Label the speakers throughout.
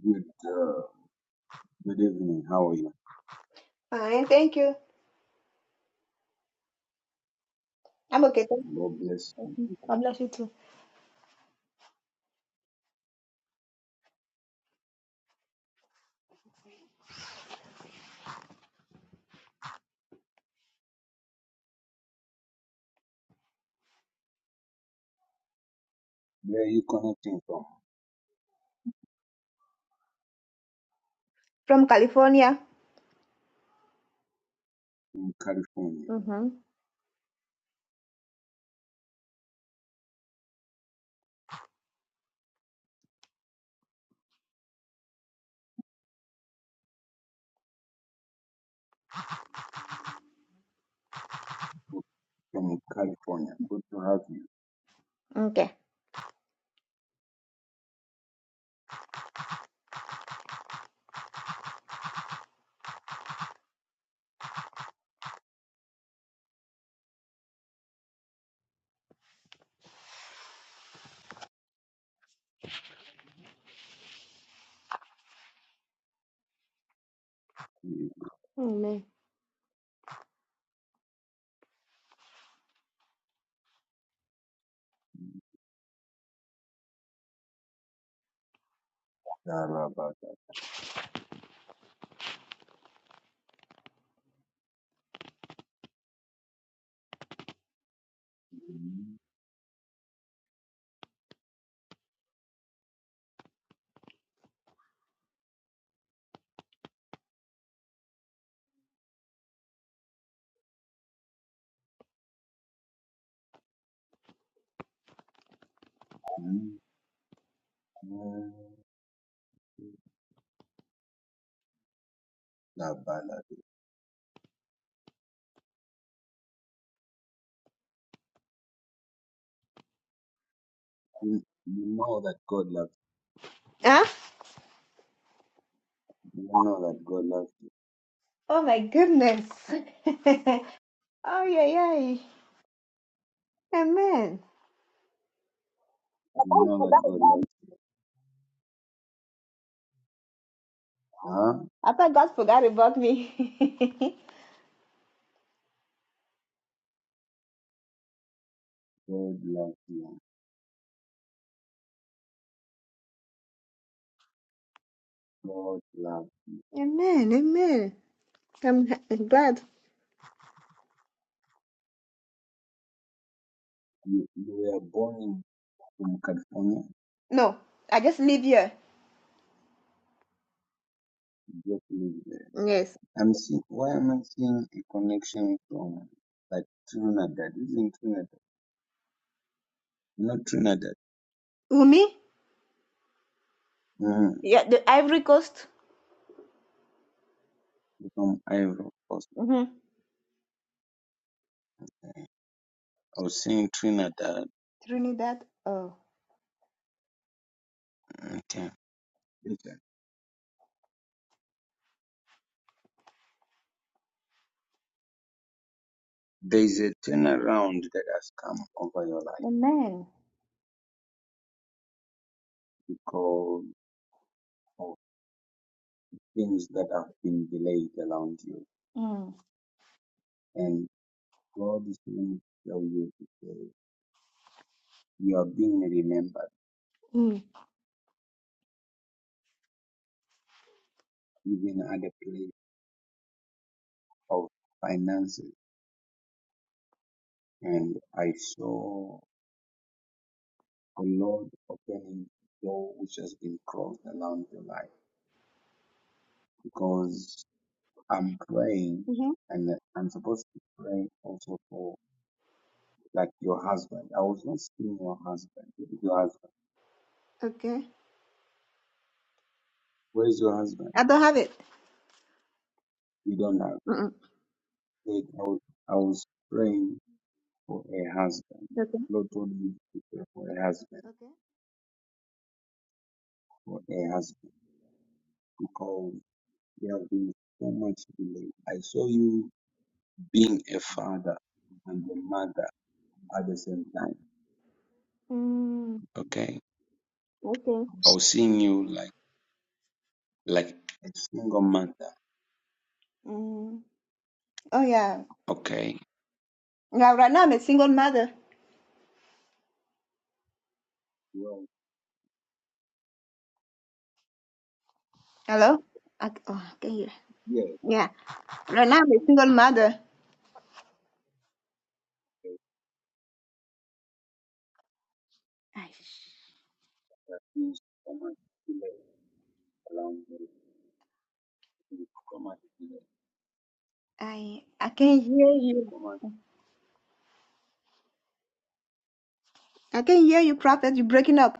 Speaker 1: Good, uh, good evening. How are you?
Speaker 2: Fine, thank you. I'm okay. Thank
Speaker 1: God bless you.
Speaker 2: you. God bless you too.
Speaker 1: Where are you connecting from?
Speaker 2: From California.
Speaker 1: In California.
Speaker 2: Mm-hmm.
Speaker 1: From California. Good to have
Speaker 2: Okay.
Speaker 1: you.
Speaker 2: Amen.
Speaker 1: Mm, Darabada. Mm, mm, mm, Dabalade. You you know that God loves you.
Speaker 2: Huh?
Speaker 1: You know that God loves you.
Speaker 2: Oh my goodness. Oh yeah, yeah. Amen.
Speaker 1: You know that God loves you. Huh?
Speaker 2: I thought God forgot about me.
Speaker 1: God loves you. God loves
Speaker 2: amen, amen. I'm h- glad.
Speaker 1: you. You were born in from California.
Speaker 2: No, I just live here.
Speaker 1: Just live there.
Speaker 2: Yes.
Speaker 1: I'm seeing why am I seeing a connection from like Trinidad? Isn't Trinidad? Not Trinidad.
Speaker 2: Umi?
Speaker 1: Mm,
Speaker 2: Yeah, the Ivory Coast.
Speaker 1: from Ivory Coast.
Speaker 2: Mm-hmm.
Speaker 1: I was seeing Trinidad.
Speaker 2: Trinidad. Oh,
Speaker 1: Okay. Listen, There is a turnaround that has come over your life
Speaker 2: amen.
Speaker 1: because of things that have been delayed around you.
Speaker 2: Mm.
Speaker 1: And God is going to tell you today you are being remembered
Speaker 2: Mm.
Speaker 1: even at the place of finances. And I saw The Lord opening the door which has been closed around your life because I'm praying
Speaker 2: Mm-hmm.
Speaker 1: and I'm supposed to pray also for like your husband. I was not seeing your husband. Your husband.
Speaker 2: Okay.
Speaker 1: Where's your husband?
Speaker 2: I don't have it.
Speaker 1: You don't have.
Speaker 2: Mm-mm.
Speaker 1: Like, I was, I was praying for a husband.
Speaker 2: Okay.
Speaker 1: Lord told me to pray for a husband,
Speaker 2: Okay.
Speaker 1: for a husband because there have been so much delay. I saw you being a father and a mother at the same time.
Speaker 2: Mm.
Speaker 1: Okay.
Speaker 2: Okay.
Speaker 1: Or seeing you like like a single mother.
Speaker 2: Mm. Oh yeah.
Speaker 1: Okay.
Speaker 2: Yeah. Right now I'm a single mother.
Speaker 1: Well,
Speaker 2: Hello. I, oh, I can hear. Yeah. Right now I'm a single mother. I
Speaker 1: that means so much delay around me. So much delay.
Speaker 2: I I can hear you.
Speaker 1: So much.
Speaker 2: I can hear you, Prophet. You're breaking up.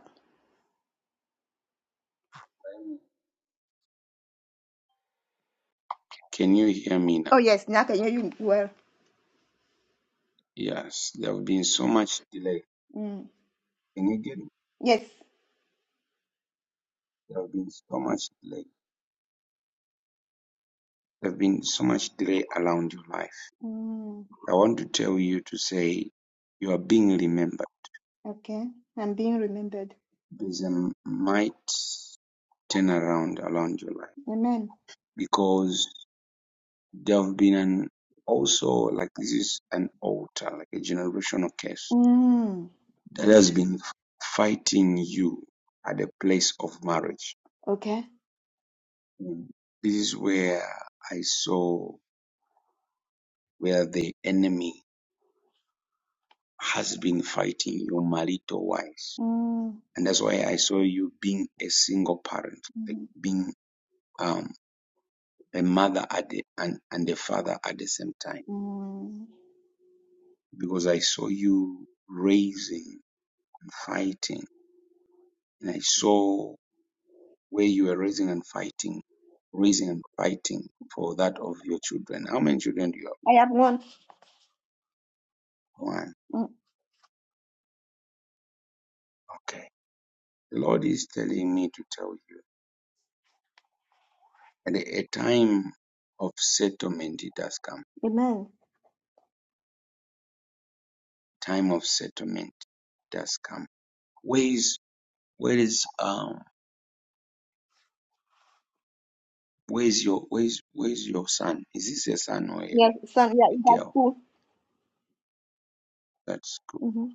Speaker 1: Can you hear me now?
Speaker 2: Oh yes, now I can hear you well.
Speaker 1: Yes. There have been so much delay.
Speaker 2: Mm.
Speaker 1: Can you get me?
Speaker 2: Yes.
Speaker 1: There have been so much delay. There have been so much delay around your life.
Speaker 2: Mm.
Speaker 1: I want to tell you to say you are being remembered.
Speaker 2: Okay. I'm being remembered.
Speaker 1: There's a might turn around around your life
Speaker 2: Amen.
Speaker 1: because there have been an also like this is an altar like a generational curse
Speaker 2: Mm.
Speaker 1: that has been fighting you at the place of marriage
Speaker 2: Okay.
Speaker 1: Mm. this is where i saw where the enemy has been fighting you marital wise
Speaker 2: Mm.
Speaker 1: and that's why i saw you being a single parent like
Speaker 2: Mhm.
Speaker 1: being um a mother at the and, and a father at the same time
Speaker 2: Mm.
Speaker 1: because i saw you raising and fighting and i saw where you are raising and fighting, raising and fighting for that of your children. How many children do you have?
Speaker 2: I have one.
Speaker 1: One.
Speaker 2: Mm.
Speaker 1: Okay. The Lord is telling me to tell you, at a time of settlement it does come.
Speaker 2: Amen.
Speaker 1: Time of settlement does come. Where is where is um where is your where is where is your son? Is this a son or a,
Speaker 2: Yes, son. Yeah, that's
Speaker 1: girl? That's good.
Speaker 2: cool.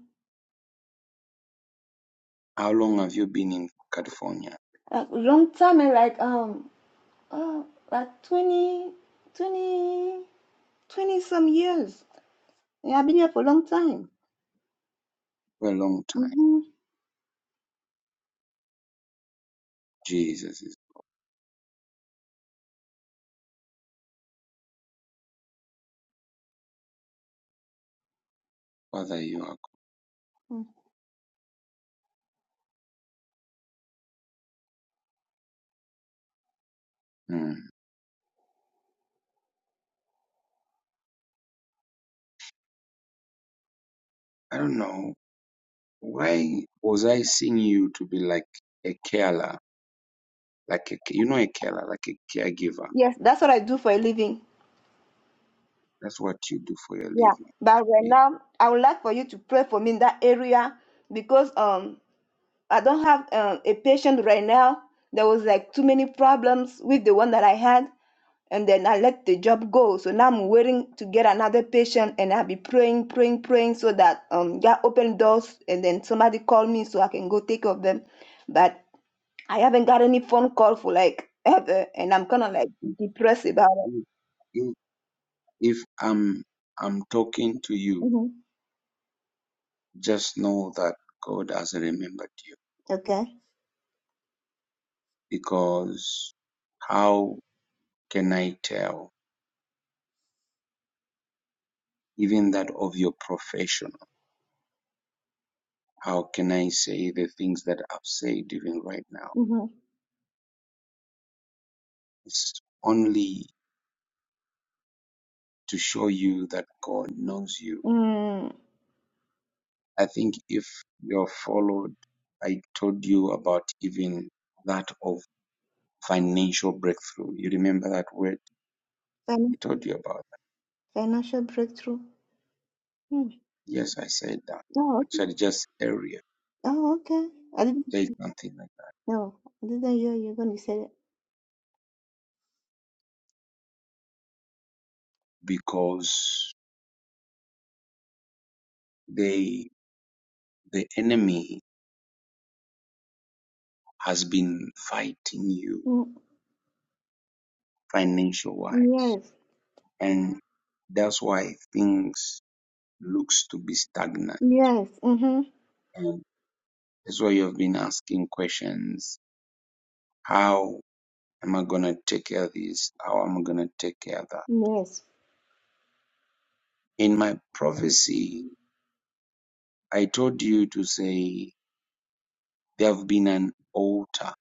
Speaker 1: How long have you been in California?
Speaker 2: a long time eh, like um oh, like 20, 20, 20 some years yeah i've been here for a long time
Speaker 1: For a long time.
Speaker 2: hmm
Speaker 1: Jesus is Father, you are. Hmm. I don't know Why was I seeing you to be like a carer, like a, you know, a carer, like a caregiver?
Speaker 2: yes that's what i do for a living
Speaker 1: That's what you do for your
Speaker 2: yeah
Speaker 1: living.
Speaker 2: but right now i would like for you to pray for me in that area because um i don't have um, a patient right now there was like too many problems with the one that i had and then I let the job go. So now I'm waiting to get another patient, and I'll be praying, praying, praying, so that um God open doors, and then somebody call me so I can go take care of them. But I haven't got any phone call for like ever, and I'm kind of like depressed about it.
Speaker 1: If, if if I'm I'm talking to you,
Speaker 2: hmm
Speaker 1: just know that God has remembered you.
Speaker 2: Okay.
Speaker 1: Because how can I tell, even that of your profession? How can I say the things that I've said even right now?
Speaker 2: hmm
Speaker 1: It's only to show you that God knows you
Speaker 2: Mm.
Speaker 1: I think if you're followed, I told you about even that of financial breakthrough. You remember that word? I
Speaker 2: Fin-
Speaker 1: told you about that.
Speaker 2: financial breakthrough. Mm.
Speaker 1: Yes, I said that.
Speaker 2: Oh, okay.
Speaker 1: Actually, just area,
Speaker 2: Oh, okay. I didn't.
Speaker 1: say something like that.
Speaker 2: No, I didn't hear you when you said it.
Speaker 1: Because they, the enemy has been fighting you
Speaker 2: Mm.
Speaker 1: financial wise.
Speaker 2: Yes.
Speaker 1: And that's why things looks to be stagnant.
Speaker 2: Yes. Mm-hmm.
Speaker 1: That's why you've been asking questions. How? am I gonna take care of this? How am I gonna take care of that?
Speaker 2: Yes.
Speaker 1: In my prophecy, I told you to say there have been an altar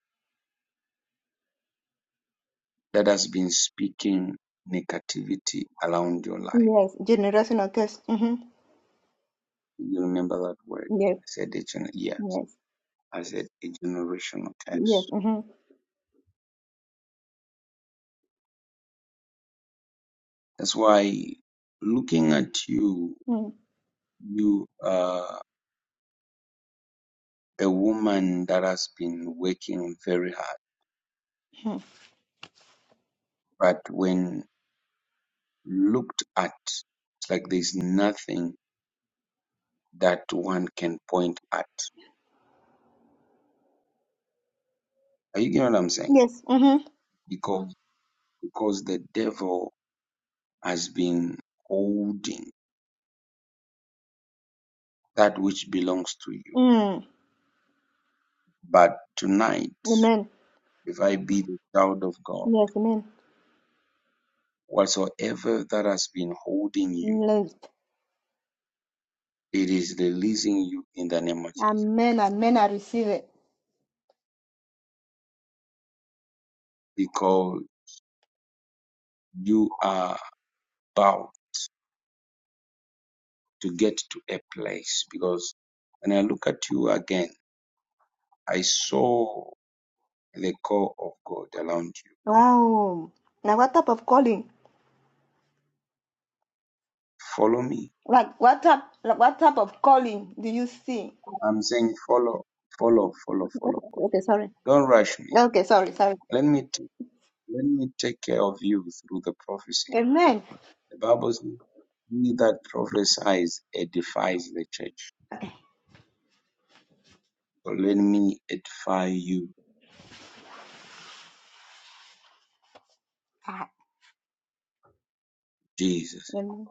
Speaker 1: that has been speaking negativity around your life.
Speaker 2: Yes, generational curse. Mm-hmm.
Speaker 1: You remember that word?
Speaker 2: Yes,
Speaker 1: I said a gen- yes.
Speaker 2: yes,
Speaker 1: I said a generational
Speaker 2: yes.
Speaker 1: curse.
Speaker 2: Mm-hmm.
Speaker 1: That's why looking at you,
Speaker 2: Mm-hmm.
Speaker 1: you are a woman that has been working very hard. But when looked at, it's like there's nothing that one can point at. Are you getting what I'm saying?
Speaker 2: Yes. Mm-hmm.
Speaker 1: Because because the devil has been holding that which belongs to you.
Speaker 2: Mm.
Speaker 1: But tonight,
Speaker 2: Amen.
Speaker 1: if I be the child of God,
Speaker 2: Yes, amen.
Speaker 1: whatsoever that has been holding you,
Speaker 2: Yes.
Speaker 1: it is releasing you in the name of Jesus.
Speaker 2: Amen, amen. I receive it.
Speaker 1: Because you are about to get to a place. Because when I look at you again, I saw the call of God around you.
Speaker 2: Wow. Now, what type of calling?
Speaker 1: Follow me
Speaker 2: Like, what type? Like, what type of calling do you see?
Speaker 1: I'm saying follow, follow, follow, follow,
Speaker 2: Okay,
Speaker 1: follow.
Speaker 2: okay, sorry.
Speaker 1: Don't rush me.
Speaker 2: Okay, sorry, sorry.
Speaker 1: Let me t- let me take care of you through the prophecy.
Speaker 2: Amen.
Speaker 1: The Bible says, "He that prophesies edifies the church."
Speaker 2: Okay.
Speaker 1: So let me edify you,
Speaker 2: Ah,
Speaker 1: Jesus,
Speaker 2: amen.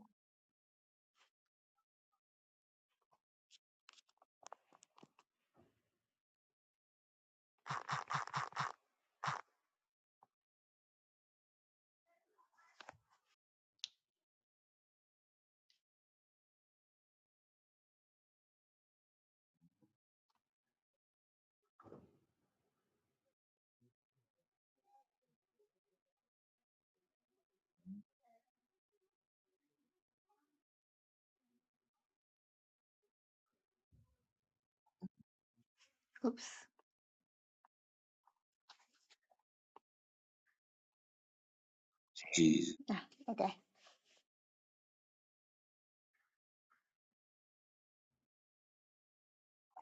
Speaker 2: Oops.
Speaker 1: Jesus,
Speaker 2: Ah, okay.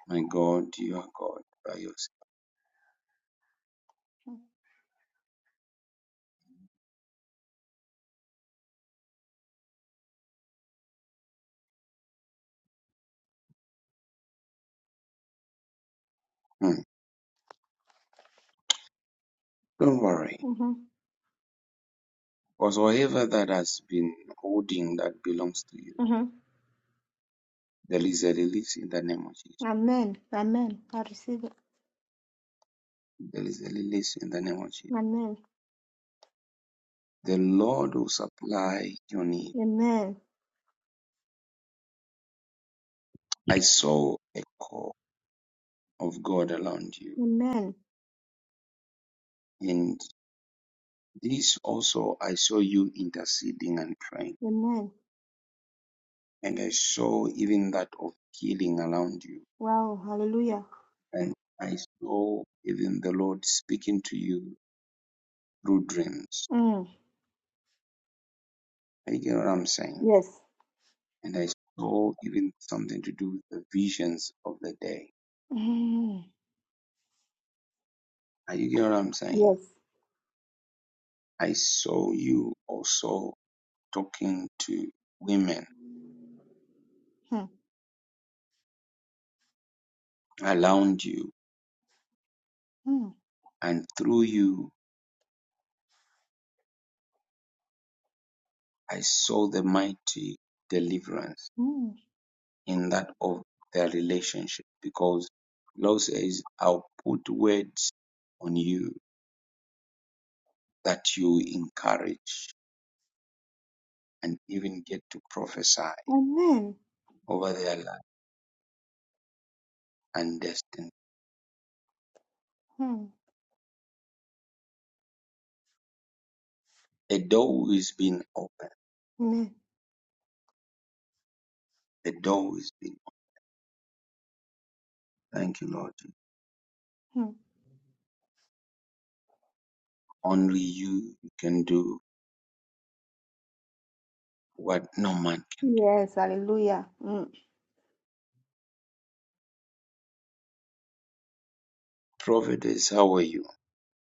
Speaker 1: my God, you are God by yourself. Hmm. Don't worry,
Speaker 2: Mm-hmm.
Speaker 1: because whatever that has been holding that belongs to you,
Speaker 2: Mm-hmm.
Speaker 1: there is a release in the name of Jesus.
Speaker 2: Amen. Amen. I receive it.
Speaker 1: There is a release in the name of Jesus.
Speaker 2: Amen.
Speaker 1: The Lord will supply your need
Speaker 2: Amen.
Speaker 1: I saw a call of God around you.
Speaker 2: Amen.
Speaker 1: And this also, I saw you interceding and praying.
Speaker 2: Amen.
Speaker 1: And I saw even that of healing around you.
Speaker 2: Wow. Hallelujah.
Speaker 1: And I saw even the Lord speaking to you through dreams.
Speaker 2: Mm.
Speaker 1: Are you get what I'm saying?
Speaker 2: Yes.
Speaker 1: And I saw even something to do with the visions of the day.
Speaker 2: Mm.
Speaker 1: Are you get what I'm saying?
Speaker 2: Yes.
Speaker 1: I saw you also talking to women
Speaker 2: Mm.
Speaker 1: around you.
Speaker 2: Mm.
Speaker 1: And through you, I saw the mighty deliverance
Speaker 2: Mm.
Speaker 1: in that of their relationship because Lord says, I'll put words on you that you encourage and even get to prophesy
Speaker 2: Amen.
Speaker 1: over their life and destiny.
Speaker 2: Mm.
Speaker 1: The door is being opened.
Speaker 2: Amen.
Speaker 1: The door is being opened. Thank you, Lord.
Speaker 2: Mm.
Speaker 1: Only you can do what no man can do.
Speaker 2: Yes. Hallelujah. Mm.
Speaker 1: Prophetess, how are you?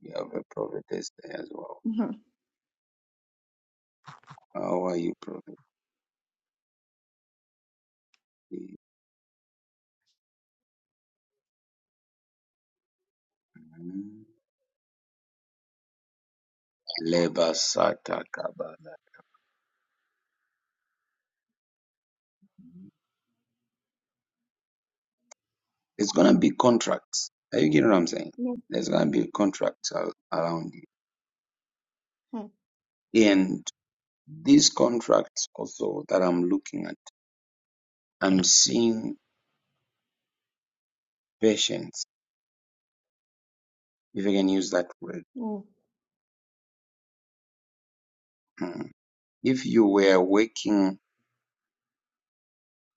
Speaker 1: You have a prophetess there as well.
Speaker 2: Mhm.
Speaker 1: How are you, prophetess? Mm-hmm. Labor Sata Kabala. It's gonna be contracts. Are you getting what I'm saying?
Speaker 2: Yes.
Speaker 1: There's gonna be contracts al- around
Speaker 2: Mm.
Speaker 1: you, And these contracts also that I'm looking at, I'm seeing patience, if I can use that word.
Speaker 2: Mm.
Speaker 1: Mm. If you were working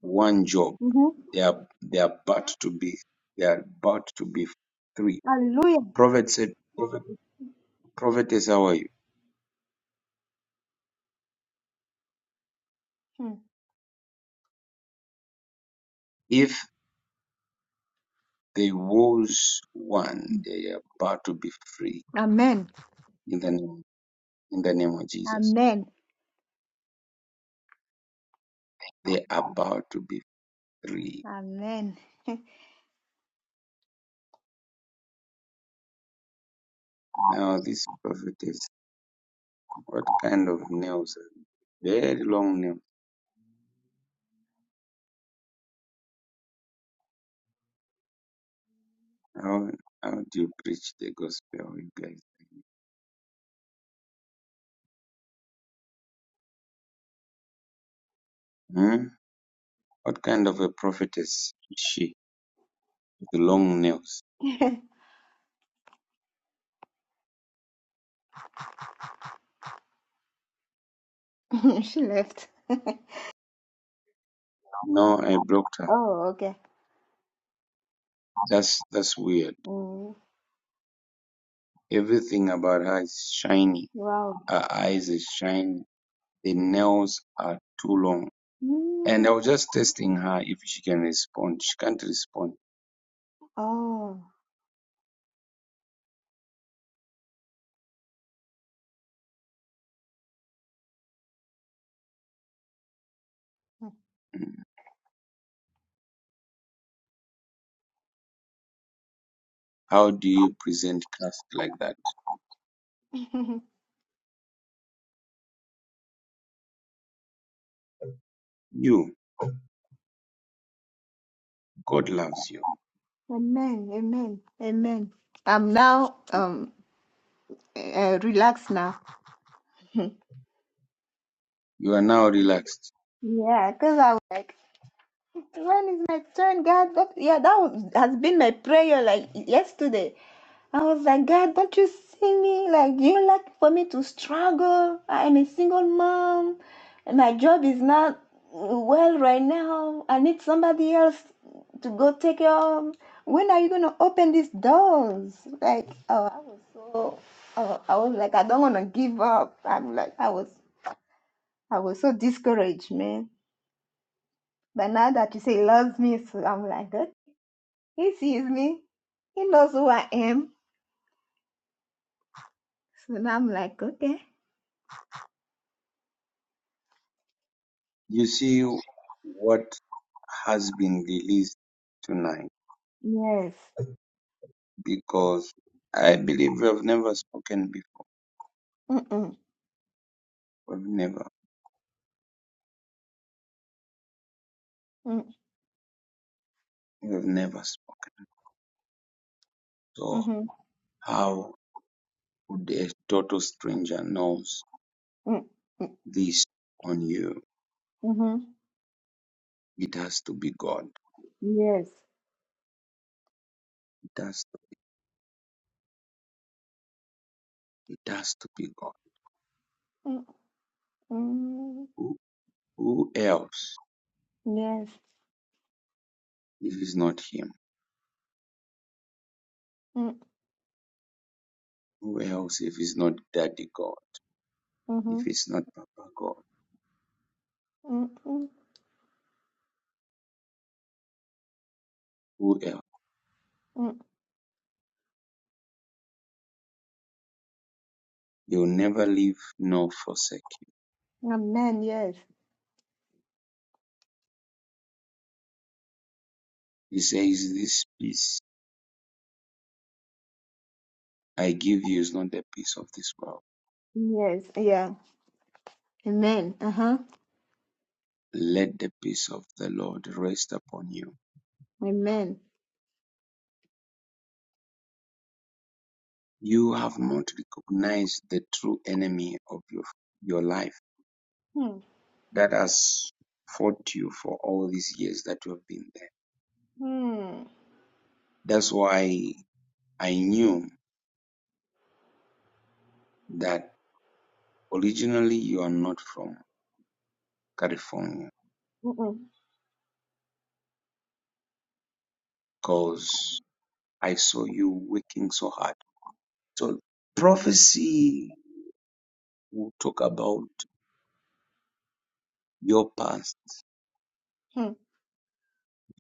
Speaker 1: one job,
Speaker 2: Mhm.
Speaker 1: they are they are about to be they are about to be three.
Speaker 2: Hallelujah.
Speaker 1: Prophet said, Prophetess, how are you?
Speaker 2: Mm.
Speaker 1: If there was one, they are about to be free
Speaker 2: Amen.
Speaker 1: in the name in the name of Jesus.
Speaker 2: Amen.
Speaker 1: They are about to be free.
Speaker 2: Amen.
Speaker 1: Now, this prophetess, what kind of nails? Very long nails. How, how do you preach the gospel, you guys? Hmm? What kind of a prophetess is she with the long nails?
Speaker 2: she left.
Speaker 1: No, I blocked her.
Speaker 2: oh, okay.
Speaker 1: That's that's weird.
Speaker 2: Mm.
Speaker 1: Everything about her is shiny.
Speaker 2: Wow.
Speaker 1: Her eyes are shiny. The nails are too long.
Speaker 2: Mm.
Speaker 1: And I was just testing her if she can respond. She can't respond.
Speaker 2: Oh.
Speaker 1: Hmm. How do you present class like that? You, God loves you.
Speaker 2: Amen. Amen. Amen. I'm now um uh, relaxed now.
Speaker 1: You are now relaxed.
Speaker 2: Yeah, because I was like, when is my turn, God? But yeah, that was, has been my prayer like yesterday. I was like, God, don't you see me? Like, you like for me to struggle. I am a single mom. And my job is not well right now. I need somebody else to go take care of. When are you going to open these doors? Like, oh, I was so, oh, I was like, I don't want to give up. I'm like, I was, I was so discouraged, man. But now that you say he loves me, so I'm like, okay, he sees me. He knows who I am. So now I'm like, okay.
Speaker 1: You see what has been released tonight
Speaker 2: Yes.
Speaker 1: because I believe we have never spoken before.
Speaker 2: Mm-mm.
Speaker 1: We've never,
Speaker 2: Mm.
Speaker 1: we've never spoken. So
Speaker 2: Mhm.
Speaker 1: how would a total stranger knows
Speaker 2: Mm. Mm.
Speaker 1: this on you?
Speaker 2: Mhm.
Speaker 1: It has to be God.
Speaker 2: Yes.
Speaker 1: It has, to. it has to be God.
Speaker 2: Mm. Mm.
Speaker 1: Who, who else
Speaker 2: Yes.
Speaker 1: if it's not Him?
Speaker 2: Mm.
Speaker 1: Who else if it's not Daddy God? If
Speaker 2: Mhm.
Speaker 1: it's not Papa God,
Speaker 2: Mm. Mm.
Speaker 1: who else?
Speaker 2: Mm.
Speaker 1: He'll never leave nor forsake you.
Speaker 2: Amen. Yes.
Speaker 1: He says, This peace I give you is not the peace of this world.
Speaker 2: Yes. Yeah. Amen. Uh-huh.
Speaker 1: Let the peace of the Lord rest upon you.
Speaker 2: Amen.
Speaker 1: You have not recognized the true enemy of your, your life
Speaker 2: Hmm.
Speaker 1: that has fought you for all these years that you have been there.
Speaker 2: Hmm.
Speaker 1: That's why I knew that originally you are not from California
Speaker 2: Mm-mm.
Speaker 1: because I saw you working so hard So prophecy will talk about your past
Speaker 2: Hmm.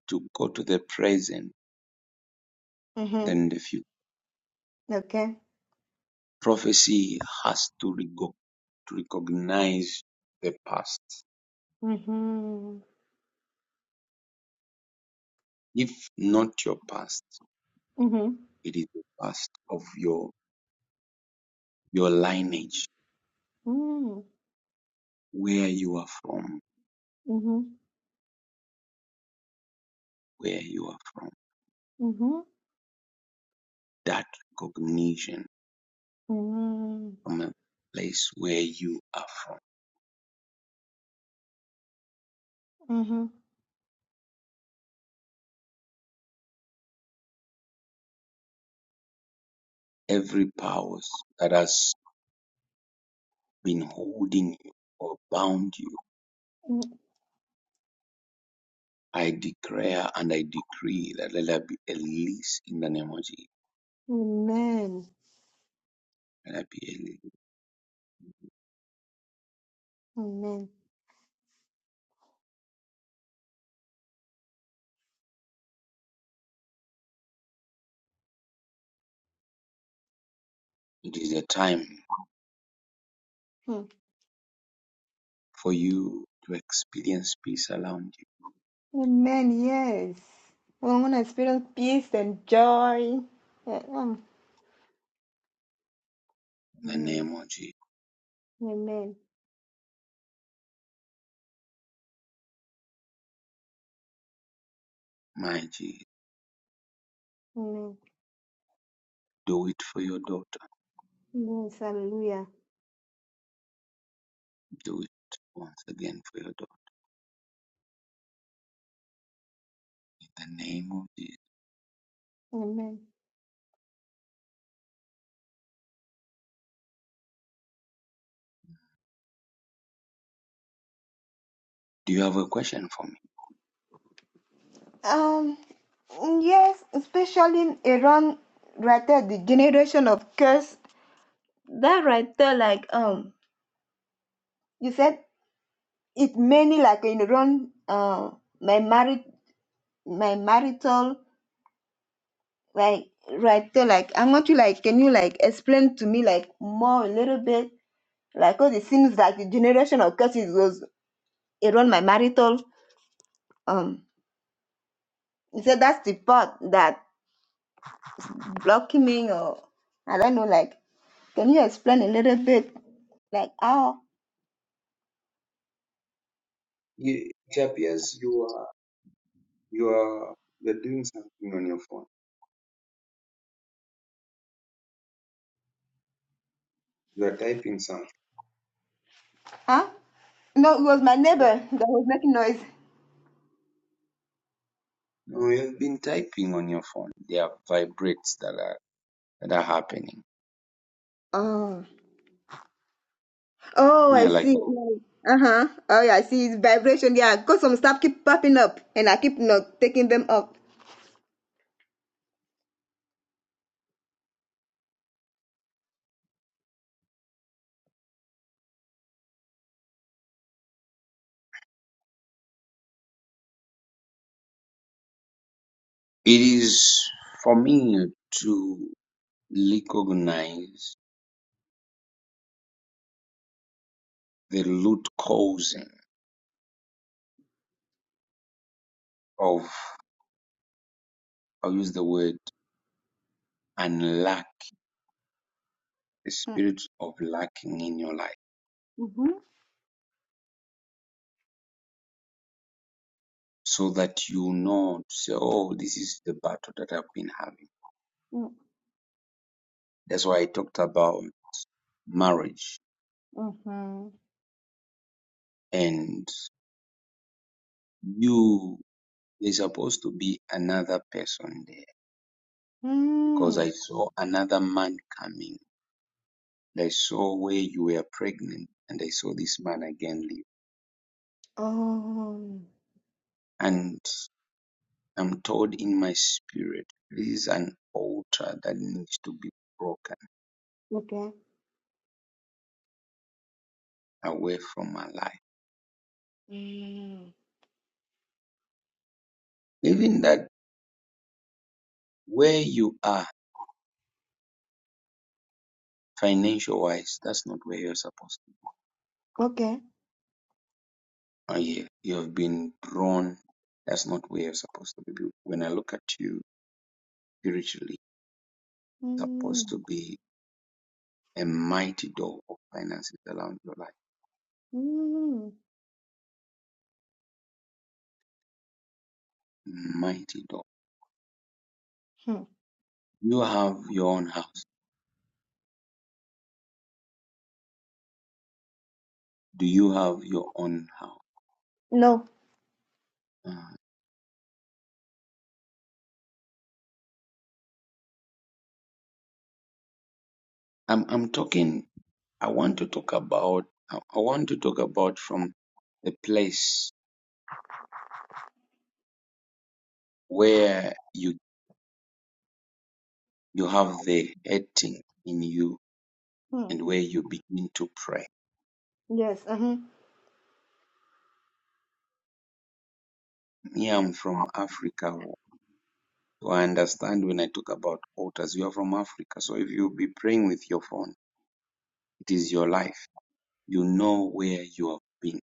Speaker 1: to go to the present,
Speaker 2: Mhm.
Speaker 1: then the future.
Speaker 2: Okay.
Speaker 1: Prophecy has to, rego- to recognize the past.
Speaker 2: Mhm.
Speaker 1: If not your past,
Speaker 2: Mhm.
Speaker 1: it is the past of your your lineage,
Speaker 2: Mm.
Speaker 1: where you are from,
Speaker 2: Mhm.
Speaker 1: where you are from.
Speaker 2: Mhm.
Speaker 1: That recognition
Speaker 2: Mhm.
Speaker 1: from a place where you are from.
Speaker 2: Mhm.
Speaker 1: Every powers that has been holding you or bound you
Speaker 2: Mm.
Speaker 1: I declare and I decree that let there be a release in the name of Jesus.
Speaker 2: Amen.
Speaker 1: Let there be a release.
Speaker 2: Amen.
Speaker 1: It is a time
Speaker 2: hmm.
Speaker 1: for you to experience peace around you
Speaker 2: Amen. Yes. We want to experience peace and joy. Yeah, um,
Speaker 1: in the
Speaker 2: yes.
Speaker 1: name of Jesus.
Speaker 2: Amen.
Speaker 1: My Jesus,
Speaker 2: Amen.
Speaker 1: do it for your daughter.
Speaker 2: Yes. Hallelujah.
Speaker 1: Do it once again for your daughter in the name of Jesus.
Speaker 2: Amen.
Speaker 1: Do you have a question for me?
Speaker 2: Um. Yes. Especially around right there, the generation of curse. That right there, like um, you said it many like in around uh my married my marital like right there like I want you like can you like explain to me like more a little bit Like, cause it seems like the generation of curses was around my marital. Um, he said that's the part that blocking me, or I don't know. Like, can you explain a little bit? Like, how?
Speaker 1: Ye- It appears you are you are you're doing something on your phone. You are typing something.
Speaker 2: Huh? No, it was my neighbor that was making noise.
Speaker 1: No, you have been typing on your phone. There are vibrates that are that are happening.
Speaker 2: Oh, oh,
Speaker 1: Yeah,
Speaker 2: I
Speaker 1: like that.
Speaker 2: see. Uh huh. Oh yeah, I see. It's vibration. Yeah, cause some stuff keep popping up, and I keep not taking them up.
Speaker 1: It is for me to recognize the root causing of, I'll use the word, and lack, the
Speaker 2: Hmm.
Speaker 1: spirit of lacking in your life,
Speaker 2: Mm-hmm.
Speaker 1: so that you know, to say, oh, this is the battle that I've been having. That's why I talked about marriage.
Speaker 2: Mm-hmm.
Speaker 1: And you, is supposed to be another person there because
Speaker 2: Mm.
Speaker 1: I saw another man coming. I saw where you were pregnant and I saw this man again
Speaker 2: Oh.
Speaker 1: And I'm told in my spirit, this is an altar that needs to be broken
Speaker 2: Okay.
Speaker 1: away from my life.
Speaker 2: Mm.
Speaker 1: Even that where you are, financial wise, that's not where you're supposed to be.
Speaker 2: Okay.
Speaker 1: Oh, yeah. You have been drawn. That's not where you're supposed to be. When I look at you spiritually, it's supposed to
Speaker 2: Mm,
Speaker 1: be a mighty door of finances around your life.
Speaker 2: mm,
Speaker 1: Mighty door.
Speaker 2: hmm.
Speaker 1: You have your own house. Do you have your own house?
Speaker 2: No.
Speaker 1: Uh, I'm I'm talking I want to talk about I I want to talk about from the place where you you have the hating in you
Speaker 2: Hmm.
Speaker 1: and where you begin to pray.
Speaker 2: Yes. Uh-huh.
Speaker 1: Me, I'm from Africa. So I understand when I talk about altars, you are from Africa. So if you be praying with your phone, it is your life. You know where you have been.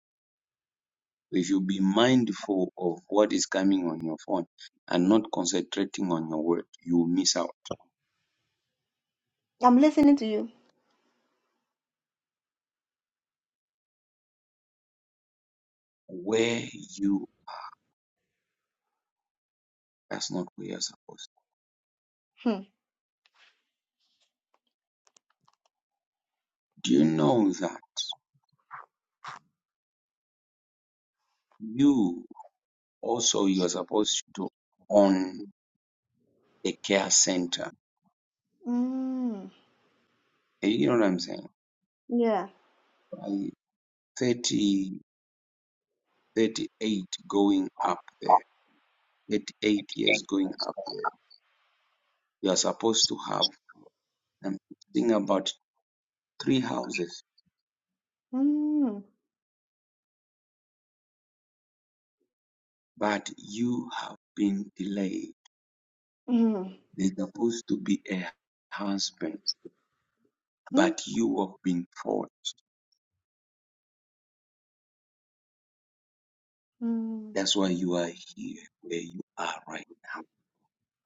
Speaker 1: If you be mindful of what is coming on your phone and not concentrating on your word, you miss out
Speaker 2: I'm listening to you.
Speaker 1: where you that's not where you're supposed to be.
Speaker 2: Hmm.
Speaker 1: Do you know that you also you're supposed to own a care center?
Speaker 2: Mm,
Speaker 1: You know what I'm saying?
Speaker 2: yeah.
Speaker 1: By 30, thirty-eight going up there, 38 years going up there, you are supposed to have, I'm thinking about three houses,
Speaker 2: Mm,
Speaker 1: but you have been delayed.
Speaker 2: mm,
Speaker 1: There's supposed to be a husband,
Speaker 2: mm,
Speaker 1: but you have been forced.
Speaker 2: mm.
Speaker 1: That's why you are here where you are right.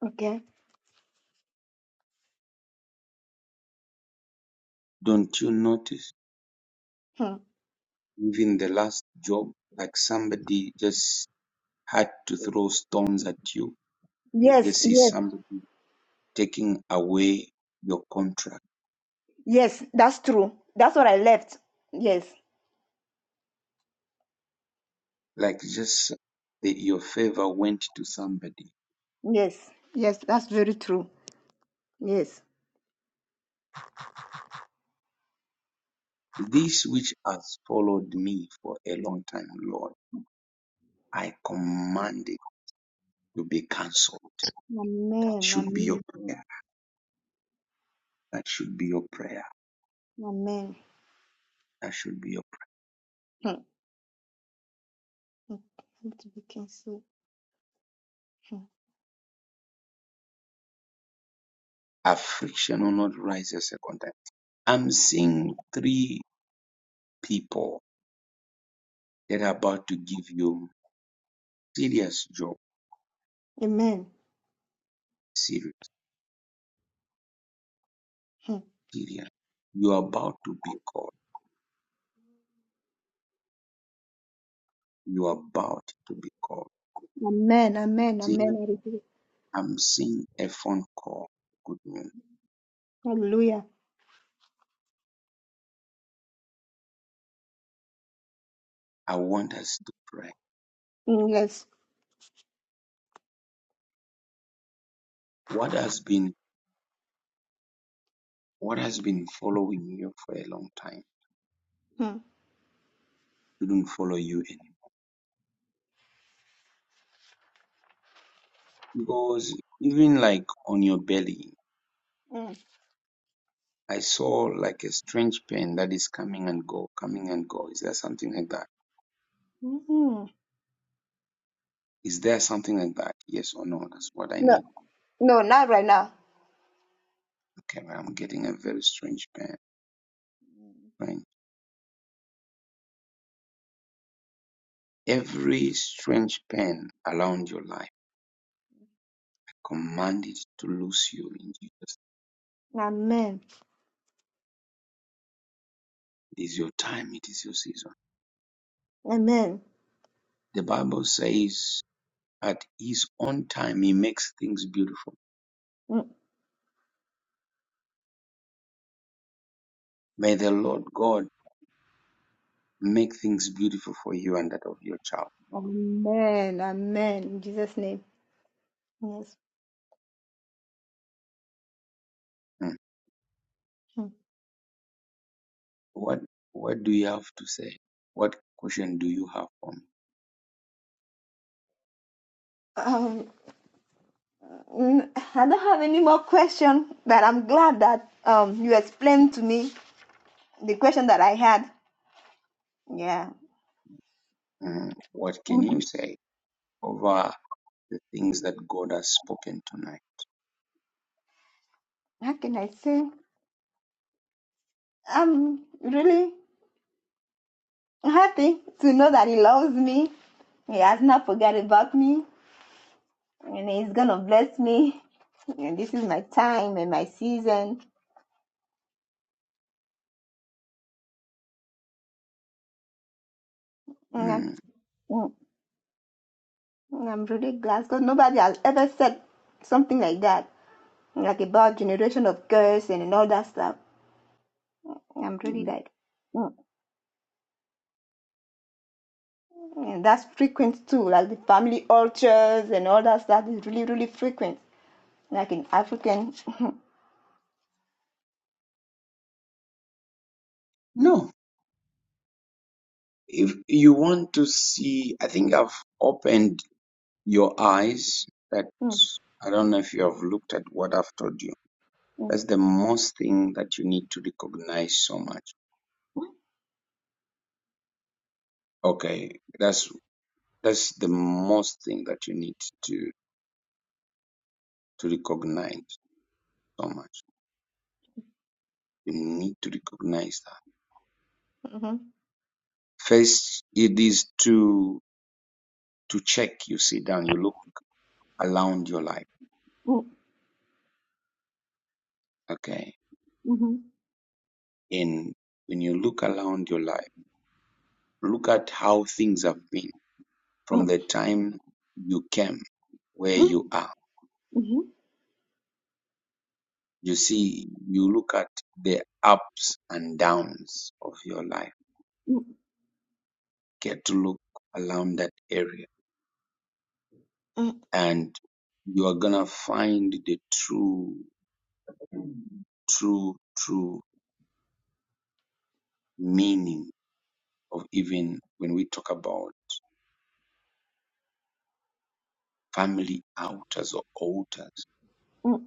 Speaker 2: Okay.
Speaker 1: Don't you notice?
Speaker 2: Hmm.
Speaker 1: Even the last job, like somebody just had to throw stones at you and you
Speaker 2: Yes.
Speaker 1: just is
Speaker 2: Yes.
Speaker 1: somebody taking away your contract.
Speaker 2: Yes. That's true. That's what I left. Yes.
Speaker 1: Like just the, your favor went to somebody.
Speaker 2: Yes. Yes. That's very true. Yes.
Speaker 1: This which has followed me for a long time, Lord, I command it to be cancelled. That
Speaker 2: Amen.
Speaker 1: should be your
Speaker 2: Amen.
Speaker 1: prayer. That should be your prayer.
Speaker 2: Amen.
Speaker 1: That should be your
Speaker 2: Hmm. Hmm. Need To be canceled. Hmm.
Speaker 1: prayer. Affliction will not rise a second time. I'm seeing three people that are about to give you Serious Job,
Speaker 2: Amen.
Speaker 1: serious,
Speaker 2: Hmm.
Speaker 1: serious. You're about to be called. You're about to be called.
Speaker 2: Amen. Amen. Amen.
Speaker 1: Seeing,
Speaker 2: I receive it.
Speaker 1: I'm seeing a phone call. Good morning.
Speaker 2: Hallelujah.
Speaker 1: I want us to pray.
Speaker 2: Mm, Yes.
Speaker 1: What has been what has been following you for a long time
Speaker 2: Hmm.
Speaker 1: shouldn't follow you anymore. Because even like on your belly,
Speaker 2: Mm.
Speaker 1: I saw like a strange pain that is coming and go, coming and go. Is there something like that?
Speaker 2: Mm.
Speaker 1: Is there something like that? Yes or no? That's what I
Speaker 2: No,
Speaker 1: need.
Speaker 2: no, not right now.
Speaker 1: Okay, but I'm getting a very strange pain. Right? Every strange pain around your life, I command it to loose you in Jesus.
Speaker 2: Amen.
Speaker 1: It is your time, it is your season.
Speaker 2: Amen.
Speaker 1: The Bible says, at his own time, he makes things beautiful.
Speaker 2: Mm.
Speaker 1: May the Lord God make things beautiful for you and that of your child.
Speaker 2: Amen. Amen. In Jesus' name. Yes.
Speaker 1: Mm.
Speaker 2: Mm.
Speaker 1: What, what do you have to say? What question do you have for me?
Speaker 2: Um, I I don't have any more question, but I'm glad that um you explained to me the question that I had. Yeah.
Speaker 1: Mm. What can you
Speaker 2: Mhm.
Speaker 1: say over the things that God has spoken tonight?
Speaker 2: How can I say? I'm really happy to know that he loves me. He has not forgot about me. and he's gonna bless me. And this is my time and my season. And I'm,
Speaker 1: Mm.
Speaker 2: mm, and I'm really glad because nobody has ever said something like that, like about generation of curse and, and all that stuff. I'm really
Speaker 1: Mm.
Speaker 2: like, mm. and that's frequent too, like the family altars and all that stuff is really, really frequent, like in African.
Speaker 1: No, If you want to see, I think I've opened your eyes that
Speaker 2: Mm,
Speaker 1: I don't know if you have looked at what I've told you.
Speaker 2: mm,
Speaker 1: That's the most thing that you need to recognize so much. Okay, that's that's the most thing that you need to to recognize so much. You need to recognize that.
Speaker 2: mm,
Speaker 1: First, it is to to check. You sit down. You look around your life. Okay,
Speaker 2: mhm,
Speaker 1: and when you look around your life, look at how things have been
Speaker 2: mm, mhm,
Speaker 1: From
Speaker 2: mm,
Speaker 1: the time you came, where
Speaker 2: mm,
Speaker 1: you are,
Speaker 2: mhm,
Speaker 1: you see, you look at the ups and downs of your life.
Speaker 2: mm,
Speaker 1: Get to look around that area and you are gonna find the true, true, true meaning of even when we talk about family altars or altars
Speaker 2: mm, mm,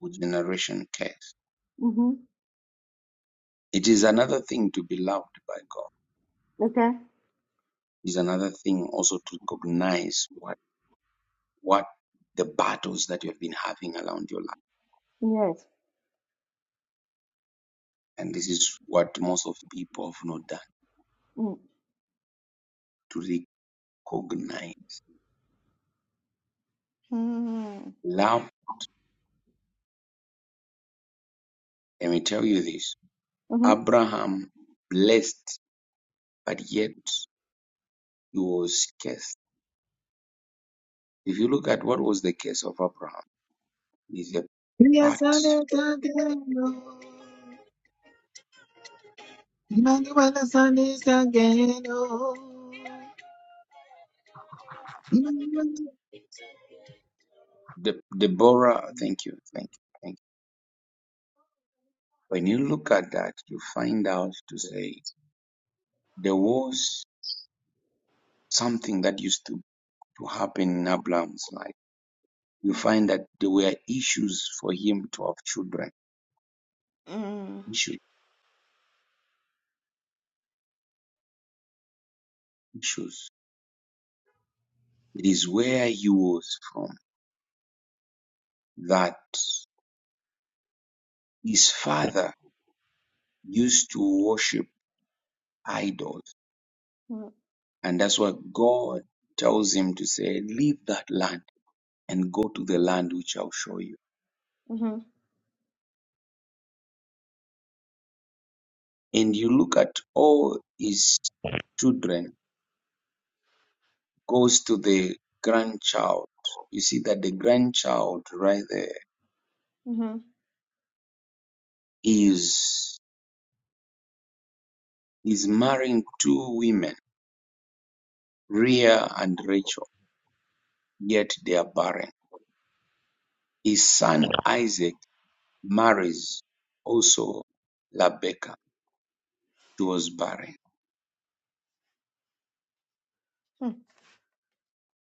Speaker 1: with generation curse.
Speaker 2: mhm.
Speaker 1: It is another thing to be loved by God.
Speaker 2: Okay.
Speaker 1: It is another thing also to recognize what. what the battles that you have been having around your life.
Speaker 2: Yes.
Speaker 1: And this is what most of people have not done to recognize.
Speaker 2: Mm.
Speaker 1: Now, let me tell you this
Speaker 2: Mm-hmm.
Speaker 1: Abraham blessed, but yet he was cursed. If you look at what was the case of Abraham, is a part.
Speaker 3: Yasane Kageno. Emmanuel Sunday Kageno. Emmanuel.
Speaker 1: De- Deborah, thank you, thank you, thank you. When you look at that, you find out to say there was something that used to, to happen in Abraham's life you find that there were issues for him to have children.
Speaker 2: Mm.
Speaker 1: Issue, issues. It is where he was from that his father used to worship idols.
Speaker 2: Mm.
Speaker 1: And that's what God tells him to say, Leave that land and go to the land which I'll show you.
Speaker 2: Mm-hmm.
Speaker 1: And you look at all his children, goes to the grandchild. You see that the grandchild right there
Speaker 2: Mm-hmm.
Speaker 1: is is marrying two women Leah and Rachel, yet they are barren. His son Isaac marries also Rebekah. She was barren.
Speaker 2: Mm.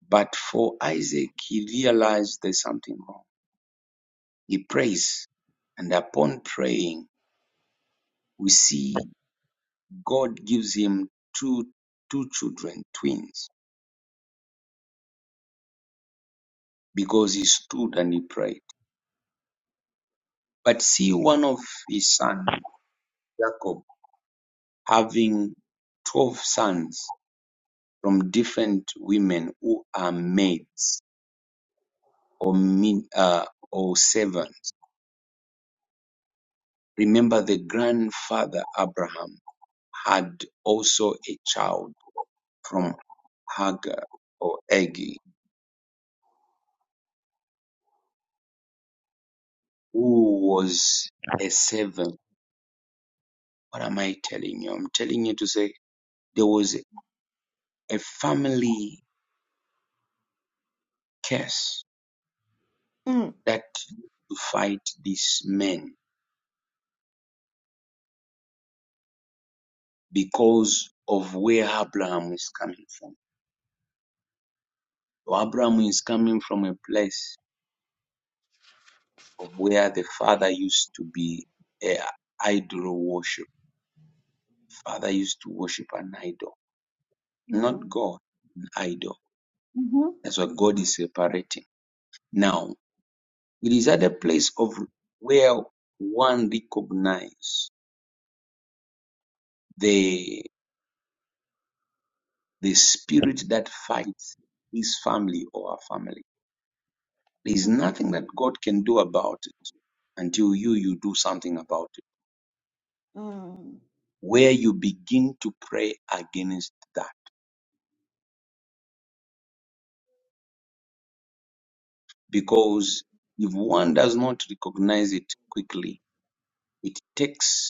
Speaker 1: But for Isaac, he realized there's something wrong. He prays, and upon praying, we see God gives him two, two children, twins, because he stood and he prayed. But see one of his son, Jacob, having 12 sons from different women who are maids or mid uh, or servants. Remember, the grandfather Abraham had also a child from Hagar or Agi, who was a servant. What am I telling you? I'm telling you to say there was a family curse
Speaker 2: Mm.
Speaker 1: that to fight these men because of where Abraham is coming from. So Abraham is coming from a place of where the father used to be an idol worship. Father used to worship an idol, not
Speaker 2: Mm.
Speaker 1: God, an idol.
Speaker 2: Mm-hmm.
Speaker 1: That's what God is separating. Now, it is at a place of where one recognizes the the spirit that fights his family or our family. There is
Speaker 2: Mm.
Speaker 1: nothing that God can do about it until you you do something about it.
Speaker 2: Mm.
Speaker 1: Where you begin to pray against that Because if one does not recognize it quickly, it takes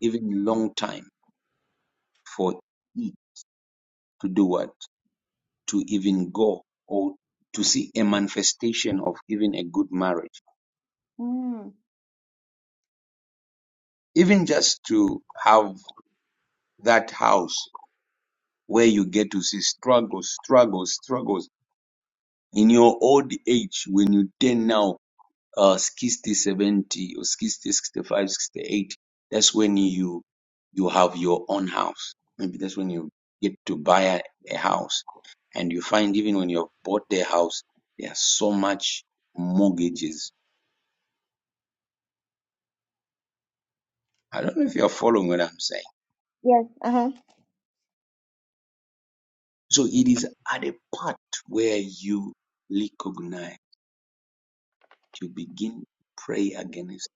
Speaker 1: even a long time for it to do what? To even go or to see a manifestation of even a good marriage.
Speaker 2: Mm.
Speaker 1: Even just to have that house where you get to see struggles, struggles, struggles in your old age when you turn now uh 60 seventy or 60 sixty-five, sixty-eight, that's when you you have your own house maybe that's when you get to buy a, a house and you find even when you've bought the house there are so much mortgages i don't know if you're following what i'm saying
Speaker 2: Yes. Uh-huh.
Speaker 1: so it is at a part where you recognize you begin to pray against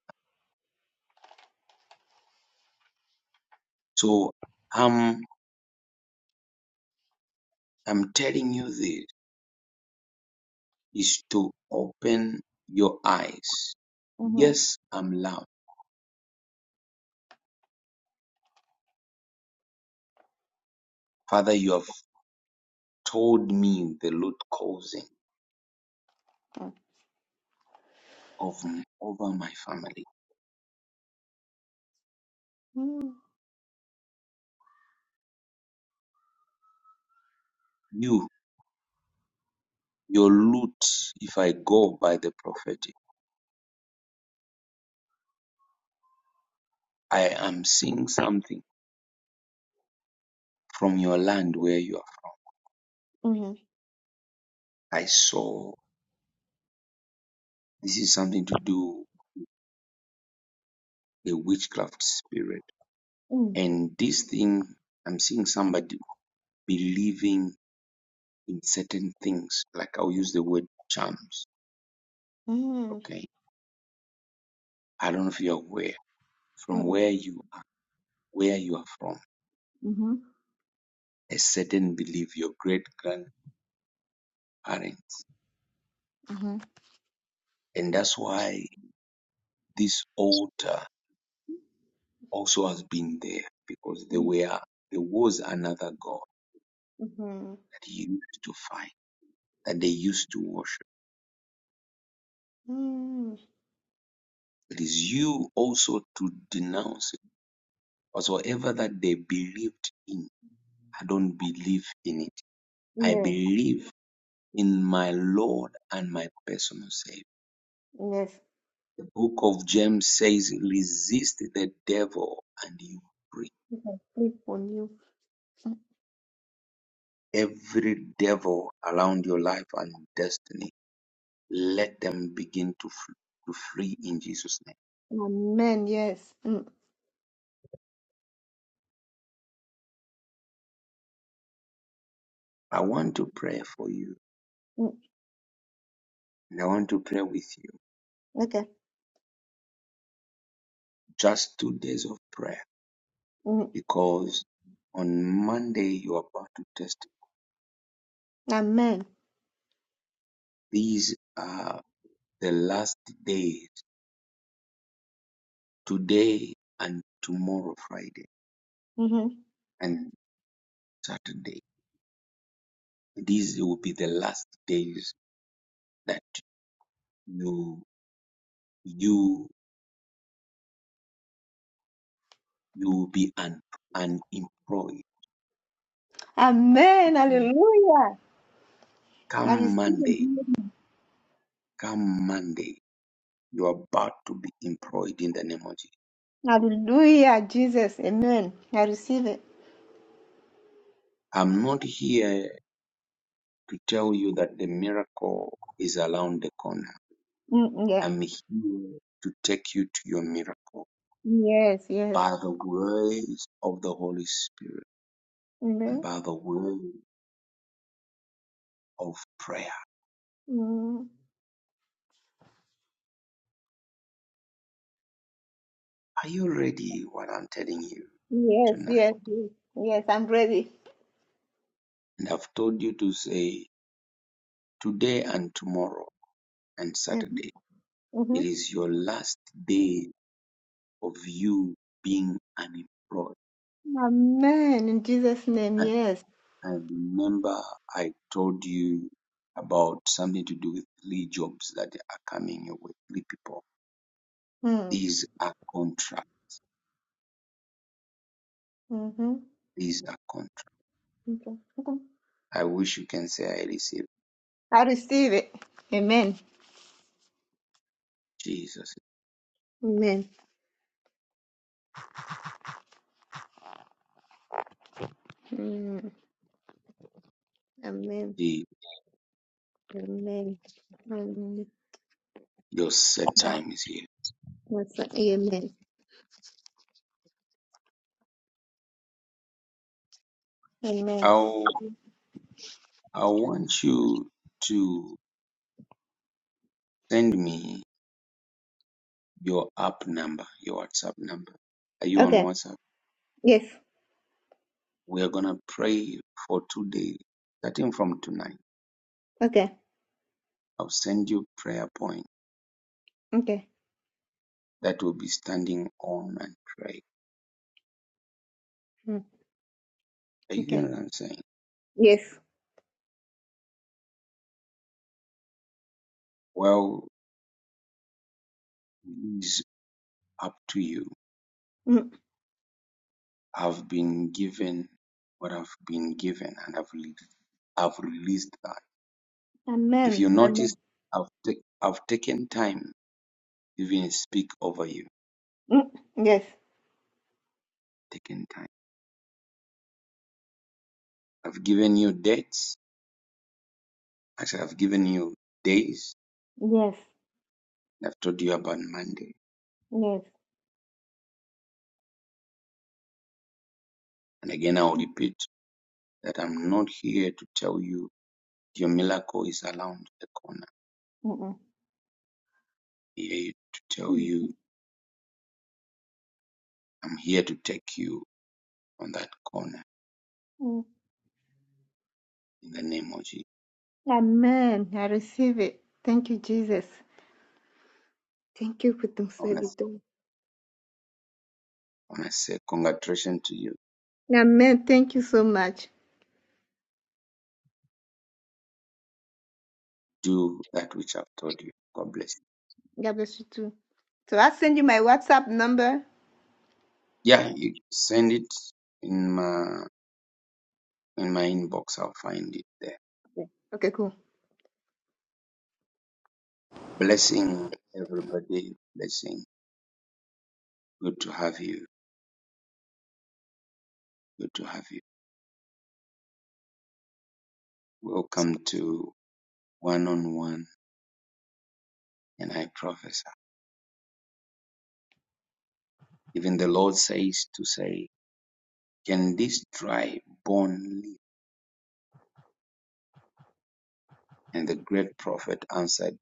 Speaker 1: so i'm i'm telling you this is to open your eyes.
Speaker 2: Mm-hmm.
Speaker 1: Yes, I'm loved. Father, you have told me the root causing of over my family.
Speaker 2: Mm.
Speaker 1: You, your root, if I go by the prophetic, I am seeing something from your land where you
Speaker 2: Mm.
Speaker 1: are. I saw this is something to do a witchcraft spirit.
Speaker 2: Mm.
Speaker 1: And this thing, I'm seeing somebody believing in certain things. Like I'll use the word charms.
Speaker 2: Mm.
Speaker 1: Okay I don't know if you're aware from where
Speaker 2: Mm.
Speaker 1: you are, where you are from,
Speaker 2: Mm. Mm-hmm.
Speaker 1: a certain belief your great grandparents,
Speaker 2: Mm-hmm.
Speaker 1: and that's why this altar also has been there because there
Speaker 2: Mm.
Speaker 1: were there was another god
Speaker 2: Mm-hmm.
Speaker 1: that he used to find that they used to worship.
Speaker 2: Mm.
Speaker 1: It is you also to denounce it. Whatsoever that they believed in, I don't believe in it. I
Speaker 2: Yes.
Speaker 1: believe in my Lord and my personal Savior.
Speaker 2: Yes.
Speaker 1: The book of James says, Resist the devil and you free.
Speaker 2: You can sleep on you.
Speaker 1: Every devil around your life and destiny, let them begin to, f- to flee in Jesus' name.
Speaker 2: Amen. Yes. Mm.
Speaker 1: I want to pray for you
Speaker 2: Mm.
Speaker 1: and I want to pray with you.
Speaker 2: Okay.
Speaker 1: Just two days of prayer
Speaker 2: Mm.
Speaker 1: because on Monday you are about to test.
Speaker 2: Amen.
Speaker 1: These are the last days, today and tomorrow, Friday
Speaker 2: Mm-hmm.
Speaker 1: and Saturday. These will be the last days that you you you'll be un, unemployed.
Speaker 2: Amen.
Speaker 1: Mm.
Speaker 2: Hallelujah. I
Speaker 1: Come
Speaker 2: receive it.
Speaker 1: Monday, come Monday, you're about to be employed in the name of Jesus.
Speaker 2: Hallelujah, Jesus. Amen. I receive it.
Speaker 1: I'm not here to tell you that the miracle is around the corner.
Speaker 2: Mm, yeah.
Speaker 1: I'm here to take you to your miracle
Speaker 2: Yes, yes.
Speaker 1: by the words of the Holy Spirit and
Speaker 2: Amen.
Speaker 1: by the word of prayer.
Speaker 2: Mm,
Speaker 1: Are you ready what I'm telling you
Speaker 2: yes,
Speaker 1: tonight?
Speaker 2: yes, yes. Yes, I'm ready.
Speaker 1: And I've told you to say today and tomorrow and
Speaker 2: Mm-hmm.
Speaker 1: Saturday, it
Speaker 2: mm-hmm.
Speaker 1: is your last day of you being unemployed.
Speaker 2: Amen. In Jesus' name,
Speaker 1: And
Speaker 2: yes.
Speaker 1: I remember I told you about something to do with three jobs that are coming your way, three people.
Speaker 2: Mm,
Speaker 1: These are contracts.
Speaker 2: mm-hmm.
Speaker 1: These are contracts.
Speaker 2: okay. okay.
Speaker 1: I wish you can say I received
Speaker 2: I receive it. Amen.
Speaker 1: Jesus.
Speaker 2: Amen. Mm, amen.
Speaker 1: The,
Speaker 2: Amen. Amen.
Speaker 1: your set time is here.
Speaker 2: What's that? Amen. Amen.
Speaker 1: I'll, I want you to send me your app number, your WhatsApp number. Are you on
Speaker 2: Okay.
Speaker 1: WhatsApp?
Speaker 2: Yes.
Speaker 1: We're gonna pray for today. Starting from tonight,
Speaker 2: Okay.
Speaker 1: I'll send you prayer point
Speaker 2: Okay.
Speaker 1: that will be standing on and pray.
Speaker 2: Mm,
Speaker 1: Are you
Speaker 2: okay.
Speaker 1: getting what I'm saying?
Speaker 2: Yes.
Speaker 1: Well, it's up to you.
Speaker 2: Mm,
Speaker 1: I've been given what I've been given, and I've released, I've released that. If
Speaker 2: Amen.
Speaker 1: you notice,
Speaker 2: Amen.
Speaker 1: I've take, I've taken time to even speak over you.
Speaker 2: Mm, Yes.
Speaker 1: Taken time. I've given you dates. Actually, I've given you days.
Speaker 2: Yes.
Speaker 1: I've told you about Monday.
Speaker 2: Yes.
Speaker 1: And again, I'll repeat that I'm not here to tell you your miracle is around the corner.
Speaker 2: Mm-mm.
Speaker 1: I'm here to tell
Speaker 2: Mm.
Speaker 1: you, I'm here to take you on that corner
Speaker 2: Mm.
Speaker 1: in the name of Jesus.
Speaker 2: Amen. I receive it. Thank you, Jesus. Thank you for the
Speaker 1: I want to,
Speaker 2: servitor.
Speaker 1: I want to say congratulations to you.
Speaker 2: Amen. Thank you so much.
Speaker 1: Do that which I've told you. God bless
Speaker 2: God bless you too. So I'll send you my WhatsApp number.
Speaker 1: you. Yeah, you send it in my in my inbox. I'll find it there.
Speaker 2: Okay, cool.
Speaker 1: Blessing everybody. Blessing. Good to have you. Good to have you. Welcome to one on one. And I prophesy. Even the Lord says to say Can this dry bone live? And the great prophet answered,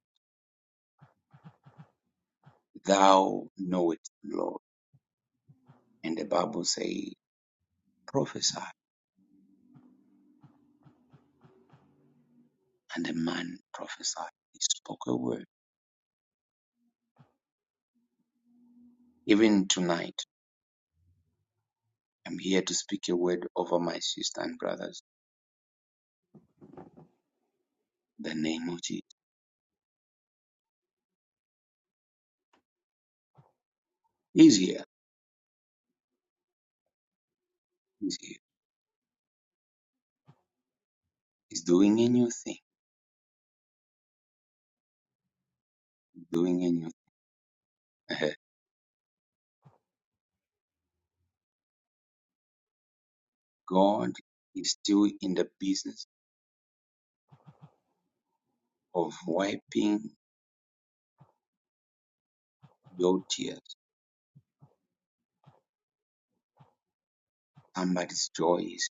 Speaker 1: Thou knowest, Lord. And the Bible says, Prophesy. And the man prophesied. He spoke a word. Even tonight, I'm here to speak a word over my sisters and brothers. The name of Jesus. He's here. He's here. He's doing a new thing. He's Doing a new thing. God is still in the business of wiping your tears. Somebody's joy is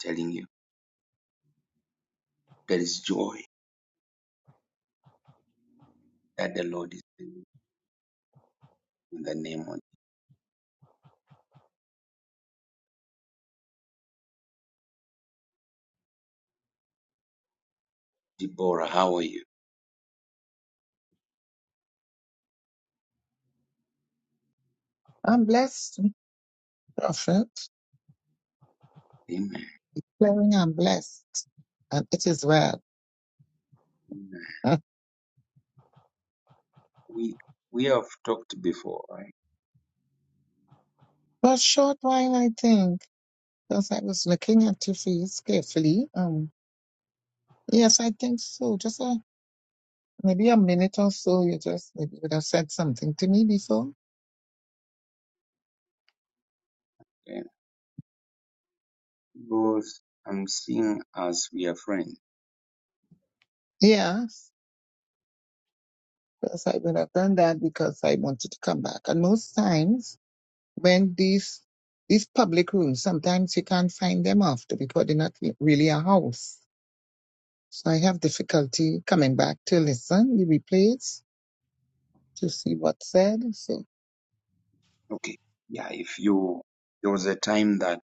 Speaker 1: telling you there is joy that the Lord is with you in the name of Deborah. How are you?
Speaker 3: I'm blessed, prophet.
Speaker 1: Amen.
Speaker 3: Declaring I'm blessed. And it is well.
Speaker 1: Amen.
Speaker 3: For
Speaker 1: We we have talked before, right?
Speaker 3: a short while, I think, because I was looking at your face carefully. Um, yes, I think so. Just a, maybe a minute or so, you just maybe would have said something to me before.
Speaker 1: Yeah. Because I'm seeing as we are friends.
Speaker 3: Yes, because I would have done that because I wanted to come back. And most times, when these these public rooms sometimes you can't find them after because they're not really a house so i have difficulty coming back to listen the replays to see what's said so
Speaker 1: Okay. Yeah. If you there was a time that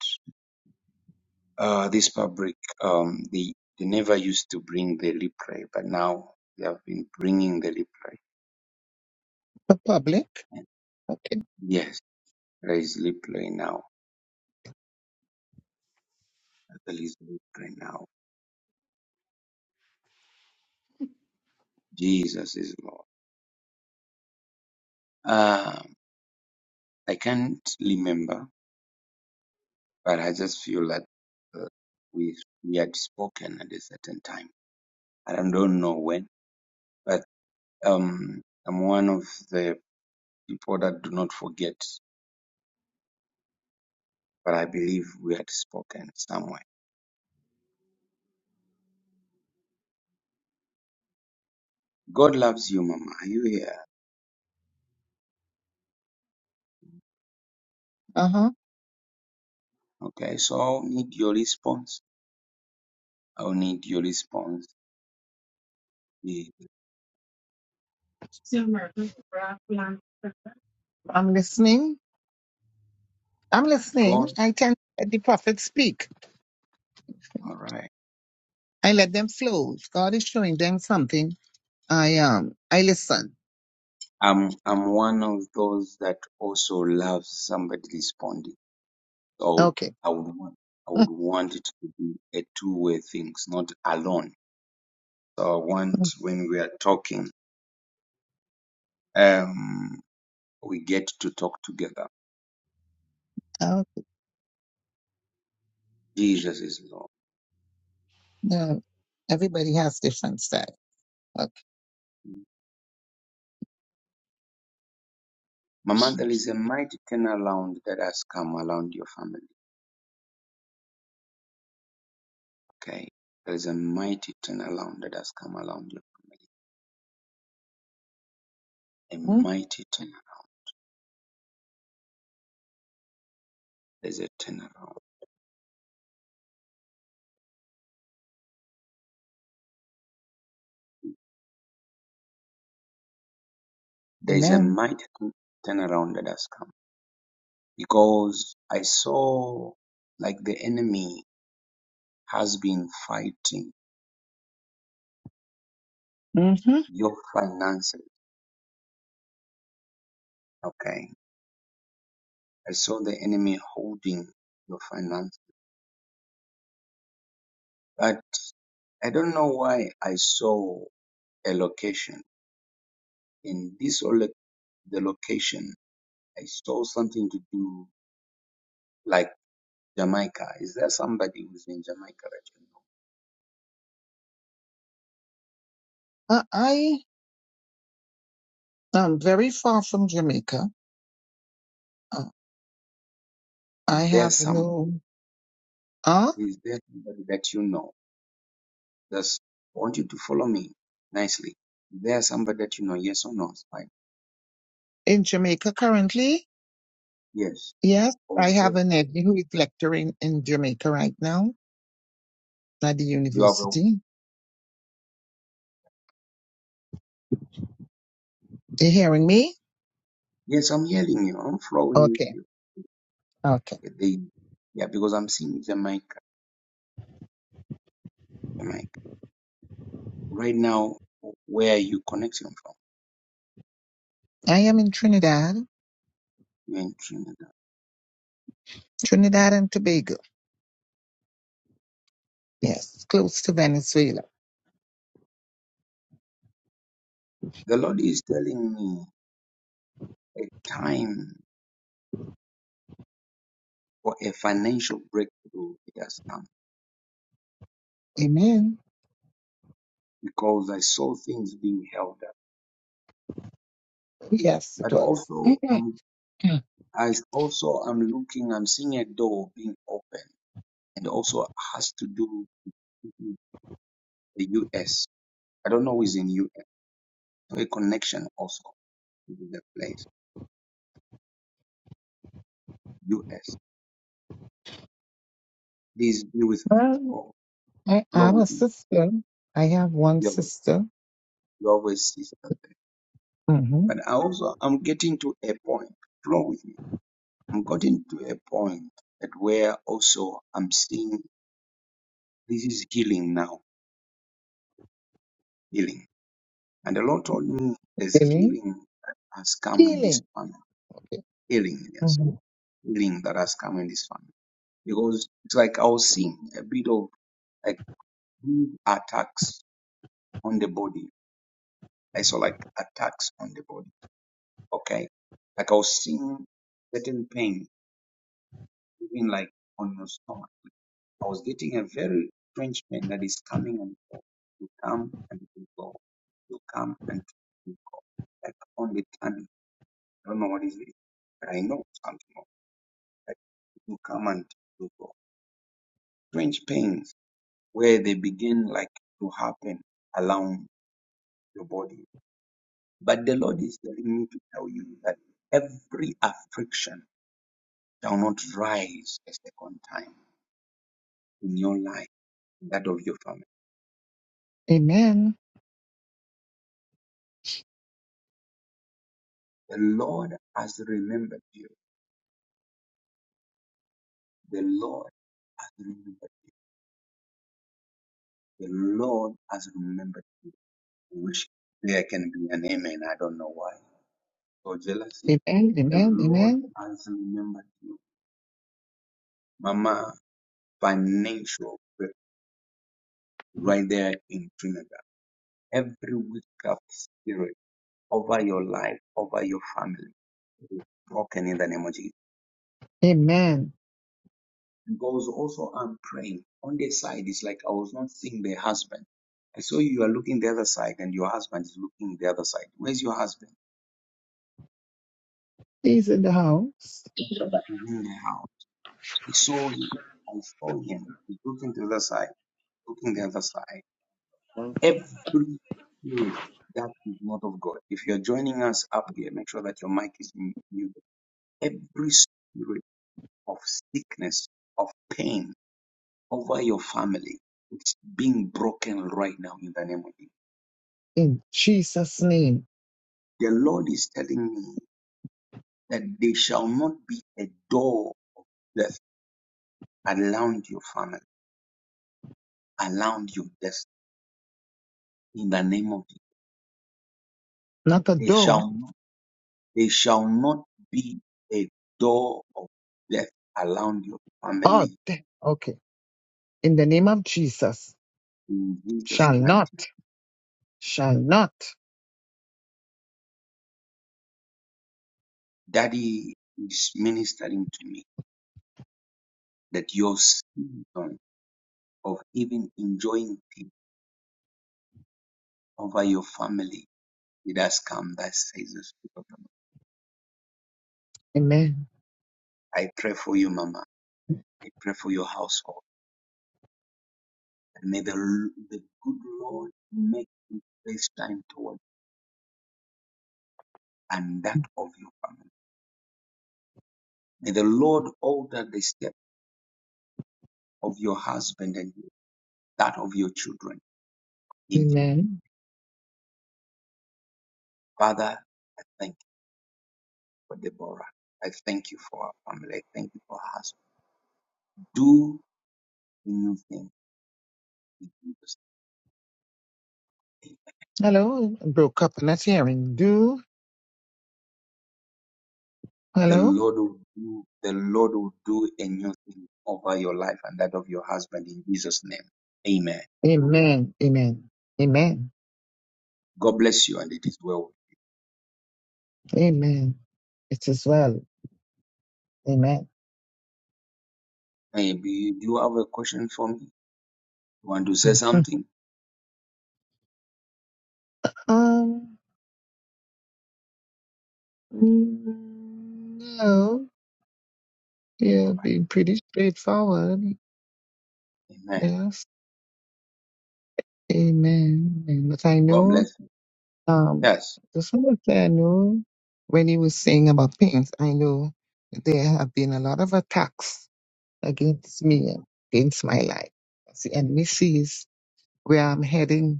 Speaker 1: uh this public um they they never used to bring the replay, but now they have been bringing the replay.
Speaker 3: the public
Speaker 1: And yes, there is replay now. There is replay now. Jesus is Lord. Um, I can't remember but I just feel that uh, we we had spoken at a certain time. I don't don't know when, but um, I'm one of the people that do not forget. But I believe we had spoken somewhere. God loves you, Mama. Are you here?
Speaker 3: uh-huh
Speaker 1: Okay, so I'll need your response. I'll need your response. Eh,
Speaker 3: i'm listening i'm listening
Speaker 1: God,
Speaker 3: i can let the prophets speak
Speaker 1: all right.
Speaker 3: i let them flow if god is showing them something i um i listen
Speaker 1: I'm I'm one of those that also loves somebody responding. I would,
Speaker 3: okay
Speaker 1: I would want, I would want it to be a two-way thing, not alone. So I want when we are talking, um, we get to talk together.
Speaker 3: Oh,
Speaker 1: Jesus is Lord.
Speaker 3: no, everybody has different style okay
Speaker 1: Mama, there is a mighty turnaround that has come around your family. Okay. There is a mighty turnaround that has come around you. A
Speaker 3: Mm,
Speaker 1: mighty turnaround. There's a turnaround. There is a
Speaker 3: amen
Speaker 1: mighty turnaround that has come. Because I saw like the enemy has been fighting
Speaker 3: hmm
Speaker 1: Your finances. Okay. I saw the enemy holding your finances. But I don't know why I saw a location. In this lo- the location, I saw something to do like Jamaica. Is there somebody who's in Jamaica that you know?
Speaker 3: uh, i I'm very far from Jamaica. Uh, I
Speaker 1: Is there
Speaker 3: have
Speaker 1: somebody
Speaker 3: no uh
Speaker 1: is there somebody that you know? Just I want you to follow me nicely. Is there somebody that you know, yes or no? Right?
Speaker 3: in Jamaica currently.
Speaker 1: Yes.
Speaker 3: Yes,
Speaker 1: Or
Speaker 3: I
Speaker 1: is there
Speaker 3: have an nephew who is lecturing in Jamaica right now at the
Speaker 1: you have a
Speaker 3: university. You hearing me?
Speaker 1: yes, I'm hearing you, I'm flowing with
Speaker 3: Okay,
Speaker 1: you.
Speaker 3: okay.
Speaker 1: They, yeah, because I'm seeing the mic, the mic Right now, where you connecting from?
Speaker 3: I am in Trinidad,
Speaker 1: You're in Trinidad.
Speaker 3: Trinidad and Tobago. Yes, close to Venezuela.
Speaker 1: The Lord is telling me a time for a financial breakthrough it has come
Speaker 3: Amen.
Speaker 1: because I saw things being held up.
Speaker 3: Yes, it
Speaker 1: But
Speaker 3: was.
Speaker 1: also,
Speaker 3: Mhm.
Speaker 1: I'm, I also am looking, I'm seeing a door being open and also has to do with the U.S. I don't know who is in U.S. So a connection also to the place, U.S. Please be with me.
Speaker 3: well,
Speaker 1: God.
Speaker 3: I
Speaker 1: flow
Speaker 3: have a
Speaker 1: with me.
Speaker 3: sister. I have one
Speaker 1: You have
Speaker 3: sister.
Speaker 1: you always is that way.
Speaker 3: Mm-hmm.
Speaker 1: But I also I'm getting to a point. Flow with me. I'm getting to a point that where also I'm seeing this is healing now. Healing. And the Lord told me there's
Speaker 3: Healing.
Speaker 1: healing that has come in this
Speaker 3: Healing.
Speaker 1: family. Healing, yes.
Speaker 3: Mm-hmm.
Speaker 1: Healing that has come in this family. Because it's like I was seeing a bit of like big attacks on the body. I saw like attacks on the body. Okay. Like I was seeing certain pain. even like on your stomach. I was getting a very strange pain that is coming and go. You come and you go. You come and you go. Like on the tummy. I don't know what is it, but I know something of it. Like you come and you go. Strange pains where they begin like to happen around your body. But the Lord is telling me to tell you that every affliction shall not rise a second time in your life, that of your family
Speaker 3: Amen.
Speaker 1: The Lord has remembered you. The Lord has remembered. The Lord has remembered. I wish there can be an amen. I don't know why. Or jealousy.
Speaker 3: Amen.
Speaker 1: The
Speaker 3: Amen.
Speaker 1: Lord
Speaker 3: Amen.
Speaker 1: has remembered you. Mama, financial break- right there in Trinidad. Every witchcraft spirit over your life, over your family, it is broken in the name of Jesus.
Speaker 3: Amen.
Speaker 1: And God was also, I'm praying on the side. It's like I was not seeing the husband. I saw you are looking the other side and your husband is looking the other side. Where's your husband?
Speaker 3: He's in the house
Speaker 1: He's in the house. I saw him. I saw him. He's looking to the other side, looking the other side. Every spirit that is not of God. If you're joining us up here, make sure that your mic is mu- muted. Every spirit of sickness, of pain over your family, it's being broken right now in the name of Jesus.
Speaker 3: in Jesus' name.
Speaker 1: The Lord is telling me that there shall not be a door left around your family, around your destiny. In the name of Jesus,
Speaker 3: Not a
Speaker 1: there
Speaker 3: door.
Speaker 1: shall not, there shall not be a door of death around your
Speaker 3: Oh,
Speaker 1: family.
Speaker 3: de- okay. In the name of Jesus.
Speaker 1: In Jesus'
Speaker 3: Shall
Speaker 1: mighty
Speaker 3: not. Shall not.
Speaker 1: name, Daddy is ministering to me that your season of even enjoying peace over your family, it has come. That says the Spirit of the Lord.
Speaker 3: Amen.
Speaker 1: I pray for you, Mama. I pray for your household. And May the, the good Lord make his face shine toward you and that of your family. May the Lord alter the step of your husband and you, that of your children in you.
Speaker 3: Amen.
Speaker 1: Father, I thank you for Deborah. I thank you for our family. I thank you for her husband. Do a new thing in Jesus.
Speaker 3: Hello, it broke up. Let's hear do.
Speaker 1: The
Speaker 3: Hello.
Speaker 1: Lord will do, the Lord will do a new thing over your life and that of your husband in Jesus' name. Amen.
Speaker 3: Amen. Amen. Amen.
Speaker 1: God bless you and it is well.
Speaker 3: Amen. It is well. Amen.
Speaker 1: Maybe do you have a question for me? You want to say something?
Speaker 3: Um, mm, no, yeah, be pretty straightforward.
Speaker 1: Amen.
Speaker 3: Yes. Amen. And But I
Speaker 1: God
Speaker 3: know,
Speaker 1: bless you.
Speaker 3: um,
Speaker 1: Yes.
Speaker 3: the song that I know when he was saying about pains, I know there have been a lot of attacks against me,
Speaker 1: Amen.
Speaker 3: against my life. The enemy sees where I'm heading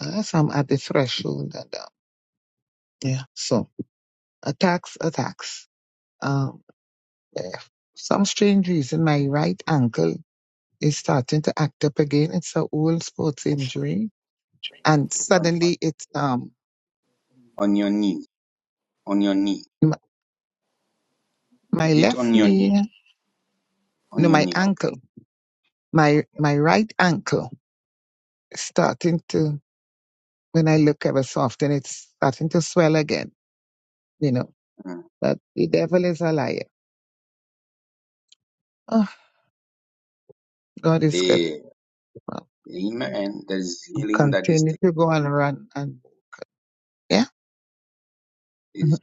Speaker 3: As I'm at the threshold, and uh, yeah, so attacks, attacks. Um, eh, some strange reason, my right ankle is starting to act up again. It's a old sports
Speaker 4: Actual
Speaker 3: injury,
Speaker 4: dream.
Speaker 3: and
Speaker 1: On,
Speaker 3: suddenly it's um
Speaker 1: on your knee. On your knee.
Speaker 3: m- my
Speaker 1: Is it
Speaker 3: left
Speaker 1: on your knee?
Speaker 3: knee,
Speaker 1: On
Speaker 3: no,
Speaker 1: your
Speaker 3: my
Speaker 1: knee. Okay.
Speaker 3: ankle, my my right ankle is starting to. When I look ever so often, it's starting to swell again. You know
Speaker 1: Mm.
Speaker 3: that the devil is a liar. Oh, God is good.
Speaker 1: Eh,
Speaker 3: I'll
Speaker 1: Amen. There is healing that is
Speaker 3: Continue to
Speaker 1: taking
Speaker 3: go and run, and yeah.
Speaker 1: is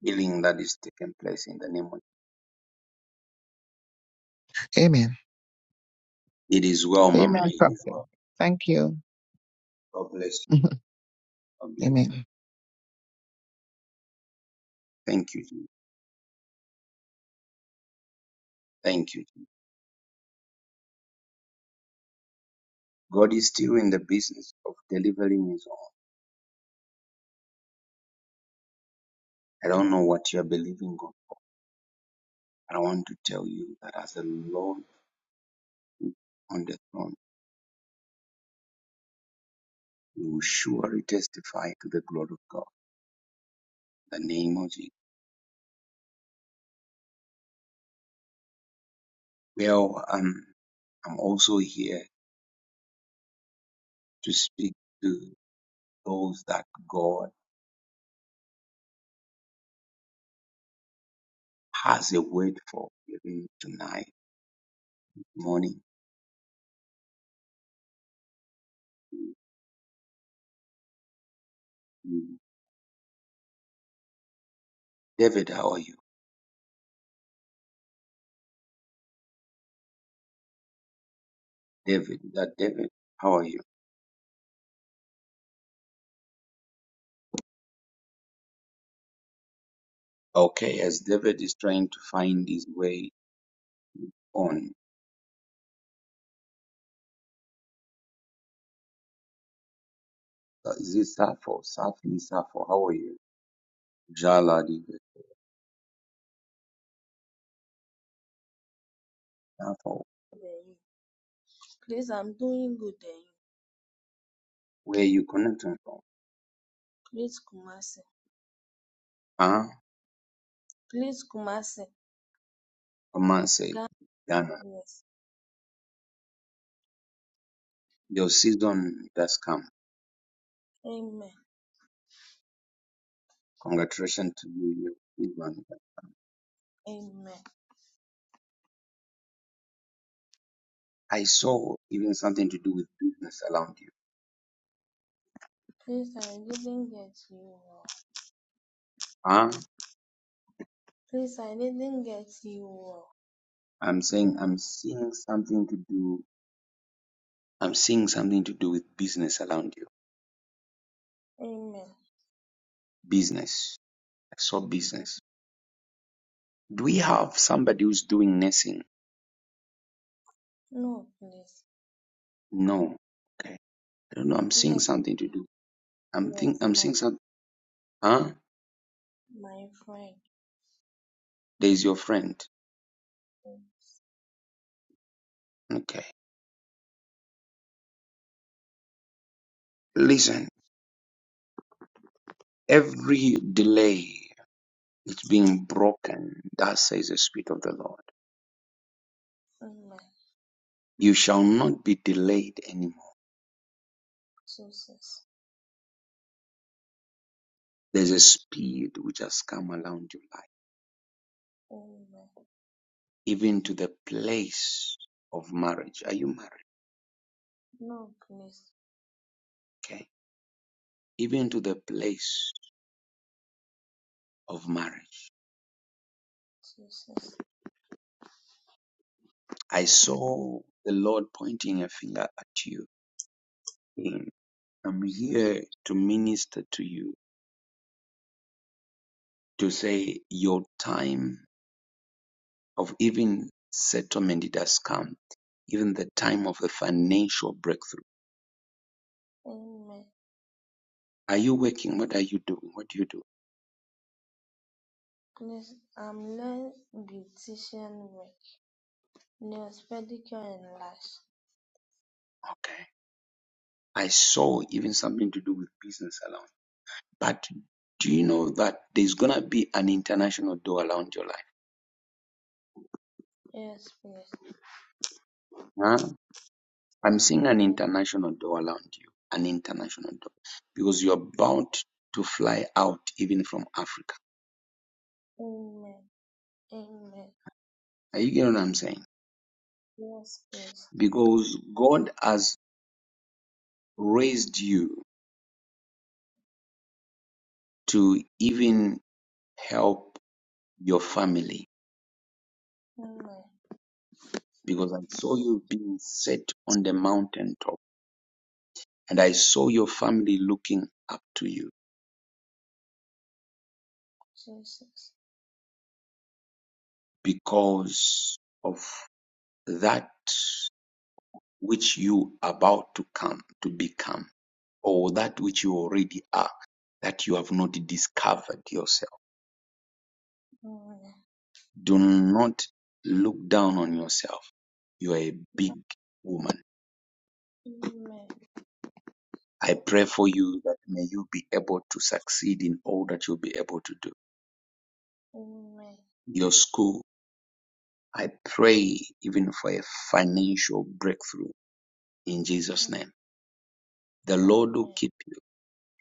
Speaker 1: healing that is taking place in the name of
Speaker 3: Amen.
Speaker 1: It is well, Mama.
Speaker 3: Amen,
Speaker 1: It is
Speaker 3: Prophet.
Speaker 1: well.
Speaker 3: Thank you.
Speaker 1: God bless you. God bless you.
Speaker 3: Amen.
Speaker 1: Thank you. Jesus. Thank you. Jesus. God is still in the business of delivering his own. I don't know what you are believing God. for, but I want to tell you that as the Lord is on the throne, You will surely testify to the glory of God. In the name of Jesus. Well, um, I'm also here to speak to those that God has a word for even tonight, morning. David, how are you? David, that David, how are you? Okay, as David is trying to find his way on, uh, is it Sappho? Safi, Sappho, how are you? Jala, David, Sappho,
Speaker 5: Please I'm doing good eh,
Speaker 1: where are you connecting from?
Speaker 5: please Kumasi,
Speaker 1: Huh?
Speaker 5: please Kumasi,
Speaker 1: Come on, say,
Speaker 5: God
Speaker 1: Ghana.
Speaker 5: bless.
Speaker 1: Your season does come.
Speaker 5: amen,
Speaker 1: Congratulations to you. Your season.
Speaker 5: amen.
Speaker 1: I saw even something to do with business around you.
Speaker 5: Please I didn't get you, oh.
Speaker 1: Huh?
Speaker 5: please I didn't get you, oh.
Speaker 1: I'm saying I'm seeing something to do. I'm seeing something to do with business around you.
Speaker 5: amen.
Speaker 1: Business. I saw
Speaker 5: Oh,
Speaker 1: business. Do we have somebody who's doing nursing?
Speaker 5: No please,
Speaker 1: No. Okay. I don't know. I'm seeing
Speaker 5: yes,
Speaker 1: something to do. I'm
Speaker 5: yes,
Speaker 1: think. I'm
Speaker 5: my
Speaker 1: seeing something. Huh?
Speaker 5: my friend,
Speaker 1: There's your friend.
Speaker 5: Oh
Speaker 1: Okay. Listen. Every delay. It's being broken. That says the Spirit of the Lord.
Speaker 5: amen,
Speaker 1: You shall not be delayed anymore.
Speaker 5: Jesus,
Speaker 1: There's a speed which has come around your life,
Speaker 5: amen.
Speaker 1: even to the place of marriage. Are you married?
Speaker 5: No please,
Speaker 1: Okay. Even to the place of marriage.
Speaker 5: Jesus,
Speaker 1: I saw the Lord pointing a finger at you. I'm
Speaker 5: Jesus,
Speaker 1: here to minister to you, to say your time of even settlement it has come, even the time of a financial breakthrough
Speaker 5: amen.
Speaker 1: Are you working? What are you doing? What do you do?
Speaker 5: Please, I'm learning beautician work, nails, pedicure and lash.
Speaker 1: Okay. I saw even something to do with business alone. But do you know that there's going to be an international door around your life?
Speaker 5: Yes, please.
Speaker 1: Huh? I'm seeing an
Speaker 5: Yes,
Speaker 1: international door around you, an international door, because you're
Speaker 5: amen.
Speaker 1: about to fly out even from Africa.
Speaker 5: Amen. Amen.
Speaker 1: Are you getting what I'm saying?
Speaker 5: Yes, please.
Speaker 1: Because God has raised you to even help your family,
Speaker 5: Amen.
Speaker 1: because I saw you being set on the mountaintop And I saw your family looking up to you
Speaker 5: Jesus.
Speaker 1: because of that which you are about to come to become or that which you already are that you have not discovered yourself.
Speaker 5: Amen.
Speaker 1: Do not look down on yourself. You are a big woman.
Speaker 5: Amen.
Speaker 1: I pray for you that may you be able to succeed in all that you'll be able to do.
Speaker 5: Amen.
Speaker 1: Your school, I pray even for a financial breakthrough in Jesus'
Speaker 5: Amen.
Speaker 1: name. The Lord will keep you.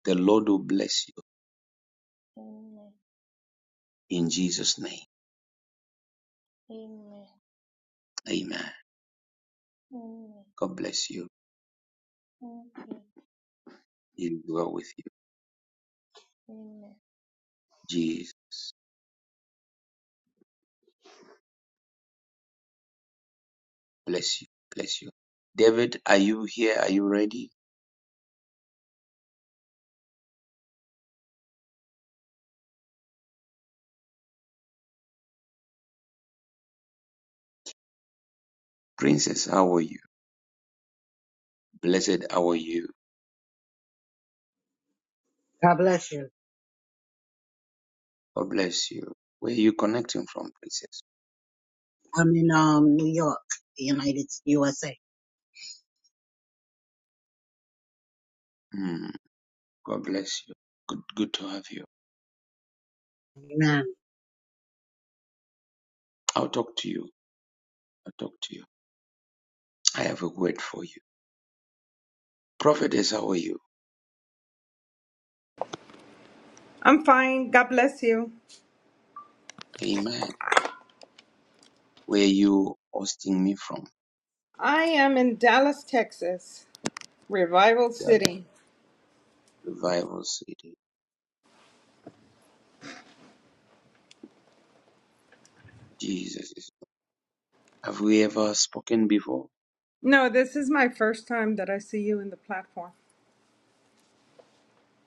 Speaker 1: The Lord will bless you
Speaker 5: Amen.
Speaker 1: in Jesus' name.
Speaker 5: Amen.
Speaker 1: Amen.
Speaker 5: Amen.
Speaker 1: God bless you.
Speaker 5: Thank you.
Speaker 1: He will go with you.
Speaker 5: Amen.
Speaker 1: Jesus bless you. Bless you. David, are you here? Are you ready? Princess, how are you? Blessed, how are you?
Speaker 6: God bless you.
Speaker 1: God bless you. Where are you connecting from, Princess?
Speaker 6: I'm in um New York, the United USA.
Speaker 1: Hmm. God bless you. Good, good to have you.
Speaker 6: Amen.
Speaker 1: I'll talk to you. I'll talk to you. I have a word for you. Prophetess, how are you?
Speaker 7: I'm fine. God bless you.
Speaker 1: Amen. Where are you hosting me from?
Speaker 7: I am in Dallas, Texas, Revival
Speaker 1: The
Speaker 7: City.
Speaker 1: revival city. Jesus is Have we ever spoken before?
Speaker 7: No, this is my first time that I see you in the platform.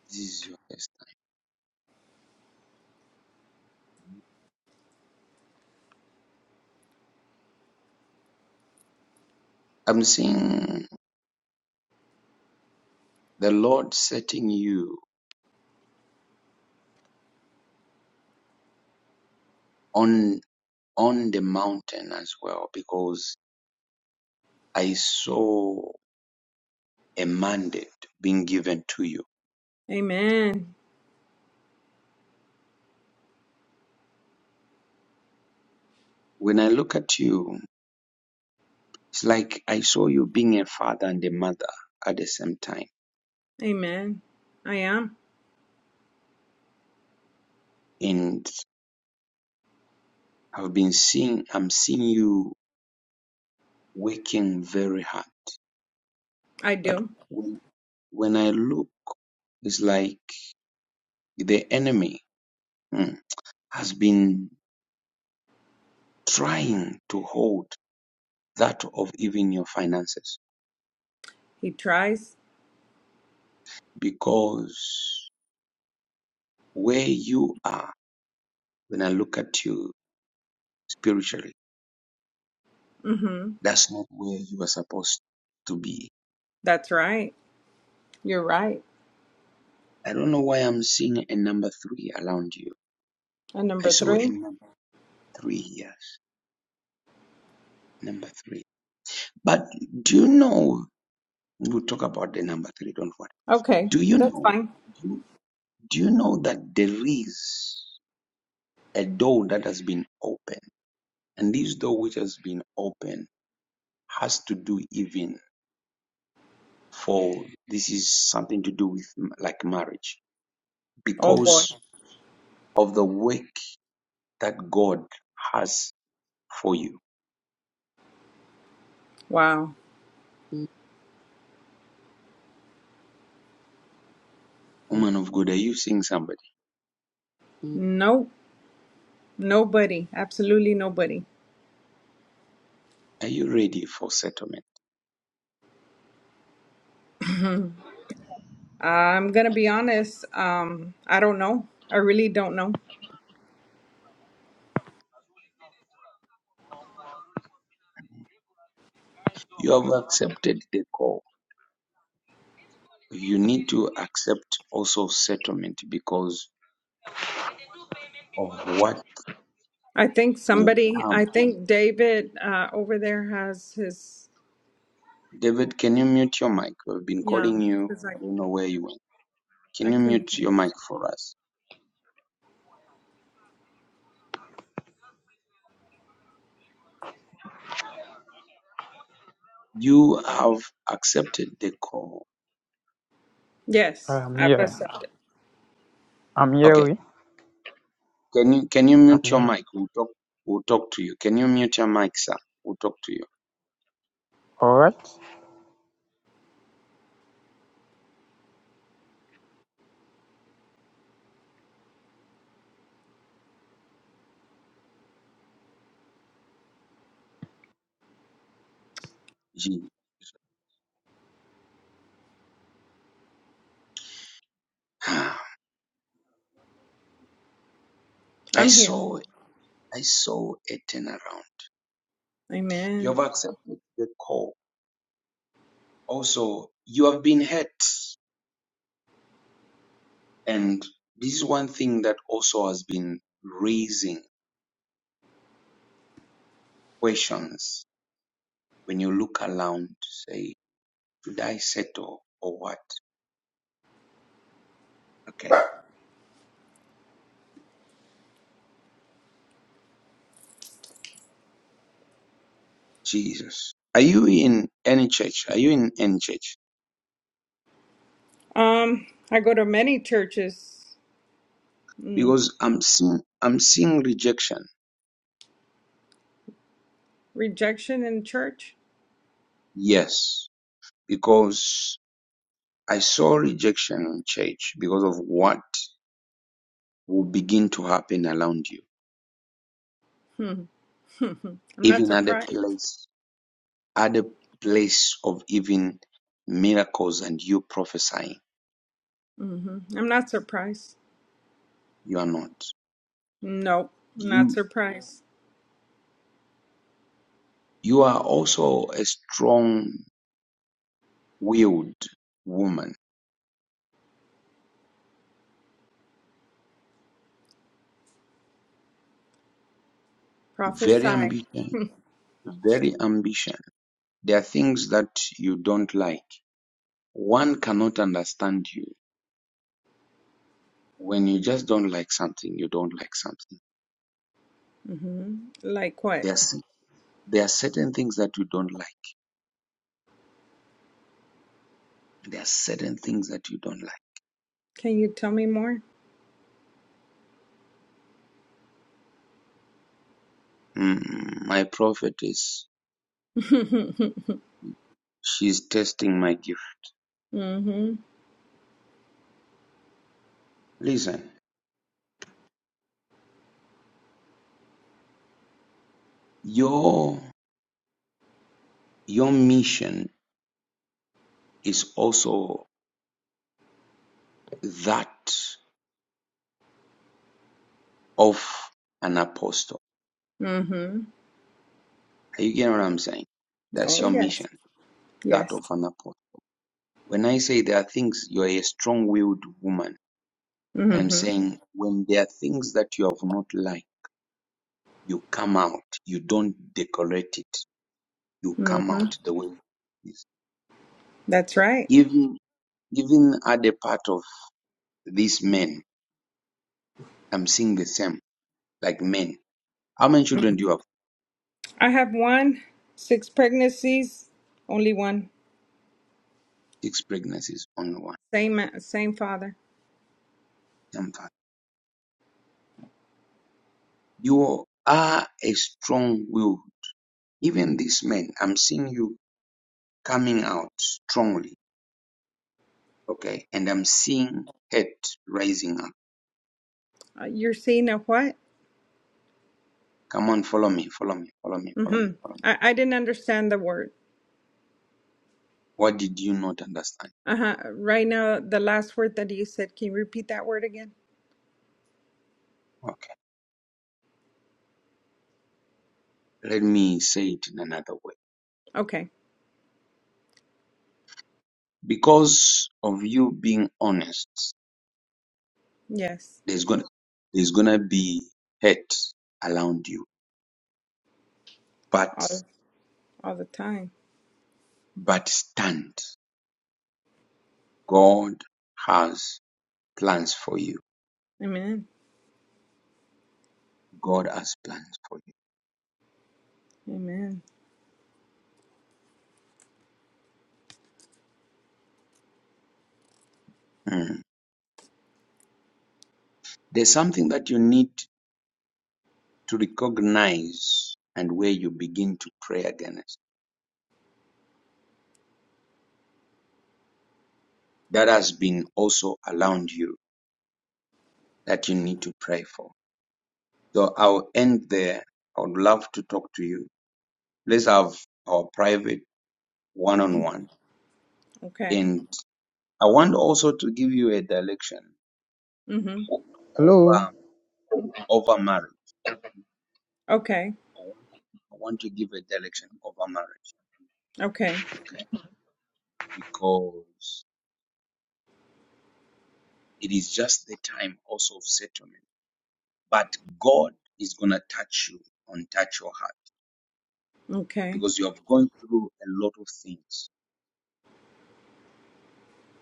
Speaker 1: This is your first time. I'm seeing the Lord setting you on on the mountain as well because I saw a mandate being given to you.
Speaker 7: Amen.
Speaker 1: When I look at you, it's like I saw you being a father and a mother at the same time.
Speaker 7: Amen. I am.
Speaker 1: And I've been seeing I'm seeing you working very hard.
Speaker 7: I
Speaker 1: But
Speaker 7: do.
Speaker 1: when I look, it's like the enemy hmm, has been trying to hold that of even your finances
Speaker 7: He tries.
Speaker 1: because where you are, when I look at you spiritually,
Speaker 7: Mm-hmm.
Speaker 1: that's not where you are supposed to be.
Speaker 7: That's right. You're right.
Speaker 1: I don't know why I'm seeing a number three around you.
Speaker 7: And
Speaker 1: I
Speaker 7: number
Speaker 1: saw a
Speaker 7: three.
Speaker 1: number three, yes, number three. But do you know? We'll talk about the number three, don't worry.
Speaker 7: Okay.
Speaker 1: Do you
Speaker 7: That's
Speaker 1: know?
Speaker 7: fine.
Speaker 1: Do, do you know that there is a door that has been opened? And this door which has been opened has to do even for this is something to do with m- like marriage
Speaker 7: Oh boy.
Speaker 1: because of the work that God has for you.
Speaker 7: Wow.
Speaker 1: Woman of God, are you seeing somebody?
Speaker 7: Nope. Nobody. Absolutely nobody.
Speaker 1: Are you ready for settlement?
Speaker 7: I'm gonna be honest. Um, I don't know. I really don't know.
Speaker 1: You have accepted the call. You need to accept also settlement because of what
Speaker 7: I think
Speaker 1: will
Speaker 7: somebody, I
Speaker 1: come.
Speaker 7: think David uh, over there has his,
Speaker 1: David, can you mute your mic? We've been
Speaker 7: yeah,
Speaker 1: calling you.
Speaker 7: because I,
Speaker 1: I don't know where you went.
Speaker 7: I
Speaker 1: Can you
Speaker 7: couldn't
Speaker 1: mute
Speaker 7: hear.
Speaker 1: your mic for us? You have accepted the call.
Speaker 7: Yes,
Speaker 8: I'm
Speaker 7: I've
Speaker 8: here.
Speaker 7: accepted.
Speaker 8: I'm
Speaker 1: Okay,
Speaker 8: here.
Speaker 1: Can you can you
Speaker 8: I'm
Speaker 1: mute your
Speaker 8: here.
Speaker 1: mic? We'll talk we'll talk to you. Can you mute your mic, sir? We'll talk to you.
Speaker 8: All right.
Speaker 1: Gee. I
Speaker 7: I'm here.
Speaker 1: saw it. I saw a turnaround. You
Speaker 7: Amen.
Speaker 1: have accepted the call. Also, you have been hurt. And this is one thing that also has been raising questions when you look around to say, should I settle or what? Okay. Jesus. Are you in any church? Are you in any church?
Speaker 7: Um, I go to many churches. Mm,
Speaker 1: Because I'm seeing I'm seeing rejection.
Speaker 7: rejection in church?
Speaker 1: Yes, because I saw rejection in church because of what will begin to happen around you,
Speaker 7: Hmm. I'm not
Speaker 1: even at the
Speaker 7: surprised.
Speaker 1: place, at the place of even miracles and you prophesying.
Speaker 7: hmm I'm not surprised.
Speaker 1: You are not.
Speaker 7: Nope, I'm not
Speaker 1: You
Speaker 7: surprised.
Speaker 1: you are also a strong-willed woman, very
Speaker 7: Prophesy.
Speaker 1: ambition, very ambition. There are things that you don't like. One cannot understand you when you just don't like something. You don't like something
Speaker 7: hmm Like what?
Speaker 1: There's there are certain things that you don't like. There are certain things that you don't like.
Speaker 7: Can you tell me more?
Speaker 1: Mm, my prophet is
Speaker 7: hmm
Speaker 1: she's testing my gift. Listen, your your mission is also that of an apostle.
Speaker 7: hmm
Speaker 1: Are you getting what I'm saying? That's
Speaker 7: Oh,
Speaker 1: your
Speaker 7: yes.
Speaker 1: mission, that
Speaker 7: Yes.
Speaker 1: of an apostle. When I say there are things you're a strong-willed woman, I'm
Speaker 7: Mm-hmm.
Speaker 1: saying when there are things that you have not liked, you come out. You don't decorate it you come
Speaker 7: Mm-hmm.
Speaker 1: out the way it is.
Speaker 7: That's right.
Speaker 1: Even even at the part of these men, I'm seeing the same, like men. How many children do you have?
Speaker 7: I have one, six pregnancies, only one.
Speaker 1: Six pregnancies, on one.
Speaker 7: Same uh, same father.
Speaker 1: I'm fine. You are a strong will. Even these men, I'm seeing you coming out strongly, okay? And I'm seeing head rising up.
Speaker 7: Uh, you're seeing a what?
Speaker 1: Come on, follow me, follow me, follow me, follow me,
Speaker 7: Mm-hmm.
Speaker 1: follow me.
Speaker 7: I, I didn't understand the word.
Speaker 1: What did you not understand?
Speaker 7: Uh-huh. Right now, the last word that you said, can you repeat that word again?
Speaker 1: Okay, let me say it in another way
Speaker 7: Okay.
Speaker 1: because of you being honest
Speaker 7: Yes.
Speaker 1: There's gonna there's gonna be hate around you. But
Speaker 7: All all the time.
Speaker 1: but stand. God has plans for you.
Speaker 7: Amen.
Speaker 1: God has plans for you.
Speaker 7: Amen.
Speaker 1: Mm. There's something that you need to recognize and where you begin to pray against. That has been also around you that you need to pray for. So I'll end there. I would love to talk to you. Let's have our private one on one.
Speaker 7: Okay.
Speaker 1: And I want also to give you a direction.
Speaker 7: Mm-hmm.
Speaker 8: Hello.
Speaker 1: over over marriage.
Speaker 7: Okay.
Speaker 1: I want, I want to give a direction over marriage,
Speaker 7: Okay.
Speaker 1: okay? Because it is just the time also of settlement. But God is gonna touch you and touch your heart
Speaker 7: Okay.
Speaker 1: because you have gone through a lot of things,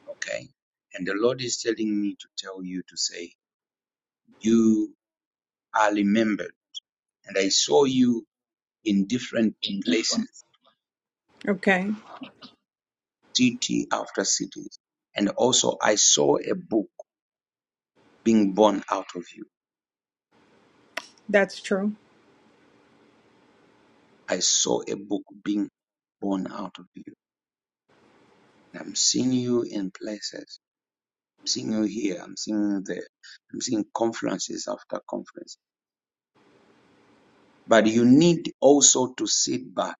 Speaker 1: okay? And the Lord is telling me to tell you to say, you are remembered. And I saw you in different places,
Speaker 7: Okay.
Speaker 1: city after cities. And also I saw a book being born out of you
Speaker 7: That's true.
Speaker 1: I saw a book being born out of you. And I'm seeing you in places. I'm seeing you here. I'm seeing you there. I'm seeing conferences after conference. But you need also to sit back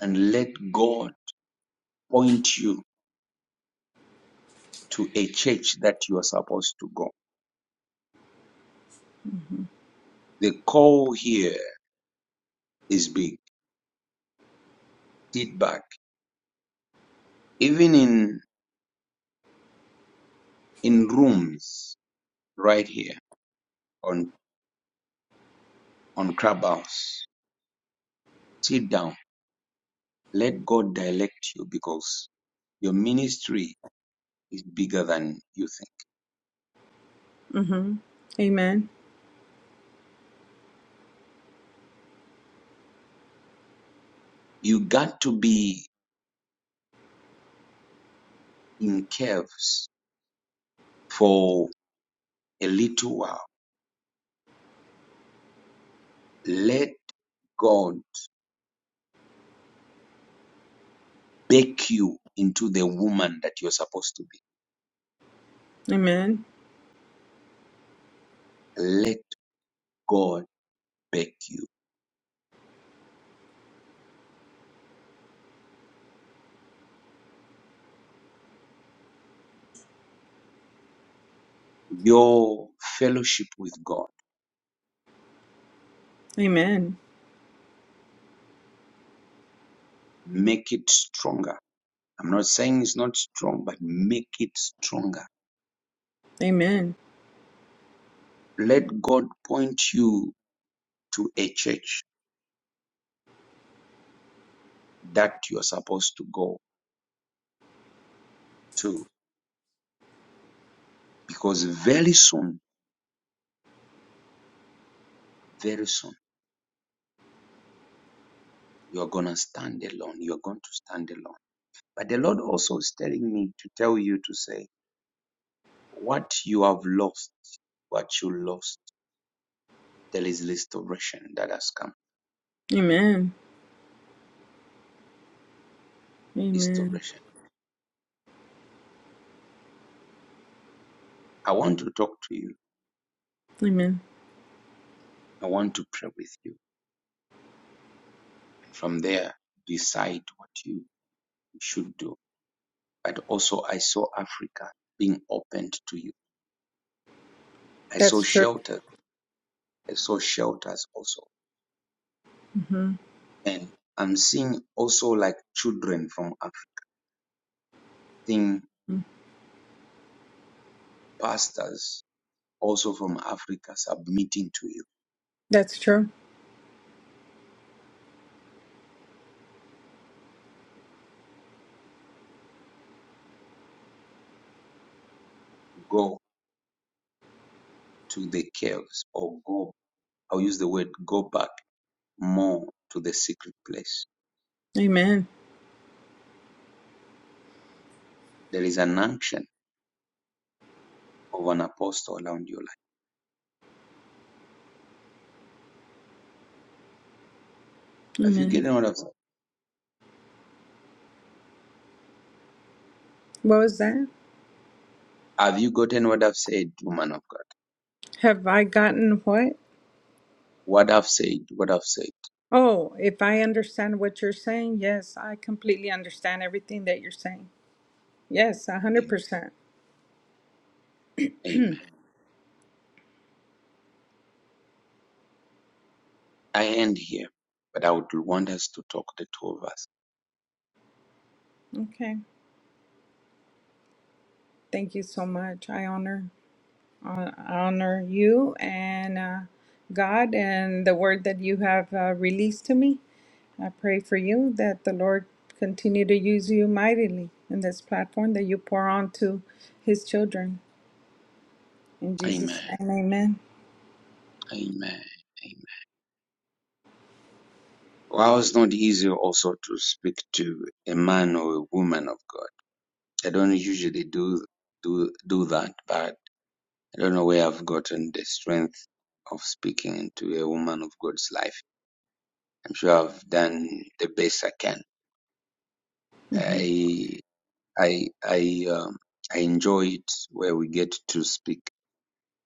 Speaker 1: and let God point you to a church that you are supposed to go. The call here is big. Sit back. Even in in rooms right here on on clubhouse. Sit down. Let God direct you because your ministry is bigger than you think.
Speaker 7: Mm-hmm. Amen.
Speaker 1: You got to be in caves for a little while. Let God bake you into the woman that you're supposed to be.
Speaker 7: Amen.
Speaker 1: Let God bake you. Your fellowship with God,
Speaker 7: Amen.
Speaker 1: make it stronger. I'm not saying it's not strong, but make it stronger.
Speaker 7: Amen.
Speaker 1: Let God point you to a church that you're supposed to go to because very soon, very soon You're going to stand alone. You're going to stand alone. But the Lord also is telling me to tell you to say, what you have lost, what you lost, there is restoration that has come.
Speaker 7: Amen. Amen.
Speaker 1: Restoration. I want to talk to you.
Speaker 7: Amen.
Speaker 1: I want to pray with you. And from there, decide what you should do. But also, I saw Africa being opened to you. I saw
Speaker 7: That's true.
Speaker 1: shelter. I saw shelters also.
Speaker 7: hmm
Speaker 1: And I'm seeing also like children from Africa, seeing pastors also from Africa submitting to you.
Speaker 7: That's true.
Speaker 1: Go to the caves or go, I'll use the word go back more to the secret place.
Speaker 7: Amen.
Speaker 1: There is an action of an apostle around your life. Have you
Speaker 7: Amen.
Speaker 1: gotten what I've said?
Speaker 7: What was that?
Speaker 1: Have you gotten what I've said, woman of God?
Speaker 7: Have I gotten what?
Speaker 1: What I've said, what I've said.
Speaker 7: Oh, if I understand what you're saying, yes, I completely understand everything that you're saying. Yes, a hundred
Speaker 1: Am-
Speaker 7: percent.
Speaker 1: Amen. I end here, but I would want us to talk, the two of us.
Speaker 7: Okay. Thank you so much. I honor I honor you and uh, God and the word that you have uh, released to me. I pray for you that the Lord continue to use you mightily in this platform that you pour onto his children. In
Speaker 1: Amen.
Speaker 7: Jesus' name, amen.
Speaker 1: Amen. Amen. Well, it's not easy also to speak to a man or a woman of God I don't usually do do do that, but I don't know where I've gotten the strength of speaking into a woman of God's life. I'm sure I've done the best I can.
Speaker 7: hmm
Speaker 1: I I I um, I enjoy it where we get to speak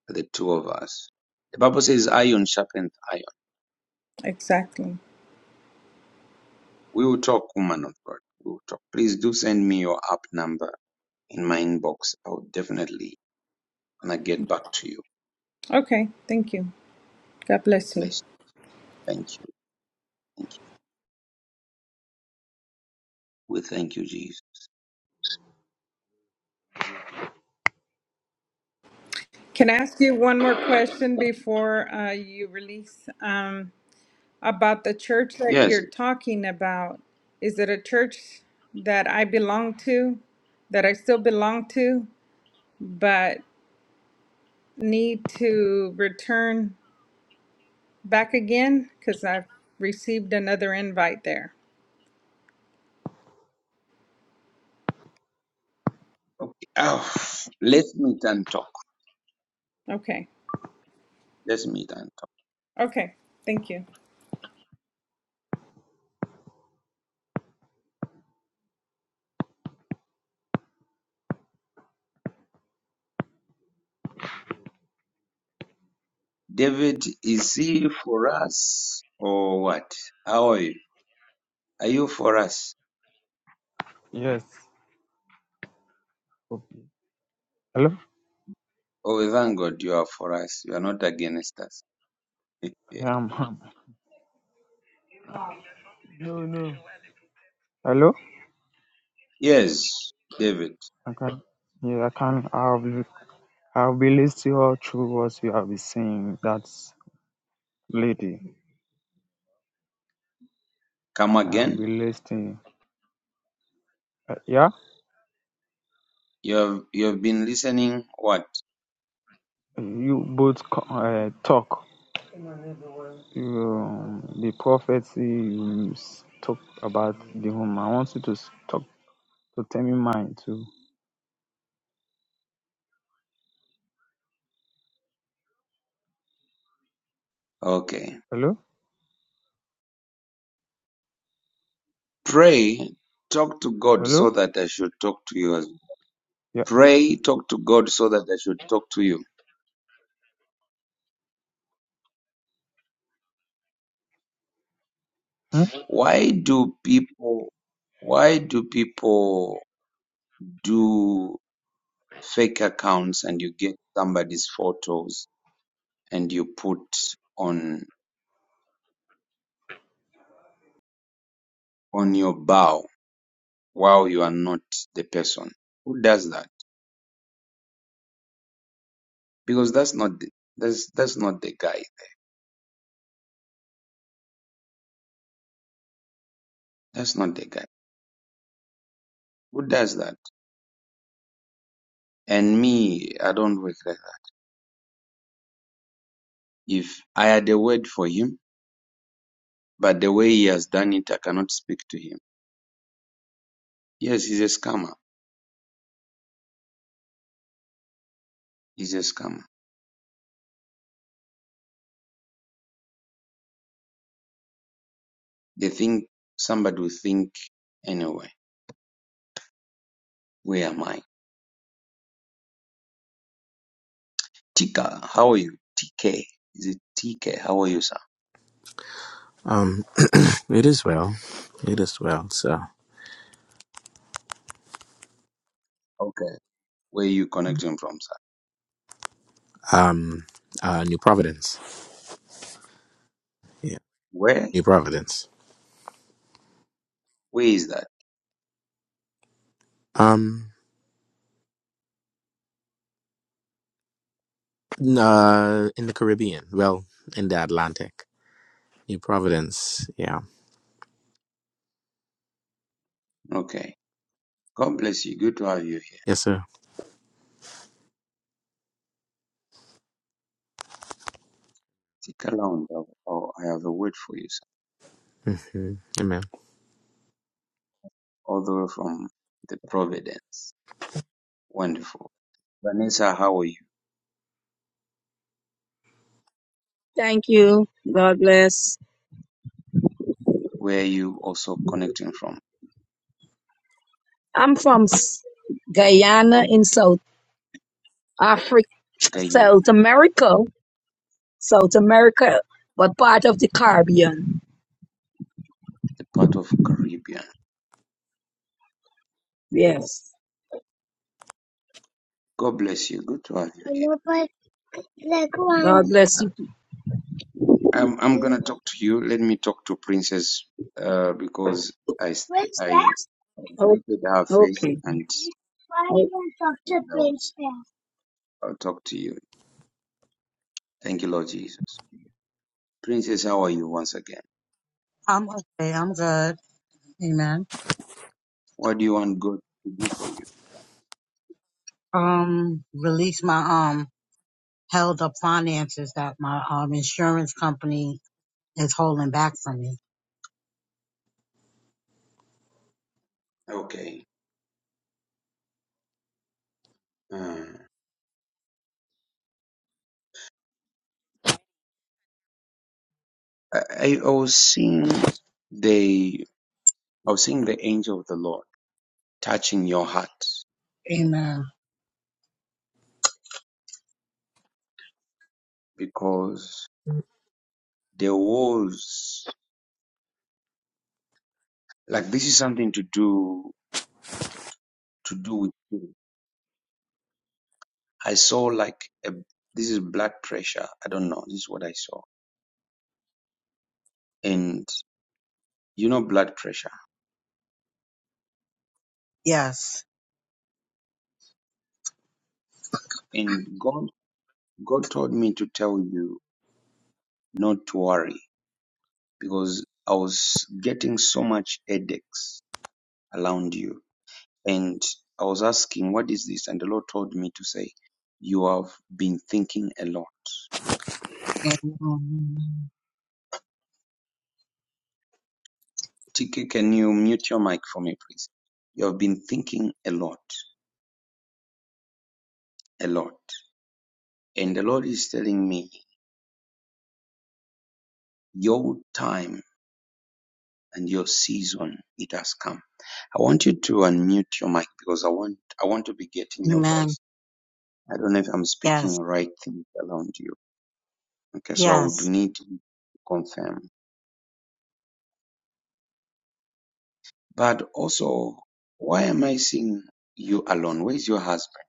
Speaker 1: the two of us. The Bible says, "Iron sharpens iron."
Speaker 7: Exactly.
Speaker 1: We will talk, woman of God. We will talk. Please do send me your app number in my inbox. I'll definitely gonna get back to you.
Speaker 7: Okay, thank you. God bless you.
Speaker 1: Bless. Thank you. Thank you. We thank you, Jesus.
Speaker 7: Can I ask you one more question before uh, you release um, about the church that
Speaker 1: Yes.
Speaker 7: you're talking about? Is it a church that I belong to, that I still belong to, but need to return back again? Because I've received another invite there.
Speaker 1: Okay. Oh, let's meet and talk.
Speaker 7: Okay.
Speaker 1: Let's meet and talk.
Speaker 7: Okay. Thank you.
Speaker 1: David, is he for us or what? How are you? Are you for us?
Speaker 8: Yes. Okay. Hello.
Speaker 1: Oh, we thank God you are for us. You are not against us.
Speaker 8: Yeah, I'm. i Hello.
Speaker 1: yes, David,
Speaker 8: I can. Yeah, I can. I'll be. I'll be listening all through what you have been saying. That's lady.
Speaker 1: come
Speaker 8: I'll
Speaker 1: again.
Speaker 8: be listening. Uh, yeah.
Speaker 1: You have, you have been listening. What?
Speaker 8: You both co- uh, talk. You, um, the prophecy you s- talk about the home. I want you to s- talk to tell me mine too.
Speaker 1: Okay.
Speaker 8: Hello.
Speaker 1: Pray, talk to God
Speaker 8: Hello.
Speaker 1: so that I should talk to you. as- well.
Speaker 8: Yeah.
Speaker 1: Pray, talk to God so that I should talk to you.
Speaker 8: Hmm?
Speaker 1: Why do people why do people do fake accounts and you get somebody's photos and you put on on your bio while you are not the person? Who does that? Because that's not the, that's that's not the guy. That's not the guy. Who does that? And me, I don't work like that. If I had a word for him, but the way he has done it, I cannot speak to him. Yes, he's a scammer. He's a scammer. They think somebody will think anyway. Where am I? Tika, how are you? TK. Is it TK? How are you, sir?
Speaker 9: Um, it is well. It is well. So,
Speaker 1: Okay. Where are you connecting from, sir?
Speaker 9: um, uh, New Providence. Yeah,
Speaker 1: Where?
Speaker 9: New Providence.
Speaker 1: Where is that?
Speaker 9: Um, n- uh, in the Caribbean. Well, in the Atlantic. New Providence. Yeah.
Speaker 1: Okay. God bless you. Good to have you
Speaker 9: Yes, sir.
Speaker 1: here. Tika Lounge. Oh, oh, I have a word for you, sir.
Speaker 9: Mm-hmm.
Speaker 1: All the way from the Providence. Wonderful. Vanessa, how are you?
Speaker 10: Thank you. God bless.
Speaker 1: Where are you also connecting from?
Speaker 10: I'm from S- Guyana in South Africa,
Speaker 1: Guyana,
Speaker 10: South America, South America, but part of the Caribbean.
Speaker 1: the part of Caribbean.
Speaker 10: Yes.
Speaker 1: God bless you. Good to have you.
Speaker 10: Like one. God bless you.
Speaker 1: I'm I'm gonna talk to you. Let me talk to Princess uh, because I s- I
Speaker 10: Oh,
Speaker 1: greeted her face,
Speaker 10: okay.
Speaker 1: and,
Speaker 10: Why Oh. even
Speaker 1: and
Speaker 10: Dr.
Speaker 1: I'll,
Speaker 10: Prince there?
Speaker 1: I'll talk to you. Thank you, Lord Jesus. Princess, how are you once again?
Speaker 6: I'm okay. I'm good. Amen.
Speaker 1: What do you want God to do for you?
Speaker 6: Um, release my um held up finances that my um insurance company is holding back from me.
Speaker 1: Okay. Uh, I I I was seeing the I was seeing the angel of the Lord touching your heart
Speaker 6: Amen.
Speaker 1: because there was like this is something to do to do with. you. I saw like a this is blood pressure. I don't know. This is what I saw. And you know blood pressure.
Speaker 6: Yes.
Speaker 1: And God God told me to tell you not to worry because I was getting so much headaches around you. And I was asking, what is this? And the Lord told me to say, you have been thinking a lot.
Speaker 6: Amen.
Speaker 1: TK, can you mute your mic for me, please? You have been thinking a lot, a lot. And the Lord is telling me, your time and your season it has come. I want you to unmute your mic because I want I want to be getting your
Speaker 6: Amen.
Speaker 1: voice. I don't know if I'm speaking
Speaker 6: Yes.
Speaker 1: the right things around you. Okay, so I would
Speaker 6: Yes.
Speaker 1: need to confirm. But also, why am I seeing you alone? Where is your husband?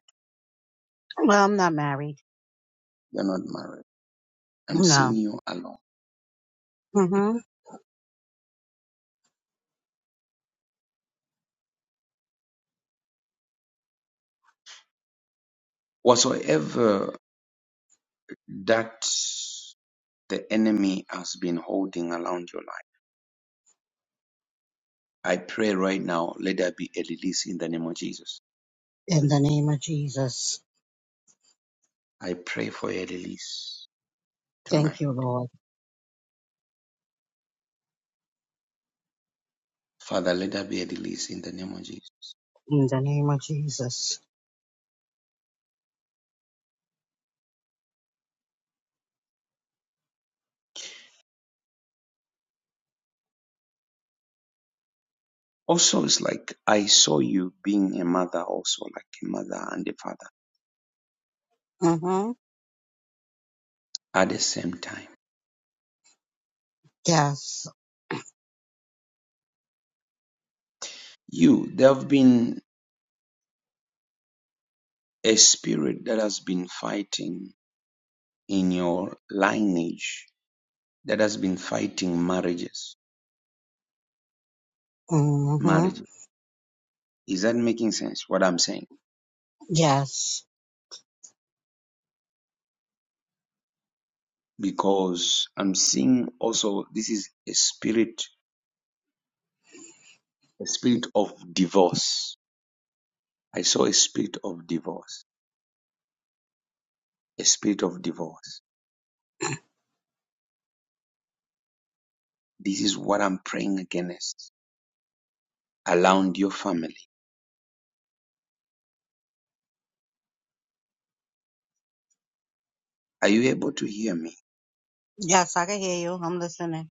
Speaker 6: Well, I'm not married.
Speaker 1: You're not married. I'm seeing
Speaker 6: No.
Speaker 1: you alone.
Speaker 6: Mm-hmm.
Speaker 1: Whatsoever that the enemy has been holding around your life, I pray right now, let there be a release in the name of Jesus.
Speaker 6: In the name of Jesus.
Speaker 1: I pray for a release.
Speaker 6: Thank you, Lord.
Speaker 1: Father, let there be a release in the name of Jesus.
Speaker 6: In the name of Jesus.
Speaker 1: Also, it's like I saw you being a mother, also like a mother and a father
Speaker 6: Mm-hmm.
Speaker 1: at the same time.
Speaker 6: Yes.
Speaker 1: You, there have been a spirit that has been fighting in your lineage, that has been fighting marriages.
Speaker 6: Mhm.
Speaker 1: Marriage. Is that making sense what I'm saying?
Speaker 6: Yes.
Speaker 1: Because I'm seeing also this is a spirit, a spirit of divorce. I saw a spirit of divorce, a spirit of divorce This is what I'm praying against around your family. Are you able to hear me?
Speaker 6: Yes, I can hear you. I'm listening.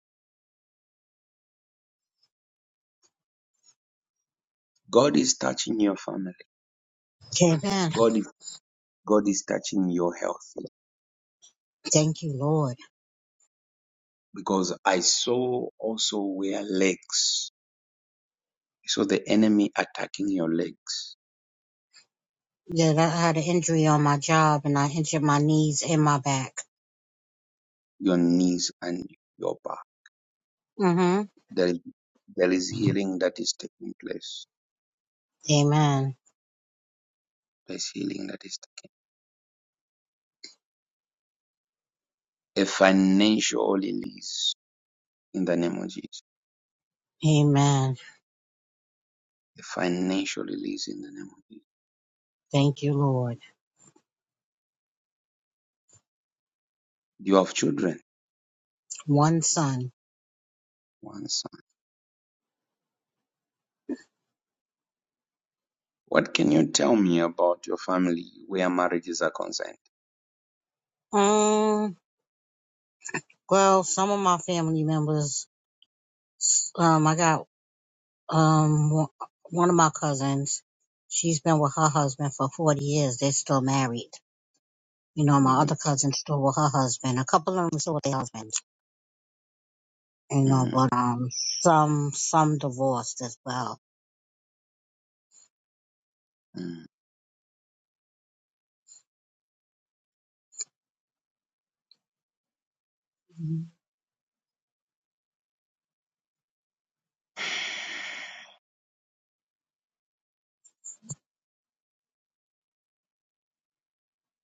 Speaker 1: God is touching your family.
Speaker 6: Amen.
Speaker 1: God is, God is touching your health
Speaker 6: Thank you, Lord.
Speaker 1: because I saw also where legs. I saw the enemy attacking your legs,
Speaker 6: Yeah, I had an injury on my job and I injured my knees and my back.
Speaker 1: your knees and your back.
Speaker 6: Mm-hmm.
Speaker 1: There is, there is healing that is taking place.
Speaker 6: Amen.
Speaker 1: There's healing that is taking. place. A financial release in the name of Jesus.
Speaker 6: Amen.
Speaker 1: A financial release in the name of Jesus.
Speaker 6: Thank you, Lord.
Speaker 1: Do You have children.
Speaker 6: One son.
Speaker 1: One second. What can you tell me about your family where marriages are concerned?
Speaker 6: Um, well, some of my family members, um, I got, um, one one of my cousins, she's been with her husband for 40 years. They're still married. You know, my
Speaker 1: Mhm,
Speaker 6: other cousin's still with her husband. A couple of them still with their husbands you know,
Speaker 1: mhm,
Speaker 6: but um, some some divorced as well.
Speaker 1: mhm.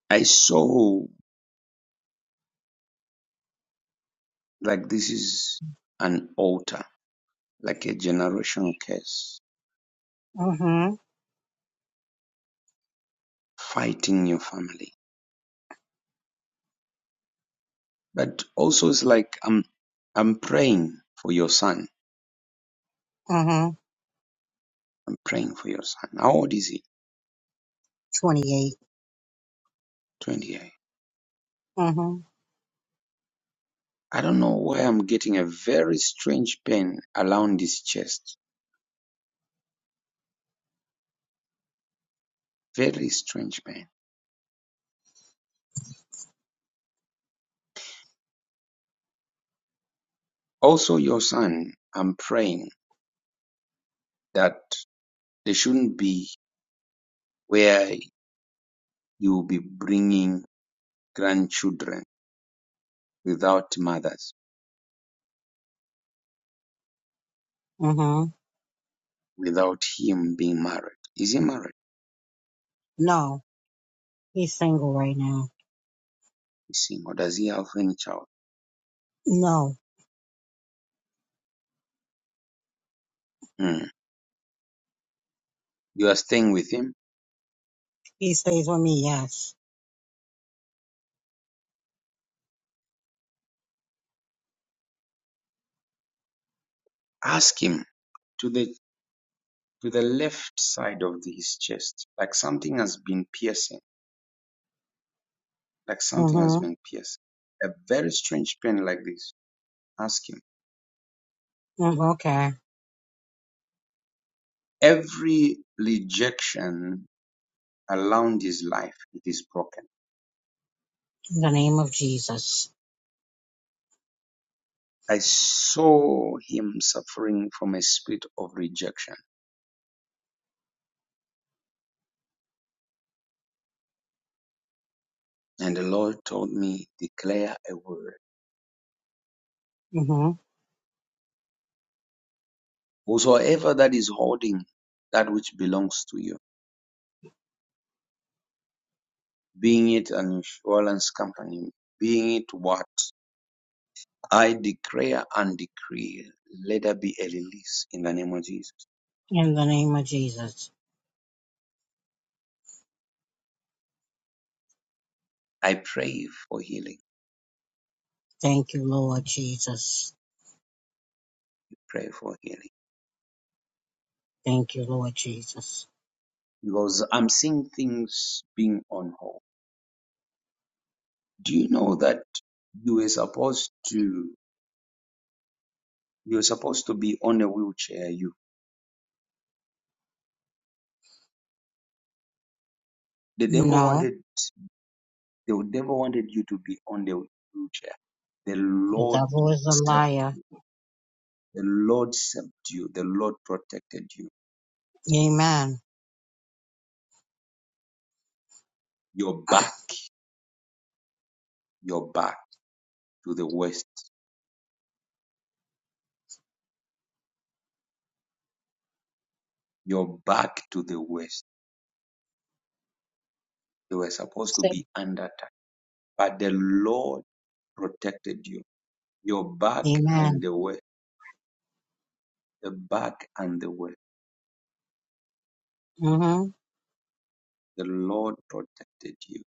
Speaker 1: I saw like this is an altar, like a generation curse
Speaker 6: Mm-hmm.
Speaker 1: fighting your family. But also it's like I'm I'm praying for your son.
Speaker 6: Mm-hmm.
Speaker 1: I'm praying for your son. How old is he?
Speaker 6: Twenty-eight.
Speaker 1: Twenty eight.
Speaker 6: Mm-hmm.
Speaker 1: I don't know why I'm getting a very strange pain around his chest. Very strange pain. Also your son, I'm praying that there shouldn't be where you'll be bringing grandchildren without mothers,
Speaker 6: Mm-hmm.
Speaker 1: without him being married. Is he married?
Speaker 6: No, he's single right now.
Speaker 1: Is he, or does he have any child?
Speaker 6: No,
Speaker 1: Hmm. You are staying with him.
Speaker 6: he stays with me. Yes.
Speaker 1: Ask him to the to the left side of the- his chest, like something has been piercing, like something has
Speaker 6: Mm-hmm.
Speaker 1: been piercing. A very strange pain like this. Ask him.
Speaker 6: mm Okay.
Speaker 1: Every rejection around his life, it is broken
Speaker 6: In the name of Jesus.
Speaker 1: I saw him suffering from a spirit of rejection. And the Lord told me, declare a word.
Speaker 6: Mm-hmm.
Speaker 1: Whosoever that is holding that which belongs to you, being it an insurance company, being it what, I declare and decree, let there be a release in the name of Jesus.
Speaker 6: In the name of Jesus.
Speaker 1: I pray for healing,
Speaker 6: Thank you, Lord Jesus.
Speaker 1: pray for healing.
Speaker 6: Thank you, Lord Jesus.
Speaker 1: Because I'm seeing things being on hold. Do you know that you were supposed to You're supposed to be on a wheelchair. You, the devil
Speaker 6: No,
Speaker 1: wanted, the devil wanted you to be on the wheelchair. The
Speaker 6: the
Speaker 1: Lord,
Speaker 6: devil is a
Speaker 1: sub-
Speaker 6: liar.
Speaker 1: the Lord subdued. The Lord protected you.
Speaker 6: Amen.
Speaker 1: Your back, your back to the west, your back to the west. You were supposed to
Speaker 6: Say-
Speaker 1: be under attack, but the Lord protected you. Your back and
Speaker 6: Amen.
Speaker 1: the west, the back and the west.
Speaker 6: Mm-hmm.
Speaker 1: The Lord protected you.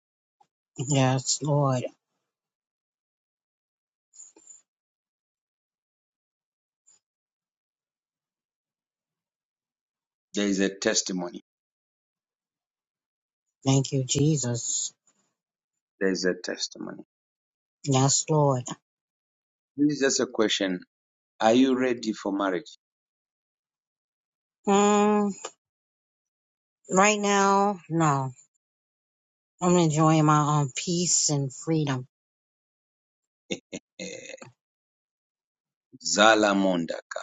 Speaker 6: Yes, Lord.
Speaker 1: There is a testimony.
Speaker 6: Thank you, Jesus.
Speaker 1: There is a testimony.
Speaker 6: Yes, Lord.
Speaker 1: This is just a question Are you ready for marriage?
Speaker 6: Mm, right now, no. I'm enjoying my own peace and freedom.
Speaker 1: Eh, Zala mondaka,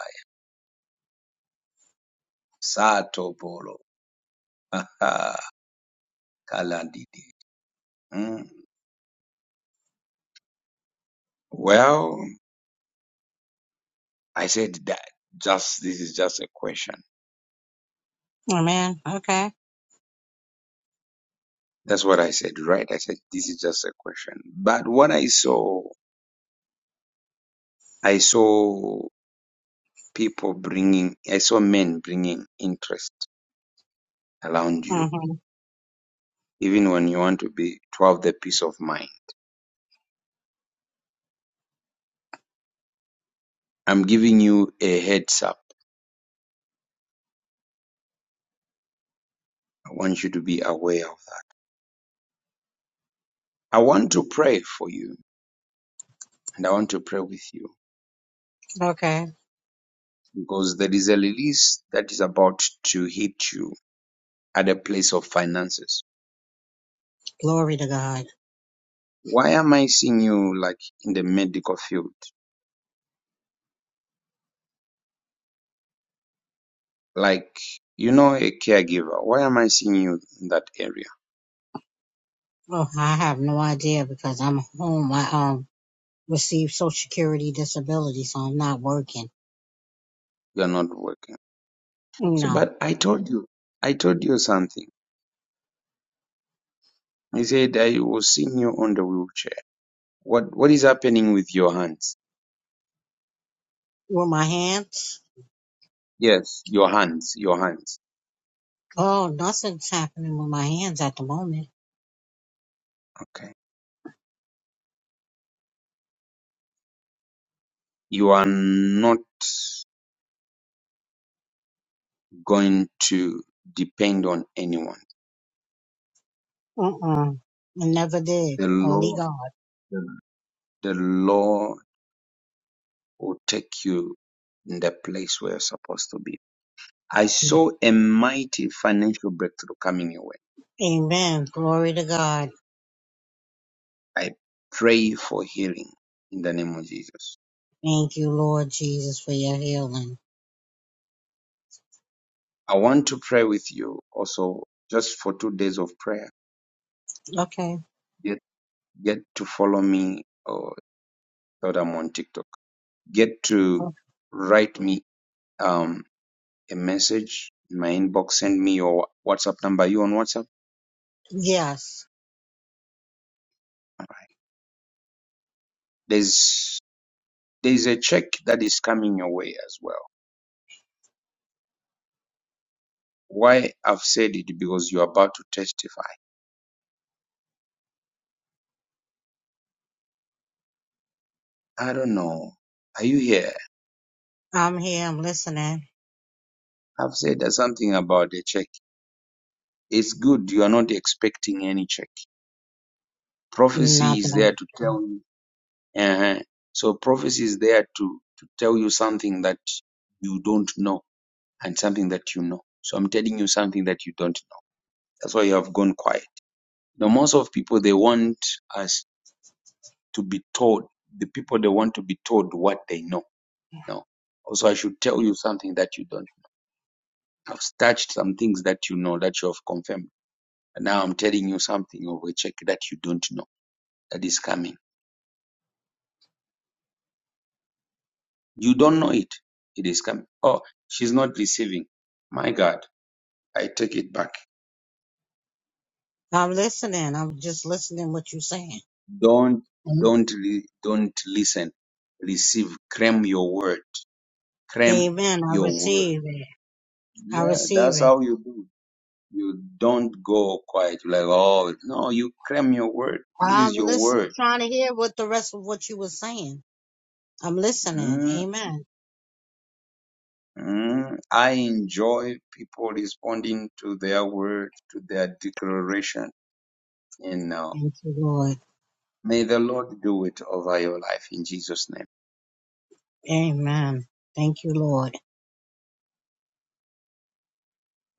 Speaker 1: sato polo, aha, Mm. Well, I said that. Just this is just a question.
Speaker 6: Amen. Okay.
Speaker 1: That's what I said, right? I said this is just a question. But what I saw, I saw people bringing, I saw men bringing interest around you,
Speaker 6: hmm
Speaker 1: even when you want to be to have the peace of mind. I'm giving you a heads up. I want you to be aware of that. I want to pray for you. and I want to pray with you
Speaker 6: Okay.
Speaker 1: because there is a release that is about to hit you at a place of finances.
Speaker 6: Glory to God.
Speaker 1: Why am I seeing you like in the medical field? Like, you know, a caregiver. Why am I seeing you in that area?
Speaker 6: Oh, I have no idea because I'm home. I um receive Social Security disability, so I'm not working.
Speaker 1: You're not working.
Speaker 6: You
Speaker 1: So,
Speaker 6: know,
Speaker 1: but I told you, I told you something. I said I was seeing you on the wheelchair. What, what is happening with your hands?
Speaker 6: with my hands.
Speaker 1: Yes, your hands, your hands.
Speaker 6: Oh, nothing's happening with my hands at the moment.
Speaker 1: Okay. You are not going to depend on anyone.
Speaker 6: Mm-mm. I never did.
Speaker 1: The
Speaker 6: Only
Speaker 1: Lord,
Speaker 6: God.
Speaker 1: the Lord will take you in the place where you're supposed to be. I saw a mighty financial breakthrough coming your way.
Speaker 6: Amen. Glory to God.
Speaker 1: I pray for healing in the name of Jesus.
Speaker 6: Thank you, Lord Jesus, for your healing.
Speaker 1: I want to pray with you also just for two days of prayer.
Speaker 6: Okay.
Speaker 1: Get, get to follow me or that I'm on TikTok. Get to write me um, a message in my inbox. Send me your WhatsApp number. You on WhatsApp?
Speaker 6: Yes,
Speaker 1: Right. There's there's a check that is coming your way as well. Why I've said it because you're about to testify. I don't know. Are you here?
Speaker 6: I'm here. I'm listening.
Speaker 1: I've said that something about the check. It's good you are not expecting any check. Prophecy
Speaker 6: Not that
Speaker 1: is there to tell.
Speaker 6: I'm,
Speaker 1: uh huh. So prophecy is there to to tell you something that you don't know and something that you know. So I'm telling you something that you don't know. That's why you have gone quiet. Now most of people they want us to be told the people they want to be told what they know no also i should tell you something that you don't i've touched some things that you know that you have confirmed and now i'm telling you something of a check that you don't know that is coming you don't know it it is coming oh she's not receiving my god i take it back
Speaker 6: I'm listening. I'm just listening what you're saying.
Speaker 1: don't don't re- don't listen receive claim your word claim
Speaker 6: Amen. I
Speaker 1: your word
Speaker 6: receive it. I
Speaker 1: yeah
Speaker 6: receive
Speaker 1: that's
Speaker 6: it.
Speaker 1: how you do You don't go quiet You're like, oh, no, you claim your word. This
Speaker 6: I'm
Speaker 1: is your
Speaker 6: listening,
Speaker 1: word.
Speaker 6: trying to hear what the rest of what you were saying. I'm listening.
Speaker 1: Mm,
Speaker 6: Amen.
Speaker 1: mm. I enjoy people responding to their word, to their declaration. And now,
Speaker 6: Thank you, Lord.
Speaker 1: may the Lord do it over your life in Jesus' name.
Speaker 6: Amen. Thank you, Lord.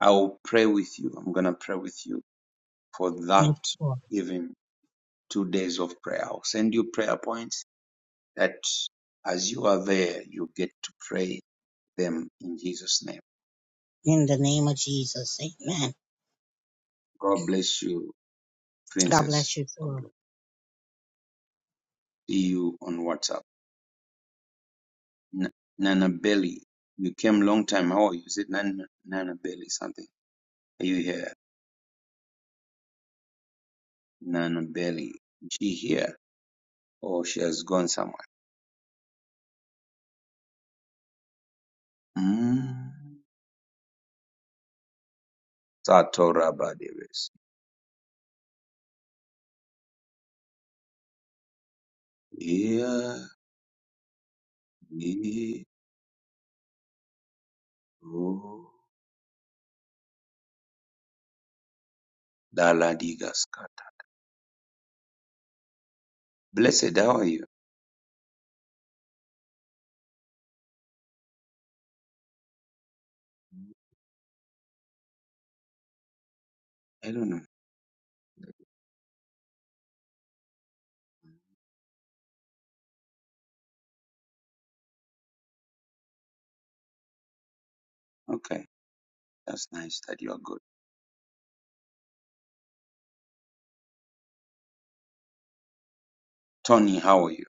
Speaker 1: I will pray with you. I'm going to pray with you for that
Speaker 6: Thank you, Lord.
Speaker 1: even two days of prayer. I'll send you prayer points that as you are there, you get to pray them in Jesus' name.
Speaker 6: In the name of Jesus. Amen.
Speaker 1: God bless you
Speaker 6: God
Speaker 1: Princess
Speaker 6: bless you, too.
Speaker 1: Pablo, see you on WhatsApp. N- Nana Belly, you came long time. How are you? Is it Nana, Nana Belly something? Are you here? Nana Belly, she here? Or she has gone somewhere? Mm. Satora Badeves. Yeah. yeah, Oh. Daladigaskata. Blessed, how are you? I don't know. Okay. That's nice that you are good. Tony, how are you?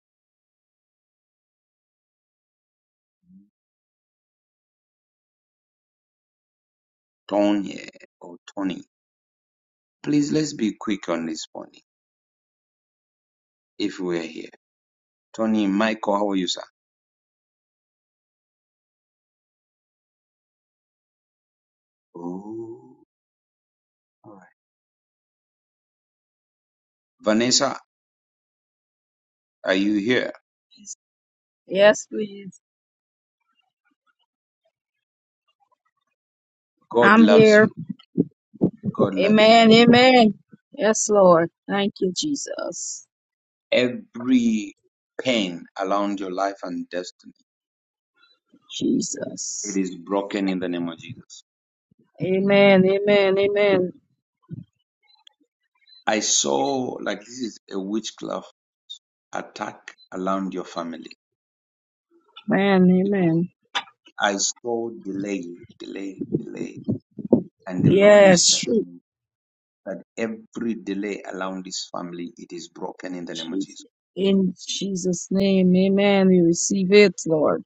Speaker 1: Tony eh, or Tony. Please let's be quick on this morning if we're here. Tony Michael, how are you, sir? Ooh. All right. Vanessa, are you here?
Speaker 10: Yes, please.
Speaker 1: God
Speaker 10: I'm
Speaker 1: loves
Speaker 10: here.
Speaker 1: you. God loves you.
Speaker 10: Amen. Amen. Yes, Lord. Thank you, Jesus.
Speaker 1: Every pain around your life and destiny, it
Speaker 10: Jesus.
Speaker 1: is broken in the name of Jesus.
Speaker 10: Amen. Amen. Amen.
Speaker 1: I saw like this is a witchcraft attack around your family
Speaker 10: Man,
Speaker 1: because
Speaker 10: amen.
Speaker 1: I saw delay, delay, delay. And the Lord is
Speaker 10: Yes.
Speaker 1: telling me that every delay around this family, it is broken in the name of
Speaker 10: Jesus.
Speaker 1: Jesus.
Speaker 10: In Jesus' name, amen. We receive it, Lord.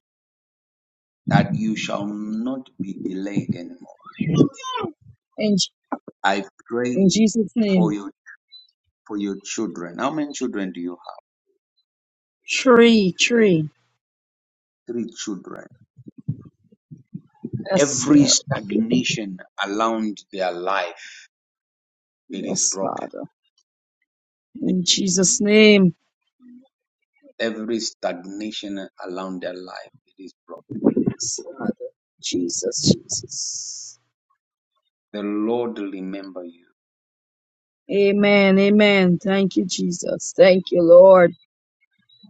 Speaker 1: that you shall not be delayed anymore.
Speaker 10: In,
Speaker 1: I pray
Speaker 10: in Jesus' name,
Speaker 1: for your for your children. How many children do you
Speaker 10: tree, tree.
Speaker 1: have? Three children.
Speaker 10: Yes,
Speaker 1: Every
Speaker 10: Lord.
Speaker 1: stagnation around their life, it is
Speaker 10: Yes,
Speaker 1: broken.
Speaker 10: Father. In Jesus' name.
Speaker 1: Every stagnation around their life, it is broken.
Speaker 10: Yes, Father. Jesus, Jesus.
Speaker 1: The Lord remember you.
Speaker 10: Amen, amen. Thank you, Jesus. Thank you, Lord.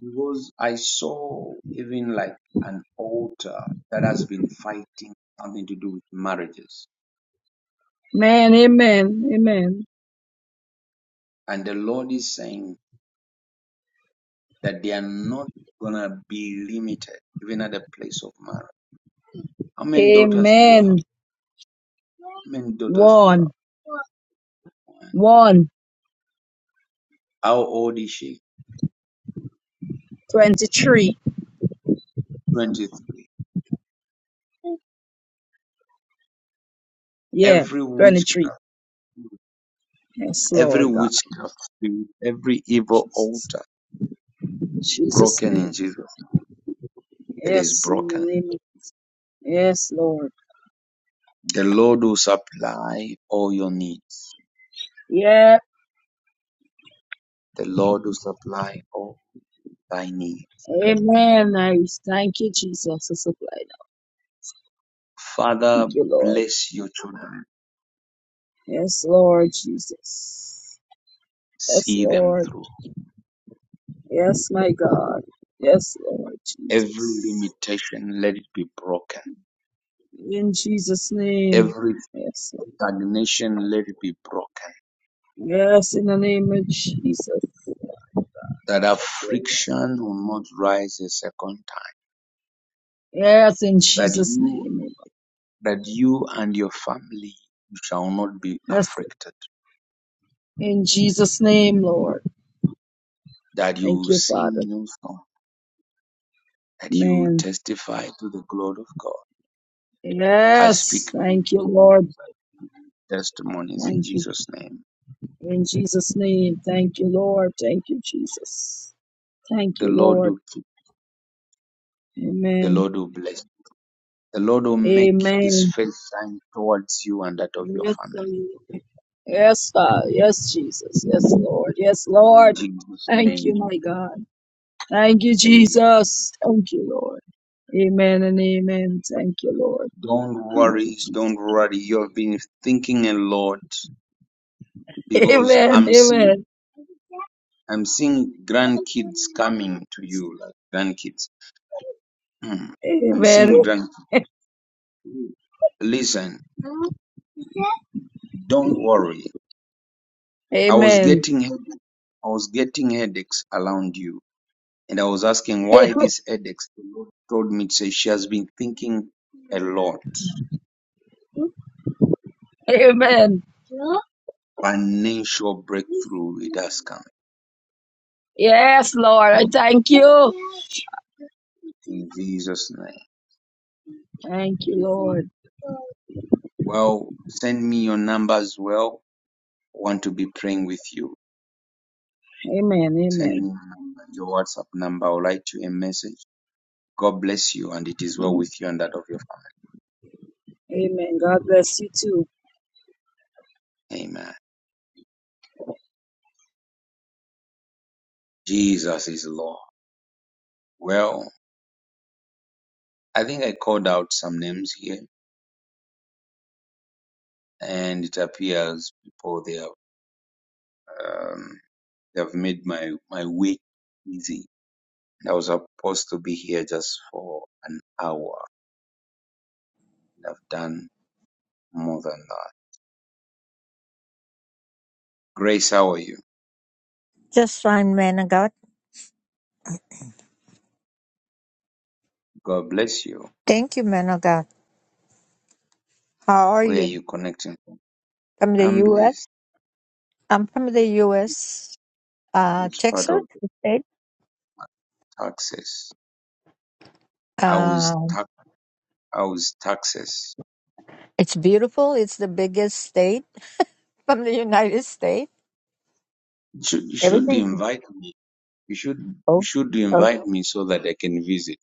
Speaker 1: Because I saw even like an altar that has been fighting something to do with marriages.
Speaker 10: Man, amen, amen.
Speaker 1: And the Lord is saying that they are not gonna be limited even at the place of marriage. How many daughters do you have?
Speaker 10: Amen.
Speaker 1: How many daughters do you have?
Speaker 10: One,
Speaker 1: One.
Speaker 10: one,
Speaker 1: How old is she?
Speaker 10: 23.
Speaker 1: 23.
Speaker 10: Yeah,
Speaker 1: Every
Speaker 10: 23.
Speaker 1: witchcraft,
Speaker 10: Yes,
Speaker 1: every
Speaker 10: Lord God.
Speaker 1: witchcraft spirit, every evil
Speaker 10: Jesus.
Speaker 1: altar
Speaker 10: In Jesus'
Speaker 1: broken in
Speaker 10: name.
Speaker 1: Jesus. name. It is
Speaker 10: Yes, in
Speaker 1: broken.
Speaker 10: the name of, yes, Lord.
Speaker 1: The Lord will supply all your needs.
Speaker 10: Yeah,
Speaker 1: The Lord will supply all thy needs.
Speaker 10: amen. I thank you, Jesus. for supply that.
Speaker 1: Father,
Speaker 10: Thank you, Lord.
Speaker 1: bless your children.
Speaker 10: Yes, Lord Jesus. Yes,
Speaker 1: See them
Speaker 10: Lord.
Speaker 1: through.
Speaker 10: Yes, my God. Yes, Lord
Speaker 1: Every
Speaker 10: Jesus.
Speaker 1: limitation, let it be broken
Speaker 10: In Jesus' name.
Speaker 1: Every
Speaker 10: Yes, Lord.
Speaker 1: stagnation let it be broken,
Speaker 10: Yes, in the name of Jesus.
Speaker 1: that
Speaker 10: Yes, Lord.
Speaker 1: affliction will not rise a second time,
Speaker 10: Yes, in
Speaker 1: that
Speaker 10: Jesus'
Speaker 1: you
Speaker 10: name. Lord.
Speaker 1: that you and your family shall not be
Speaker 10: Yes,
Speaker 1: afflicted,
Speaker 10: in Jesus' name, Lord.
Speaker 1: that you
Speaker 10: Thank
Speaker 1: will
Speaker 10: you,
Speaker 1: sing
Speaker 10: Father.
Speaker 1: new song, that you will
Speaker 10: Amen.
Speaker 1: testify to the glory of God. I
Speaker 10: Yes,
Speaker 1: speak
Speaker 10: thank you,
Speaker 1: testimonies,
Speaker 10: Lord.
Speaker 1: testimonies in
Speaker 10: Thank you.
Speaker 1: Jesus' name.
Speaker 10: In Jesus' name. Thank you, Lord. Thank you, Jesus. Thank
Speaker 1: The
Speaker 10: you,
Speaker 1: Lord
Speaker 10: Lord.
Speaker 1: will keep, the
Speaker 10: Amen.
Speaker 1: Lord will bless, the Lord will make his
Speaker 10: Amen.
Speaker 1: face shine towards you and that of your
Speaker 10: Yes,
Speaker 1: family.
Speaker 10: Lord. Yes, Father. Yes, Jesus. Yes, Lord. Yes,
Speaker 1: In
Speaker 10: Lord.
Speaker 1: Jesus'
Speaker 10: Thank you,
Speaker 1: name,
Speaker 10: my God. Thank you,
Speaker 1: amen.
Speaker 10: Jesus. Thank you, Lord. Amen and amen. Thank you, Lord.
Speaker 1: Don't
Speaker 10: Thank you,
Speaker 1: worry,
Speaker 10: Jesus.
Speaker 1: don't worry. You have been thinking a lot because
Speaker 10: Amen.
Speaker 1: I'm seeing
Speaker 10: Amen.
Speaker 1: I'm seeing grandkids coming to you, like grandkids. Mm. I'm
Speaker 10: Amen.
Speaker 1: seeing grandkids. Listen, don't worry. I was
Speaker 10: Amen.
Speaker 1: getting headaches. I was getting headaches around you, and I was asking why these headaches. The Lord told me to say she has been thinking a lot.
Speaker 10: Amen.
Speaker 1: Financial breakthrough it has come
Speaker 10: Yes, Lord. I thank you.
Speaker 1: in Jesus' name.
Speaker 10: Thank you, Lord.
Speaker 1: Well, send me your number as well. I want to be praying with you.
Speaker 10: Amen.
Speaker 1: Send me your
Speaker 10: Amen.
Speaker 1: number, your WhatsApp number. I'll write you a message. God bless you, and it is well with you and that of your
Speaker 10: Amen. God bless you too.
Speaker 1: family. Amen. Jesus is Lord. Well, I think I called out some names here, and it appears people they have um, they have made my my week easy. I was supposed to be here just for an hour. I've done more than that. Grace, how are you?
Speaker 11: Just fine, man of God.
Speaker 1: God bless you.
Speaker 11: Thank you, man of God. How are
Speaker 1: Where are
Speaker 11: you?
Speaker 1: you connecting from?
Speaker 11: From the
Speaker 1: I'm
Speaker 11: U.S.
Speaker 1: blessed.
Speaker 11: I'm from the U.S. Uh,
Speaker 1: Which part
Speaker 11: Texas
Speaker 1: of the
Speaker 11: state.
Speaker 1: taxes? I was
Speaker 11: Um,
Speaker 1: tax. I was taxes.
Speaker 11: it's beautiful. It's the biggest state from the United States.
Speaker 1: You should, you should
Speaker 11: Everything's
Speaker 1: invite me. You should you
Speaker 11: oh,
Speaker 1: should
Speaker 11: oh
Speaker 1: invite me so that I can visit.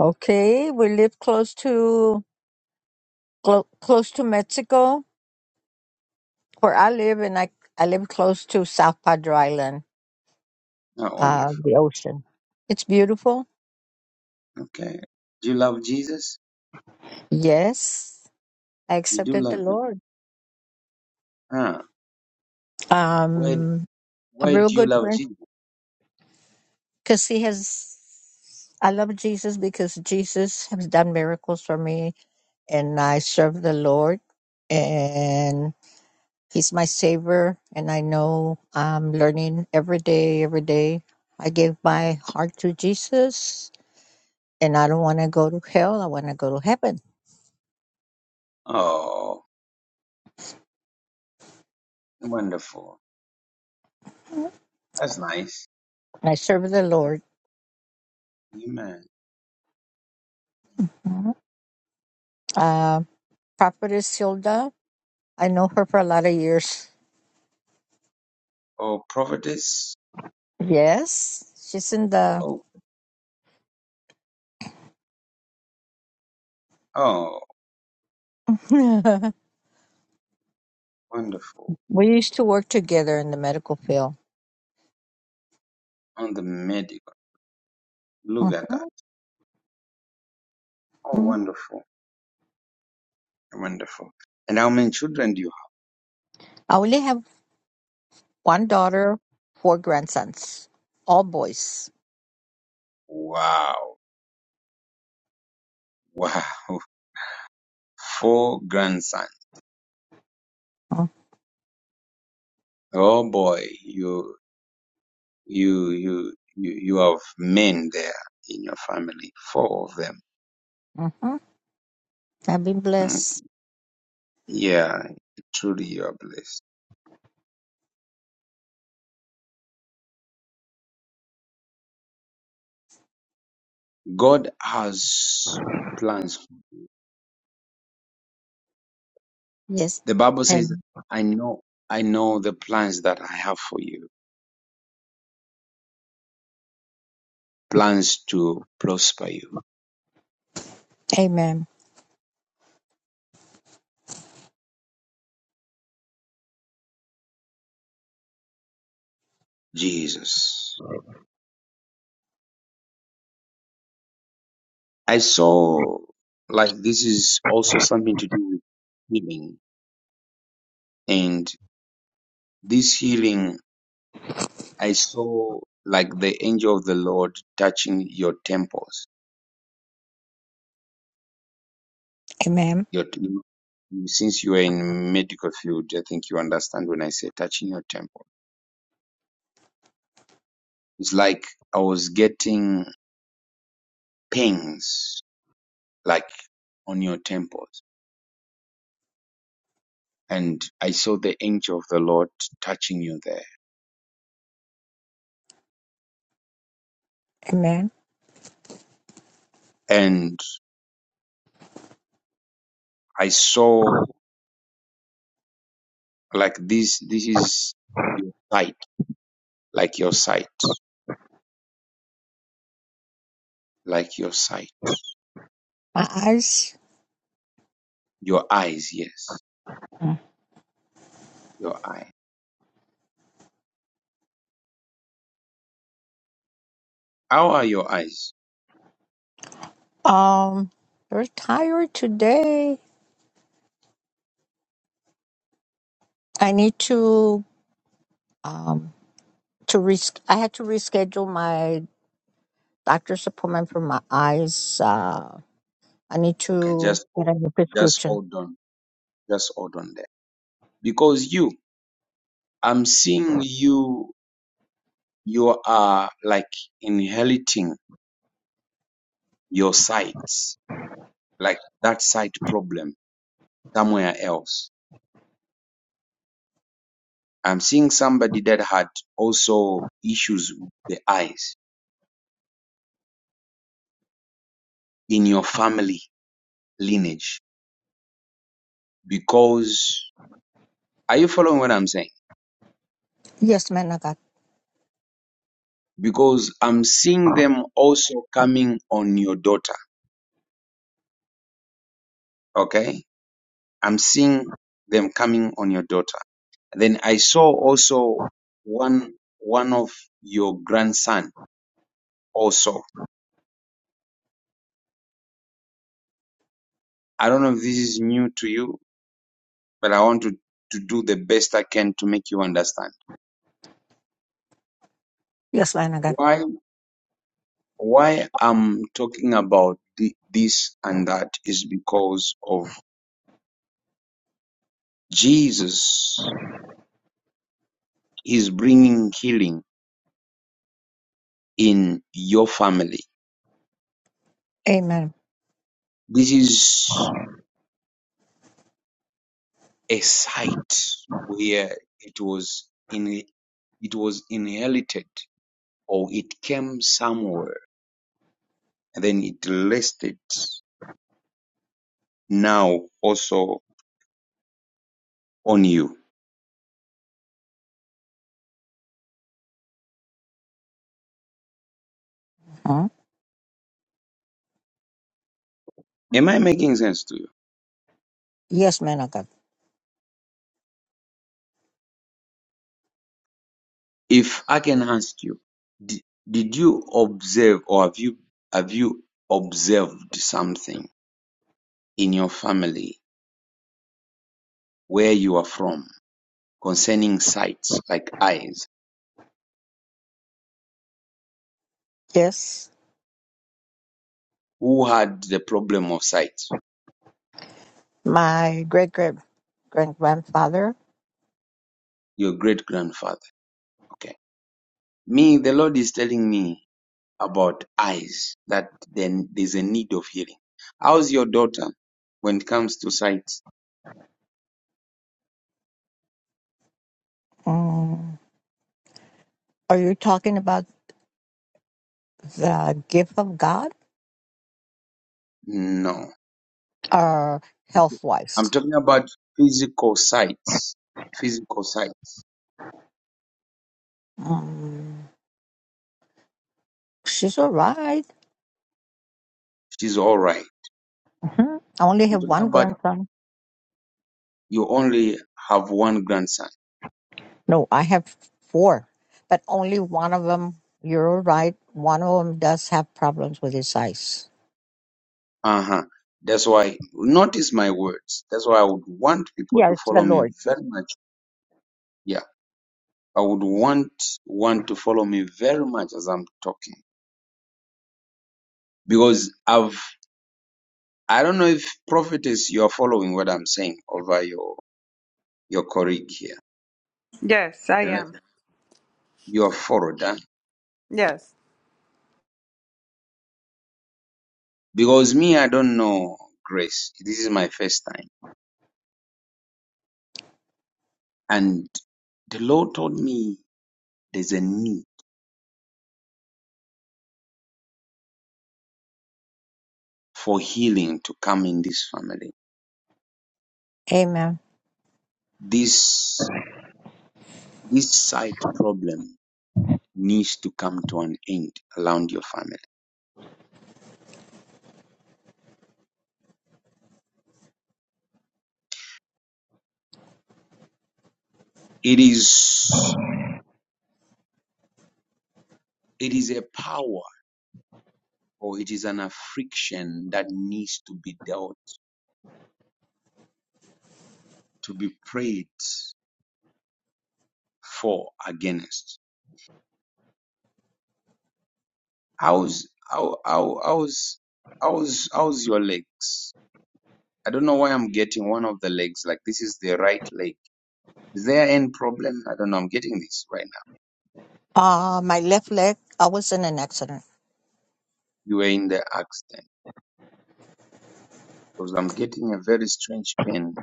Speaker 11: okay. We live close to clo- close to Mexico, where I live, and I I live close to South Padre Island,
Speaker 1: Ah,
Speaker 11: uh,
Speaker 1: wonderful.
Speaker 11: the ocean. It's beautiful.
Speaker 1: Okay. Do you love Jesus?
Speaker 11: Yes, I
Speaker 1: You do
Speaker 11: accepted the
Speaker 1: love him.
Speaker 11: Lord.
Speaker 1: Ah. Why
Speaker 11: Um, I'm
Speaker 1: why do
Speaker 11: real
Speaker 1: you
Speaker 11: good friends.
Speaker 1: love Jesus?
Speaker 11: because he has i love jesus because jesus has done miracles for me and i serve the lord and he's my savior and i know i'm learning every day every day i give my heart to jesus and i don't want to go to hell i want to go to heaven
Speaker 1: Oh, wonderful. That's nice.
Speaker 11: and i serve the lord
Speaker 1: Amen.
Speaker 11: Mhm. uh, prophetess hilda i know her for a lot of years
Speaker 1: Oh, prophetess.
Speaker 11: yes she's in the
Speaker 1: Oh, oh, wonderful.
Speaker 11: we used to work together in the medical field
Speaker 1: On the medical. Look at that.
Speaker 11: Mhm,
Speaker 1: Oh,
Speaker 11: mhm.
Speaker 1: wonderful. Wonderful. And how many children do you have?
Speaker 11: I only have one daughter, four grandsons, all boys.
Speaker 1: Wow. Wow. Four grandsons. Oh boy, you you you you you have men there in your family. Four of them.
Speaker 11: Mm-hmm. I've been
Speaker 1: Mm.
Speaker 11: blessed.
Speaker 1: Yeah, truly you are blessed. God has plans.
Speaker 11: Yes.
Speaker 1: The Bible says,
Speaker 11: And
Speaker 1: I know I know the plans that I have for you. Plans to prosper you.
Speaker 11: amen.
Speaker 1: Jesus. I saw like this is also something to do with healing. And this healing, I saw like the angel of the Lord touching your temples.
Speaker 11: Amen.
Speaker 1: Your you- since you are in medical field, I think you understand when I say touching your temple. It's like I was getting pains like on your temples. And I saw the angel of the Lord touching you there.
Speaker 11: Amen.
Speaker 1: And I saw like this this is your sight like your sight like your sight
Speaker 11: My eyes.
Speaker 1: your eyes yes
Speaker 11: Mm.
Speaker 1: your eye how are your eyes
Speaker 11: Um, they're tired today. I need to um to res. I had to reschedule my doctor's appointment for my eyes. Uh, I need
Speaker 1: okay
Speaker 11: to
Speaker 1: just
Speaker 11: get a new
Speaker 1: just
Speaker 11: prescription.
Speaker 1: hold on just hold on there because you i'm seeing you you are like inheriting your sights like that sight problem somewhere else i'm seeing somebody that had also issues with the eyes in your family lineage because Are you following what I'm saying?
Speaker 11: Yes, man of God.
Speaker 1: Because I'm seeing them also coming on your daughter. Okay. I'm seeing them coming on your daughter. Then I saw also one, one of your grandson also. I don't know if this is new to you, but I want to, to do the best I can to make you understand.
Speaker 11: Yes, man of God.
Speaker 1: Why, why I'm talking about thi- this and that is because of Jesus is bringing healing in your family.
Speaker 11: Amen.
Speaker 1: This is a site where it was in it was inherited or it came somewhere and then it rested now also on you.
Speaker 11: Hmm?
Speaker 1: Am I making sense to you?
Speaker 11: Yes, man of God.
Speaker 1: If I can ask you, did, did you observe or have you have you observed something in your family where you are from concerning sights like eyes?
Speaker 11: Yes,
Speaker 1: Who had the problem of sight?
Speaker 11: my great great great grandfather.
Speaker 1: Your great grandfather. Okay. Me, the Lord is telling me about eyes, that then there's a need of healing. How's your daughter when it comes to sight?
Speaker 11: Mm. Are you talking about the gift of God
Speaker 1: No.
Speaker 11: or health
Speaker 1: I'm
Speaker 11: wise?
Speaker 1: talking about physical sight. Physical sight.
Speaker 11: Mm. She's all right.
Speaker 1: She's all right.
Speaker 11: Mhm. I only
Speaker 1: I'm
Speaker 11: have
Speaker 1: talking
Speaker 11: one
Speaker 1: about
Speaker 11: grandson.
Speaker 1: you only have one grandson.
Speaker 11: No, I have four, but only one of them, you're right, one of them does have problems with his eyes.
Speaker 1: Uh huh. That's why, notice my words. That's why I would want people
Speaker 11: Yeah,
Speaker 1: to
Speaker 11: it's the
Speaker 1: follow me
Speaker 11: Lord.
Speaker 1: very much. Yeah. I would want one to follow me very much as I'm talking because I've I don't know if prophetess you are following what I'm saying over your your colleague here.
Speaker 7: Yes, I
Speaker 1: I don't know
Speaker 7: am.
Speaker 1: if You are followed, huh?
Speaker 7: Yes,
Speaker 1: Because me, I don't know grace. This is my first time, and the Lord told me there's a need for healing to come in this family.
Speaker 11: Amen.
Speaker 1: This this side problem needs to come to an end around your family. It is it is a power or it is an affliction that needs to be dealt, to be prayed for against. How's how, how how's how's how's your legs? I don't know why I'm getting one of the legs like this is the right leg. Is there any problem? I don't know. I'm getting this right now.
Speaker 11: Uh, my left leg, I was in an accident.
Speaker 1: You were in the accident because I'm getting a very strange pain.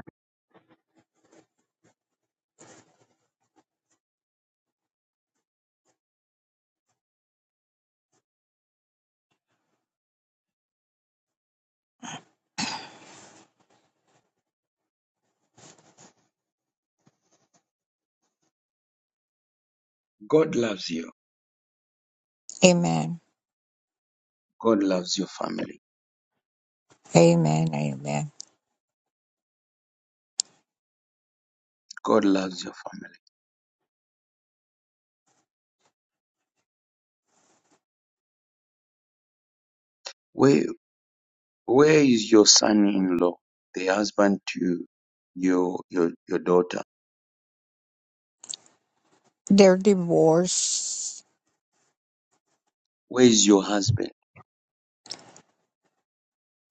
Speaker 1: God loves you.
Speaker 11: Amen.
Speaker 1: God loves your family.
Speaker 11: Amen. Amen.
Speaker 1: God loves your family. Where Where is your son-in-law, the husband to your your your daughter?
Speaker 11: They're divorced.
Speaker 1: Where is your husband?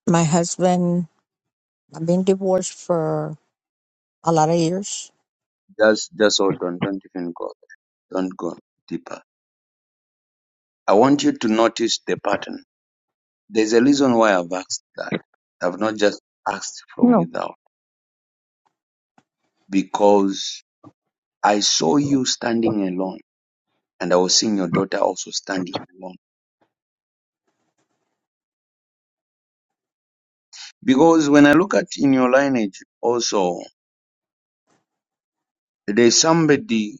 Speaker 11: My husband, I've been divorced for a lot of years.
Speaker 1: Just just hold on. Don't even go. Don't go deeper. I want you to notice the pattern. There's a reason why I've asked that. I've not just asked from
Speaker 11: No.
Speaker 1: without because I saw you standing alone, and I was seeing your daughter also standing alone. Because when I look at in your lineage, also there's somebody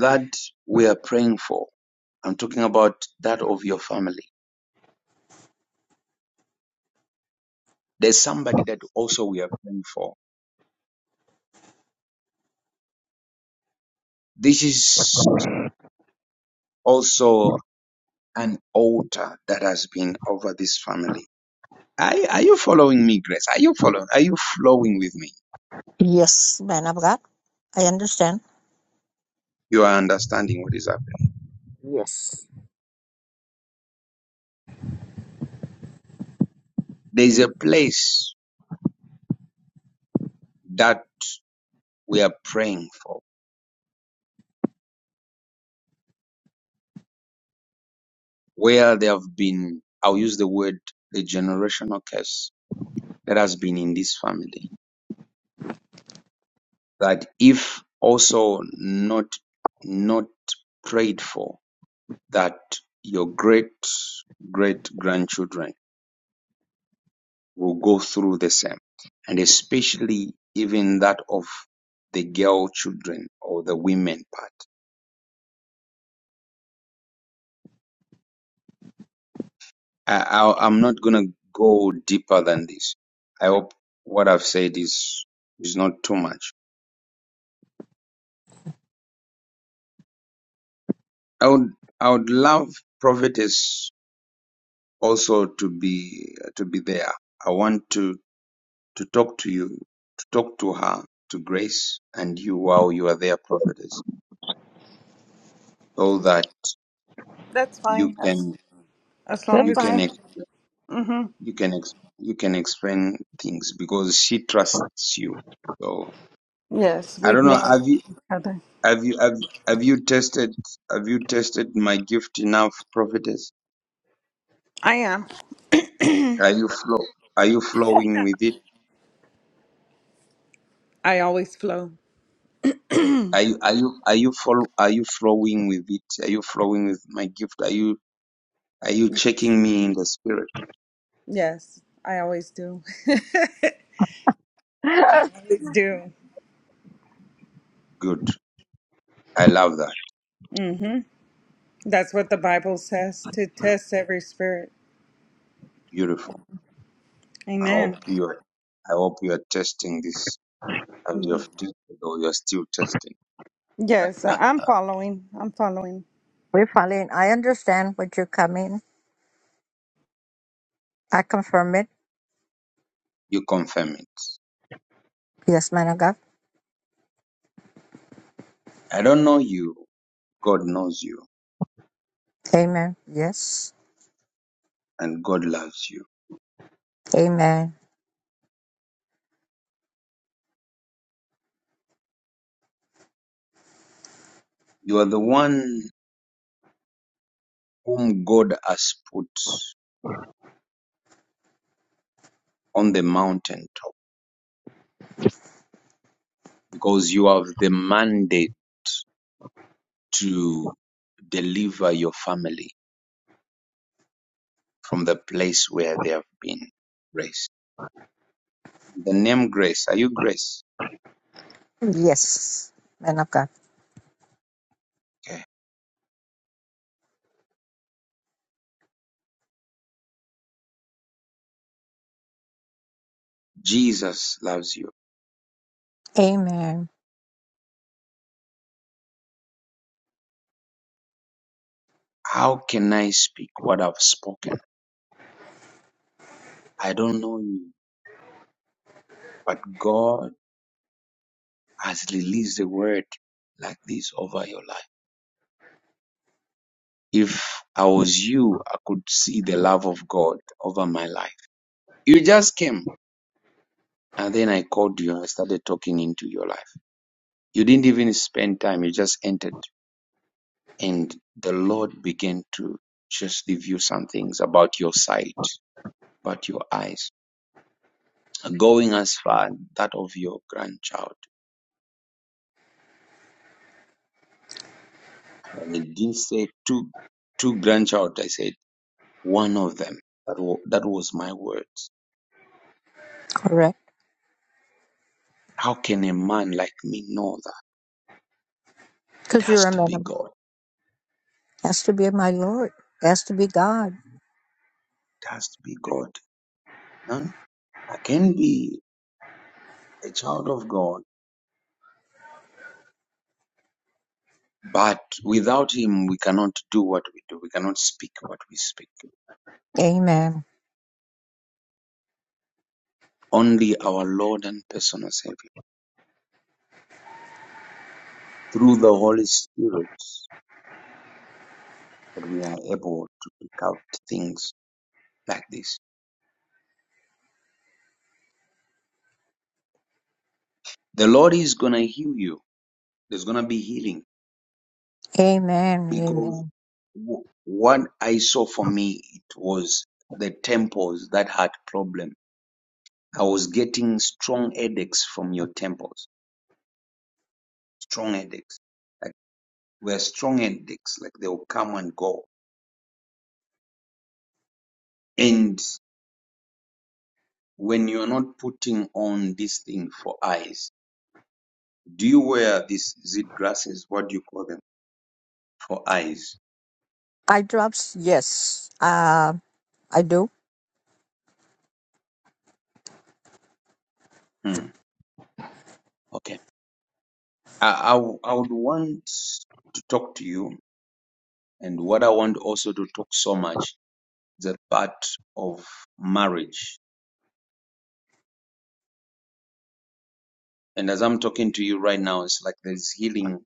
Speaker 1: that we are praying for. I'm talking about that of your family. There's somebody that also we are praying for. This is also an altar that has been over this family. Are, are you following me, Grace? Are you following? Are you flowing with me?
Speaker 11: Yes, man of God. I understand.
Speaker 1: You are understanding what is happening.
Speaker 11: Yes.
Speaker 1: There's a place that we are praying for where there have been, I'll use the word, the generational curse that has been in this family. that if also not not prayed for, that your great great grandchildren will go through the same, and especially even that of the girl children or the women part. I, I I'm not gonna go deeper than this. I hope what I've said is is not too much. I would I would love prophetess also to be to be there. I want to to talk to you, to talk to her, to Grace, and you while you are there, prophetess, so that
Speaker 7: that's
Speaker 1: you
Speaker 7: fine. That's,
Speaker 1: can
Speaker 7: as
Speaker 11: That's
Speaker 7: long
Speaker 1: you can
Speaker 7: as.
Speaker 11: fine.
Speaker 1: ex-
Speaker 7: Mm-hmm.
Speaker 1: you can ex- you can explain things because she trusts you. So
Speaker 7: Yes,
Speaker 1: I
Speaker 7: we've
Speaker 1: don't know. Have
Speaker 7: known
Speaker 1: you
Speaker 7: each other.
Speaker 1: have you have have you tested have you tested my gift enough, prophetess?
Speaker 7: I am.
Speaker 1: Are you flow Are you flowing with it?
Speaker 7: I always flow.
Speaker 1: Are you are you are you follow, Are you flowing with it? Are you flowing with my gift? Are you are you checking me in the spirit?
Speaker 7: Yes, I always do. I always do.
Speaker 1: Good. I love that.
Speaker 7: Mm-hmm. That's what the Bible says to test every spirit.
Speaker 1: Beautiful. I hope
Speaker 7: Amen.
Speaker 1: you're I hope you're testing this as
Speaker 7: Mm.
Speaker 1: you've tested or you're still testing.
Speaker 7: Yes, I-
Speaker 1: Uh,
Speaker 7: I'm following. I'm following.
Speaker 11: We're falling. I understand what you're coming. I confirm it.
Speaker 1: you confirm it.
Speaker 11: Yes, man of God.
Speaker 1: I don't know you. God knows you
Speaker 11: Amen. Yes.
Speaker 1: and God loves you.
Speaker 11: Amen.
Speaker 1: You are the one whom God has put on the mountaintop because you have the mandate to deliver your family from the place where they have been. Grace. The name Grace. Are you Grace?
Speaker 11: Yes. Man of God.
Speaker 1: Okay. Jesus loves you.
Speaker 11: Amen.
Speaker 1: How can I speak what I've spoken? I don't know you, but God has released a word like this over your life. If I was you, I could see the love of God over my life. You just came and then I called you and I started talking into your life. You didn't even spend time, you just entered and the Lord began to just reveal some things about your sight, about your eyes, going as far that of your grandchild. And it didn't say two two grandchild. I said one of them. That was, that was my words.
Speaker 11: Correct.
Speaker 1: How can a man like me know that? It
Speaker 11: Because you're
Speaker 1: has
Speaker 11: a
Speaker 1: to
Speaker 11: man
Speaker 1: be
Speaker 11: of God.
Speaker 1: God.
Speaker 11: has to be my Lord. Has to be God.
Speaker 1: It has to be God. No, I can be a child of God, but without Him, we cannot do what we do. We cannot speak what we speak.
Speaker 11: Amen.
Speaker 1: Only our Lord and personal Savior, through the Holy Spirit, that we are able to pick out things like this. The Lord is gonna heal you. There's gonna be healing
Speaker 11: Amen.
Speaker 1: because
Speaker 11: Amen.
Speaker 1: w- What I saw for me, it was the temples that had problem. I was getting strong headaches from your temples, strong headaches. Like were strong headaches, like they'll come and go. And when you're not putting on this thing for eyes, do you wear these zit glasses? What do you call them for eyes?
Speaker 11: Eye drops. Yes. Uh, I do.
Speaker 1: Hmm, okay. I, I w- I would want to talk to you, and what I want also to talk so much the part of marriage. And as I'm talking to you right now, it's like there's healing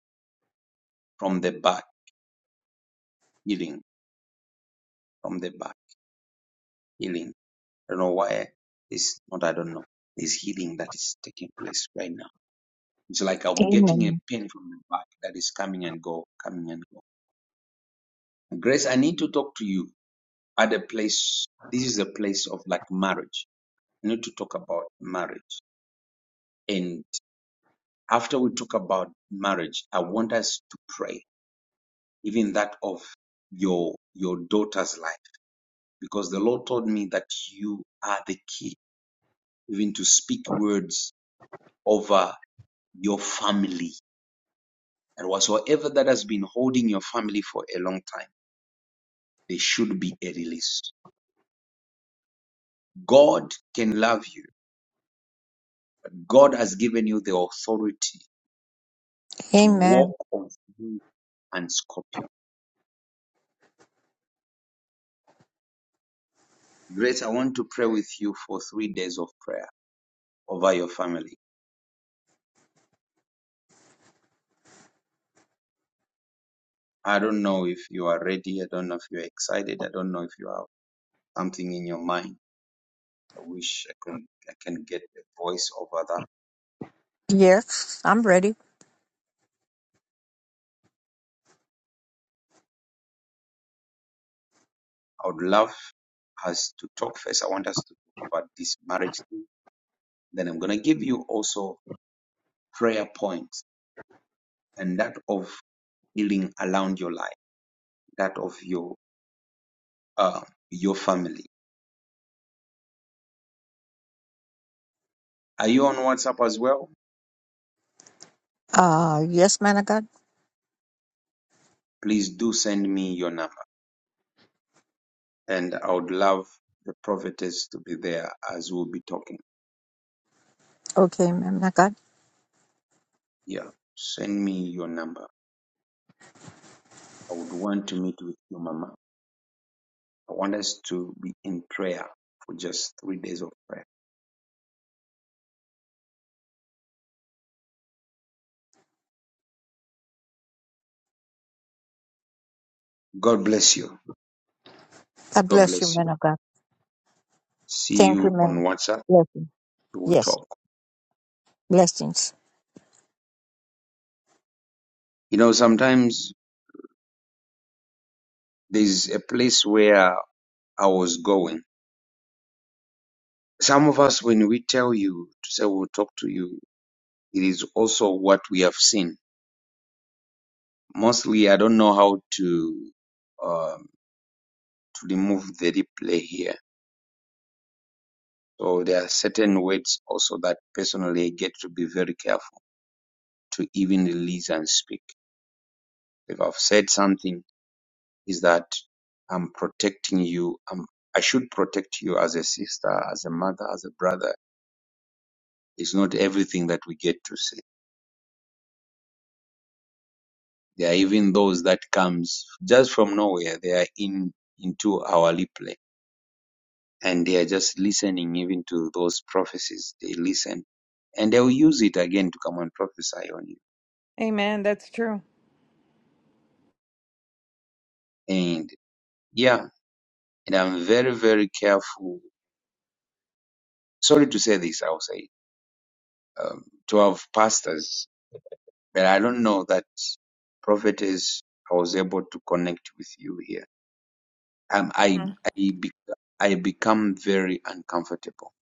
Speaker 1: from the back, healing from the back, healing. I don't know why it's not, I don't know. There's healing that is taking place right now. It's like I'm getting a
Speaker 11: Amen.
Speaker 1: pain from the back that is coming and go, coming and go. Grace, I need to talk to you at a place. This is a place of like marriage. I need to talk about marriage. And after we talk about marriage, I want us to pray even that of your your daughter's life because the lord told me that you are the key even to speak words over your family and whatsoever that has been holding your family for a long time there should be a release god can love you god has given you the authority to
Speaker 11: Amen.
Speaker 1: walk on snake and scorpion grace i want to pray with you for three days of prayer over your family I don't know if you are ready. I don't know if you're excited. I don't know if you are something in your mind. I wish I can I can get a voice over that.
Speaker 11: Yes. I'm ready.
Speaker 1: I would love us to talk first. I want us to talk about this marriage thing. Then I'm gonna give you also prayer points and that of healing around your life, that of your uh your family. Are you on WhatsApp as well?
Speaker 11: Uh, yes, man of God.
Speaker 1: Please do send me your number and I would love the prophetess to be there as we'll be talking.
Speaker 11: Okay, man of God.
Speaker 1: Yeah. Send me your number. I would want to meet with you, Mama I want us to be in prayer for just three days of prayer. God bless you.
Speaker 11: God
Speaker 1: God
Speaker 11: bless you,
Speaker 1: bless
Speaker 11: man
Speaker 1: you.
Speaker 11: of God.
Speaker 1: See
Speaker 11: Thank you,
Speaker 1: you on
Speaker 11: man.
Speaker 1: WhatsApp.
Speaker 11: Blessings.
Speaker 1: We will
Speaker 11: Yes.
Speaker 1: talk.
Speaker 11: Blessings.
Speaker 1: You know, sometimes there's a place where I was going. Some of us, when we tell you to say we'll talk to you, it is also what we have seen. Mostly, I don't know how to um, to remove the replay here. So there are certain words also that personally I get to be very careful to even release and speak. if I've said something, is that I'm protecting you. I'm, I should protect you as a sister, as a mother, as a brother. It's not everything that we get to say. There are even those that comes just from nowhere. They are in into our lip lane and they are just listening even to those prophecies. They listen and they will use it again to come and prophesy on you.
Speaker 7: Amen. That's true.
Speaker 1: And yeah, and I'm very, very careful. Sorry to say this, I'll say, um, to have pastors but I don't know that prophetess. I was able to connect with you here. Um, I I be, I become very uncomfortable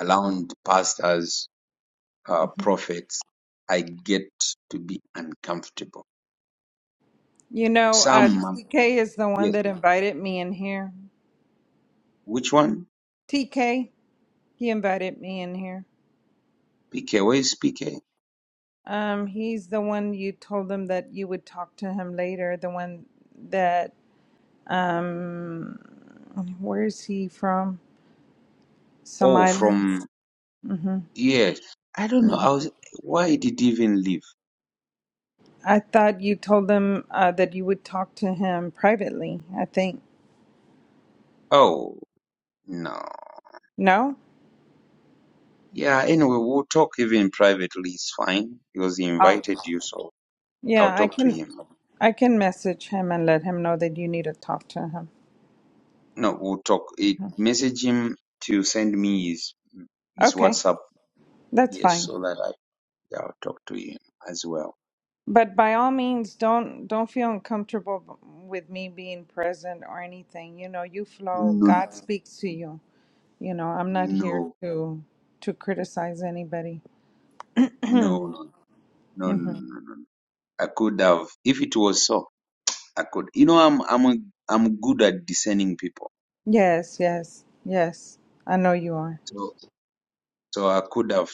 Speaker 1: around pastors, uh, prophets. I get to be uncomfortable.
Speaker 7: You know, uh,
Speaker 1: Some um,
Speaker 7: TK is the one
Speaker 1: yes.
Speaker 7: that invited me in here.
Speaker 1: Which one?
Speaker 7: TK, he invited me in here.
Speaker 1: PK? Where is PK?
Speaker 7: Um, he's the one you told him that you would talk to him later. The one that, um, where is he from? Some
Speaker 1: Oh,
Speaker 7: islands.
Speaker 1: from
Speaker 7: hmm
Speaker 1: yes. I don't know. I was. Why did he even leave?
Speaker 7: I thought you told him uh, that you would talk to him privately. I think
Speaker 1: Oh no.
Speaker 7: no.
Speaker 1: Yeah. Anyway, we'll talk even privately. It's fine because he
Speaker 7: Oh,
Speaker 1: invited you, so I'll
Speaker 7: yeah. I
Speaker 1: talk to
Speaker 7: can,
Speaker 1: him.
Speaker 7: I can message him and let him know that you need to talk to him.
Speaker 1: No, we'll talk. It, message him to send me his his
Speaker 7: Okay,
Speaker 1: WhatsApp.
Speaker 7: that's
Speaker 1: Yes,
Speaker 7: fine.
Speaker 1: so that I yeah, I'll talk to him as well.
Speaker 7: But by all means, don't don't feel uncomfortable b- with me being present or anything. You know, you flow.
Speaker 1: No,
Speaker 7: God Mhm. speaks to you. You know, I'm not here
Speaker 1: no,
Speaker 7: to to criticize anybody.
Speaker 1: no, no, no, no, no.
Speaker 7: hmm
Speaker 1: no. I could have if it was so. I could. You know, I'm I'm a, I'm good at discerning people.
Speaker 7: Yes, yes, yes. I know you are.
Speaker 1: So so I could have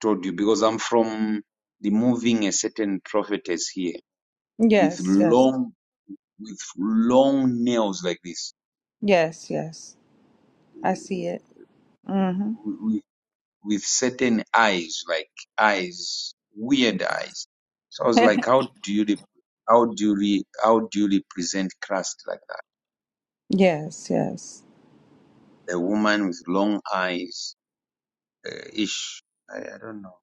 Speaker 1: told you because I'm from removing a certain prophetess here with
Speaker 7: Yes, yes,
Speaker 1: long with long nails like this
Speaker 7: yes, yes. I see
Speaker 1: We,
Speaker 7: it. hmm
Speaker 1: with certain eyes, like eyes, weird eyes. So I was like, how do you, rep- how do you, re- how do you represent Christ like
Speaker 7: yes, yes.
Speaker 1: that? A woman with long eyes, uh, ish. I, I don't know.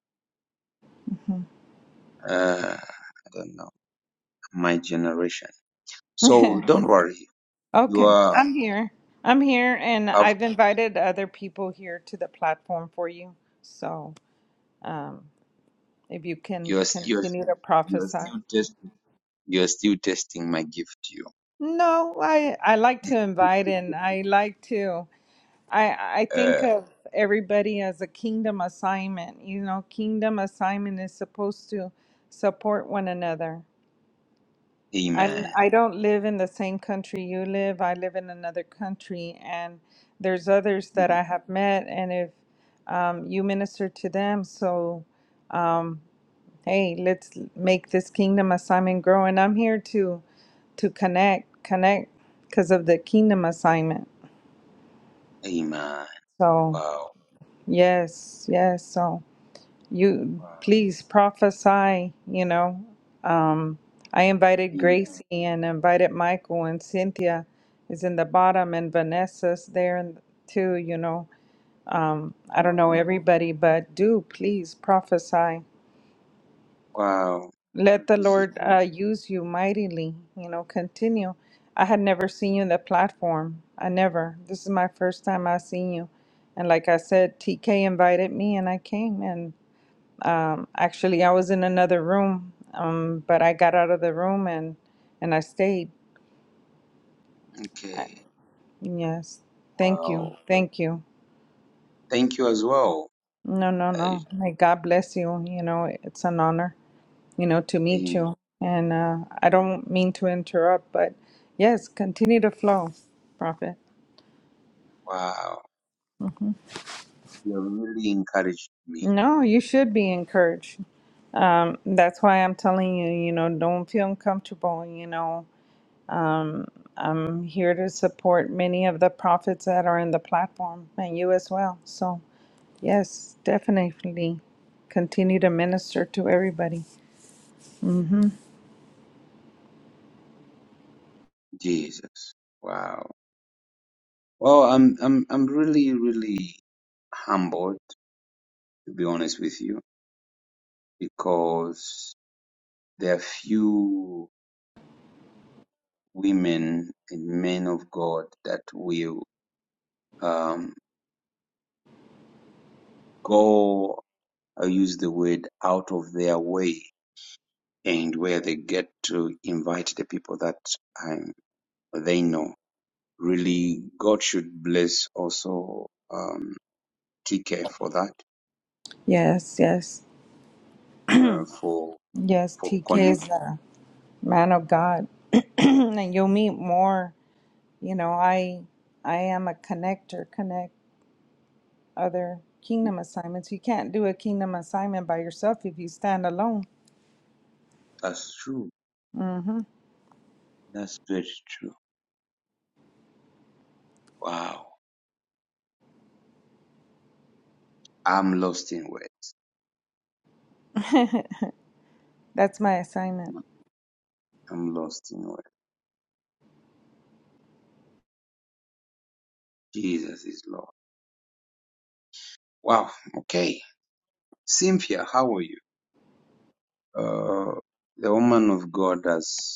Speaker 7: hmm
Speaker 1: Uh, I don't know. My generation. So don't worry. You
Speaker 7: okay,
Speaker 1: are,
Speaker 7: I'm here. I'm here, and
Speaker 1: af-
Speaker 7: I've invited other people here to the platform for you. So. um. if you can
Speaker 1: you are, you are,
Speaker 7: continue to
Speaker 1: you are
Speaker 7: prophesy.
Speaker 1: still testing, you are still testing my gift to
Speaker 7: No, I I like to invite and
Speaker 1: you.
Speaker 7: I like to I I think
Speaker 1: Uh,
Speaker 7: of everybody as a kingdom assignment. You know, kingdom assignment is supposed to support one another. I'm
Speaker 1: amen.
Speaker 7: I don't live in the same country you live. I live in another country, and there's others that
Speaker 1: Mm,
Speaker 7: I have met. And if um, you minister to them, so um, hey, let's make this kingdom assignment grow. And I'm here to to connect, connect because of the kingdom assignment.
Speaker 1: Amen.
Speaker 7: So
Speaker 1: Wow.
Speaker 7: yes, yes. So you
Speaker 1: Wow.
Speaker 7: please prophesy, you know. Um I invited
Speaker 1: Amen.
Speaker 7: Gracie and invited Michael and Cynthia is in the bottom and Vanessa's there and too, you know. Um, I don't
Speaker 1: Oh,
Speaker 7: know everybody, but do please prophesy.
Speaker 1: Wow. Well,
Speaker 7: Let the
Speaker 1: This is
Speaker 7: Lord
Speaker 1: good.
Speaker 7: uh, use you mightily. You know, continue. I had never seen you in the platform. I never. This is my first time I've seen you. And like I said, TK invited me and I came. And um, actually, I was in another room, um, but I got out of the room and, and I stayed. I,
Speaker 1: Okay.
Speaker 7: yes. Thank you.
Speaker 1: Wow.
Speaker 7: Thank you.
Speaker 1: Thank you as well.
Speaker 7: No, no,
Speaker 1: I,
Speaker 7: no. May God bless you. You know, it's an honor. you know, to meet
Speaker 1: amen.
Speaker 7: you. And uh, I don't mean to interrupt, but yes, continue to flow, Prophet.
Speaker 1: Wow. You have really encouraged me,
Speaker 7: No, you should be encouraged. Um, that's why I'm telling you, you know, don't feel uncomfortable. You know, I'm here to support many of the prophets that are in the platform and you as well. So, yes, definitely continue to minister to everybody.
Speaker 1: Jesus. Wow. Well, I'm I'm I'm really really humbled to be honest with you because there are few women and men of God that will um go. I'll use the word out of their way and where they get to invite the people that um, they know. Really, God should bless also um, TK for that,
Speaker 7: Yes, yes,
Speaker 1: uh, for
Speaker 7: yes.
Speaker 1: for
Speaker 7: TK
Speaker 1: connect.
Speaker 7: is a man of God, and you'll meet more. you know i i am a connector connect other kingdom assignments you can't do a kingdom assignment by yourself if you stand alone
Speaker 1: That's true.
Speaker 7: hmm
Speaker 1: That's very true. Wow, I'm lost in words.
Speaker 7: that's my assignment
Speaker 1: I'm lost in words. Jesus is Lord. Wow. Okay, Cynthia, how are you? Uh, the woman of God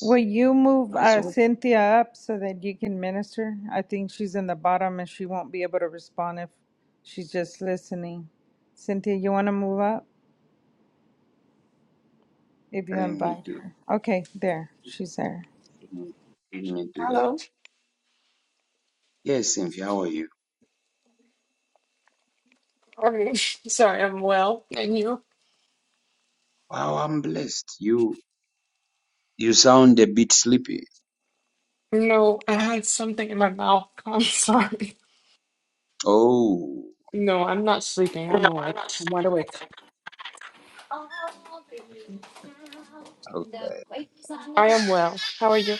Speaker 7: will you move
Speaker 1: has
Speaker 7: uh,
Speaker 1: hope.
Speaker 7: cynthia up so that you can minister i think she's in the bottom and she won't be able to respond if she's just listening cynthia you want to move up if you
Speaker 1: Let me
Speaker 7: invite
Speaker 1: do.
Speaker 7: her okay there she's there
Speaker 1: Let me do that.
Speaker 12: Hello.
Speaker 1: Yes, Cynthia, how are you?
Speaker 12: Sorry. Sorry, I'm well. And you?
Speaker 1: Wow, I'm blessed. You you sound a bit sleepy.
Speaker 12: No, I had something in my mouth. I'm sorry.
Speaker 1: Oh,
Speaker 12: No, I'm not sleeping. I'm awake. I'm wide awake.
Speaker 1: okay.
Speaker 13: The
Speaker 12: I am well. How are you?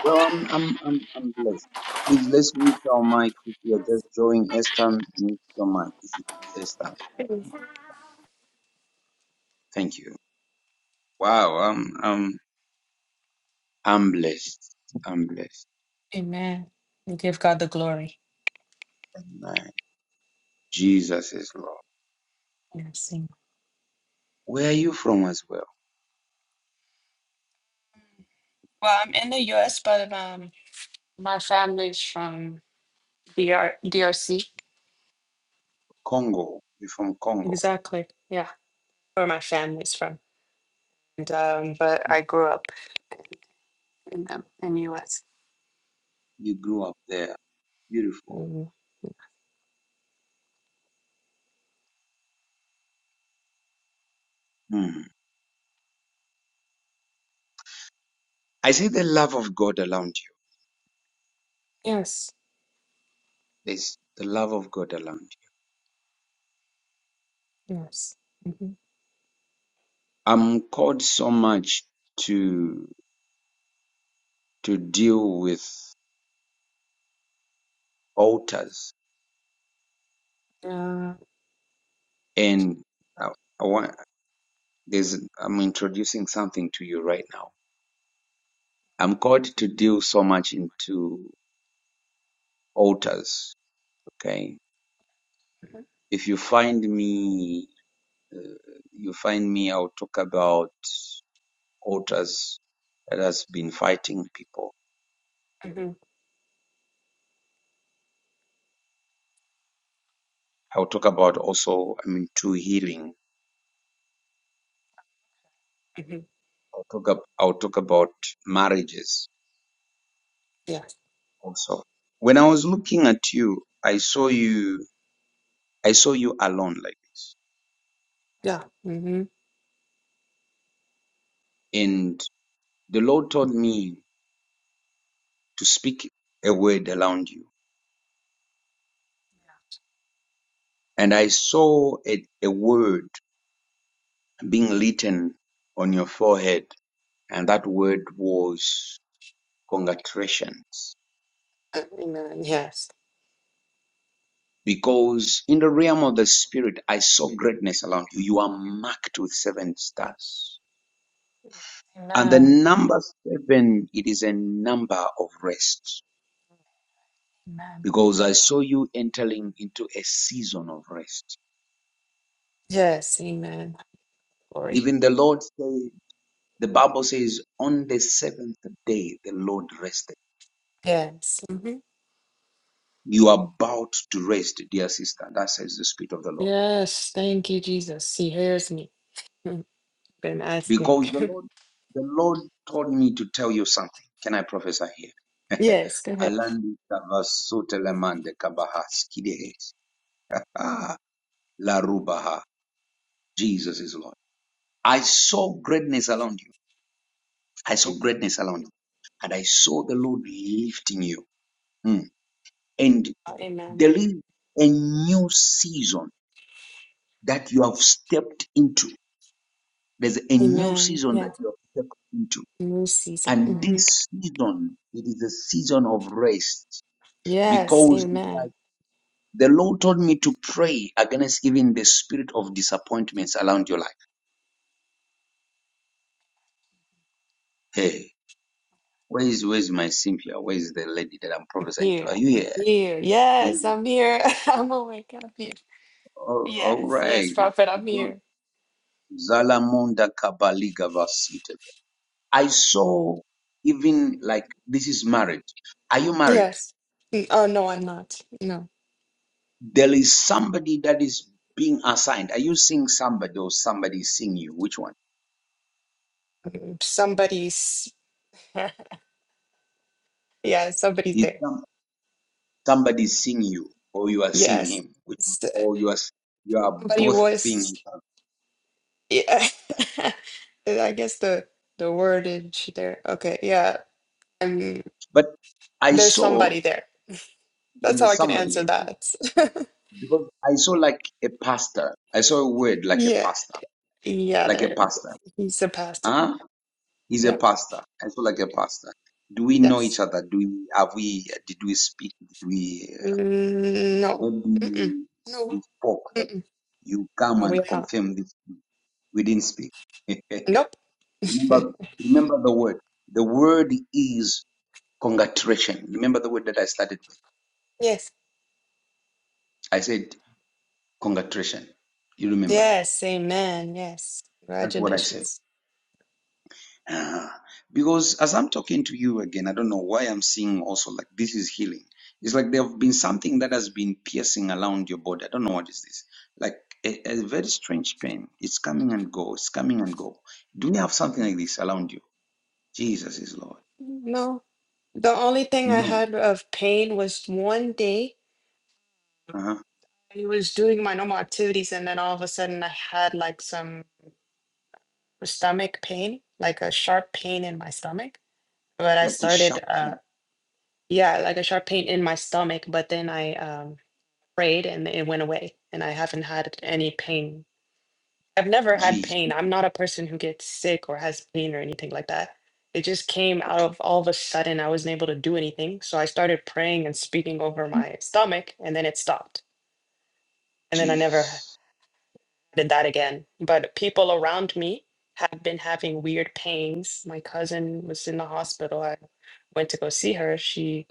Speaker 1: Well, I'm I'm I'm, I'm blessed. Please let's mute our mic if you are just joining Esther. Mute your mic, This is Esther. Thank you. Wow, I'm I'm I'm blessed. I'm blessed.
Speaker 12: Amen. We give God the glory.
Speaker 1: Amen. Jesus is Lord.
Speaker 12: Yes. amen.
Speaker 1: Where are you from as well?
Speaker 12: Well, I'm in the US, but um, my family's from DR- DRC.
Speaker 1: Congo. You're from Congo.
Speaker 12: Exactly. Yeah, where my family's from. And um, but I grew up in the in the US.
Speaker 1: You grew up there. Beautiful.
Speaker 12: Mhm.
Speaker 1: Hmm. I see the love of God around you.
Speaker 12: Yes.
Speaker 1: There's the love of God around. you.
Speaker 12: Yes. hmm
Speaker 1: I'm called so much to to deal with altars,
Speaker 12: Uh,
Speaker 1: and I, I want there's I'm introducing something to you right now. I'm called to deal so much into altars. Okay, if you find me, uh, you find me. I'll talk about altars that has been fighting people.
Speaker 12: hmm
Speaker 1: I'll talk about also. I mean, to healing.
Speaker 12: hmm
Speaker 1: I'll talk. Up, I'll talk about marriages also. When I was looking at you, I saw you, I saw you alone like this.
Speaker 12: Yeah. Mm-hmm.
Speaker 1: And the Lord told me to speak a word around you. And I saw a, a word being written on your forehead. And that word was congratulations.
Speaker 12: Amen. Yes.
Speaker 1: Because in the realm of the spirit, I saw greatness around you. You are marked with seven stars. And the
Speaker 12: Amen.
Speaker 1: number seven, it is a number of rest
Speaker 12: Amen.
Speaker 1: because I saw you entering into a season of rest.
Speaker 12: Yes. Amen. Glory.
Speaker 1: Even the Lord said, the Bible says, on the seventh day, the Lord rested.
Speaker 12: Yes. hmm
Speaker 1: You are about to rest, dear sister. That says the Spirit of the Lord.
Speaker 12: Yes. Thank you, Jesus. He hears me. Mm, Been asking.
Speaker 1: Because the Lord, the Lord told me to tell you something. Can I prophesy here?
Speaker 12: yes. Go ahead.
Speaker 1: Alandi kavasutelemande kabahaskidehes. Ah, la rubaha. Jesus is Lord. I saw greatness around you. I saw
Speaker 12: Mm.
Speaker 1: greatness around you, and I saw the Lord lifting you Mm. and
Speaker 12: Amen.
Speaker 1: there is a new season that you have stepped into. There's a new
Speaker 12: Amen.
Speaker 1: season that
Speaker 12: Yes.
Speaker 1: you have stepped into,
Speaker 12: New season.
Speaker 1: and
Speaker 12: hmm
Speaker 1: this season it is a season of rest
Speaker 12: Yes.
Speaker 1: because
Speaker 12: Amen.
Speaker 1: like the Lord told me to pray against even the spirit of disappointments around your life. Hey, where is where is my Cynthia? Where is the lady that I'm prophesying to?
Speaker 12: Here.
Speaker 1: Are you
Speaker 12: I'm
Speaker 1: here?
Speaker 12: here.
Speaker 1: Are
Speaker 12: Yes.
Speaker 1: you-
Speaker 12: I'm here. I'm awake. I'm here.
Speaker 1: all all
Speaker 12: Yes.
Speaker 1: right.
Speaker 12: Yes, Prophet. I'm here.
Speaker 1: Zalamonda Kabaligavas Itabe. I saw even like this is marriage. Are you married?
Speaker 12: Yes. Mm, Oh, no, I'm not. No.
Speaker 1: There is somebody that is being assigned. Are you seeing somebody or somebody is seeing you? Which one?
Speaker 12: Mm, Somebody's, yeah, somebody's
Speaker 1: Is
Speaker 12: there.
Speaker 1: some- somebody seeing you or you are seeing
Speaker 12: Yes.
Speaker 1: him? Which one?
Speaker 12: S-
Speaker 1: Or you are you are
Speaker 12: Somebody
Speaker 1: both seeing
Speaker 12: was,
Speaker 1: each other.
Speaker 12: yeah. I guess the the wordage there. Okay, yeah. Um,
Speaker 1: But I
Speaker 12: there's
Speaker 1: saw
Speaker 12: somebody there. That's
Speaker 1: there
Speaker 12: how I
Speaker 1: is
Speaker 12: can
Speaker 1: somebody
Speaker 12: answer
Speaker 1: here,
Speaker 12: that.
Speaker 1: because I saw like a pastor. I saw a word like a
Speaker 12: Yeah.
Speaker 1: pastor,
Speaker 12: Yeah,
Speaker 1: like a
Speaker 12: there.
Speaker 1: pastor.
Speaker 12: He's a pastor.
Speaker 1: Huh? He's a
Speaker 12: Yeah.
Speaker 1: pastor. I feel like a pastor. Do we know
Speaker 12: Yes.
Speaker 1: each other? Do we have we did we speak? Did we uh,
Speaker 12: Mm, no. Mm-mm.
Speaker 1: maybe
Speaker 12: No.
Speaker 1: we spoke that you come
Speaker 12: No,
Speaker 1: and
Speaker 12: we are
Speaker 1: confirm this? We didn't speak.
Speaker 12: not. Nope.
Speaker 1: remember, remember the word. The word is congratulation. Remember the word that I started with.
Speaker 12: Yes.
Speaker 1: I said congratulation. You remember?
Speaker 12: Yes. Amen. Yes.
Speaker 1: That's what I said.
Speaker 12: Congratulations.
Speaker 1: Uh, because as I'm talking to you again, I don't know why I'm seeing also like this is healing. It's like there have been something that has been piercing around your body. I don't know what is this. Like a, a very strange pain. It's coming and go. It's coming and go. Do you have something like this around you? Jesus is Lord.
Speaker 12: No, the only thing I
Speaker 1: No.
Speaker 12: had of pain was one day
Speaker 1: Uh-huh.
Speaker 12: I was doing my normal activities, and then all of a sudden I had like some stomach pain, like a sharp pain in my stomach. But I
Speaker 1: Like a sharp
Speaker 12: started, uh, yeah, like a sharp pain in my stomach, but then I um, prayed and it went away, and I haven't had any pain I've never had
Speaker 1: Jesus.
Speaker 12: pain. I'm not a person who gets sick or has pain or anything like that. It just came out
Speaker 1: Okay.
Speaker 12: of all of a sudden. I wasn't able to do anything. So I started praying and speaking over my stomach, and then it stopped. And then I never ha-
Speaker 1: Jesus.
Speaker 12: did that again. But people around me have been having weird pains. My cousin was in the hospital. I went to go see her. She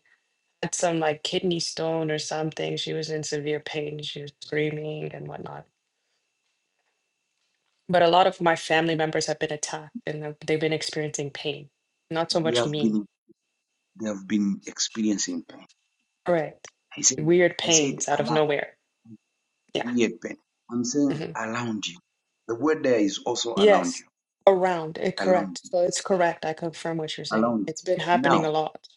Speaker 12: had some like kidney stone or something. She was in severe pain. She was screaming and whatnot but a lot of my family members have been attacked and have- they've been experiencing pain. Not so
Speaker 1: They
Speaker 12: much
Speaker 1: have
Speaker 12: me.
Speaker 1: been they have been experiencing pain.
Speaker 12: Right.
Speaker 1: I said
Speaker 12: Weird
Speaker 1: I said
Speaker 12: pains out
Speaker 1: a
Speaker 12: of
Speaker 1: lot
Speaker 12: nowhere. Yeah.
Speaker 1: weird pain. I'm saying
Speaker 12: hmm
Speaker 1: around you. The word there is also around you.
Speaker 12: Yes. Around. It
Speaker 1: along,
Speaker 12: correct. So it's correct. I confirm what you're saying.
Speaker 1: along.
Speaker 12: It's been happening a
Speaker 1: Now,
Speaker 12: lot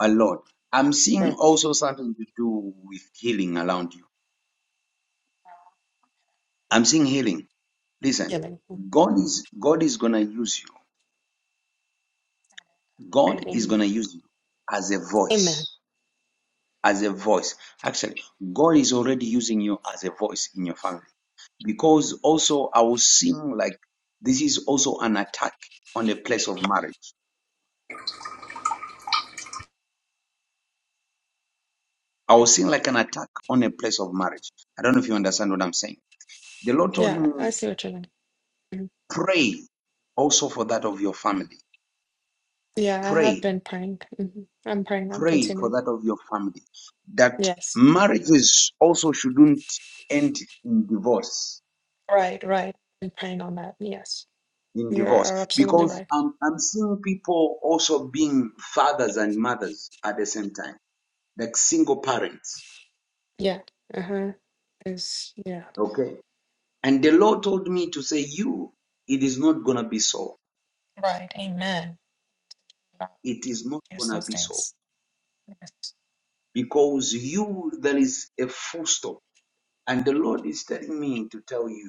Speaker 1: a lot. I'm seeing
Speaker 12: Right,
Speaker 1: also something to do with healing around you. I'm seeing healing. Listen,
Speaker 12: healing.
Speaker 1: God is God is gonna use you.
Speaker 12: Right.
Speaker 1: God is
Speaker 12: Amen.
Speaker 1: gonna use you as a
Speaker 12: Amen.
Speaker 1: voice. As a voice. Actually, God is already using you as a voice in your family. Because also I was seeing like this is also an attack on the place of marriage. I was seeing like an attack on a place of marriage. I don't know if you understand what I'm saying. The Lord told
Speaker 12: Yeah, I
Speaker 1: me.
Speaker 12: see what you're saying.
Speaker 1: Pray also for that of your family.
Speaker 12: Yeah, I have
Speaker 1: Pray,
Speaker 12: been praying. hmm I'm praying. I'm
Speaker 1: pray for
Speaker 12: continuing.
Speaker 1: that of your family. That
Speaker 12: Yes.
Speaker 1: marriages also shouldn't end in divorce.
Speaker 12: Right, right. I'm praying on that. Yes.
Speaker 1: In
Speaker 12: You
Speaker 1: divorce,
Speaker 12: are absolutely
Speaker 1: because
Speaker 12: right.
Speaker 1: I'm, I'm seeing people also being fathers and mothers at the same time, like single parents.
Speaker 12: Yeah. Uh-huh. Is yeah.
Speaker 1: Okay. And the Lord told me to say, You, it is not going to be so.
Speaker 12: Right. Amen. God,
Speaker 1: It is not
Speaker 12: Use
Speaker 1: going to
Speaker 12: those
Speaker 1: be so.
Speaker 12: things. Yes.
Speaker 1: Because you, there is a full stop. And the Lord is telling me to tell you.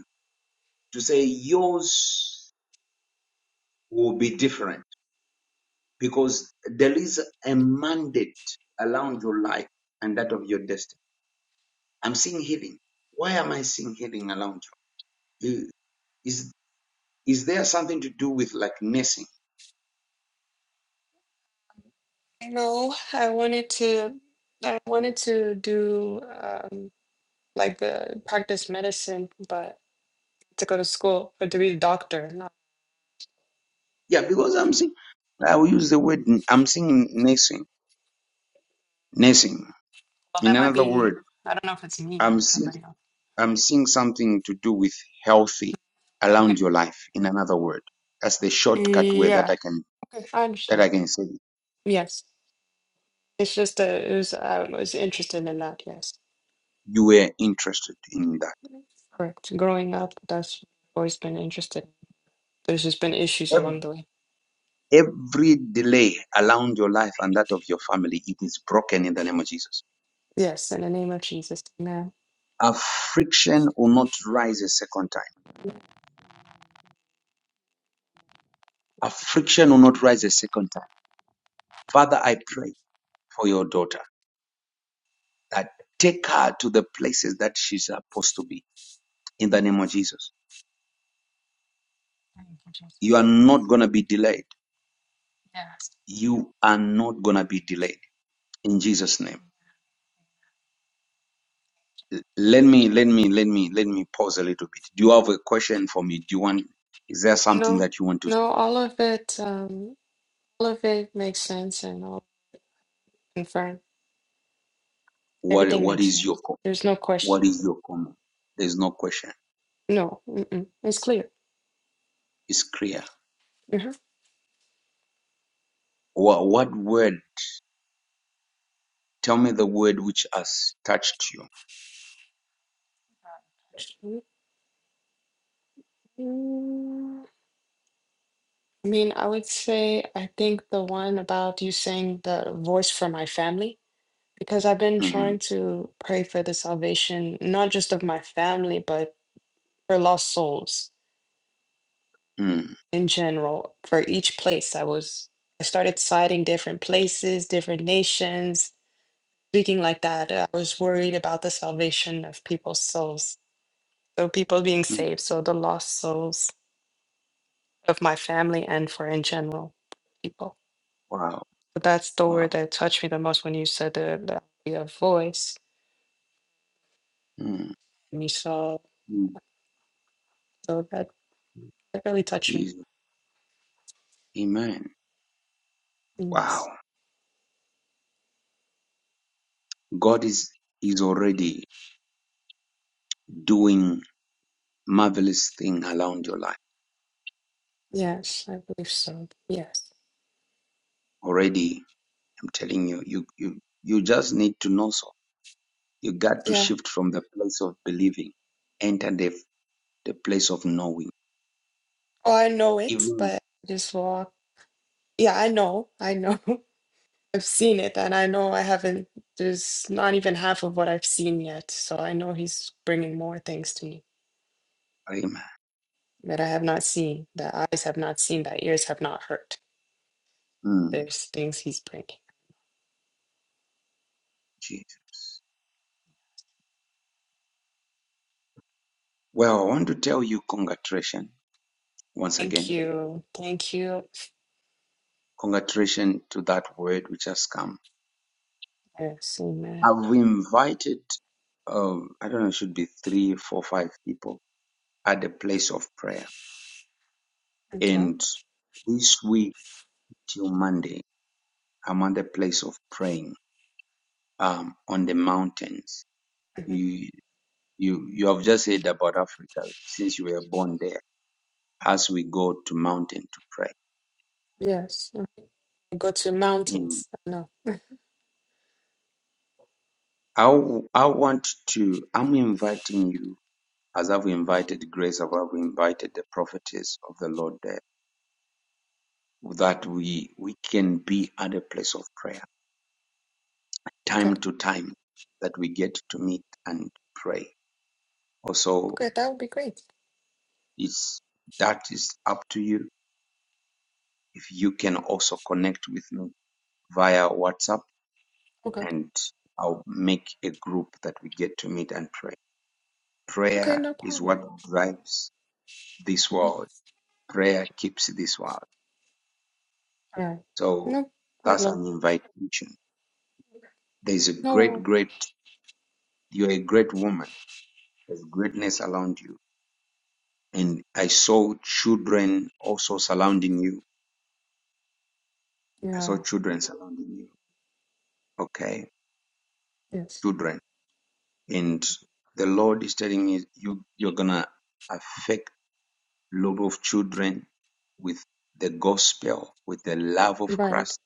Speaker 1: to say yours will be different because there is a mandate around your life and that of your destiny. I'm seeing healing. Why am I seeing healing around you? Is is there something to do with like nursing?
Speaker 12: No, I wanted to. I wanted to do um, like uh, practice medicine, but to go to school, but to be a doctor. Not,
Speaker 1: Yeah, because I'm seeing. I will use the word. i I'm seeing nursing. Nursing.
Speaker 12: well, that
Speaker 1: In
Speaker 12: might
Speaker 1: another
Speaker 12: be.
Speaker 1: word,
Speaker 12: I don't know if it's me or
Speaker 1: I'm seeing.
Speaker 12: somebody else.
Speaker 1: I'm seeing something to do with healthy around
Speaker 12: Okay.
Speaker 1: your life. In another word, that's the shortcut way that
Speaker 12: Yeah.
Speaker 1: I can
Speaker 12: Okay. I
Speaker 1: that
Speaker 12: understand.
Speaker 1: I can say.
Speaker 12: Yes. It's just uh, it was I was interested in that. Yes.
Speaker 1: you were interested in that.
Speaker 12: Correct. Growing up, that's always been interested. There's just been issues
Speaker 1: Ev-
Speaker 12: along the way.
Speaker 1: Every delay around your life and that of your family, it is broken in the name of Jesus.
Speaker 12: Yes. In the name of Jesus. Amen.
Speaker 1: Affliction will not rise a second time. Affliction will not rise a second time. Father, I pray for your daughter that take her to the places that she's supposed to be in the name of Jesus.
Speaker 12: Thank you,
Speaker 1: You are
Speaker 12: Jesus.
Speaker 1: not going to be delayed.
Speaker 12: Yes.
Speaker 1: You are not going to be delayed in Jesus' name. Let me let me let me let me pause a little bit. Do you have a question for me? Do you want? Is there something
Speaker 12: No,
Speaker 1: that you want to
Speaker 12: no,
Speaker 1: say?
Speaker 12: all of it, um, all of it makes sense and all confirm.
Speaker 1: What
Speaker 12: Everything
Speaker 1: What
Speaker 12: makes
Speaker 1: is your
Speaker 12: sense.
Speaker 1: co-
Speaker 12: There's no
Speaker 1: What
Speaker 12: question.
Speaker 1: is your comment? There's no question.
Speaker 12: No, mm-mm, it's clear.
Speaker 1: It's clear.
Speaker 12: Mhm.
Speaker 1: What What word? Tell me the word which has touched you.
Speaker 12: Mm, I mean, I would say I think the one about you saying the voice for my family, because I've been trying
Speaker 1: Mm,
Speaker 12: to pray for the salvation, not just of my family, but for lost souls.
Speaker 1: mm,
Speaker 12: in general for each place i was i started citing different places different nations speaking like that uh, i was worried about the salvation of people's souls so people being
Speaker 1: mm.
Speaker 12: saved so the lost souls of my family and for in general people
Speaker 1: Wow.
Speaker 12: but that's the word
Speaker 1: Wow.
Speaker 12: that touched me the most when you said the, the idea of voice
Speaker 1: Mm,
Speaker 12: and you saw
Speaker 1: mm.
Speaker 12: so that, that really touched me
Speaker 1: Jesus. Amen.
Speaker 12: yes
Speaker 1: Wow. God is is already doing marvelous thing around your life.
Speaker 12: yes i believe so yes
Speaker 1: Already, I'm telling you. You you you just need to know so. You got to
Speaker 12: yeah
Speaker 1: shift from the place of believing, enter the, the place of knowing.
Speaker 12: oh i know it
Speaker 1: Even
Speaker 12: but just walk Yeah, I know. I know. I've seen it, and I know I haven't, there's not even half of what I've seen yet. So I know he's bringing more things to me
Speaker 1: Amen.
Speaker 12: that I have not seen, that eyes have not seen, that ears have not heard.
Speaker 1: Mm,
Speaker 12: There's things he's bringing.
Speaker 1: Jesus. Well, I want to tell you congratulations once
Speaker 12: Thank
Speaker 1: again.
Speaker 12: you. Thank you.
Speaker 1: Congratulations to that word which has come.
Speaker 12: Yes, amen.
Speaker 1: I've invited, um, I don't know, it should be three, four, five people at the place of prayer.
Speaker 12: Okay.
Speaker 1: And this week till Monday, I'm at the place of praying um, on the mountains.
Speaker 12: hmm
Speaker 1: You. You you have just said about Africa since you were born there. As we go to mountain to pray,
Speaker 12: Yes. I Go to
Speaker 1: in
Speaker 12: mountains. No.
Speaker 1: I I want to I'm inviting you as I've invited Grace, as I've invited the prophetess of the Lord there, that we we can be at a place of prayer
Speaker 12: Okay.
Speaker 1: time to time, that we get to meet and pray. Also,
Speaker 12: Okay. That would be great.
Speaker 1: it's that is up to you. If you can also connect with me via WhatsApp
Speaker 12: Okay.
Speaker 1: and I'll make a group that we get to meet and pray.
Speaker 12: Okay.
Speaker 1: Prayer
Speaker 12: No
Speaker 1: is
Speaker 12: problem.
Speaker 1: what drives this
Speaker 12: Mhm.
Speaker 1: world. Prayer keeps this world.
Speaker 12: All right.
Speaker 1: So
Speaker 12: No
Speaker 1: that's
Speaker 12: problem.
Speaker 1: an invitation. There's a great,
Speaker 12: No.
Speaker 1: great, you're a great woman. There's greatness around you. And I saw children also surrounding you. I saw
Speaker 12: Yeah.
Speaker 1: children surrounding you. Okay.
Speaker 12: Yes.
Speaker 1: Children. And the Lord is telling me you, you're going to affect Love of children with the gospel, with the love
Speaker 12: You're
Speaker 1: of
Speaker 12: right.
Speaker 1: Christ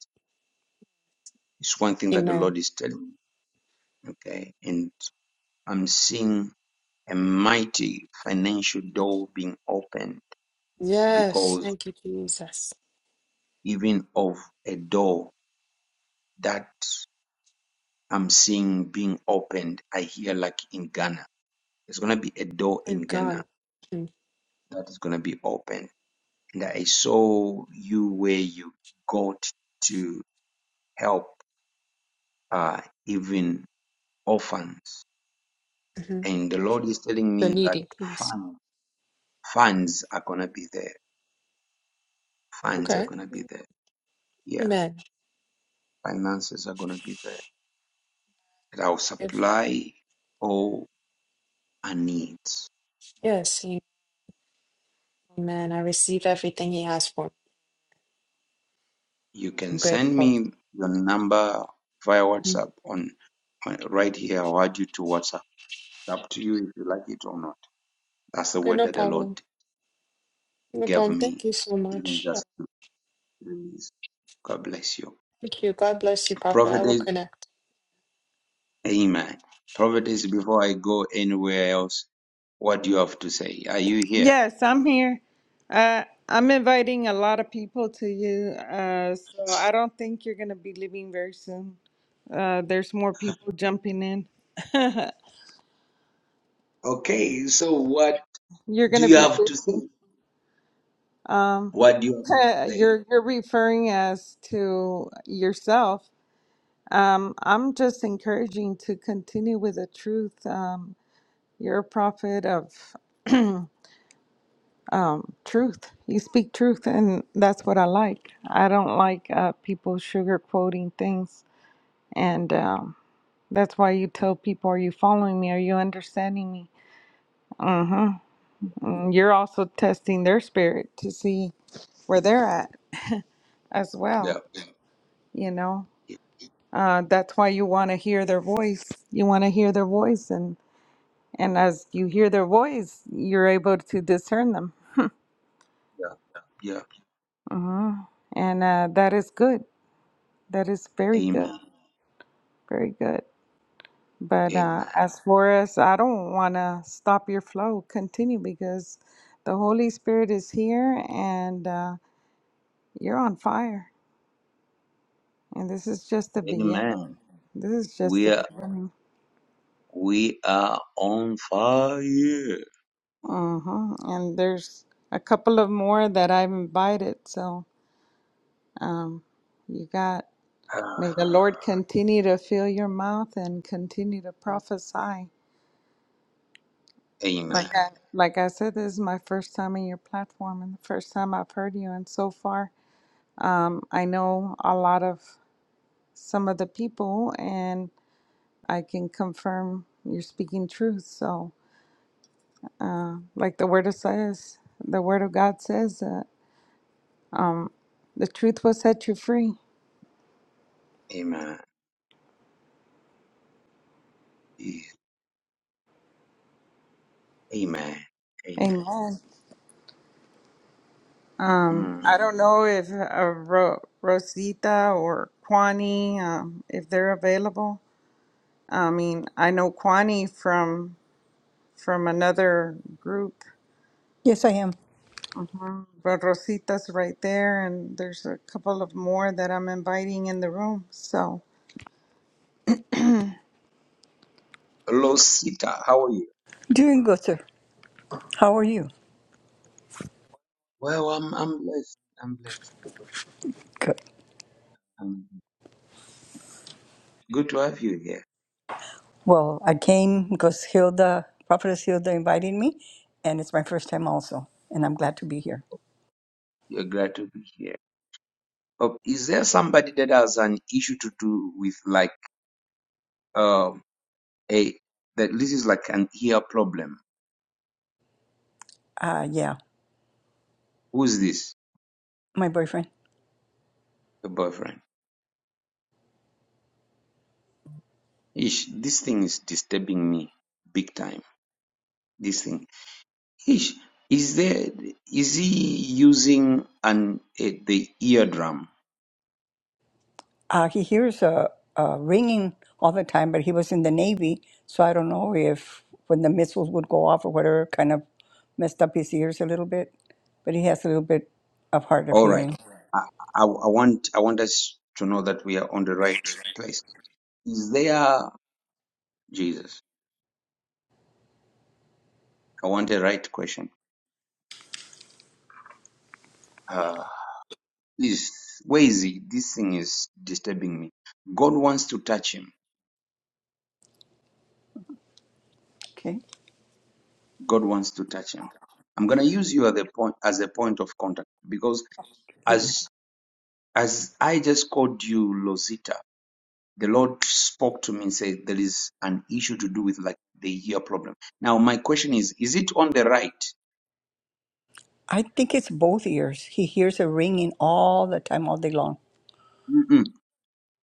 Speaker 1: is one thing that the
Speaker 12: Amen.
Speaker 1: Lord is telling me. Okay. And I'm seeing a mighty financial door being opened
Speaker 12: Yes.
Speaker 1: because
Speaker 12: Thank you, Jesus.
Speaker 1: even of a door that I'm seeing being opened, I hear like in Ghana. There's gonna be a door in
Speaker 12: And
Speaker 1: Ghana
Speaker 12: God.
Speaker 1: that is gonna be opened. And I saw you where you got to help uh, even orphans.
Speaker 12: Mm-hmm.
Speaker 1: And the Lord is telling
Speaker 12: The
Speaker 1: me that
Speaker 12: needy, yes.
Speaker 1: fun, funds are gonna be there. Funds are
Speaker 12: Okay.
Speaker 1: gonna be there. Yeah,
Speaker 12: Amen.
Speaker 1: finances are gonna be there. That will
Speaker 12: If,
Speaker 1: supply all our needs.
Speaker 12: yes. Amen. I receive everything He has for me.
Speaker 1: You
Speaker 12: I'm
Speaker 1: can send
Speaker 12: grateful.
Speaker 1: me your number via
Speaker 12: Mhm.
Speaker 1: WhatsApp on, on right here. I'll add you to WhatsApp. It's up to you if you like it or not. That's the
Speaker 12: Okay.
Speaker 1: word
Speaker 12: No
Speaker 1: that the Lord
Speaker 12: problem. No
Speaker 1: gave
Speaker 12: problem. Thank
Speaker 1: me,
Speaker 12: you so
Speaker 1: even
Speaker 12: much. Uh,
Speaker 1: just to release. God bless you.
Speaker 12: thank you. God bless you, Papa. I will
Speaker 1: Prophet
Speaker 12: connect.
Speaker 1: Amen. Prophetess, before I go anywhere else, what do you have to say? Are you here?
Speaker 7: Yes, I'm here. Uh, I'm inviting a lot of people to you, uh, so I don't think you're going to be leaving very soon. Uh, there's more people jumping in.
Speaker 1: Okay, so what
Speaker 7: You're going
Speaker 1: do
Speaker 7: to
Speaker 1: you
Speaker 7: be
Speaker 1: have
Speaker 7: busy.
Speaker 1: to say?
Speaker 7: Um,
Speaker 1: What do you have to say?
Speaker 7: you're you're referring as to yourself. Um, I'm just encouraging to continue with the truth. Um, you're a prophet of um, truth. You speak truth, and that's what I like. I don't like uh, people sugarcoating things. And um, that's why you tell people, Are you following me? Are you understanding me? Mm-hmm. And you're also testing their spirit to see where they're at as
Speaker 1: Yeah,
Speaker 7: well. You know,
Speaker 1: yeah,
Speaker 7: uh, that's why you want to hear their voice. You want to hear their voice. And, and as you hear their voice, you're able to discern them.
Speaker 1: yeah. yeah.
Speaker 7: mm hmm And uh, that is good. That is very good.
Speaker 1: Amen.
Speaker 7: Very good. But uh,
Speaker 1: Amen.
Speaker 7: as for us, I don't want to stop your flow. Continue because the Holy Spirit is here and uh, you're on fire. And this is just the beginning.
Speaker 1: Amen.
Speaker 7: This is just
Speaker 1: We
Speaker 7: the
Speaker 1: are
Speaker 7: beginning.
Speaker 1: we are on fire.
Speaker 7: hmm And there's a couple of more that I've invited. So um, you got,
Speaker 1: Ah,
Speaker 7: may the Lord continue to fill your mouth and continue to prophesy.
Speaker 1: Amen.
Speaker 7: Like I, like I said, this is my first time in your platform and the first time I've heard you. And so far, Um, I know a lot of some of the people, and I can confirm you're speaking truth. So, uh, like the Word of says, the Word of God says that um, the truth will set you free.
Speaker 1: Amen. Yeah. Amen. Amen.
Speaker 7: Amen. Um, I
Speaker 1: Mm.
Speaker 7: don't know if uh, Ro- Rosita or Kwani, um, if they're available. I mean, I know Kwani from from another group,
Speaker 14: Yes, I am.
Speaker 7: Mm, But Rosita's right there, and there's a couple of more that I'm inviting in the room. So,
Speaker 1: Hello, Sita. How are you?
Speaker 14: Doing good, sir. How are you?
Speaker 1: Well, I'm I'm blessed. I'm blessed.
Speaker 14: Good.
Speaker 1: I'm good to have you here.
Speaker 14: Well, I came because Hilda, Prophetess Hilda invited me, and it's my first time also, and I'm glad to be here.
Speaker 1: You're glad to be here. Oh, is there somebody that has an issue to do with like um a that this is like an ear problem?
Speaker 14: Uh, yeah,
Speaker 1: Who is this?
Speaker 14: my boyfriend.
Speaker 1: The boyfriend. Ish, this thing is disturbing me big time. This thing. Ish, is there is he using an a, the eardrum?
Speaker 14: Uh, he hears a, a ringing all the time, but he was in the Navy, so I don't know if when the missiles would go off or whatever kind of messed up his ears a little bit, but he has a little bit of hard of
Speaker 1: All right.
Speaker 14: hearing.
Speaker 1: I, I I want I want us to know that we are on the right place. Is there Jesus? I want the right question. Uh, Please, where is he? This thing is disturbing me. God wants to touch him.
Speaker 14: Okay,
Speaker 1: God wants to touch him. I'm gonna use you at the point as a point of contact because
Speaker 14: amen.
Speaker 1: as as I just called you Lozita, the Lord spoke to me and said there is an issue to do with like the ear problem. Now my question is, is it on the right?
Speaker 14: I think it's both ears. He hears a ringing all the time, all day long.
Speaker 1: Mm-mm,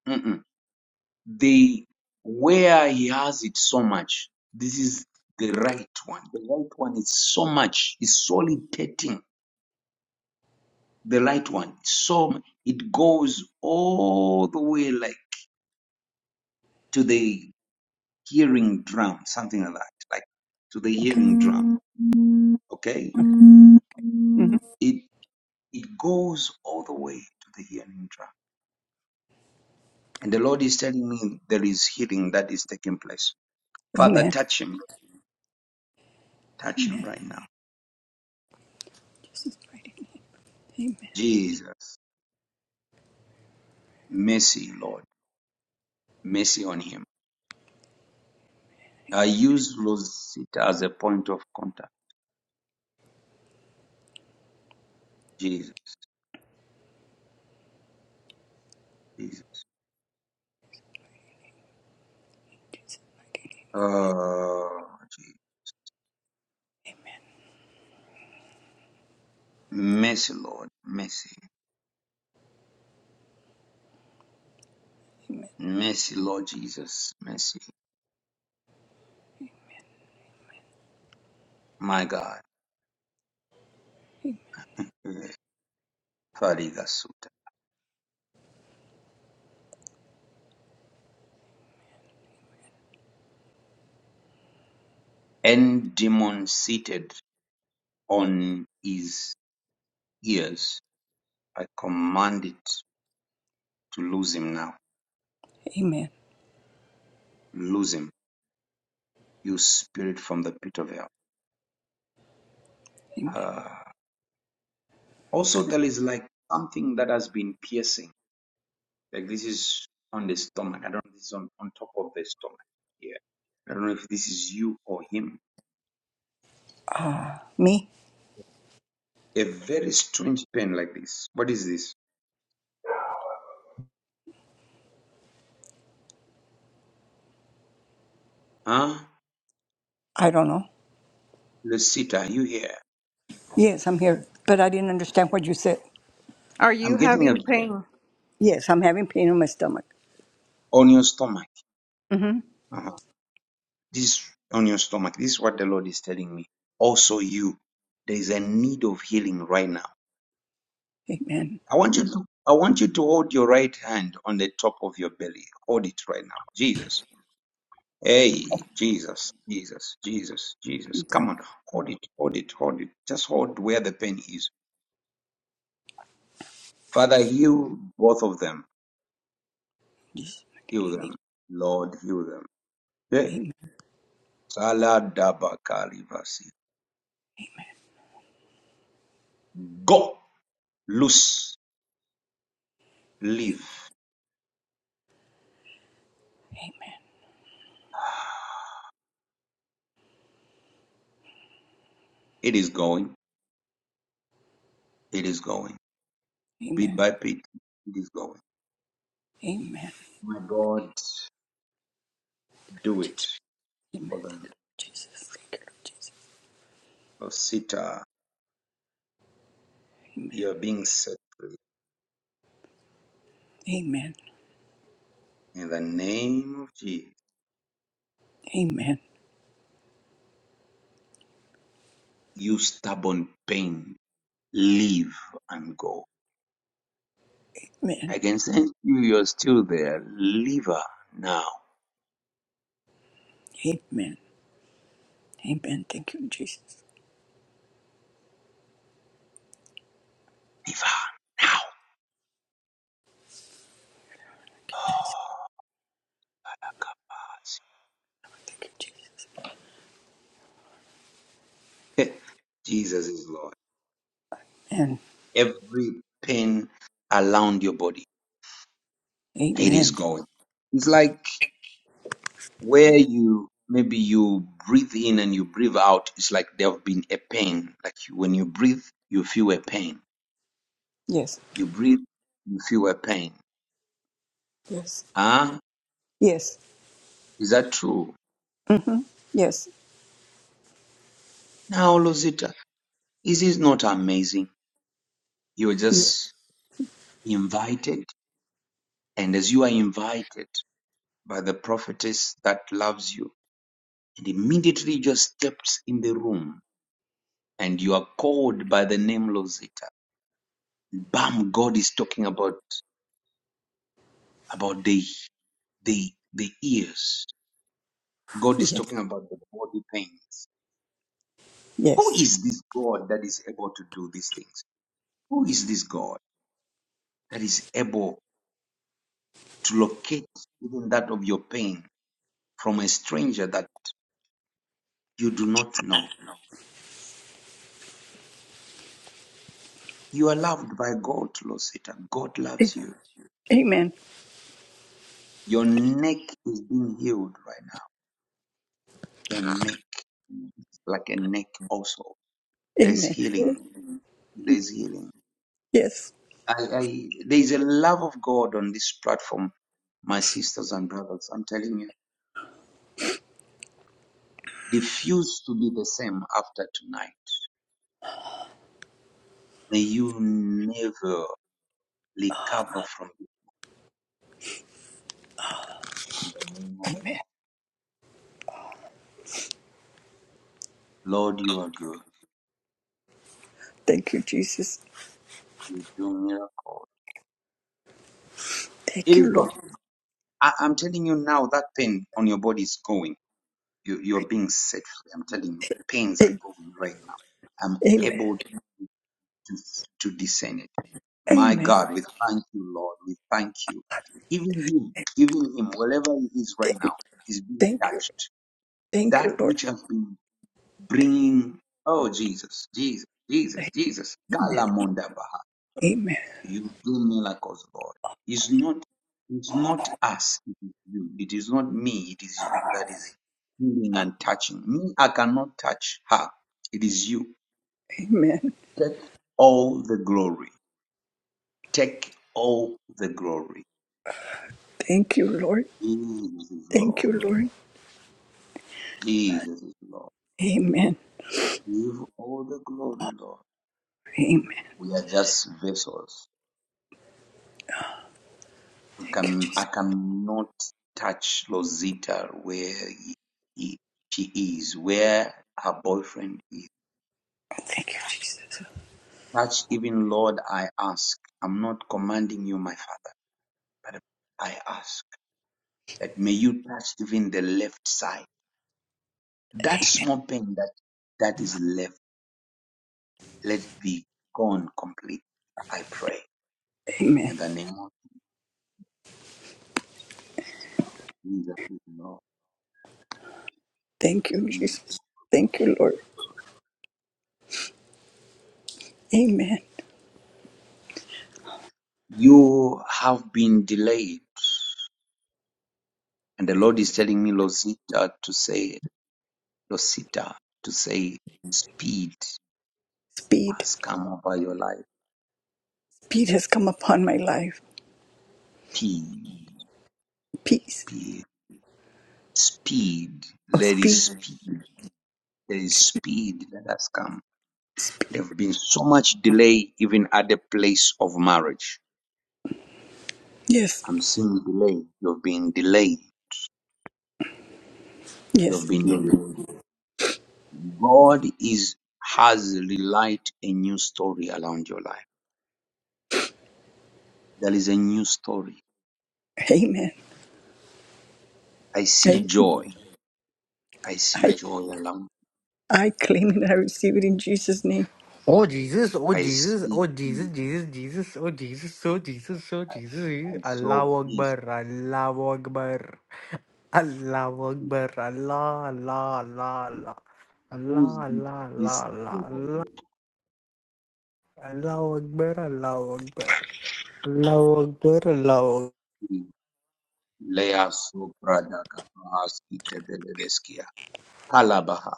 Speaker 1: mm-mm. They where he has it so much. This is the right one. The right one is so much. It's solitating the light one. So it goes all the way like to the hearing drum, something like that, like to the
Speaker 14: Okay.
Speaker 1: hearing drum. Okay, it it goes all the way to the hearing drum, and the Lord is telling me there is healing that is taking place. Father,
Speaker 14: Amen.
Speaker 1: touch him, touch him
Speaker 14: Amen.
Speaker 1: right now,
Speaker 14: Jesus is right. Amen.
Speaker 1: Jesus, mercy, Lord, mercy on him. I use Rosita as a point of contact. Jesus, Jesus. Oh, gee. mercy, Lord, mercy. Mercy, Lord Jesus, mercy. My God. Farigasuta. And demon seated on his ears, I command it to lose him now.
Speaker 14: Amen.
Speaker 1: Lose him, you spirit from the pit of hell.
Speaker 14: Amen.
Speaker 1: Ah. also, there is like something that has been piercing. Like this is on the stomach. I don't know if this is on, on top of the stomach. Yeah. I don't know if this is you or him.
Speaker 14: Uh, me?
Speaker 1: A very strange pain like this. What is this? Huh?
Speaker 14: I don't know.
Speaker 1: Lucita, are you here?
Speaker 14: Yes, I'm here, but I didn't understand what you said.
Speaker 7: are
Speaker 1: I'm
Speaker 7: you
Speaker 1: getting a,
Speaker 7: having pain?
Speaker 14: Yes, I'm having pain in my stomach.
Speaker 1: on your stomach.
Speaker 14: Mm-hmm.
Speaker 1: Uh-huh. This on your stomach. This is what the Lord is telling me. Also, you, there is a need of healing right now.
Speaker 14: Amen.
Speaker 1: I want you to. I want you to hold your right hand on the top of your belly. Hold it right now. Jesus. Hey, Jesus, Jesus, Jesus, Jesus.
Speaker 14: God,
Speaker 1: Come on. Hold it, hold it, hold it. Just hold where the pain is. Father, heal both of them.
Speaker 14: yes.
Speaker 1: Heal them. Lord, heal them. Hey.
Speaker 14: Amen.
Speaker 1: Saladabakali Vasi. Go loose Leaf. It is going. It is going. Bit
Speaker 14: Amen.
Speaker 1: by bit, it is going.
Speaker 14: Amen.
Speaker 1: My God,
Speaker 14: Lord
Speaker 1: do it
Speaker 14: Jesus. Amen.
Speaker 1: for them.
Speaker 14: Jesus.
Speaker 1: Osita, you are being set free.
Speaker 14: Amen.
Speaker 1: In the name of Jesus,
Speaker 14: Amen.
Speaker 1: you stubborn pain, leave and go.
Speaker 14: Amen.
Speaker 1: I can sense you, you're still there. Leave her now.
Speaker 14: Amen. Amen. Thank you, Jesus.
Speaker 1: Leave her now.
Speaker 14: Thank you, Jesus.
Speaker 1: Lord. Jesus is Lord.
Speaker 14: And
Speaker 1: Every pain around your body, it is
Speaker 14: amen.
Speaker 1: going. It's like where you maybe you breathe in and you breathe out it's like there have been a pain like you, when you breathe you feel a pain
Speaker 14: Yes.
Speaker 1: you breathe you feel a pain
Speaker 14: Yes.
Speaker 1: ah
Speaker 14: Yes.
Speaker 1: is that true
Speaker 14: Mm-hmm. Yes.
Speaker 1: now Lozita. is this not amazing you're
Speaker 14: Yes.
Speaker 1: just invited and as you are invited by the prophetess that loves you and immediately you just steps in the room and you are called by the name Lozita. bam god is talking about about the the the ears. God is
Speaker 14: Yes.
Speaker 1: talking about the body pains. Who
Speaker 14: Yes.
Speaker 1: is this God that is able to do these things? Who is this God that is able to locate even that of your pain from a stranger that you do not know? You are loved by God, Lord Satan. God loves you.
Speaker 14: Amen.
Speaker 1: Your neck is being healed right now. Your neck, like a neck also. There's
Speaker 14: Amen.
Speaker 1: healing. There's healing.
Speaker 14: Yes.
Speaker 1: I, I there is a love of God on this platform, my sisters and brothers. I'm telling you, refuse to be the same after tonight. May you never recover from it in the name of Jesus.
Speaker 14: Amen.
Speaker 1: Lord. You are good.
Speaker 14: Thank you, Jesus.
Speaker 1: You do miracles.
Speaker 14: Thank
Speaker 1: It is
Speaker 14: you,
Speaker 1: gone.
Speaker 14: Lord.
Speaker 1: I, I'm telling you now, that pain on your body is going. You, you're being set free. I'm telling you, pains are
Speaker 14: A-
Speaker 1: going right now. I'm
Speaker 14: Amen.
Speaker 1: able to, to discern it. My God,
Speaker 14: Amen.
Speaker 1: we thank you, Lord. We thank you. Even you, even him, wherever he is right
Speaker 14: Th-
Speaker 1: now, is being
Speaker 14: Thank you.
Speaker 1: touched.
Speaker 14: Thank
Speaker 1: That
Speaker 14: you, Lord.
Speaker 1: which has been bringing, oh Jesus, Jesus, Jesus, Jesus,
Speaker 14: Amen.
Speaker 1: Kalamonda Baha.
Speaker 14: Amen.
Speaker 1: You do miracles, Lord. It's not, it's not us. It is you. It is not me. It is you that is healing and touching. Me, I cannot touch her. It is you.
Speaker 14: Amen.
Speaker 1: Take all the glory. Take all the glory.
Speaker 14: Thank you, Lord.
Speaker 1: Jesus is
Speaker 14: Thank
Speaker 1: Lord.
Speaker 14: you, Lord.
Speaker 1: Jesus is Lord.
Speaker 14: Amen.
Speaker 1: Give all the glory, Lord.
Speaker 14: Amen.
Speaker 1: We are just vessels. We
Speaker 14: Thank you,
Speaker 1: can
Speaker 14: Jesus.
Speaker 1: I cannot touch Rosita where he, he- she is, where her boyfriend is.
Speaker 14: Thank you, Jesus.
Speaker 1: Touch even Lord, I ask. I'm not commanding you, my father, but I ask that may you touch even the left side. That small pain that that is left Let be gone completely, I pray,
Speaker 14: Amen.
Speaker 1: in the name of Jesus, Lord
Speaker 14: Thank you,
Speaker 1: Jesus.
Speaker 14: Jesus. Thank you, Lord. Amen.
Speaker 1: You have been delayed, and the Lord is telling me, Losita, to say, Losita, to say, speed
Speaker 14: Speed.
Speaker 1: has come over your life.
Speaker 14: Speed has come upon my life.
Speaker 1: Speed,
Speaker 14: Peace.
Speaker 1: speed, speed.
Speaker 14: Oh,
Speaker 1: There is
Speaker 14: speed.
Speaker 1: speed. There is speed that has come.
Speaker 14: Speed.
Speaker 1: There have been so much delay, even at the place of marriage.
Speaker 14: Yes.
Speaker 1: I'm seeing delay. You've been delayed. You've
Speaker 14: Yes.
Speaker 1: been delayed. God is has relight a new story around your life. There is a new story.
Speaker 14: Amen.
Speaker 1: I see
Speaker 14: I,
Speaker 1: joy. I see
Speaker 14: I,
Speaker 1: joy around.
Speaker 14: I claim it and I receive it in Jesus' name.
Speaker 15: Oh Jesus, oh
Speaker 1: I
Speaker 15: Jesus,
Speaker 1: see
Speaker 15: oh Jesus,
Speaker 1: peace.
Speaker 15: Jesus, Jesus, oh Jesus, oh Jesus, oh Jesus,
Speaker 1: I
Speaker 15: Allah
Speaker 1: saw peace.
Speaker 15: Akbar, Allah Akbar, Allah Akbar, Allah, Allah, Allah,
Speaker 1: Who
Speaker 15: Allah,
Speaker 1: is
Speaker 15: Allah,
Speaker 1: this?
Speaker 15: Allah, Allah,
Speaker 1: this
Speaker 15: Allah,
Speaker 1: joy?
Speaker 15: Allah, Allah Akbar, Allah Akbar, Allah Akbar, Allah Akbar.
Speaker 1: Lea sopra da kapahaski tebeleveskia. Kalabaha.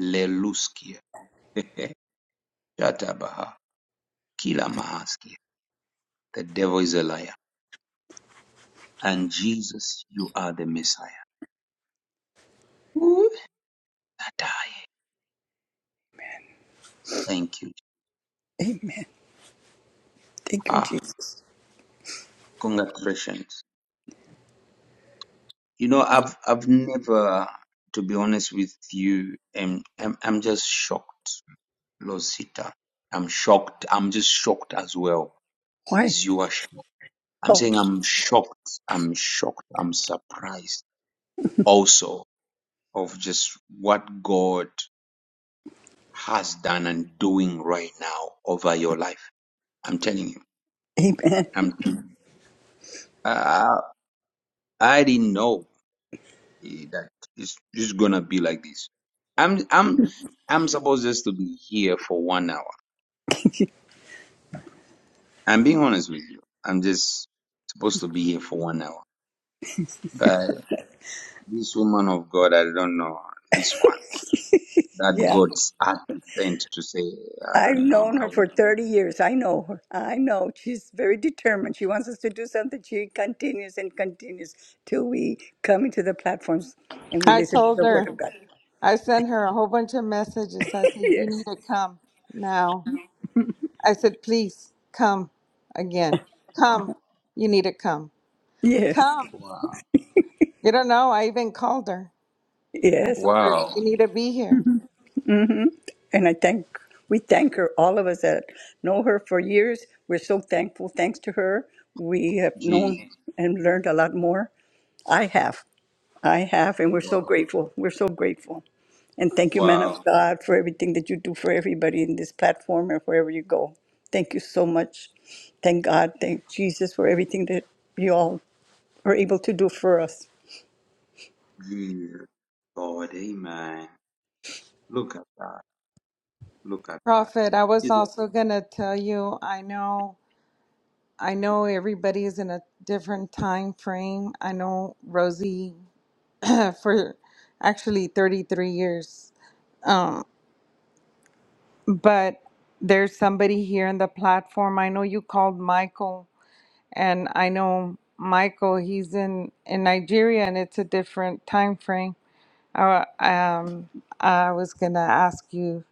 Speaker 1: Leluskia. Shatabaha. Kila mahaskia. The devil is a liar. And Jesus, you are the Messiah. Ooh. That I Thank you.
Speaker 14: Amen. Thank you,
Speaker 1: Ah.
Speaker 14: Jesus.
Speaker 1: Congratulations. You know, I've I've never, to be honest with you, um, I'm I'm just shocked, Losita. I'm shocked. I'm just shocked as well
Speaker 14: Why?
Speaker 1: as you are shocked. I'm
Speaker 14: Oh,
Speaker 1: saying I'm shocked. I'm shocked. I'm surprised also of just what God has done and doing right now over your life. I'm telling you.
Speaker 14: amen.
Speaker 1: I'm. telling you. Uh, I didn't know. eh, that it's, it's gonna be like this. I'm I'm I'm supposed just to be here for one hour. I'm being honest with you. I'm just supposed to be here for one hour. But this woman of God, I don't know this one that
Speaker 14: Yeah.
Speaker 1: God's actually sent to say, I
Speaker 14: I've
Speaker 1: don't know.
Speaker 14: known
Speaker 1: I,
Speaker 14: her
Speaker 1: will,
Speaker 14: for 30 years. I know her. I know. She's very determined. She wants us to do something. She continues and continues till we come into the platforms and we
Speaker 7: I
Speaker 14: listen to
Speaker 7: told
Speaker 14: the word
Speaker 7: her.
Speaker 14: of God.
Speaker 7: I sent her a whole bunch of messages. I said, You need
Speaker 14: Yes.
Speaker 7: to come now. I said, Please come again. Come. You need to come.
Speaker 14: Yes.
Speaker 7: Come.
Speaker 1: wow,
Speaker 7: You don't know. I even called her. I
Speaker 14: Yes.
Speaker 7: told her, You
Speaker 1: wow,
Speaker 7: need to be here.
Speaker 14: And I thank, we thank her, all of us that know her for years. We're so thankful. Thanks to her, we have
Speaker 1: Jesus,
Speaker 14: known and learned a lot more. I have. I have, and we're so
Speaker 1: wow,
Speaker 14: grateful. We're so grateful. And thank you, man
Speaker 1: wow,
Speaker 14: of God, for everything that you do for everybody in this platform and wherever you go. Thank you so much. Thank God. Thank Jesus for everything that you all are able to do for us.
Speaker 1: Jesus, God, Amen. Look at that. Look at that.
Speaker 7: Prophet, I was
Speaker 1: Jesus.
Speaker 7: also going to tell you, I know. I know everybody is in a different time frame. I know Rosie for actually 33 years. Um, but there's somebody here on the platform. I know you called Michael, and I know Michael, he's in, in Nigeria and it's a different time frame. I, um, I was going to ask you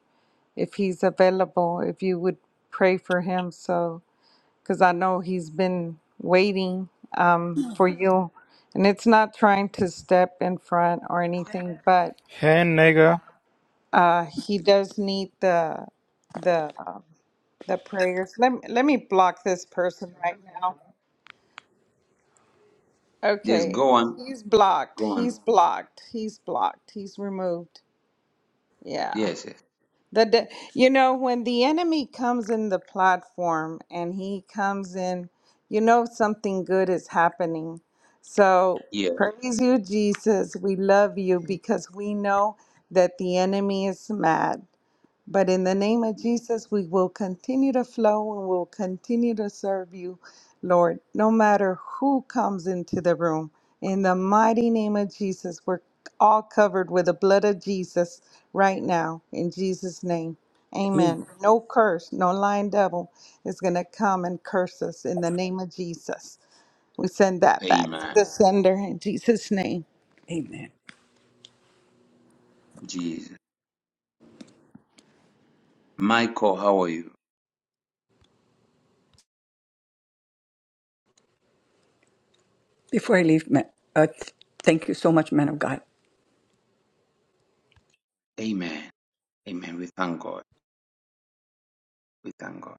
Speaker 7: if he's available, if you would pray for him. So. because I know he's been waiting um, for you. And it's not trying to step in front or anything, but
Speaker 16: Hey, nigga.
Speaker 7: uh, he does need the the uh, the prayers. Let me, let me block this person right now.
Speaker 1: Yes,
Speaker 7: Okay,
Speaker 1: go on,
Speaker 7: he's blocked.
Speaker 1: go on.
Speaker 7: He's blocked. He's blocked. He's removed. Yeah.
Speaker 1: Yes, yes.
Speaker 7: The de- you know when the enemy comes in the platform and he comes in, you know something good is happening. So
Speaker 1: Yeah,
Speaker 7: praise you, Jesus. We love you because we know that the enemy is mad. But in the name of Jesus, we will continue to flow and we'll continue to serve you, Lord, no matter who comes into the room. In the mighty name of Jesus, we're all covered with the blood of Jesus right now, in Jesus' name.
Speaker 14: Amen.
Speaker 7: Amen. No curse, no lying devil is going to come and curse us in the name of Jesus. We send that back to
Speaker 1: Amen.
Speaker 7: the sender in Jesus' name.
Speaker 14: Amen.
Speaker 1: Jesus. Michael, how are you?
Speaker 14: Before I leave, ma- uh, th- thank you so much, man of God.
Speaker 1: Amen. Amen. We thank God. We thank God.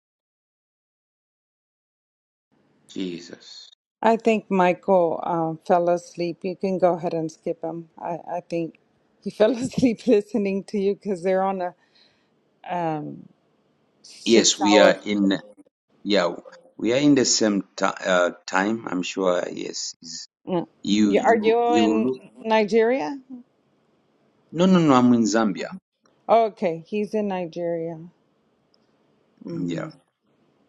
Speaker 1: Jesus.
Speaker 7: I think Michael um, fell asleep. You can go ahead and skip him. I, I think he fell asleep listening to you because they're on a um, six
Speaker 1: Yes, we
Speaker 7: hour.
Speaker 1: are in, yeah, we are in the same ti- uh, time. I'm sure. Yes. Is-
Speaker 7: Mm.
Speaker 1: You,
Speaker 7: Yeah, Are
Speaker 1: you,
Speaker 7: you
Speaker 1: you
Speaker 7: in
Speaker 1: look.
Speaker 7: Nigeria?
Speaker 1: No, no, no. I'm in Zambia.
Speaker 7: Okay, he's in Nigeria.
Speaker 1: Yeah.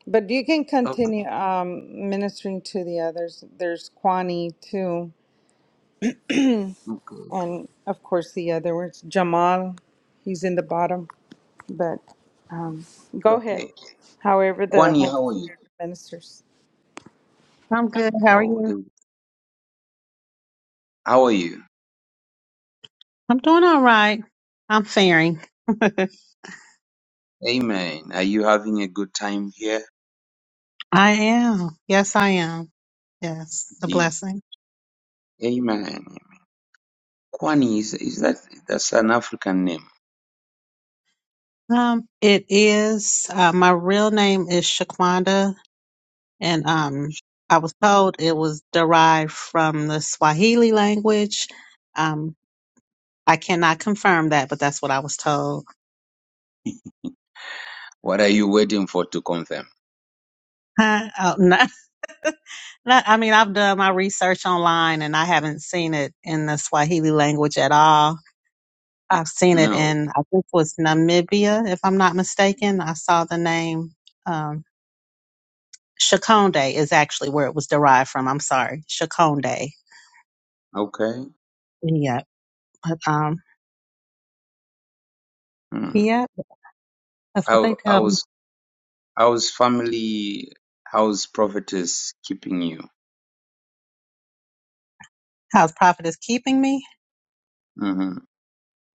Speaker 7: But you can
Speaker 1: Okay.
Speaker 7: continue um, ministering to the others. There's Kwani too.
Speaker 1: Okay.
Speaker 7: And of course, the other ones, Jamal, he's in the bottom. But um, go ahead,
Speaker 1: Okay.
Speaker 7: however, the
Speaker 1: Kwani,
Speaker 7: Holy
Speaker 1: how are you?
Speaker 7: Spirit ministers.
Speaker 17: I'm good. How are
Speaker 1: Oh,
Speaker 17: you?
Speaker 1: the, how are you?
Speaker 17: I'm doing all right. I'm faring.
Speaker 1: Amen. Are you having a good time here?
Speaker 17: I am. Yes, I am. Yes, it's a
Speaker 1: Gee.
Speaker 17: blessing.
Speaker 1: Amen. Kwani, is, is that, that's an African name.
Speaker 17: Um, it is. Uh, my real name is Shaquanda, and um, I was told it was derived from the Swahili language. Um, I cannot confirm that, but that's what I was told.
Speaker 1: What are you waiting for to confirm?
Speaker 17: Huh? Oh, not, not, I mean, I've done my research online, and I haven't seen it in the Swahili language at all. I've seen it
Speaker 1: No.
Speaker 17: in, I think it was Namibia, if I'm not mistaken. I saw the name. Um, Shakonde is actually where it was derived from. I'm sorry. Shakonde.
Speaker 1: Okay.
Speaker 17: Yeah. But, um,
Speaker 1: Mm.
Speaker 17: yeah, that's what they
Speaker 1: How
Speaker 17: tell me.
Speaker 1: how's how's family how's prophetess keeping you?
Speaker 17: How's Prophet is keeping me?
Speaker 1: hmm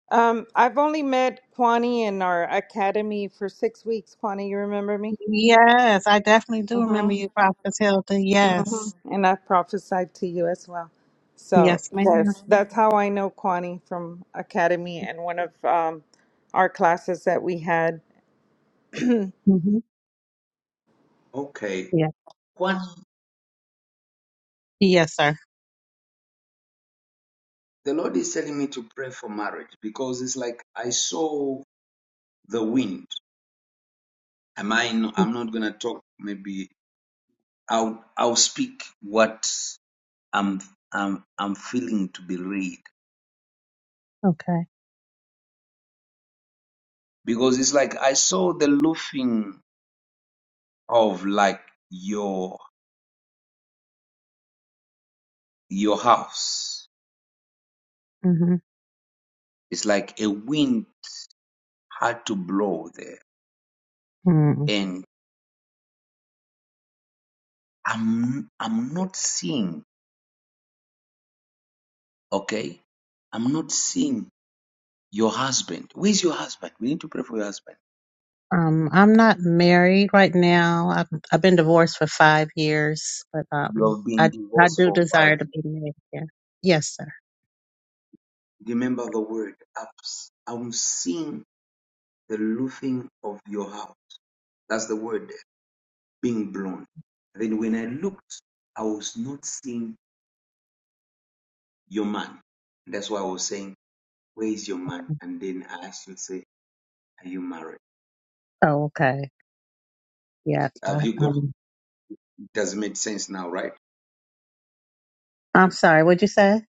Speaker 7: Um, I've only met Kwani in our academy for six weeks. Kwani, you remember me?
Speaker 17: Yes, I definitely do remember you,
Speaker 7: Mm-hmm.
Speaker 17: Prophet Hilda. Yes.
Speaker 7: Mm-hmm. And I prophesied to you as well. So
Speaker 17: Yes, ma'am.
Speaker 7: yes, that's how I know Kwani from academy and one of um, our classes that we had.
Speaker 17: Mm-hmm.
Speaker 1: Okay.
Speaker 17: Yeah.
Speaker 1: One
Speaker 17: Yes, sir.
Speaker 1: the Lord is telling me to pray for marriage because it's like I saw the wind. Am I no,
Speaker 17: Mm,
Speaker 1: I'm not gonna talk maybe I'll I'll speak what I'm I'm I'm feeling to be read.
Speaker 17: Okay.
Speaker 1: Because it's like I saw the loofing of like your your house.
Speaker 17: Mm-hmm.
Speaker 1: It's like a wind hard to blow there.
Speaker 17: Mm-hmm.
Speaker 1: And I'm I'm not seeing, okay? I'm not seeing your husband. Where's your husband? We need to pray for your husband.
Speaker 17: Um, I'm not married right now. I've, I've been divorced for five years, but
Speaker 1: You
Speaker 17: um,
Speaker 1: have been
Speaker 17: I I
Speaker 1: divorced
Speaker 17: do
Speaker 1: for five
Speaker 17: desire to
Speaker 1: years.
Speaker 17: be married. Yeah. Yes, sir.
Speaker 1: Remember the word ups. I'm seeing the loofing of your house. That's the word there, being blown. Then when I looked, I was not seeing your man. That's why I was saying, Where is your man? And then I asked you to say, Are you married?
Speaker 17: Oh, okay. Yeah.
Speaker 1: Have
Speaker 17: I,
Speaker 1: you gotten
Speaker 17: um,
Speaker 1: it does not make sense now, right?
Speaker 17: I'm sorry. What'd you say?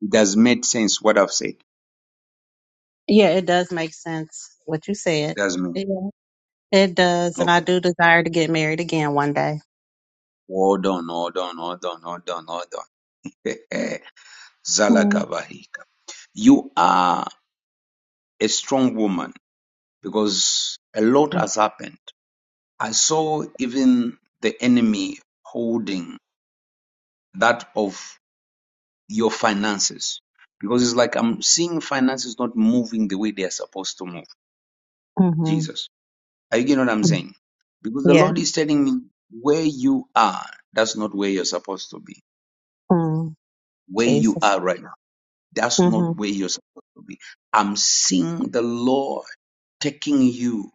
Speaker 1: It has made sense what I've said.
Speaker 17: Yeah, it does make sense what you said.
Speaker 1: It has made.
Speaker 17: Yeah. It does, and I
Speaker 1: Okay.
Speaker 17: do desire to get married again one day.
Speaker 1: Hold done. hold done. hold done. hold done. hold done. Zalakavahika, You are a strong woman because a lot has happened. I saw even the enemy holding that of your finances because it's like I'm seeing finances not moving the way they are supposed to move.
Speaker 17: Mm-hmm.
Speaker 1: Jesus. Are you getting what I'm saying? Because the
Speaker 17: Yeah.
Speaker 1: Lord is telling me where you are, that's not where you're supposed to be
Speaker 17: Mm.
Speaker 1: where you
Speaker 17: Jesus.
Speaker 1: are right now. That's
Speaker 17: hmm
Speaker 1: not where you're supposed to be. I'm seeing the Lord taking you.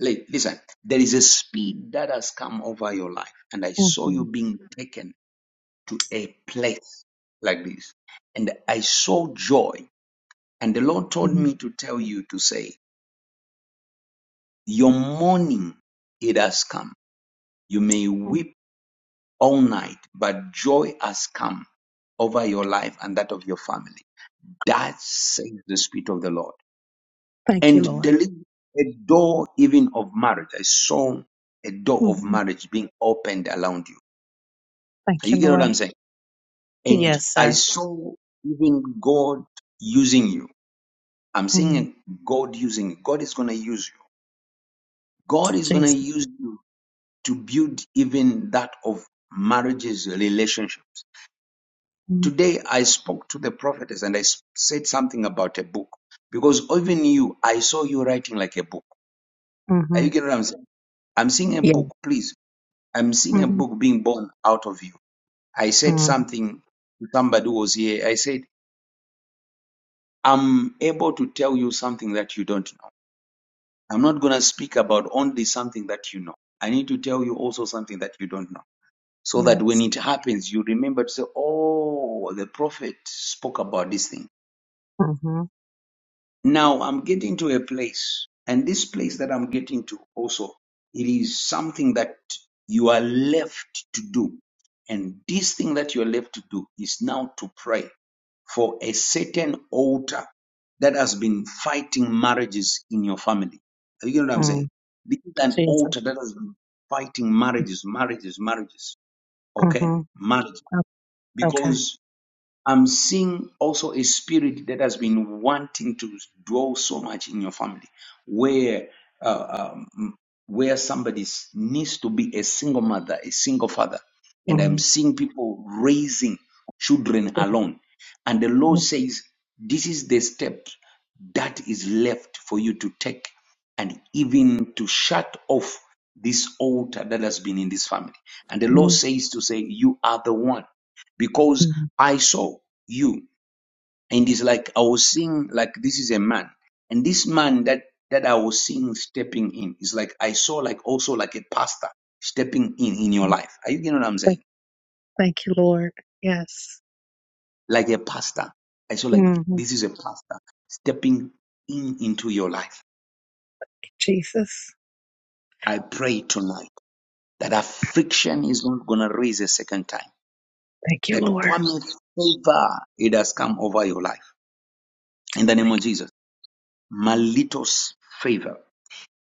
Speaker 1: Like, listen, there is a speed that has come over your life, and I
Speaker 17: hmm
Speaker 1: saw you being taken to a place like this. And I saw joy, and the Lord told
Speaker 17: hmm
Speaker 1: me to tell you to say, Your morning, it has come. You may weep all night, but joy has come over your life and that of your family. That says the Spirit of the Lord.
Speaker 17: Thank you,
Speaker 1: and
Speaker 17: Lord.
Speaker 1: deliver a door even of marriage. I saw a door of
Speaker 17: hmm
Speaker 1: marriage being opened around you.
Speaker 17: Thank
Speaker 1: You
Speaker 17: you,
Speaker 1: get what
Speaker 17: Lord.
Speaker 1: I'm saying? And
Speaker 17: Yes,
Speaker 1: I
Speaker 17: sir.
Speaker 1: saw even God using you. I'm
Speaker 17: Mm.
Speaker 1: seeing God using you. God is going to use you. God is going to
Speaker 17: Jesus.
Speaker 1: use you to build even that of marriages, relationships. Today I spoke to the prophetess and I s- said something about a book because even you, I saw you writing like a book. Are
Speaker 17: Mm-hmm.
Speaker 1: you getting what I'm saying? I'm seeing a
Speaker 17: Yeah.
Speaker 1: book. Please I'm seeing a
Speaker 17: Mm-hmm.
Speaker 1: book being born out of you. I said
Speaker 17: Mm.
Speaker 1: something to somebody who was here. I said, I'm able to tell you something that you don't know. I'm not going to speak about only something that you know. I need to tell you also something that you don't know. So that when
Speaker 17: Yes.
Speaker 1: it happens, you remember to say, Oh, the prophet spoke about this thing.
Speaker 17: Mm-hmm.
Speaker 1: Now I'm getting to a place, and this place that I'm getting to also, it is something that you are left to do. And this thing that you're left to do is now to pray for a certain altar that has been fighting marriages in your family. Are You get what I'm saying?
Speaker 17: Mm.
Speaker 1: This is an
Speaker 17: Jesus.
Speaker 1: altar that has been fighting marriages, marriages, marriages. Okay?
Speaker 17: Mm-hmm.
Speaker 1: Marriage.
Speaker 17: Okay.
Speaker 1: Because I'm seeing also a spirit that has been wanting to dwell so much in your family, where uh, um, where somebody s- needs to be a single mother, a single father, and I'm
Speaker 17: Mm.
Speaker 1: seeing people raising children alone, and the Lord says this is the step that is left for you to take, and even to shut off this altar that has been in this family, and the Lord
Speaker 17: Mm.
Speaker 1: says to say you are the one because I saw you. And it's like I was seeing like this is a man. And this man that that I was seeing stepping in is like I saw like also like a pastor stepping in in your
Speaker 17: Mm.
Speaker 1: life. Are you getting what I'm
Speaker 17: Thank,
Speaker 1: saying?
Speaker 17: thank you, Lord. Yes.
Speaker 1: Like a pastor. I saw like
Speaker 17: Mm-hmm.
Speaker 1: this is a pastor stepping in into your life.
Speaker 17: Jesus.
Speaker 1: I pray tonight that affliction is not gonna raise a second time.
Speaker 17: Thank you,
Speaker 1: That
Speaker 17: Lord.
Speaker 1: Kwame favor it has come over your life. In the name
Speaker 17: Thank
Speaker 1: of
Speaker 17: you.
Speaker 1: Jesus. Malitos favor.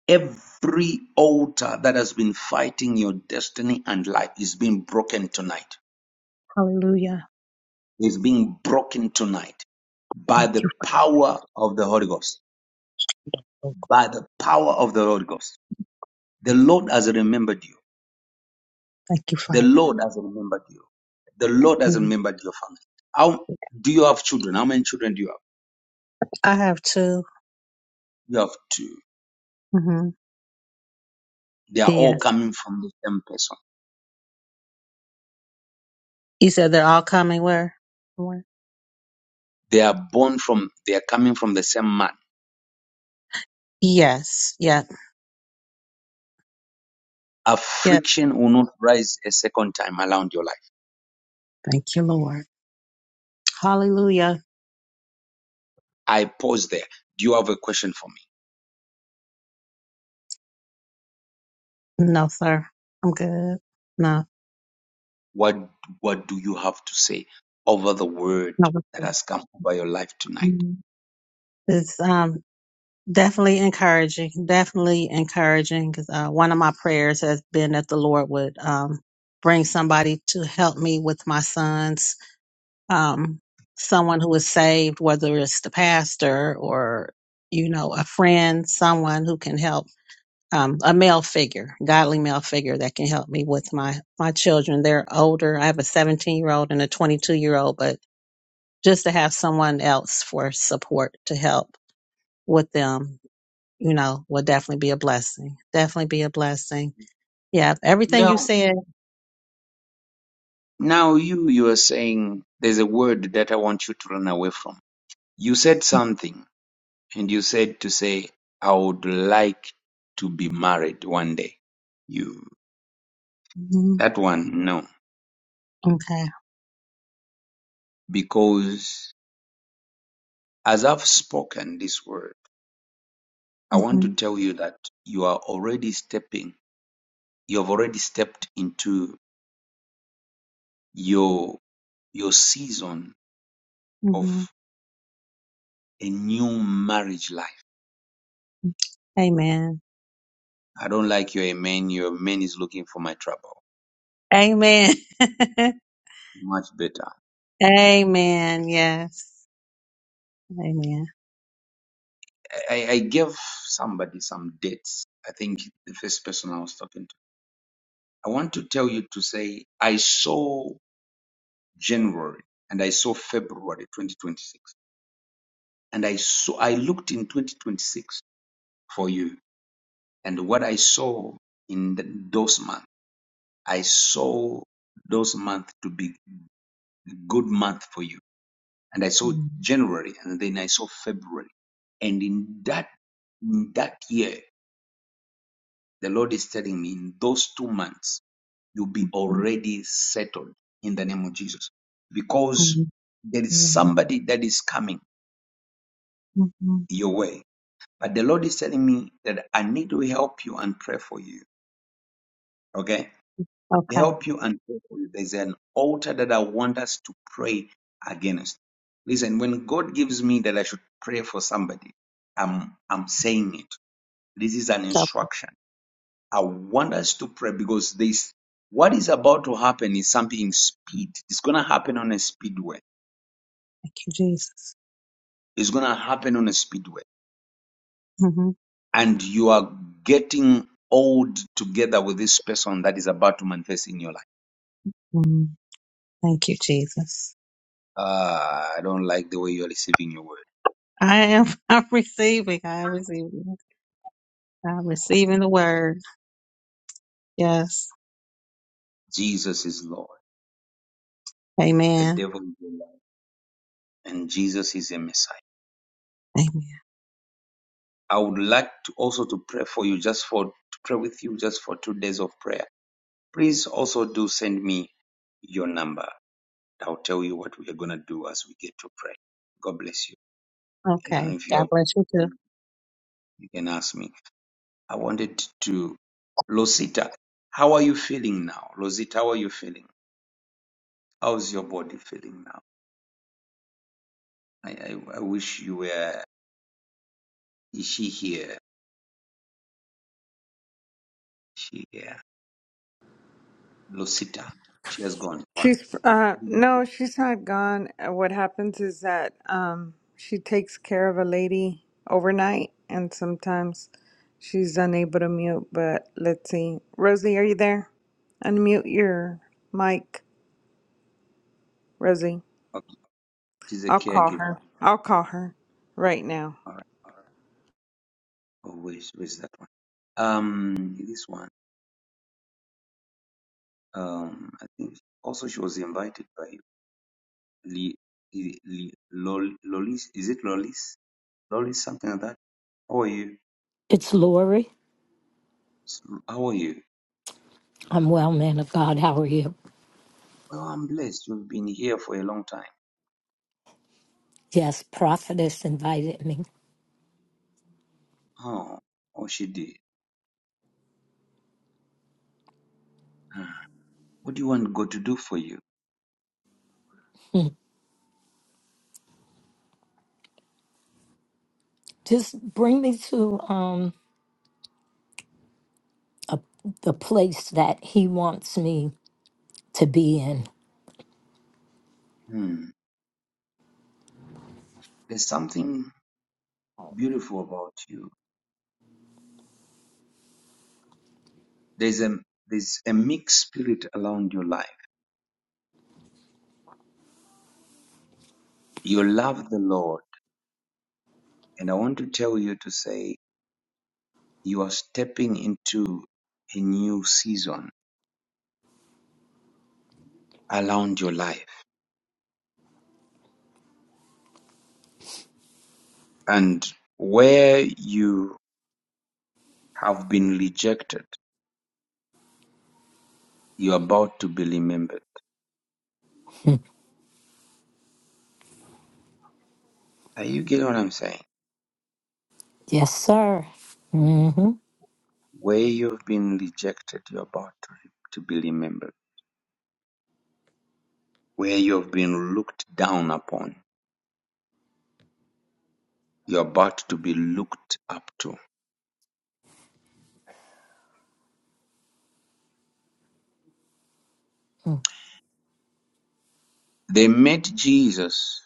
Speaker 1: Every altar that has been fighting your destiny and life is being broken tonight.
Speaker 17: Hallelujah.
Speaker 1: Is being broken tonight by
Speaker 17: Thank you.
Speaker 1: the power of the Holy Ghost.
Speaker 17: Lord.
Speaker 1: By the power of the Holy Ghost. The Lord has remembered you.
Speaker 17: Thank you,
Speaker 1: The
Speaker 17: Father.
Speaker 1: Lord has remembered you. The Lord has
Speaker 17: Mm.
Speaker 1: remembered your family. How do you have children? How many children do you have?
Speaker 17: I have two.
Speaker 1: You have two.
Speaker 17: Mm-hmm.
Speaker 1: They are all
Speaker 17: Yes.
Speaker 1: coming from the same person.
Speaker 17: You said they're all coming where? Where?
Speaker 1: They are born from, they are coming from the same man.
Speaker 17: Yes. Yep. Yep.
Speaker 1: Affliction will not rise a second time around your life
Speaker 17: Thank you, Lord. Hallelujah.
Speaker 1: I pause there. Do you have a question for me?
Speaker 17: No, sir. I'm good. No.
Speaker 1: What what do you have to say over the word
Speaker 17: No.
Speaker 1: that has come over your life tonight?
Speaker 17: It's um, definitely encouraging, definitely encouraging. 'cause, uh, one of my prayers has been that the Lord would um, bring somebody to help me with my sons, um, someone who is saved, whether it's the pastor or you know a friend, someone who can help. Um, a male figure, godly male figure that can help me with my my children. They're older. I have a 17 year old and a 22 year old, but just to have someone else for support to help with them you know, will definitely be a blessing. Definitely be a blessing. Yeah, everything you
Speaker 1: No,
Speaker 17: said.
Speaker 1: now you you are saying there's a word that I want you to run away from. You said something and you said to say I would like to be married one day. You
Speaker 17: hmm
Speaker 1: that one no
Speaker 17: Okay.
Speaker 1: because as I've spoken this word I want to
Speaker 17: hmm
Speaker 1: tell you that you are already stepping you have already stepped into your your season of
Speaker 17: hmm
Speaker 1: a new marriage life.
Speaker 17: Amen.
Speaker 1: I don't like your amen. Your amen is looking for my trouble.
Speaker 17: Amen.
Speaker 1: Much better.
Speaker 17: Amen. Yes. Amen.
Speaker 1: I, I gave somebody some dates. I think the first person I was talking to. I want to tell you to say I saw January and I saw February 2026 and I saw I looked in 2026 for you and what I saw in th- those months I saw those months to be good month for you and I saw January and then I saw February. And in that in that year, the Lord is telling me in those two months, you'll be
Speaker 17: Mm-hmm.
Speaker 1: already settled in the name of Jesus. Because there is somebody that is coming
Speaker 17: Mm-hmm.
Speaker 1: your way. But the Lord is telling me that I need to help you and pray for you. Okay?
Speaker 17: Okay.
Speaker 1: Help you and pray for you. There's an altar that I want us to pray against. Listen, when God gives me that I should pray for somebody, I'm I'm saying it This is an
Speaker 17: So
Speaker 1: instruction. I want us to pray because this, what is about to happen is something in speed. It's going to happen on a speedway.
Speaker 17: thank you, Jesus.
Speaker 1: It's going to happen on a speedway.
Speaker 17: hmm
Speaker 1: And you are getting old together with this person that is about to manifest in your life.
Speaker 17: hmm Thank you, Jesus.
Speaker 1: Ah, I don't like the way you're receiving your word.
Speaker 17: I am. I'm receiving. I am receiving. I'm receiving the word. Yes.
Speaker 1: Jesus is Lord. The
Speaker 17: Amen.
Speaker 1: devil is a liar. And Jesus is a Messiah.
Speaker 17: Amen.
Speaker 1: I would like to also to pray for you just for to pray with you just for two days of prayer Please also do send me your number. I'll tell you what we are gonna do as we get to pray. God bless you. You know,
Speaker 17: Okay.
Speaker 1: if you have,
Speaker 17: God bless
Speaker 1: a
Speaker 17: you too.
Speaker 1: question, you can ask me. I wanted to, Losita, how are you feeling now? Losita, how are you feeling? How's your body feeling now? I, I, I wish you were. Is she here? Is she here? Losita, she has gone.
Speaker 7: She's uh no, she's not gone. Uh, What happens is that um she takes care of a lady overnight and sometimes she's unable to mute, but let's see. Rosie, are you there? Unmute your mic, Rosie.
Speaker 1: Okay, she's a
Speaker 7: I'll call
Speaker 1: caregiver.
Speaker 7: her. I'll call her right now.
Speaker 1: All right. Oh, where's where's that one? Um, this one. Um, I think also she was invited by you. Li, Li, Li, Lol, Lolis, is it Lolis? Lolis, something like that. How are you?
Speaker 18: It's Lori.
Speaker 1: S- How are you?
Speaker 18: I'm well, man of God. How are you?
Speaker 1: Well, I'm blessed. You've been here for a long time.
Speaker 18: Yes, prophetess invited me.
Speaker 1: Oh, oh, she did. Ah, What do you want God to do for you?
Speaker 18: Hmm. Just bring me to um a, the place that he wants me to be in.
Speaker 1: Hmm. There's something beautiful about you. There's a there's a mixed spirit around your life. You love the Lord, and I want to tell you to say you are stepping into a new season around your life, and where you have been rejected, you're about to be remembered.
Speaker 18: Hmm.
Speaker 1: Are you getting what I'm saying?
Speaker 18: Yes, sir. Mm-hmm.
Speaker 1: Where
Speaker 19: Mhm.
Speaker 1: you've been rejected, you're about to, to be remembered. Where you've been looked down upon, you're about to be looked up to.
Speaker 18: hmm
Speaker 1: They met Jesus,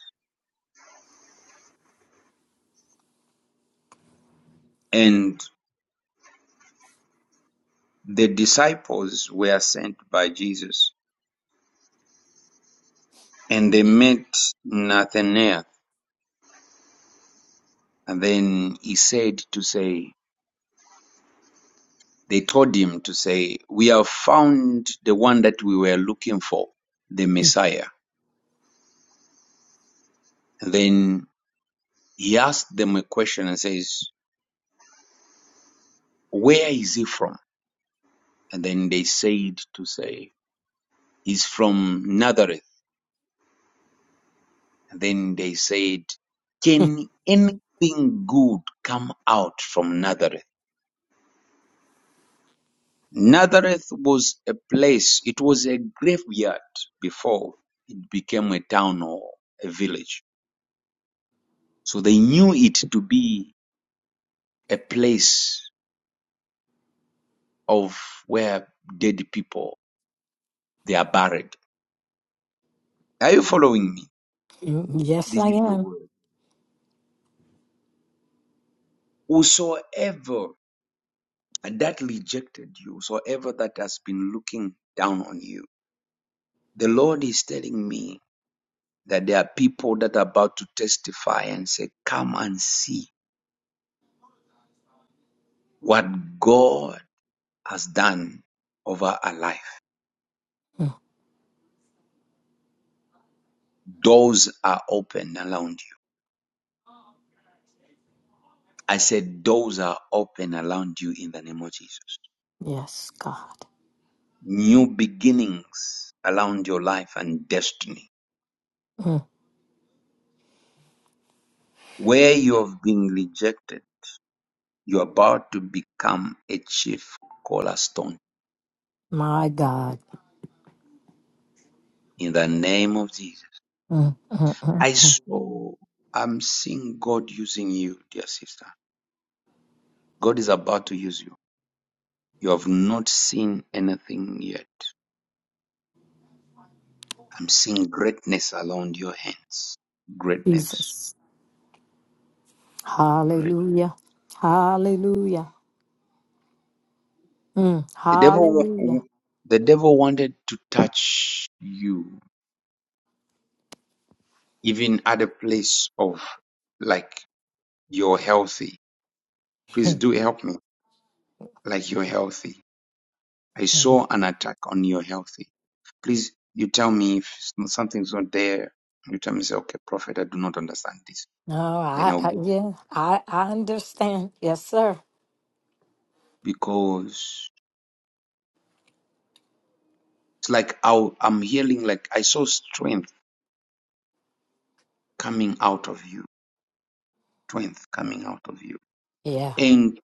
Speaker 1: and the disciples were sent by Jesus, and they met Nathanael, and then he said to say, They told him to say, "We have found the one that we were looking for, the Messiah." And then he asked them a question and says, "Where is he from?" And then they said to say, "He's from Nazareth." And then they said, "Can anything good come out from Nazareth?" Nazareth was a place, it was a graveyard before it became a town or a village. So they knew it to be a place of where dead people they are buried. Are you following me?
Speaker 18: Yes,
Speaker 1: This
Speaker 18: I
Speaker 1: is the
Speaker 18: am.
Speaker 1: word. Whosoever that rejected you, whosoever that has been looking down on you, the Lord is telling me that there are people that are about to testify and say, Come and see what God has done over our life.
Speaker 18: Mm.
Speaker 1: Doors are open around you. I said, Doors are open around you in the name of Jesus.
Speaker 18: Yes, God.
Speaker 1: new beginnings around your life and destiny.
Speaker 18: Mm.
Speaker 1: Where you have been rejected, you're about to become a chief cornerstone
Speaker 18: My God.
Speaker 1: in the name of Jesus.
Speaker 18: Mm, mm, mm,
Speaker 1: I
Speaker 18: mm.
Speaker 1: saw, I'm seeing God using you, dear sister. God is about to use you. You have not seen anything yet. I'm seeing greatness around your hands. Greatness.
Speaker 18: Jesus.
Speaker 1: Great.
Speaker 18: Hallelujah. Hallelujah. Mm.
Speaker 1: The devil,
Speaker 18: Hallelujah.
Speaker 1: the devil wanted to touch you even at a place of like you're healthy. Please do help me. Like you're healthy. I saw an attack on your healthy. Please, you tell me if something's not there. You tell me, say, okay, prophet, I do not understand this.
Speaker 18: No,
Speaker 1: Then
Speaker 18: I,
Speaker 1: I'll
Speaker 18: I
Speaker 1: go
Speaker 18: yeah, I I understand. Yes, sir.
Speaker 1: because it's like I'll, I'm healing. Like I saw strength coming out of you, strength coming out of you,
Speaker 18: Yeah,
Speaker 1: and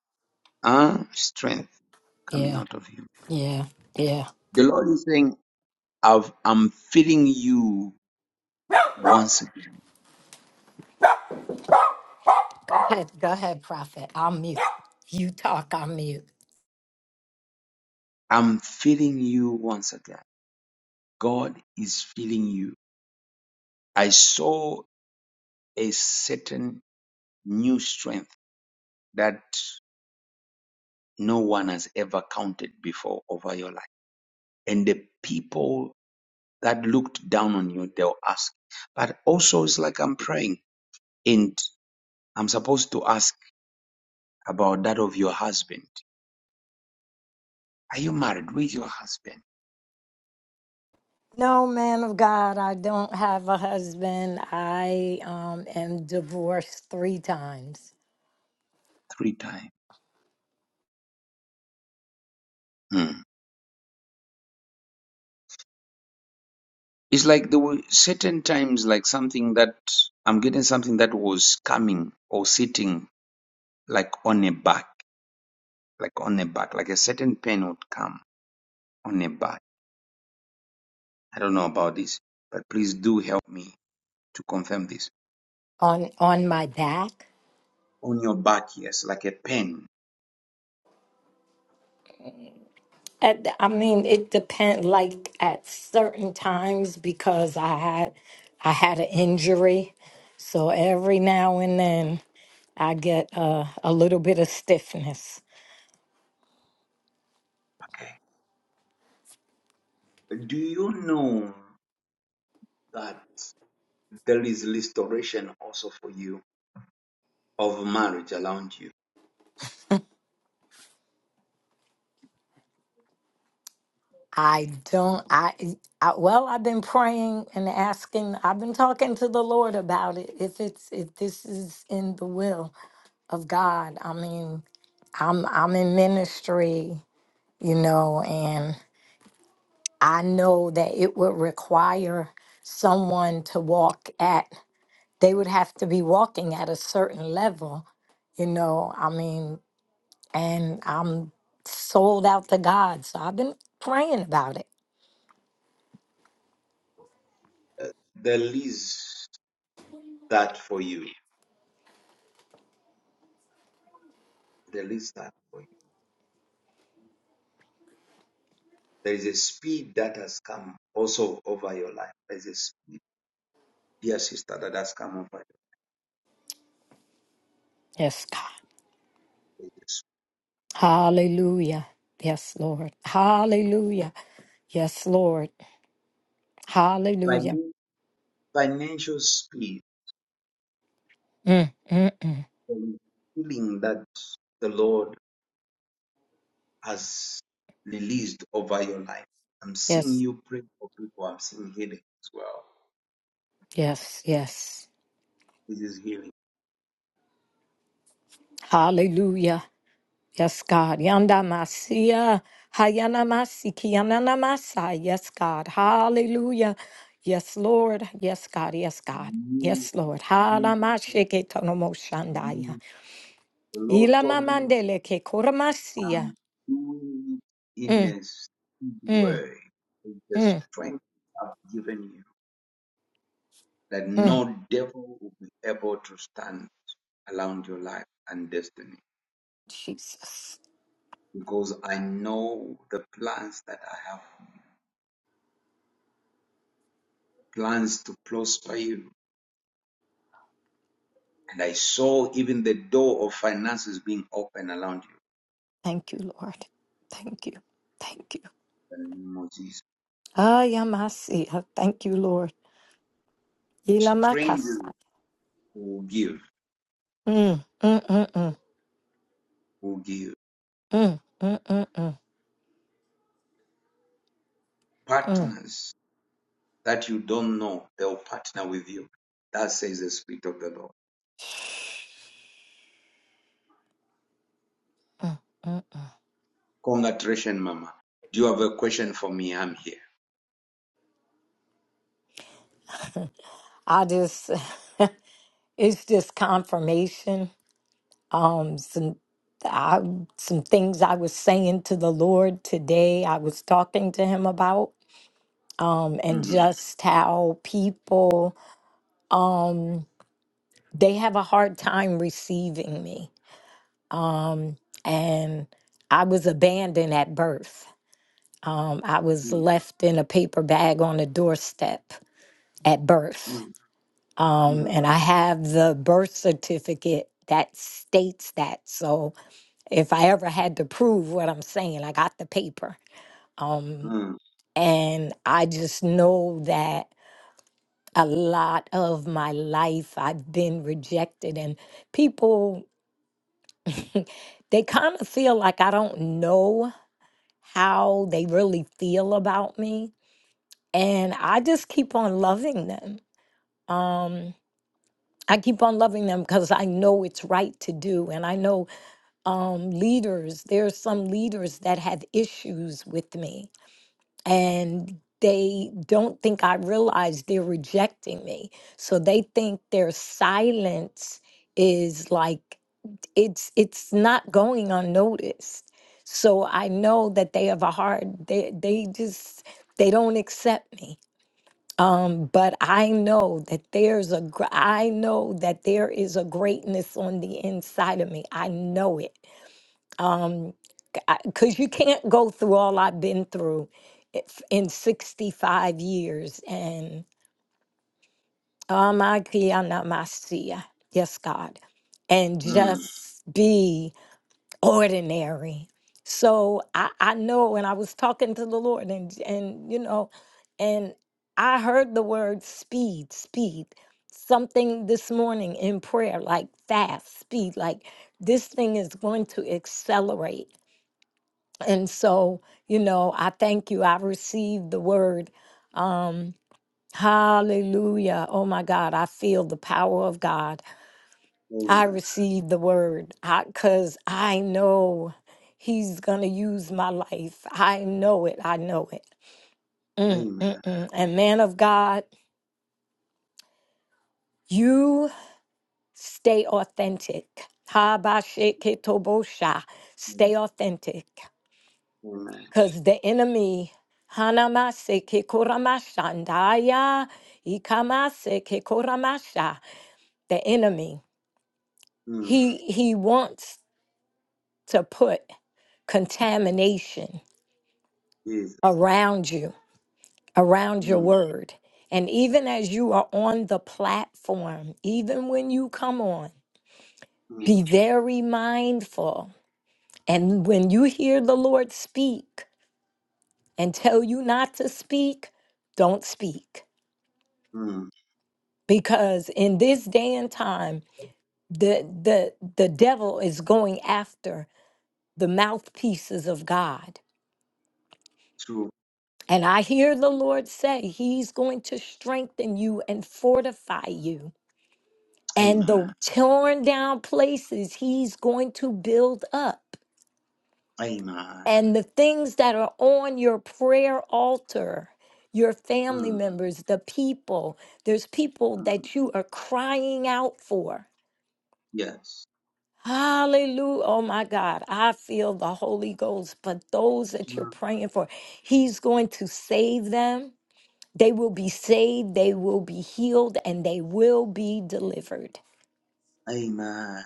Speaker 1: uh, strength coming
Speaker 18: yeah,
Speaker 1: out of you.
Speaker 18: yeah, yeah.
Speaker 1: The Lord is saying, I've, I'm filling you once
Speaker 18: Go ahead, go ahead, prophet. I'll mute. You talk, I'll mute.
Speaker 1: I'm feeling you once again. God is feeling you. I saw a certain new strength that no one has ever counted before over your life. And the people that looked down on you, they'll ask. But also, it's like I'm praying and I'm supposed to ask about that of your husband. Are you married with your husband?
Speaker 18: No, man of God, I don't have a husband. I um am divorced three times
Speaker 1: Three times. Hmm. It's like there were certain times, like something that I'm getting something that was coming or sitting like on a back, like on a back, like a certain pain would come on a back. I don't know about this, but please do help me to confirm this.
Speaker 18: on on my back.
Speaker 1: On your back, yes, like a pain.
Speaker 18: At, I mean, it depend like at certain times because I had I had an injury, so every now and then. I get uh, a little bit of stiffness.
Speaker 1: Do you know that there is restoration also for you of marriage around you?
Speaker 18: I don't. I, I well, I've been praying and asking. I've been talking to the Lord about it. If it's if this is in the will of God. I mean, I'm I'm in ministry, you know, and I know that it would require someone to walk at. They would have to be walking at a certain level, you know. I mean, and I'm sold out to God. So I've been praying about it.
Speaker 1: Uh, there is that for you. There is that. for There is a speed that has come also over your life. There is a speed, dear sister, that has come over you.
Speaker 18: Yes, God.
Speaker 1: There is
Speaker 18: Hallelujah. Yes, Lord. Hallelujah. Yes, Lord. Hallelujah.
Speaker 1: financial speed
Speaker 18: Mm, mm, mm.
Speaker 1: and healing that the Lord has released over your life. I'm seeing
Speaker 18: Yes,
Speaker 1: you pray for people. I'm seeing healing as well.
Speaker 18: yes, yes.
Speaker 1: This is healing.
Speaker 18: Hallelujah. Yes, God. Yanda Masia. Hayana Masiki. Yanana Masa. Yes, God. Hallelujah. Yes, Lord. Yes, God. Yes, God.
Speaker 1: New,
Speaker 18: Yes, Lord. Hala
Speaker 1: new,
Speaker 18: Mashike Tonomo Shandaya.
Speaker 1: new. The Lord
Speaker 18: Ila
Speaker 1: told me
Speaker 18: mamandele ke koramasia.
Speaker 1: I'm doing it in
Speaker 18: Mm,
Speaker 1: a speed
Speaker 18: mm,
Speaker 1: way. It's the
Speaker 18: mm,
Speaker 1: strength I've given you that
Speaker 18: mm.
Speaker 1: no devil will be able to stand around your life and destiny.
Speaker 18: Jesus.
Speaker 1: Because I know the plans that I have, plans to prosper you. And I saw even the door of finances being open around you.
Speaker 18: Thank you, Lord. Thank you. Thank you.
Speaker 1: In the name of Jesus.
Speaker 18: Ayamasia. Thank you, Lord. Ila
Speaker 1: Strangers
Speaker 18: makasa.
Speaker 1: will give,
Speaker 18: Mm, mm, mm, mm,
Speaker 1: will give.
Speaker 18: mm, mm, mm, mm, mm.
Speaker 1: Partners that you don't know, they'll partner with you. That says the Spirit of the Lord. Congratulations, Mama. Do you have a question for me? I'm here.
Speaker 18: I just, it's just confirmation. Um, some, I, some things I was saying to the Lord today, I was talking to him about, um, and
Speaker 1: Mhm,
Speaker 18: just how people um they have a hard time receiving me um and i was abandoned at birth um i was
Speaker 1: mm,
Speaker 18: left in a paper bag on a doorstep at birth
Speaker 1: mm,
Speaker 18: um
Speaker 1: mm,
Speaker 18: and i have the birth certificate that states that so if i ever had to prove what i'm saying i got the paper um
Speaker 1: mm.
Speaker 18: and i just know that a lot of my life i've been rejected and people they kind of feel like I don't know how they really feel about me. And I just keep on loving them. Um, I keep on loving them because I know it's right to do. And I know um, leaders, there are some leaders that have issues with me and they don't think I realize they're rejecting me. So they think their silence is like it's it's not going unnoticed so i know that they have a hard they they just they don't accept me um but i know that there's a gr- i know that there is a greatness on the inside of me i know it um because you can't go through all i've been through if- in 65 years and um, I can't, I'm not my God, yes god and
Speaker 1: Mm.
Speaker 18: just be ordinary. So I, I know, and I was talking to the Lord, and and you know, and I heard the word speed, speed, something this morning in prayer, like fast, speed, like this thing is going to accelerate. And so, you know, I thank you. I received the word. Um, hallelujah. Oh my God, I feel the power of God. I
Speaker 1: Amen.
Speaker 18: receive the word because I, 'cause I know he's going to use my life. I know it. I know it. Mm, mm,
Speaker 1: Amen.
Speaker 18: mm. And man of God, you stay authentic. Ha ba she ke to bo sha.
Speaker 1: Mm.
Speaker 18: Stay authentic
Speaker 1: Amen.
Speaker 18: because the enemy. Hanamase ke koramashandaya, ikamase ke koramasha. The enemy,
Speaker 1: Mm.
Speaker 18: he he wants to put contamination
Speaker 1: Yes.
Speaker 18: around you, around your
Speaker 1: Mm.
Speaker 18: word. And even as you are on the platform, even when you come on,
Speaker 1: Mm.
Speaker 18: be very mindful. And when you hear the Lord speak and tell you not to speak, don't speak.
Speaker 1: Mm.
Speaker 18: Because in this day and time, the, the, the devil is going after the mouthpieces of God.
Speaker 1: True.
Speaker 18: And I hear the Lord say, He's going to strengthen you and fortify you And
Speaker 1: Amen.
Speaker 18: the torn down places he's going to build up.
Speaker 1: Amen.
Speaker 18: And the things that are on your prayer altar, your family
Speaker 1: Mm.
Speaker 18: members, the people, there's people
Speaker 1: Mm.
Speaker 18: that you are crying out for.
Speaker 1: Yes.
Speaker 18: Hallelujah. Oh my God. I feel the Holy Ghost. But those that you're
Speaker 1: Mm.
Speaker 18: praying for, He's going to save them. They will be saved, they will be healed, and they will be delivered.
Speaker 1: Amen.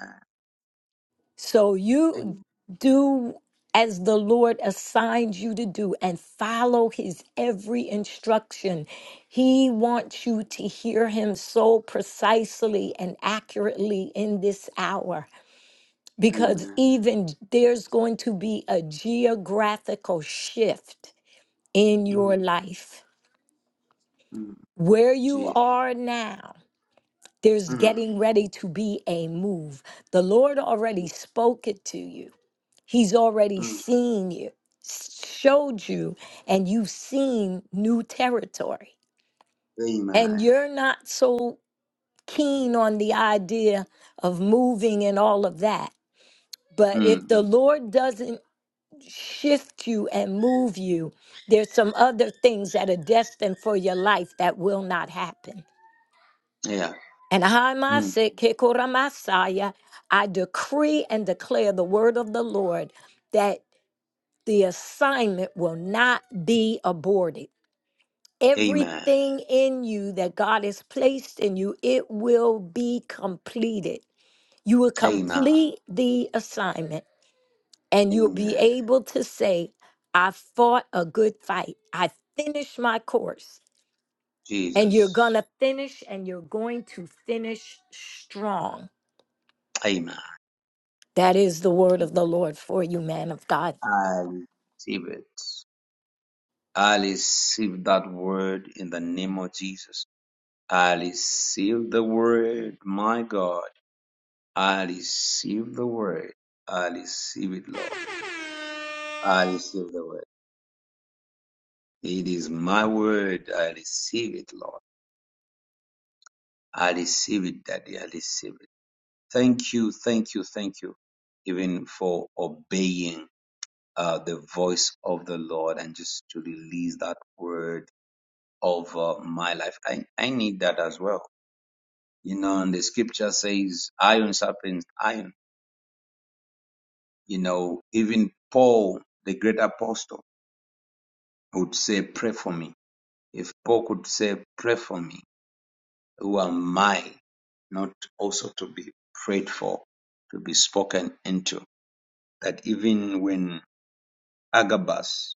Speaker 18: So you
Speaker 1: Amen.
Speaker 18: do as the Lord assigns you to do and follow his every instruction. He wants you to hear him so precisely and accurately in this hour because
Speaker 1: Amen.
Speaker 18: even there's going to be a geographical shift in your
Speaker 1: Mm.
Speaker 18: life.
Speaker 1: Mm.
Speaker 18: Where you
Speaker 1: Jesus.
Speaker 18: are now, there's
Speaker 1: Mm.
Speaker 18: getting ready to be a move. The Lord already
Speaker 1: Mm.
Speaker 18: spoke it to you He's already
Speaker 1: Mm.
Speaker 18: seen you, showed you, and you've seen new territory. And
Speaker 1: Amen.
Speaker 18: you're not so keen on the idea of moving and all of that. But if
Speaker 1: Mm.
Speaker 18: the Lord doesn't shift you and move you, there's some other things that are destined for your life that will not happen.
Speaker 1: Yeah.
Speaker 18: And
Speaker 1: Mm.
Speaker 18: Hamase Kekora Masaya, I decree and declare the word of the Lord that. the assignment will not be aborted.
Speaker 1: Amen.
Speaker 18: Everything in you that God has placed in you, it will be completed. You will
Speaker 1: Amen.
Speaker 18: complete the assignment and you'll be
Speaker 1: Amen.
Speaker 18: able to say, I fought a good fight. I finished my course. And you're
Speaker 1: Jesus.
Speaker 18: going to finish and you're going to finish strong.
Speaker 1: Amen.
Speaker 18: That is the word of the Lord for you, man of God.
Speaker 1: I receive it. I receive that word in the name of Jesus. I receive the word, my God. I receive the word. I receive it, Lord. I receive the word. It is my word. I receive it, Lord. I receive it, Daddy. I receive it. Thank you, thank you, thank you, even for obeying uh, the voice of the Lord and just to release that word over my life. I, I need that as well. You know, and the scripture says, iron sharpens iron You know, even Paul, the great apostle, would say, Pray for me. If Paul could say, Pray for me, who am I not also to be prayed for, to be spoken into? That even when Agabus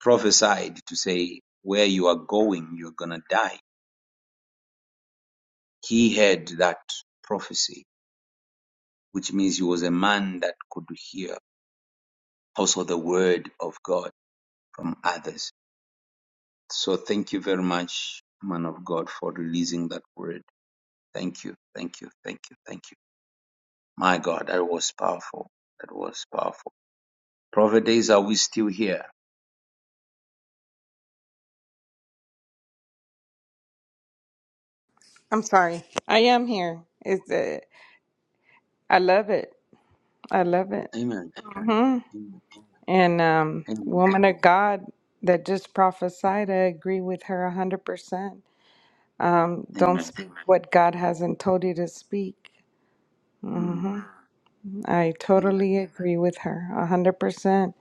Speaker 1: prophesied to say, Where you are going, you're going to die, he had that prophecy, which means he was a man that could hear also the word of God from others So thank you very much, man of God, for releasing that word. Thank you, thank you, thank you, thank you. My God, that was powerful. That was powerful. Prophet days, are we still here?
Speaker 7: I'm sorry. I am here. It's uh, I love it. I love it.
Speaker 1: Amen. Amen.
Speaker 7: And um
Speaker 1: Amen.
Speaker 7: woman of God that just prophesied, I agree with her a hundred percent Um, don't
Speaker 1: Amen.
Speaker 7: speak what God hasn't told you to speak.
Speaker 1: Mm.
Speaker 7: I
Speaker 1: Amen.
Speaker 7: totally agree with her, a 100%.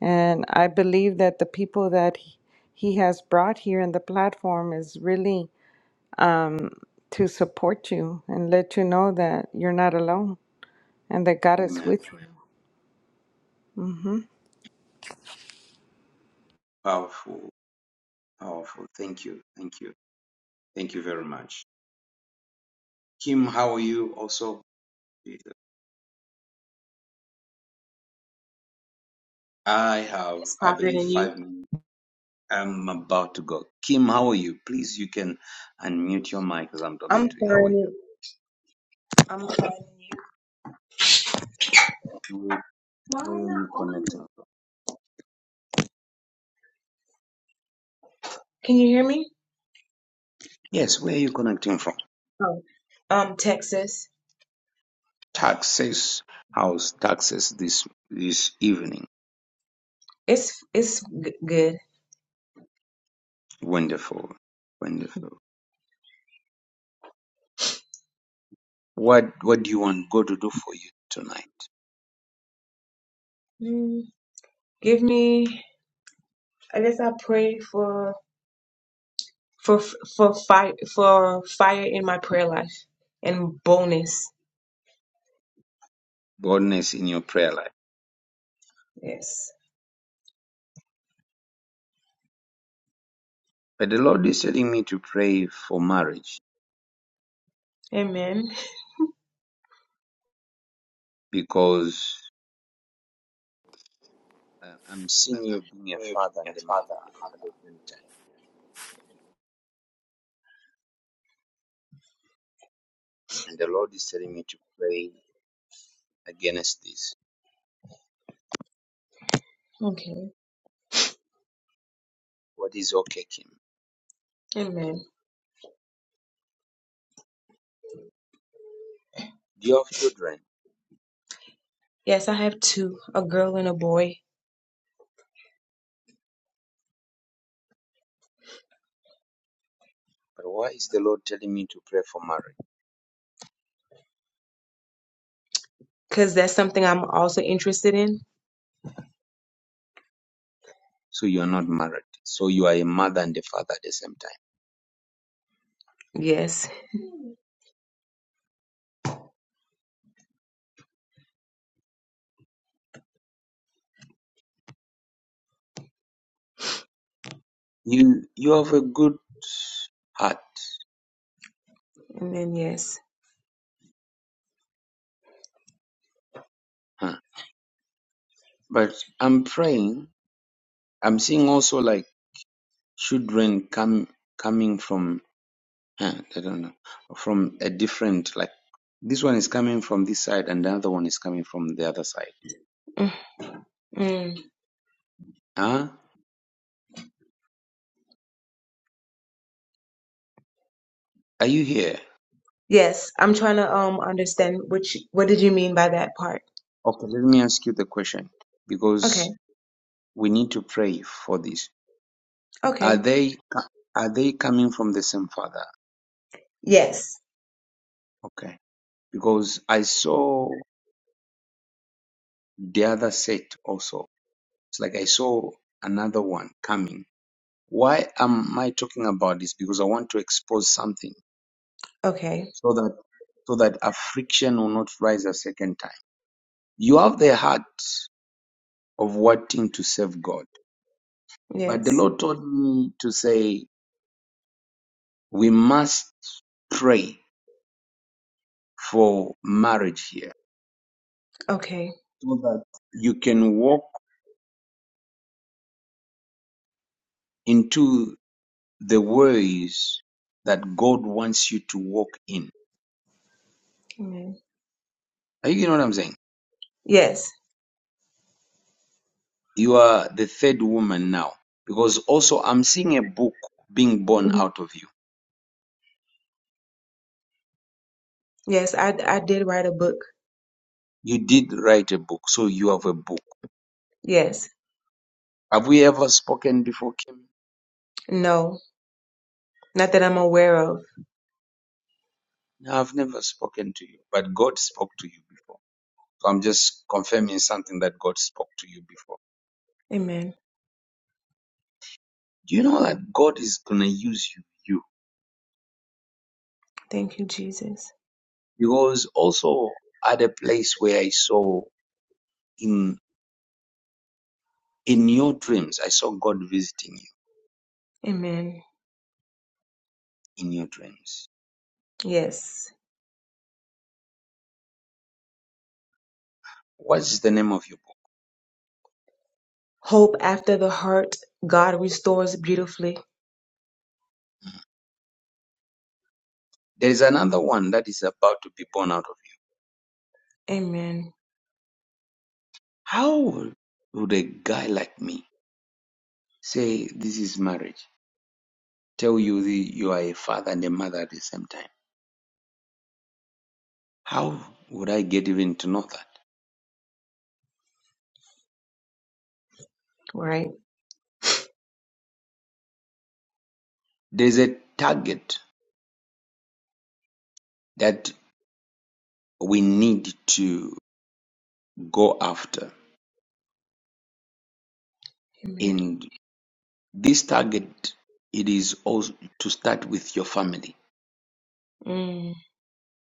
Speaker 7: And I believe that the people that he he has brought here in the platform is really to support you and let you know that you're not alone and that God is
Speaker 1: Amen.
Speaker 7: with you.
Speaker 1: Powerful. Powerful. Thank you. Thank you. Thank you very much. Kim, how are you? Also, I have,
Speaker 20: It's
Speaker 1: I
Speaker 20: Prophet
Speaker 1: believe,
Speaker 20: and you.
Speaker 1: five minutes. I'm about to go. Kim, how are you? Please, you can unmute your mic as I'm
Speaker 20: I'm
Speaker 1: talking to you. How are
Speaker 20: finding it. I'm finding you.
Speaker 1: you?
Speaker 20: Why are
Speaker 1: Where
Speaker 20: you
Speaker 1: are
Speaker 20: not
Speaker 1: you
Speaker 20: on it?
Speaker 1: connecting from?
Speaker 20: Can you hear me?
Speaker 1: Yes, where are you connecting from?
Speaker 20: Oh, um, Texas.
Speaker 1: Taxes, House, taxes this this evening.
Speaker 20: It's it's g- good.
Speaker 1: Wonderful. Wonderful. What what do you want God to do for you tonight?
Speaker 20: Mm, give me. I guess I pray for for for fire for fire in my prayer life and bonus.
Speaker 1: Boldness in your prayer life.
Speaker 20: Yes.
Speaker 1: But the Lord is telling me to pray for marriage
Speaker 20: Amen.
Speaker 1: because uh, I'm seeing you being a father and a mother at the same time. And the Lord is telling me to pray against this.
Speaker 20: Okay.
Speaker 1: What is okay, Kim?
Speaker 20: Amen.
Speaker 1: Do you have children?
Speaker 20: Yes, I have two, a girl and a boy,
Speaker 1: But why is the Lord telling me to pray for marriage?
Speaker 20: because that's something I'm also interested in.
Speaker 1: so you are not married so you are a mother and a father at the same time
Speaker 20: Yes.
Speaker 1: you you have a good heart
Speaker 20: And then yes.
Speaker 1: huh? but i'm praying i'm seeing also like children come coming from huh, i don't know from a different like this one is coming from this side and the other one is coming from the other side
Speaker 20: Mm. mm.
Speaker 1: huh are you here
Speaker 20: Yes, I'm trying to um understand which what did you mean by that part?
Speaker 1: okay let me ask you the question
Speaker 20: Okay.
Speaker 1: because we need to pray for this are
Speaker 20: Okay.
Speaker 1: they are they coming from the same father
Speaker 20: Yes.
Speaker 1: okay because I saw the other set also. It's like I saw another one coming. Why am I talking about this? Because I want to expose something
Speaker 20: Okay.
Speaker 1: so that so that affliction will not rise a second time. You have the heart of wanting to serve God, but the
Speaker 20: Yes.
Speaker 1: Lord told me to say we must pray for marriage here
Speaker 20: Okay.
Speaker 1: so that you can walk into the ways that God wants you to walk in
Speaker 20: Amen.
Speaker 1: Are you getting what I'm saying?
Speaker 20: Yes.
Speaker 1: You are the third woman now. Because also I'm seeing a book being born
Speaker 20: Mhm.
Speaker 1: out of you.
Speaker 20: Yes, I I did write a book.
Speaker 1: You did write a book, so you have a book.
Speaker 20: Yes.
Speaker 1: Have we ever spoken before, Kim?
Speaker 20: No. Not that I'm aware of.
Speaker 1: No, I've never spoken to you, but God spoke to you before. So I'm just confirming something that God spoke to you before.
Speaker 20: Amen.
Speaker 1: Do you know that God is gonna use you, you?
Speaker 20: Thank you, Jesus.
Speaker 1: Because also at a place where I saw in in your dreams, I saw God visiting you
Speaker 20: Amen.
Speaker 1: in your dreams.
Speaker 20: Yes.
Speaker 1: What's the name of your book?
Speaker 20: Hope after the hurt, God restores beautifully.
Speaker 1: There is another one that is about to be born out of it.
Speaker 20: Amen.
Speaker 1: How would would a guy like me say this is marriage? Tell you the, you are a father and a mother at the same time. How would I get even to know that?
Speaker 20: Right.
Speaker 1: There's a target that we need to go after.
Speaker 20: Amen.
Speaker 1: And this target, it is also to start with your family.
Speaker 20: Mm.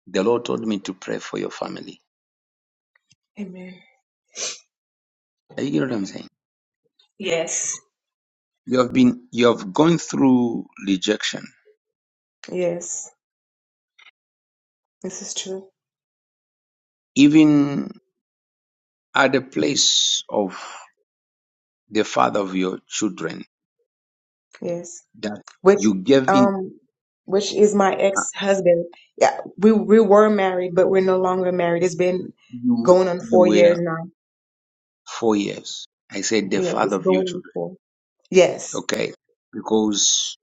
Speaker 1: The Lord told me to pray for your family.
Speaker 20: Amen.
Speaker 1: Are you getting what I'm saying?
Speaker 20: Yes.
Speaker 1: You have been, you have gone through rejection.
Speaker 20: Yes. This is true.
Speaker 1: Even at the place of the father of your children
Speaker 20: Yes.
Speaker 1: that
Speaker 20: which
Speaker 1: you gave in
Speaker 20: um which is my
Speaker 1: uh,
Speaker 20: ex-husband. Yeah, we we were married, but we're no longer married. It's been
Speaker 1: you
Speaker 20: going on
Speaker 1: you
Speaker 20: four years
Speaker 1: were
Speaker 20: now.
Speaker 1: four years i said the
Speaker 20: Yeah,
Speaker 1: father
Speaker 20: it's
Speaker 1: of your
Speaker 20: going on
Speaker 1: children
Speaker 20: four. Yes.
Speaker 1: okay because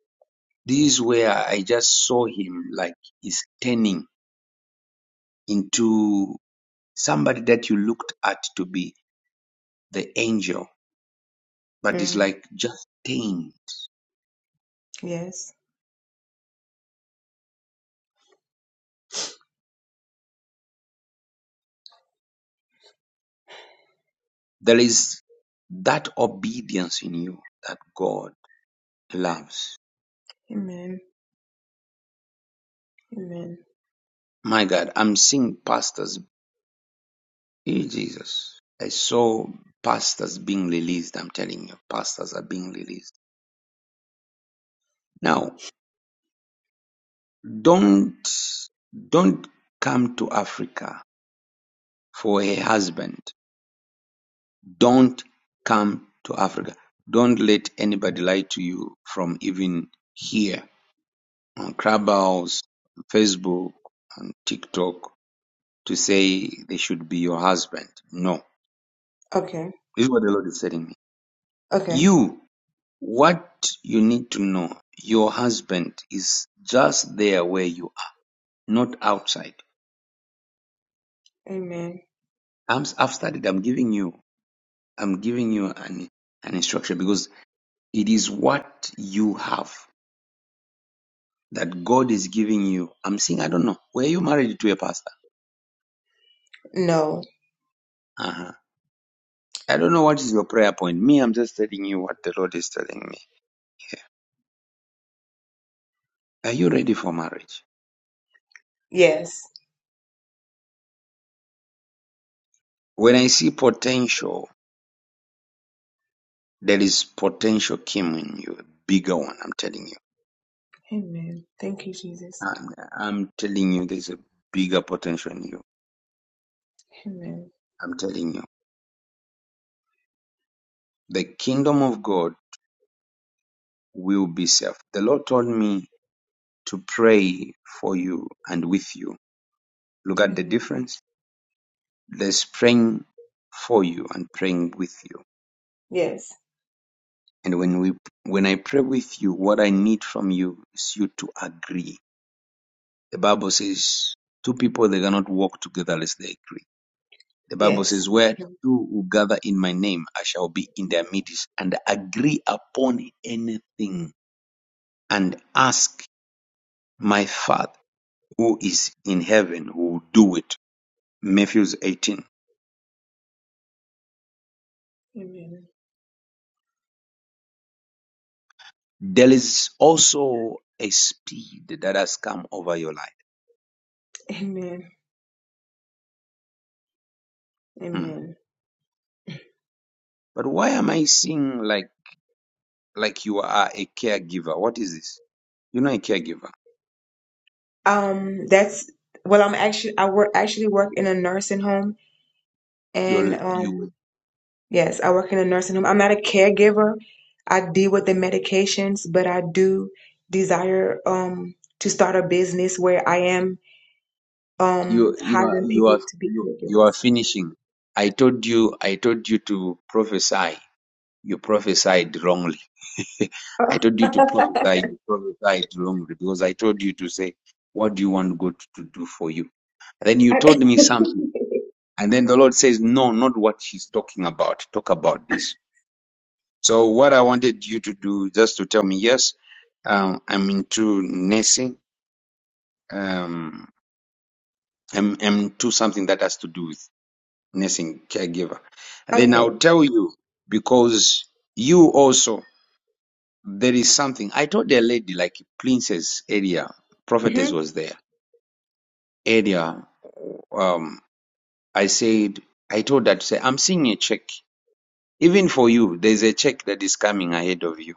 Speaker 1: this is where i just saw him like he's turning into somebody that you looked at to be the angel but it's
Speaker 20: Mm,
Speaker 1: like just tamed
Speaker 20: yes.
Speaker 1: there is that obedience in you that god loves
Speaker 20: Amen. Amen.
Speaker 1: my god i'm seeing pastors Eh, Jesus. I saw pastors being released. I'm telling you, pastors are being released. Now, don't, don't come to Africa for a husband. Don't come to Africa. Don't let anybody lie to you from even here on Clubhouse, on Facebook, on TikTok to say they should be your husband. No.
Speaker 20: Okay.
Speaker 1: This is what the Lord is telling me.
Speaker 20: Okay.
Speaker 1: You What you need to know: your husband is just there where you are, not outside.
Speaker 20: Amen.
Speaker 1: I'm, I've started. I'm giving you. I'm giving you an an instruction because it is what you have that God is giving you. I'm saying I don't know. Were you married to a pastor?
Speaker 20: No.
Speaker 1: Uh-huh. I don't know what is your prayer point. Me, I'm just telling you what the Lord is telling me. Yeah. Are you ready for marriage?
Speaker 20: Yes.
Speaker 1: When I see potential, there is potential Kim in you, bigger one. I'm telling you.
Speaker 20: Amen. Thank you, Jesus.
Speaker 1: And I'm telling you, there's a bigger potential in you.
Speaker 20: Amen.
Speaker 1: I'm telling you, the kingdom of God will be served. The Lord told me to pray for you and with you. Look at the
Speaker 20: Amen.
Speaker 1: difference. There's praying for you and praying with you.
Speaker 20: Yes.
Speaker 1: And when we, when I pray with you, what I need from you is you to agree. The Bible says two people, they cannot walk together unless they agree. The Bible
Speaker 20: Yes.
Speaker 1: says, Where two will gather in my name, I shall be in their midst and agree upon anything and ask my Father who is in heaven who will do it. Matthew 18.
Speaker 20: Amen.
Speaker 1: There is also a speed that has come over your life.
Speaker 20: Amen.
Speaker 1: Hmm.
Speaker 20: Amen.
Speaker 1: But why am I seeing like like you are a caregiver? What is this? You're not a caregiver.
Speaker 20: Um, that's well, I'm actually I work actually work in a nursing home And
Speaker 1: You're, you
Speaker 20: um, yes, I work in a nursing home. I'm not a caregiver. I deal with the medications, but I do desire um, to start a business where I am um,
Speaker 1: You you are
Speaker 20: hiring
Speaker 1: you
Speaker 20: people
Speaker 1: are
Speaker 20: to be
Speaker 1: you, you are
Speaker 20: caregivers.
Speaker 1: finishing. I told you I told you to prophesy. You prophesied wrongly. I told you to prophesy. You prophesied wrongly because I told you to say, "What do you want God to do for you?" Then you told me something, and then the Lord says, "No, not what she's talking about. Talk about this." So what I wanted you to do, just to tell me, yes, um, I'm into nursing. Um, I'm, I'm into something that has to do with nursing caregiver. And Then I'll
Speaker 20: Okay.
Speaker 1: tell you because you also there is something. I told a lady like princess area prophetess
Speaker 20: hmm
Speaker 1: was there area. Um, I said I told her to say I'm seeing a check even for you. There's a check that is coming ahead of you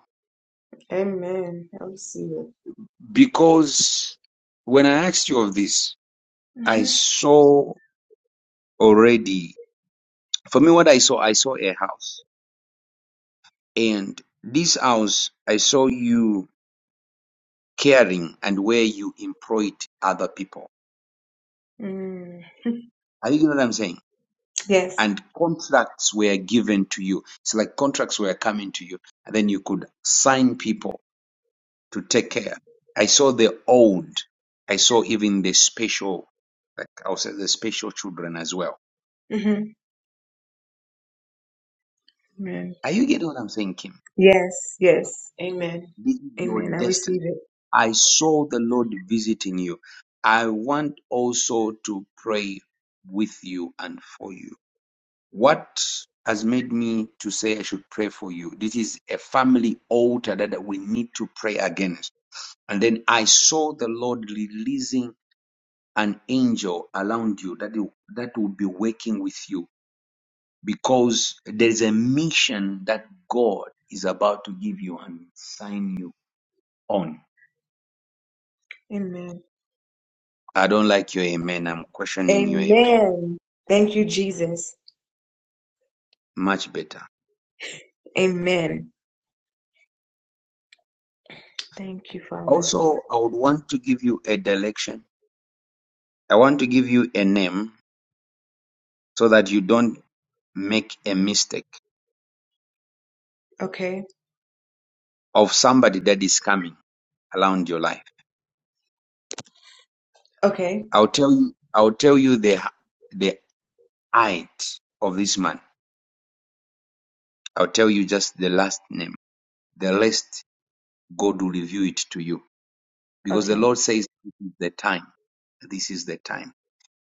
Speaker 20: Amen. I receive it.
Speaker 1: because when I asked you of this, I
Speaker 20: hmm
Speaker 1: saw already. For me, what I saw, I saw a house and this house I saw you caring and where you employed other people.
Speaker 20: Mm.
Speaker 1: Are you getting what I'm saying?
Speaker 20: Yes.
Speaker 1: And contracts were given to you. It's like contracts were coming to you, and then you could sign people to take care. I saw the old. I saw even the special, like I was the special children as well.
Speaker 20: hmm Amen.
Speaker 1: Are you getting what I'm saying, Kim?
Speaker 20: Yes. Yes. Amen.
Speaker 1: This is your
Speaker 20: Amen. I
Speaker 1: destiny.
Speaker 20: receive it.
Speaker 1: I saw the Lord visiting you. I want also to pray with you and for you. what has made me to say I should pray for you? This is a family altar that we need to pray against. And then I saw the Lord releasing an angel around you that you- that will be working with you because there's a mission that God is about to give you and sign you on.
Speaker 20: Amen.
Speaker 1: I don't like your amen. I'm questioning your amen.
Speaker 20: Amen. Thank you, Jesus.
Speaker 1: Much better.
Speaker 20: Amen. Thank you, Father.
Speaker 1: Also, I would want to give you a direction. I want to give you a name so that you don't make a mistake
Speaker 20: Okay.
Speaker 1: of somebody that is coming around your life.
Speaker 20: Okay.
Speaker 1: I'll tell you, I'll tell you the the height of this man. I'll tell you just the last name. The rest, God will reveal it to you because the
Speaker 20: Okay.
Speaker 1: Lord says this is the time. This is the time.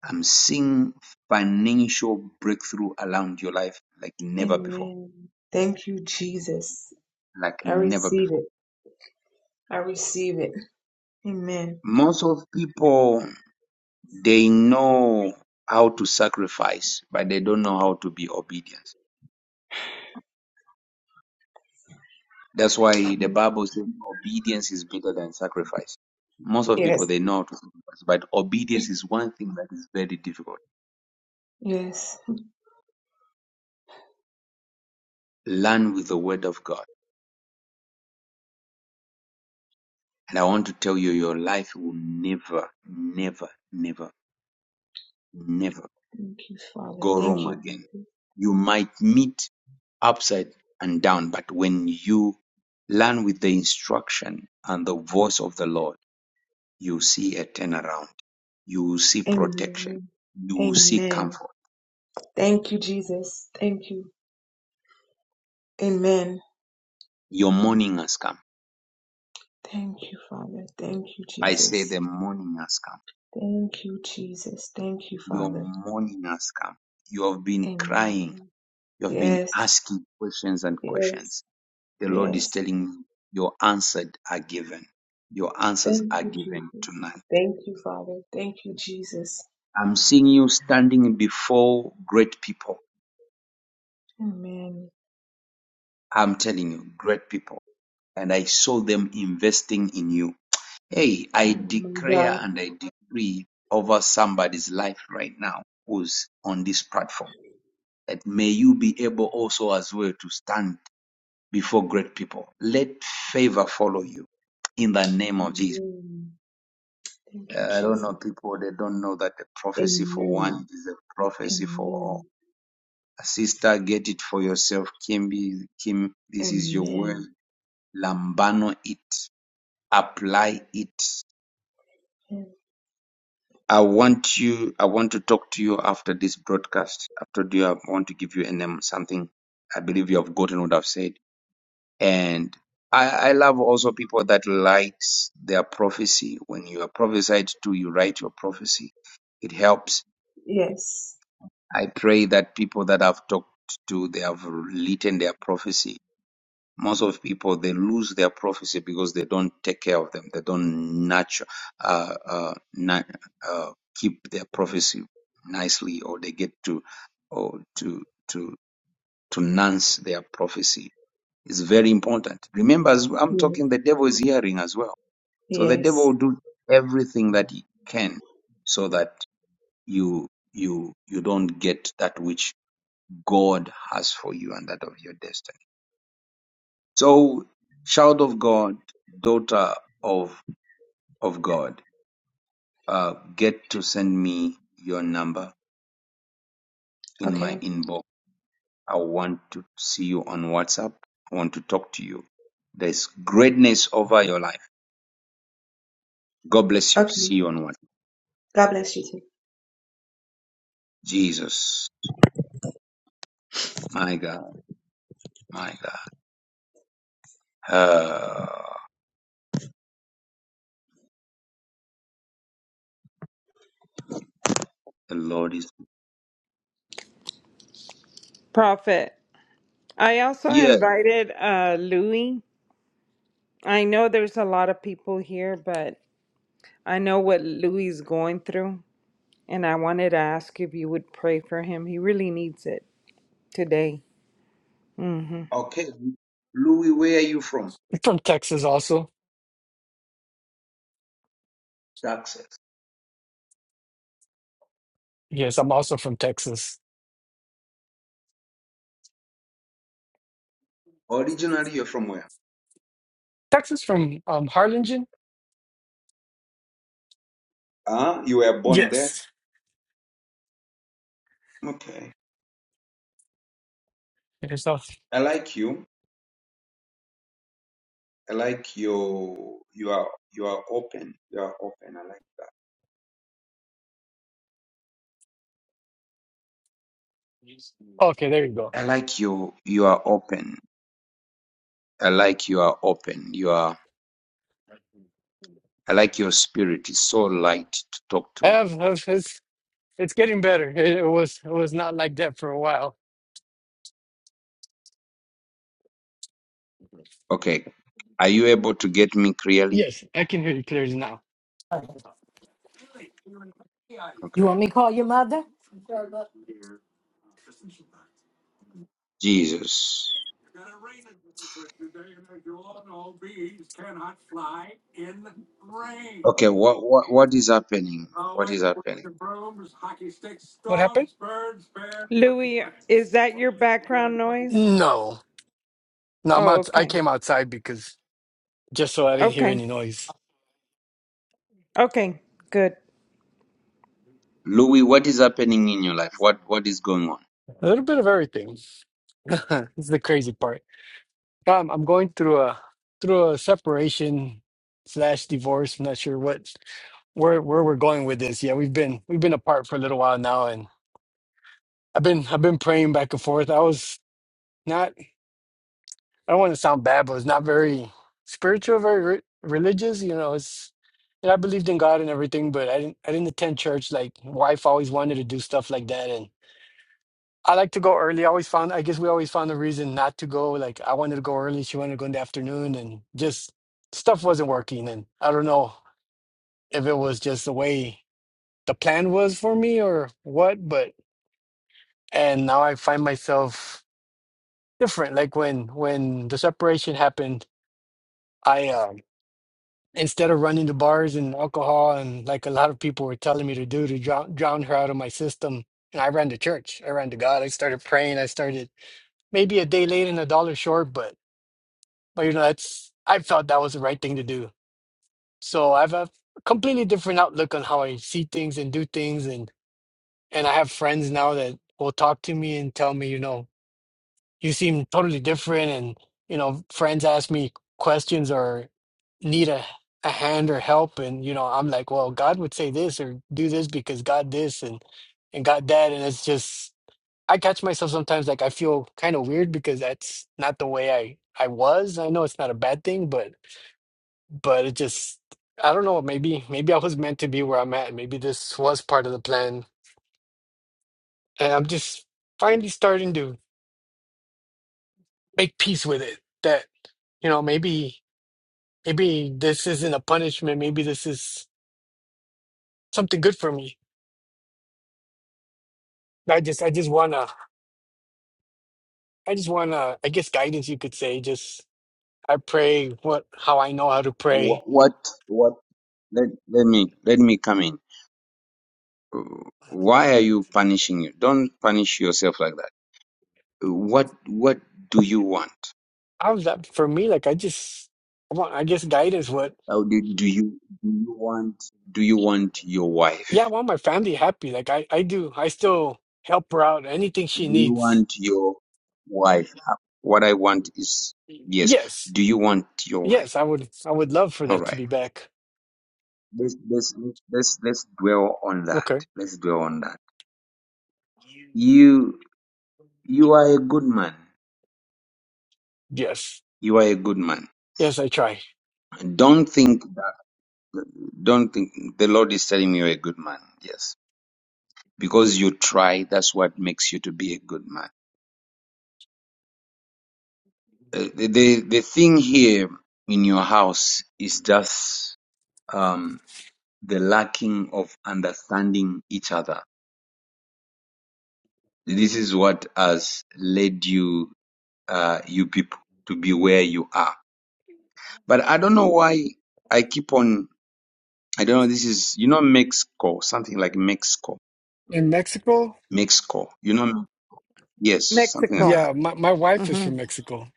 Speaker 1: I'm seeing financial breakthrough around your life like never before,
Speaker 20: Amen. Thank you, Jesus.
Speaker 1: like
Speaker 20: I
Speaker 1: never
Speaker 20: receive
Speaker 1: before.
Speaker 20: it. I receive it. Amen.
Speaker 1: Most of people They know how to sacrifice, but they don't know how to be obedient. That's why the Bible says obedience is better than sacrifice. Most of people
Speaker 20: Yes.
Speaker 1: they know how to sacrifice, but obedience is one thing that is very difficult.
Speaker 20: Yes.
Speaker 1: Learn with the word of God. And I want to tell you, your life will never, never, never, never
Speaker 20: Thank you, Father.
Speaker 1: go
Speaker 20: Thank
Speaker 1: wrong
Speaker 20: you.
Speaker 1: again. You might meet upside and down, but when you learn with the instruction and the voice of the Lord, you see a turnaround, you see protection,
Speaker 20: Amen.
Speaker 1: you see
Speaker 20: Amen.
Speaker 1: comfort.
Speaker 20: Thank you, Jesus. Thank you. Amen.
Speaker 1: Your morning has come.
Speaker 20: Thank you, Father. Thank you,
Speaker 1: I say
Speaker 20: Jesus.
Speaker 1: the morning has come.
Speaker 20: Thank you, Jesus. Thank you,
Speaker 1: Your
Speaker 20: Father.
Speaker 1: morning has come. You have been crying.
Speaker 20: Amen.
Speaker 1: You have been
Speaker 20: Yes.
Speaker 1: asking questions and
Speaker 20: Yes.
Speaker 1: questions. The Lord is
Speaker 20: Yes.
Speaker 1: telling me your answers are given. Your answers
Speaker 20: Thank
Speaker 1: are
Speaker 20: you,
Speaker 1: given
Speaker 20: Jesus.
Speaker 1: tonight.
Speaker 20: Thank you, Father. Thank you, Jesus.
Speaker 1: I'm seeing you standing before great people.
Speaker 20: Amen.
Speaker 1: I'm telling you, great people. And I saw them investing in you. Hey, I
Speaker 20: Oh my
Speaker 1: declare
Speaker 20: God.
Speaker 1: and I decree over somebody's life right now who's on this platform that may you be able also as well to stand before great people. Let favor follow you in the name of Jesus.
Speaker 20: Amen. Thank you,
Speaker 1: Uh, I don't
Speaker 20: Jesus.
Speaker 1: know people, they don't know that the prophecy for one
Speaker 20: Amen.
Speaker 1: is a prophecy for all.
Speaker 20: Amen.
Speaker 1: Sister, get it for yourself. Kimby, Kim, this is your word.
Speaker 20: Amen.
Speaker 1: Lambano it. Apply it. I want you, I want to talk to you after this broadcast. I've told you I want to give you a name, something I believe you have gotten what I've said. And I, I love also people that likes their prophecy. When you are prophesied to, you write your prophecy. It helps.
Speaker 20: Yes.
Speaker 1: I pray that people that I've talked to, they have written their prophecy most of people they lose their prophecy because they don't take care of them they don't nurture uh, uh, na- uh, keep their prophecy nicely or they get to or to to to nance their prophecy it's very important remember as i'm
Speaker 20: Yes.
Speaker 1: talking the devil is hearing as well so the devil
Speaker 20: Yes.
Speaker 1: will do everything that he can so that you you you don't get that which god has for you and that of your destiny So, child of God, daughter of of God, uh, get to send me your number in my
Speaker 20: Okay.
Speaker 1: inbox. I want to see you on WhatsApp. I want to talk to you. There's greatness over your life. God bless you. See
Speaker 20: Okay.
Speaker 1: you on WhatsApp.
Speaker 20: God bless you
Speaker 1: Jesus, my God, my God. Ah, the Lord is
Speaker 7: Prophet, I also
Speaker 1: yeah.
Speaker 7: invited uh, Louis. I know there's a lot of people here, but I know what Louis is going through. And I wanted to ask if you would pray for him. He really needs it. today.
Speaker 1: Okay, Louis, where are you from?
Speaker 21: I'm From Texas also.
Speaker 1: Texas.
Speaker 21: Yes, I'm also from Texas.
Speaker 1: Originally, you're from where?
Speaker 21: Texas from um Harlingen?
Speaker 1: Ah, you were born there.
Speaker 21: Yes.
Speaker 1: Okay,
Speaker 21: It's not-
Speaker 1: I like you. I like your you are you are open. You are open. I like
Speaker 21: okay, there you go.
Speaker 1: I like your you are open. I like you are open. You are I like your spirit. It's so light to talk
Speaker 21: I
Speaker 1: to.
Speaker 21: have, have it's it's getting better. It, it was it was not like that for a while.
Speaker 1: Okay. Are you able to get me clearly?
Speaker 21: Yes, I can hear you clearly now.
Speaker 18: You
Speaker 1: Okay.
Speaker 18: want me to call your mother?
Speaker 1: Jesus. Okay, what what what is happening? What is happening?
Speaker 21: What happened?
Speaker 7: Louis, is that your background noise?
Speaker 21: No. No, I'm
Speaker 7: Oh,
Speaker 21: out, I
Speaker 7: okay.
Speaker 21: came outside because just so I didn't hear
Speaker 7: Okay.
Speaker 21: any noise.
Speaker 7: Okay. Good.
Speaker 1: Louis, what is happening in your life? What what is going on?
Speaker 21: A little bit of everything. It's the crazy part. Um, I'm going through a through a separation slash divorce. I'm not sure what where where we're going with this. Yeah, we've been we've been apart for a little while now, and I've been I've been praying back and forth. I was not I don't want to sound bad, but it's not very spiritual, very re- religious. You know, it's and I believed in God and everything, but I didn't I didn't attend church. Like wife always wanted to do stuff like that, and. I like to go early. I always found, I guess we always found a reason not to go. Like I wanted to go early. She wanted to go in the afternoon and just stuff wasn't working. And I don't know if it was just the way the plan was for me or what, but, and now I find myself different. Like when, when the separation happened, I, um, instead of running to bars and alcohol and like a lot of people were telling me to do to drown, drown her out of my system. And I ran to church. I ran to God. I started praying. I started maybe a day late and a dollar short, but But you know, that's I felt that was the right thing to do. So I have a completely different outlook on how I see things and do things, and and I have friends now that will talk to me and tell me, you know, you seem totally different, and you know, friends ask me questions or need a a hand or help, and you know, I'm like, well, God would say this or do this because God this and and God that, and it's just I catch myself sometimes like I feel kind of weird because that's not the way I I was. I know it's not a bad thing, but but it just I don't know, maybe maybe I was meant to be where I'm at. Maybe this was part of the plan. And I'm just finally starting to make peace with it that, you know, maybe maybe this isn't a punishment, maybe this is something good for me. I just I just wanna I just wanna I guess guidance you could say. Just I pray what how I know how to
Speaker 1: What
Speaker 21: pray.
Speaker 1: what, what let, let me let me come in. Why are you punishing you? Don't punish yourself like that. what what do you want?
Speaker 21: I was that for me, like I just I want I guess guidance what
Speaker 1: How do, do you do you want do you want your wife?
Speaker 21: yeah, I want my family happy. Like I, I do. I still help her out. Anything she
Speaker 1: Do you
Speaker 21: needs.
Speaker 1: want your wife? What I want is yes.
Speaker 21: Yes.
Speaker 1: Do you want your wife?
Speaker 21: Yes, I would I would love for
Speaker 1: All
Speaker 21: that to
Speaker 1: right.
Speaker 21: be back.
Speaker 1: Let's let's let's let's dwell on that.
Speaker 21: Okay.
Speaker 1: Let's dwell on that. You you are a good man.
Speaker 21: Yes.
Speaker 1: You are a good man.
Speaker 21: Yes, I try.
Speaker 1: Don't think that- don't think the Lord is telling you you're a good man. Yes. Because you try, that's what makes you to be a good man Uh, the the thing here in your house is just um, the lacking of understanding each other. This is what has led you uh, you people to be where you are. But I don't know why I keep on. I don't know. This is you know Mexico, something like Mexico,
Speaker 21: In Mexico?
Speaker 1: Mexico. You know, yes, something like
Speaker 7: Mexico.
Speaker 1: that.
Speaker 21: Yeah, my, my wife is
Speaker 7: hmm
Speaker 21: from Mexico.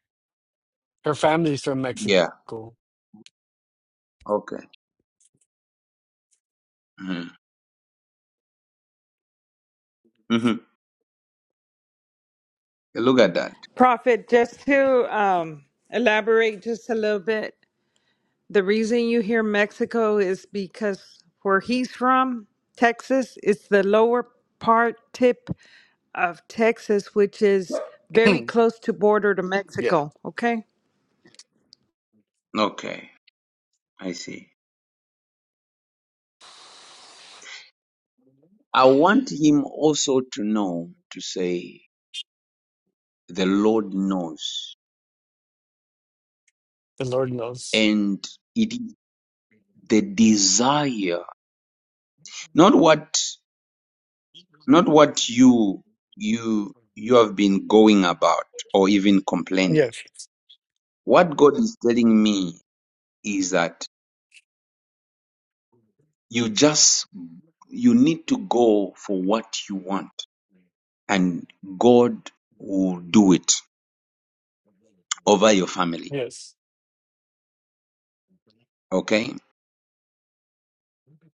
Speaker 21: Her family's from
Speaker 1: Yeah.
Speaker 21: Mexico.
Speaker 1: Okay. Mm-hmm. Mm-hmm. Look at that.
Speaker 7: Prophet, just to um, elaborate just a little bit, the reason you hear Mexico is because where he's from, Texas, it's the lower part tip of Texas, which is
Speaker 21: yeah.
Speaker 7: very close to border to
Speaker 21: The
Speaker 7: Mexico. Okay.
Speaker 1: Okay, I see. I want him also to know to say, the Lord knows.
Speaker 21: Lord knows.
Speaker 1: And it is the desire, not what, not what you, you, you have been going about or even complaining.
Speaker 21: Yes.
Speaker 1: What God is telling me is that you just, you need to go for what you want and God will do it over your family.
Speaker 21: Yes.
Speaker 1: Okay.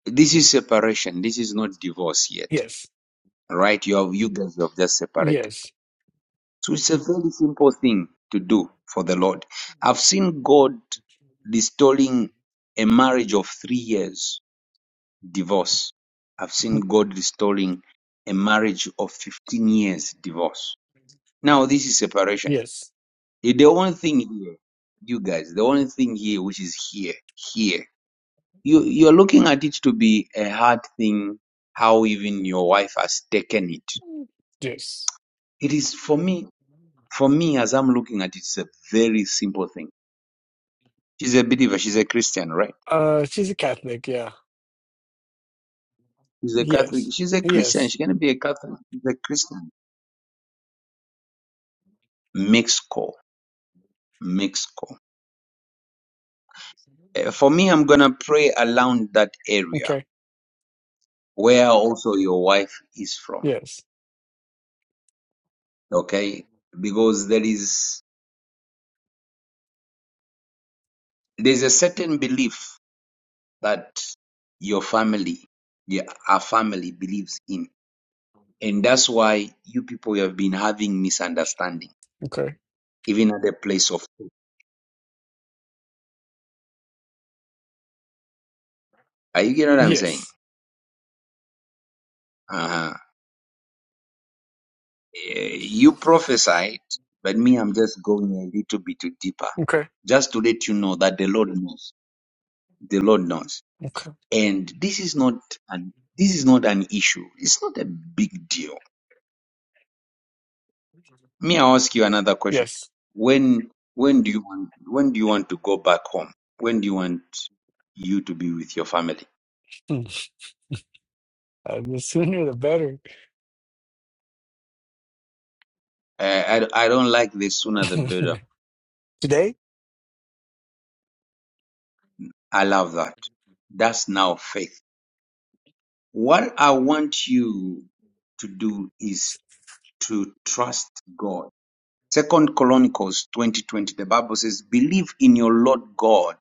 Speaker 1: This is separation. This is not divorce yet
Speaker 21: Yes.
Speaker 1: right? You have you guys have just separated.
Speaker 21: Yes.
Speaker 1: So it's a very simple thing to do for the Lord. I've seen God restoring a marriage of three years divorce. I've seen God restoring a marriage of 15 years divorce. Now this is separation.
Speaker 21: Yes.
Speaker 1: The the only thing here, you guys, the only thing here which is here, here. You you're looking at it to be a hard thing how even your wife has taken it.
Speaker 21: Yes.
Speaker 1: It is for me for me, as I'm looking at it, it's a very simple thing. She's a believer. She's a Christian, right?
Speaker 21: Uh, she's a Catholic. Yeah.
Speaker 1: She's a Catholic.
Speaker 21: Yes.
Speaker 1: She's a Christian.
Speaker 21: Yes.
Speaker 1: She can be a Catholic. She's a Christian. Mixed call. Mixed call. Eh, For me, I'm going to pray around that area
Speaker 21: Okay.
Speaker 1: where also your wife is from.
Speaker 21: Yes.
Speaker 1: Okay. Because there is, there's a certain belief that your family, yeah, our family believes in. And that's why you people have been having misunderstanding,
Speaker 21: Okay.
Speaker 1: even at the place of Are you getting what I'm saying?
Speaker 21: Yes.
Speaker 1: Uh-huh. Eh, You prophesied, but me, I'm just going a little bit deeper,
Speaker 21: Okay.
Speaker 1: just to let you know that the Lord knows. The Lord knows,
Speaker 21: Okay.
Speaker 1: and this is not an this is not an issue. It's not a big deal. Me, I ask you another question.
Speaker 21: Yes.
Speaker 1: When when do you want when do you want to go back home? When do you want you to be with your family?
Speaker 21: Hmm. Uh, the sooner the better.
Speaker 1: Uh, I I don't like the sooner the better.
Speaker 21: Today?
Speaker 1: I love that. That's now faith What I want you to do is to trust God. Second Chronicles 2020, the Bible says, believe in your Lord God,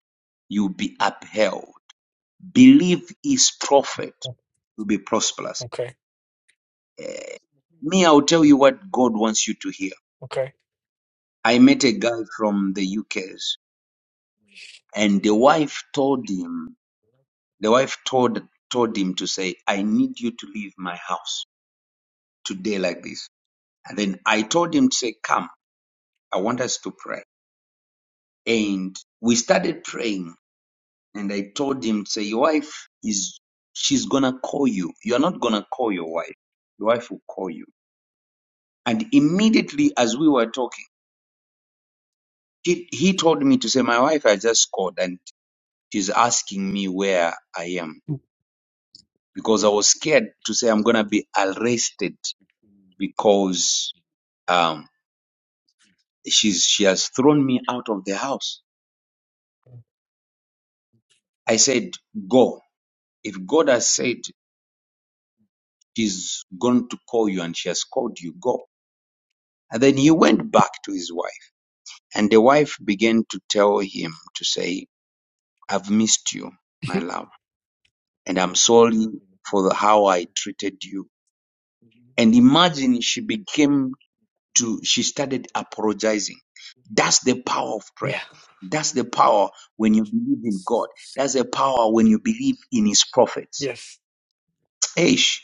Speaker 1: you'll be upheld. Believe his prophet, you'll be prosperous.
Speaker 21: Okay.
Speaker 1: Me, I'll tell you what God wants you to hear.
Speaker 21: Okay.
Speaker 1: I met a guy from the UK's and the wife told him, the wife told, told him to say, I need you to leave my house today like this. And then I told him to say, come. I want us to pray. And we started praying, and I told him, say, your wife is, she's gonna call you. You're not gonna call your wife. Your wife will call you. And immediately as we were talking, he, he told me to say, my wife has just called and she's asking me where I am because I was scared to say I'm gonna be arrested because, um, she's, she has thrown me out of the house. I said, go. If God has said she's going to call you and she has called you, go. And then he went back to his wife, and the wife began to tell him to say, I've missed you, my love, and I'm sorry for the, how I treated you. And imagine she became to, she started apologizing. That's the power of prayer.
Speaker 21: yeah.
Speaker 1: That's the power when you believe in God. That's the power when you believe in his prophets.
Speaker 21: Yes.
Speaker 1: Eish.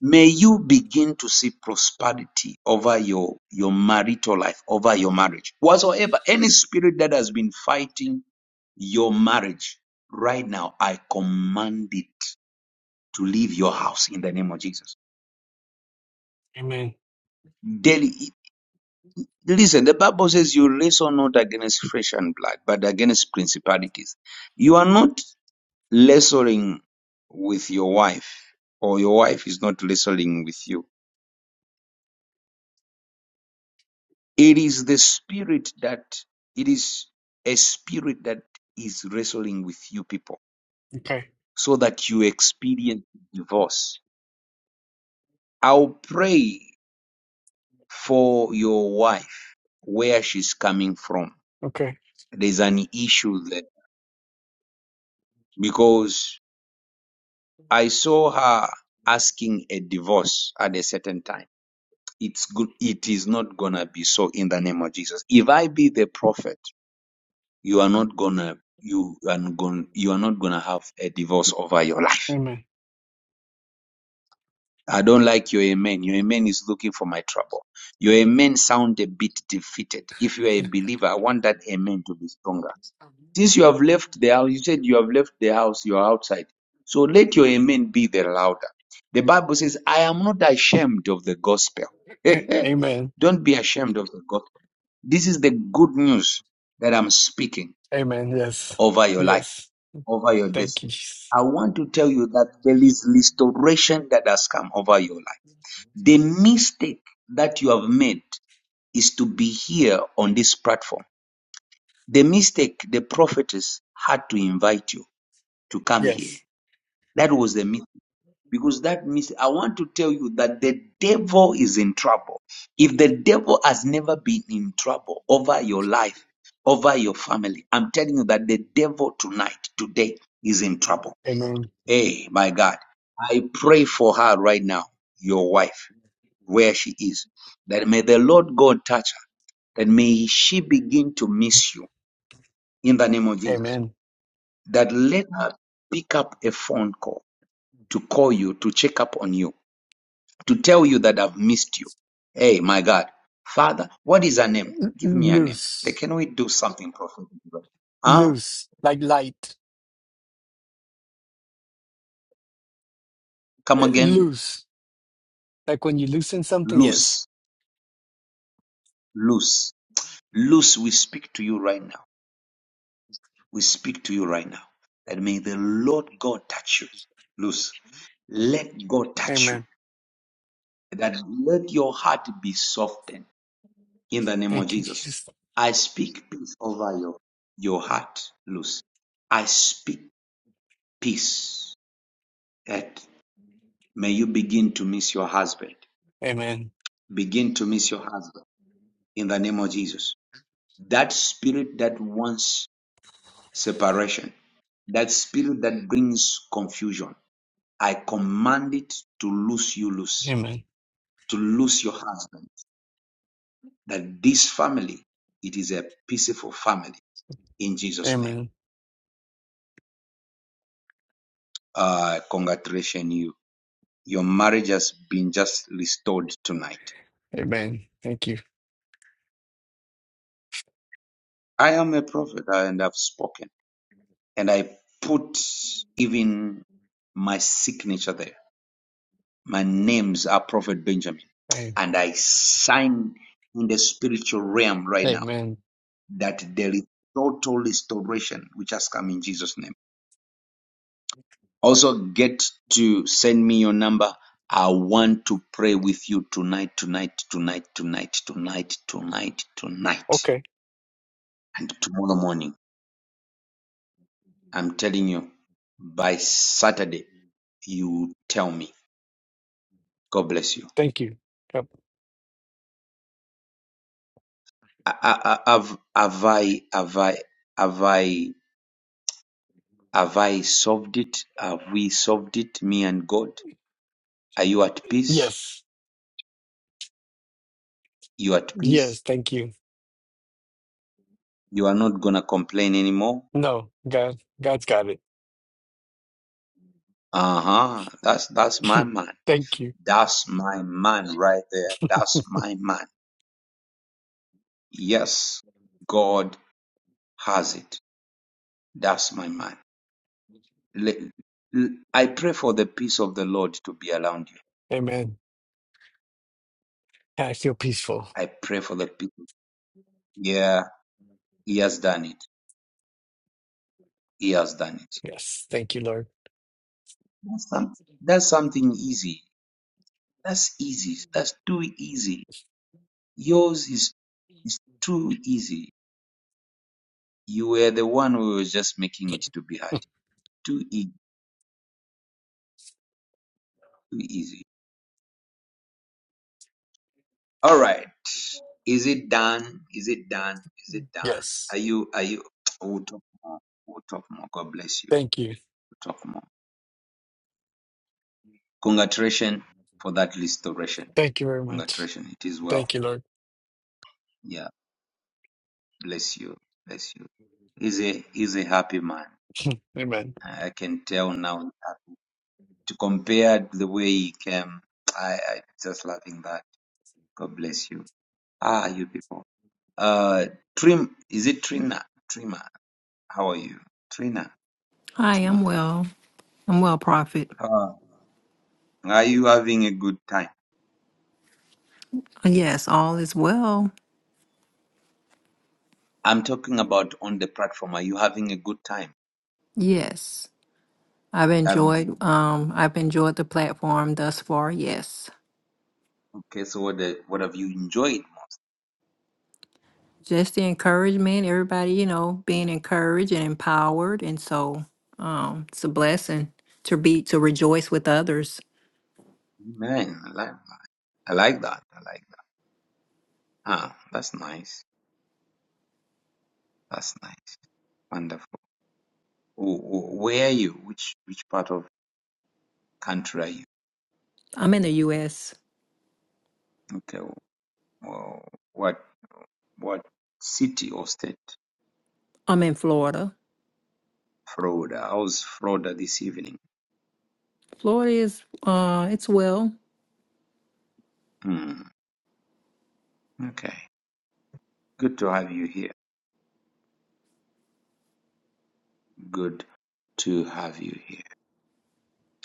Speaker 1: May you begin to see prosperity over your, your marital life, over your marriage. Whatsoever, any spirit that has been fighting your marriage right now, I command it to leave your house in the name of Jesus.
Speaker 21: Amen.
Speaker 1: Daily, listen, the Bible says you wrestle not against flesh and blood, but against principalities. You are not wrestling with your wife, or your wife is not wrestling with you It is the spirit that it is a spirit that is wrestling with you people
Speaker 21: Okay.
Speaker 1: so that you experience divorce. I'll pray for your wife where she's coming from.
Speaker 21: Okay.
Speaker 1: There's an issue there because I saw her asking a divorce at a certain time. It's good. It is not gonna be so in the name of Jesus. If I be the prophet, you are not gonna you are going you are not gonna have a divorce over your life.
Speaker 21: Amen.
Speaker 1: I don't like your amen. Your amen is looking for my trouble. Your amen sound a bit defeated. If you are a believer, I want that amen to be stronger. Since you have left the house, you said you have left the house, you are outside. So let your amen be the louder. The Bible says, I am not ashamed of the gospel.
Speaker 21: A- Amen.
Speaker 1: don't be ashamed of the gospel. This is the good news that I'm speaking.
Speaker 21: Amen. Yes.
Speaker 1: over your life,
Speaker 21: Yes.
Speaker 1: over your
Speaker 21: Thank you.
Speaker 1: destiny.
Speaker 21: Jesus.
Speaker 1: I want to tell you that there is restoration that has come over your life. The mistake that you have made is to be here on this platform. The mistake the prophetess had to invite you to come here.
Speaker 21: Yes.
Speaker 1: That was the mistake. Because that mistake, I want to tell you that the devil is in trouble. If the devil has never been in trouble over your life, over your family, I'm telling you that the devil tonight, today, is in trouble
Speaker 21: Amen.
Speaker 1: Hey, my God, I pray for her right now, your wife, where she is, that may the Lord God touch her, that may she begin to miss you in the name of Jesus.
Speaker 21: Amen.
Speaker 1: That let her pick up a phone call to call you, to check up on you, to tell you that I've missed you. Hey, my God, Father, what is her name?
Speaker 21: L-
Speaker 1: Give me her name. Like,
Speaker 21: loose.
Speaker 1: Can we do something prophetic? Ah,
Speaker 21: Loose, like light,
Speaker 1: come
Speaker 21: Uh,
Speaker 1: again.
Speaker 21: loose, like when you loosen something. Yes.
Speaker 1: Loose, loose, loose. We speak to you right now We speak to you right now that may the Lord God touch you. Loose. Let God touch you.
Speaker 21: Amen.
Speaker 1: That let your heart be softened in the name of
Speaker 21: Thank you,
Speaker 1: Jesus.
Speaker 21: Jesus.
Speaker 1: I speak peace over your, your heart, Loose. I speak peace that may you begin to miss your husband.
Speaker 21: Amen.
Speaker 1: Begin to miss your husband in the name of Jesus. That spirit that wants separation, that spirit that brings confusion I command it to loose you loose,
Speaker 21: Amen.
Speaker 1: to loose your husband. That this family, it is a peaceful family in Jesus' name.
Speaker 21: Amen.
Speaker 1: Uh, congratulations, you. Your marriage has been just restored tonight.
Speaker 21: Amen. Thank you.
Speaker 1: I am a prophet and I've spoken. And I put even my signature there. My names are Prophet Benjamin.
Speaker 21: Amen.
Speaker 1: And I sign in the spiritual realm right now
Speaker 21: Amen.
Speaker 1: that there is total restoration which has come in Jesus' name. Also get to send me your number. I want to pray with you tonight, tonight, tonight, tonight, tonight, tonight, tonight,
Speaker 21: Okay.
Speaker 1: and tomorrow morning. I'm telling you, by Saturday, you tell me. God bless you.
Speaker 21: Thank you. Yep.
Speaker 1: I, I, I- have, have I, have I, have I, have I solved it? Have we solved it, me and God? Are you at peace?
Speaker 21: Yes.
Speaker 1: You at peace?
Speaker 21: Yes. Thank you.
Speaker 1: You are not gonna complain anymore?
Speaker 21: No, God, God's got it.
Speaker 1: Uh huh. That's that's my mind.
Speaker 21: thank you.
Speaker 1: That's my man right there. That's my man. Yes, God has it. That's my man. Le- l- I pray for the peace of the Lord to be around you.
Speaker 21: Amen. I feel peaceful.
Speaker 1: I pray for the people. Yeah, He has done it. He has done it.
Speaker 21: Yes. Thank you, Lord.
Speaker 1: That's, some, that's something easy. That's easy. That's too easy. Yours is, is too easy. You were the one who was just making it to be hard. Too easy. Too easy. All right. Is it done? Is it done? Is it done?
Speaker 21: Yes.
Speaker 1: Are you, are you, we'll talk more. We'll talk more. God bless you.
Speaker 21: Thank you.
Speaker 1: We'll talk more. Congratulations for that restoration.
Speaker 21: Thank you very much.
Speaker 1: Congratulations. It is well.
Speaker 21: Thank you, Lord.
Speaker 1: Yeah. Bless you. Bless you. He's a, he's a happy man.
Speaker 21: Amen.
Speaker 1: I I can tell now uh, to compare the way he came. I, I just loving that. God bless you. Ah, you people. Uh, Trim, is it Trina? Trima, how are you? Trina or
Speaker 22: Hi,
Speaker 1: Trima?
Speaker 22: I'm well. I'm well, Prophet.
Speaker 1: Uh, Are you having a good time?
Speaker 22: Uh, Yes, all is well.
Speaker 1: I'm talking about on the platform. Are you having a good time?
Speaker 22: Yes. I've
Speaker 1: Have,
Speaker 22: enjoyed um I've enjoyed the platform thus far. Yes.
Speaker 1: okay, so what, the, what have you enjoyed?
Speaker 22: Just the encouragement, everybody, you know, being encouraged and empowered and so um it's a blessing to be to rejoice with others.
Speaker 1: Man, I like, I like that. I like that. Ah, that's nice. That's nice. Wonderful. Wh- wh- Where are you? Which which part of country are you?
Speaker 22: I'm in the US.
Speaker 1: Okay. Well, what what city or state?
Speaker 22: I'm in Florida.
Speaker 1: Florida. How's Florida this evening?
Speaker 22: Florida is uh it's well.
Speaker 1: Hmm. Okay. Good to have you here. Good to have you here.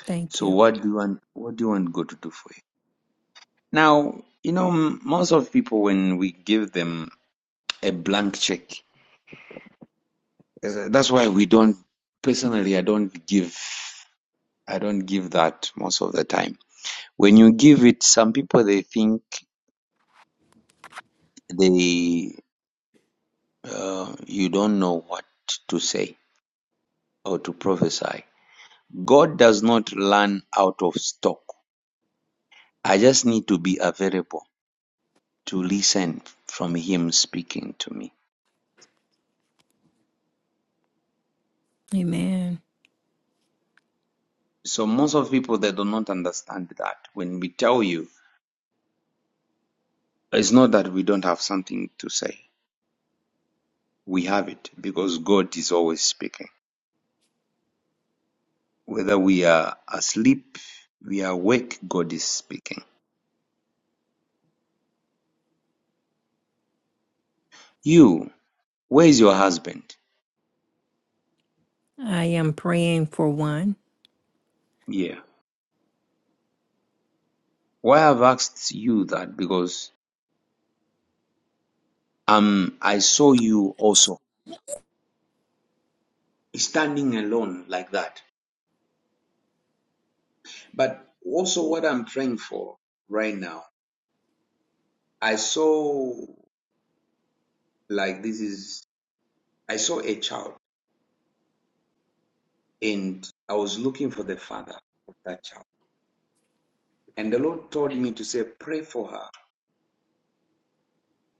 Speaker 22: Thank
Speaker 1: So
Speaker 22: you.
Speaker 1: what do you want? What do you want God to do for you? Now, you know, m- most of people when we give them a blank check, uh, that's why we don't. Personally, I don't give. I don't give that most of the time. When you give it, some people they think they uh, you don't know what to say or to prophesy. God does not learn out of stock. I just need to be available to listen from Him speaking to me.
Speaker 22: Amen.
Speaker 1: So most of people they do not understand that when we tell you, it's not that we don't have something to say. We have it because God is always speaking. Whether we are asleep, we are awake, God is speaking. You, where is your husband?
Speaker 22: I am praying for one.
Speaker 1: Yeah. Why I've asked you that because um I saw you also standing alone like that. But also what I'm praying for right now, I saw like this is I saw a child and I was looking for the father of that child. And the Lord told me to say, pray for her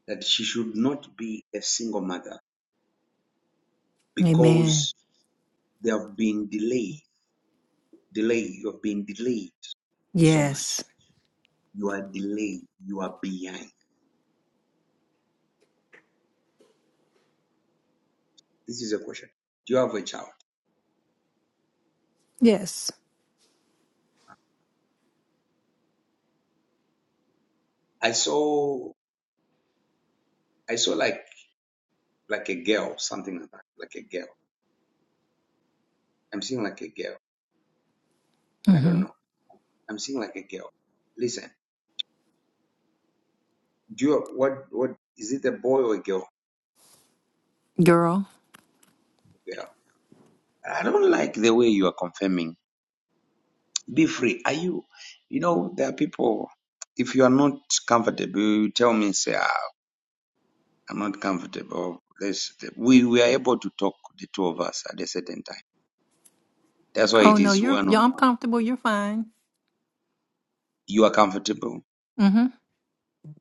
Speaker 1: that she should not be a single mother
Speaker 22: Amen.
Speaker 1: because there have been delay, delay. You have been delayed so
Speaker 22: Yes.
Speaker 1: much. You are delayed. You are behind. This is a question. Do you have a child?
Speaker 22: Yes.
Speaker 1: I saw, I saw like, like a girl, something like that, like a girl. I'm seeing like a girl. I
Speaker 22: Mm-hmm.
Speaker 1: don't know. I'm seeing like a girl. Listen, do you, what, what, is it a boy or a girl?
Speaker 22: girl.
Speaker 1: Girl I don't like the way you are confirming. Be free. Are you, you know, there are people, if you are not comfortable, you tell me, say, ah, I'm not comfortable. Let's, we, we are able to talk, the two of us, at a certain time. That's why
Speaker 22: Oh
Speaker 1: it
Speaker 22: no,
Speaker 1: is
Speaker 22: you're
Speaker 1: one
Speaker 22: yeah,
Speaker 1: on
Speaker 22: I'm
Speaker 1: one.
Speaker 22: comfortable. You're fine.
Speaker 1: You are comfortable.
Speaker 22: Mm-hmm.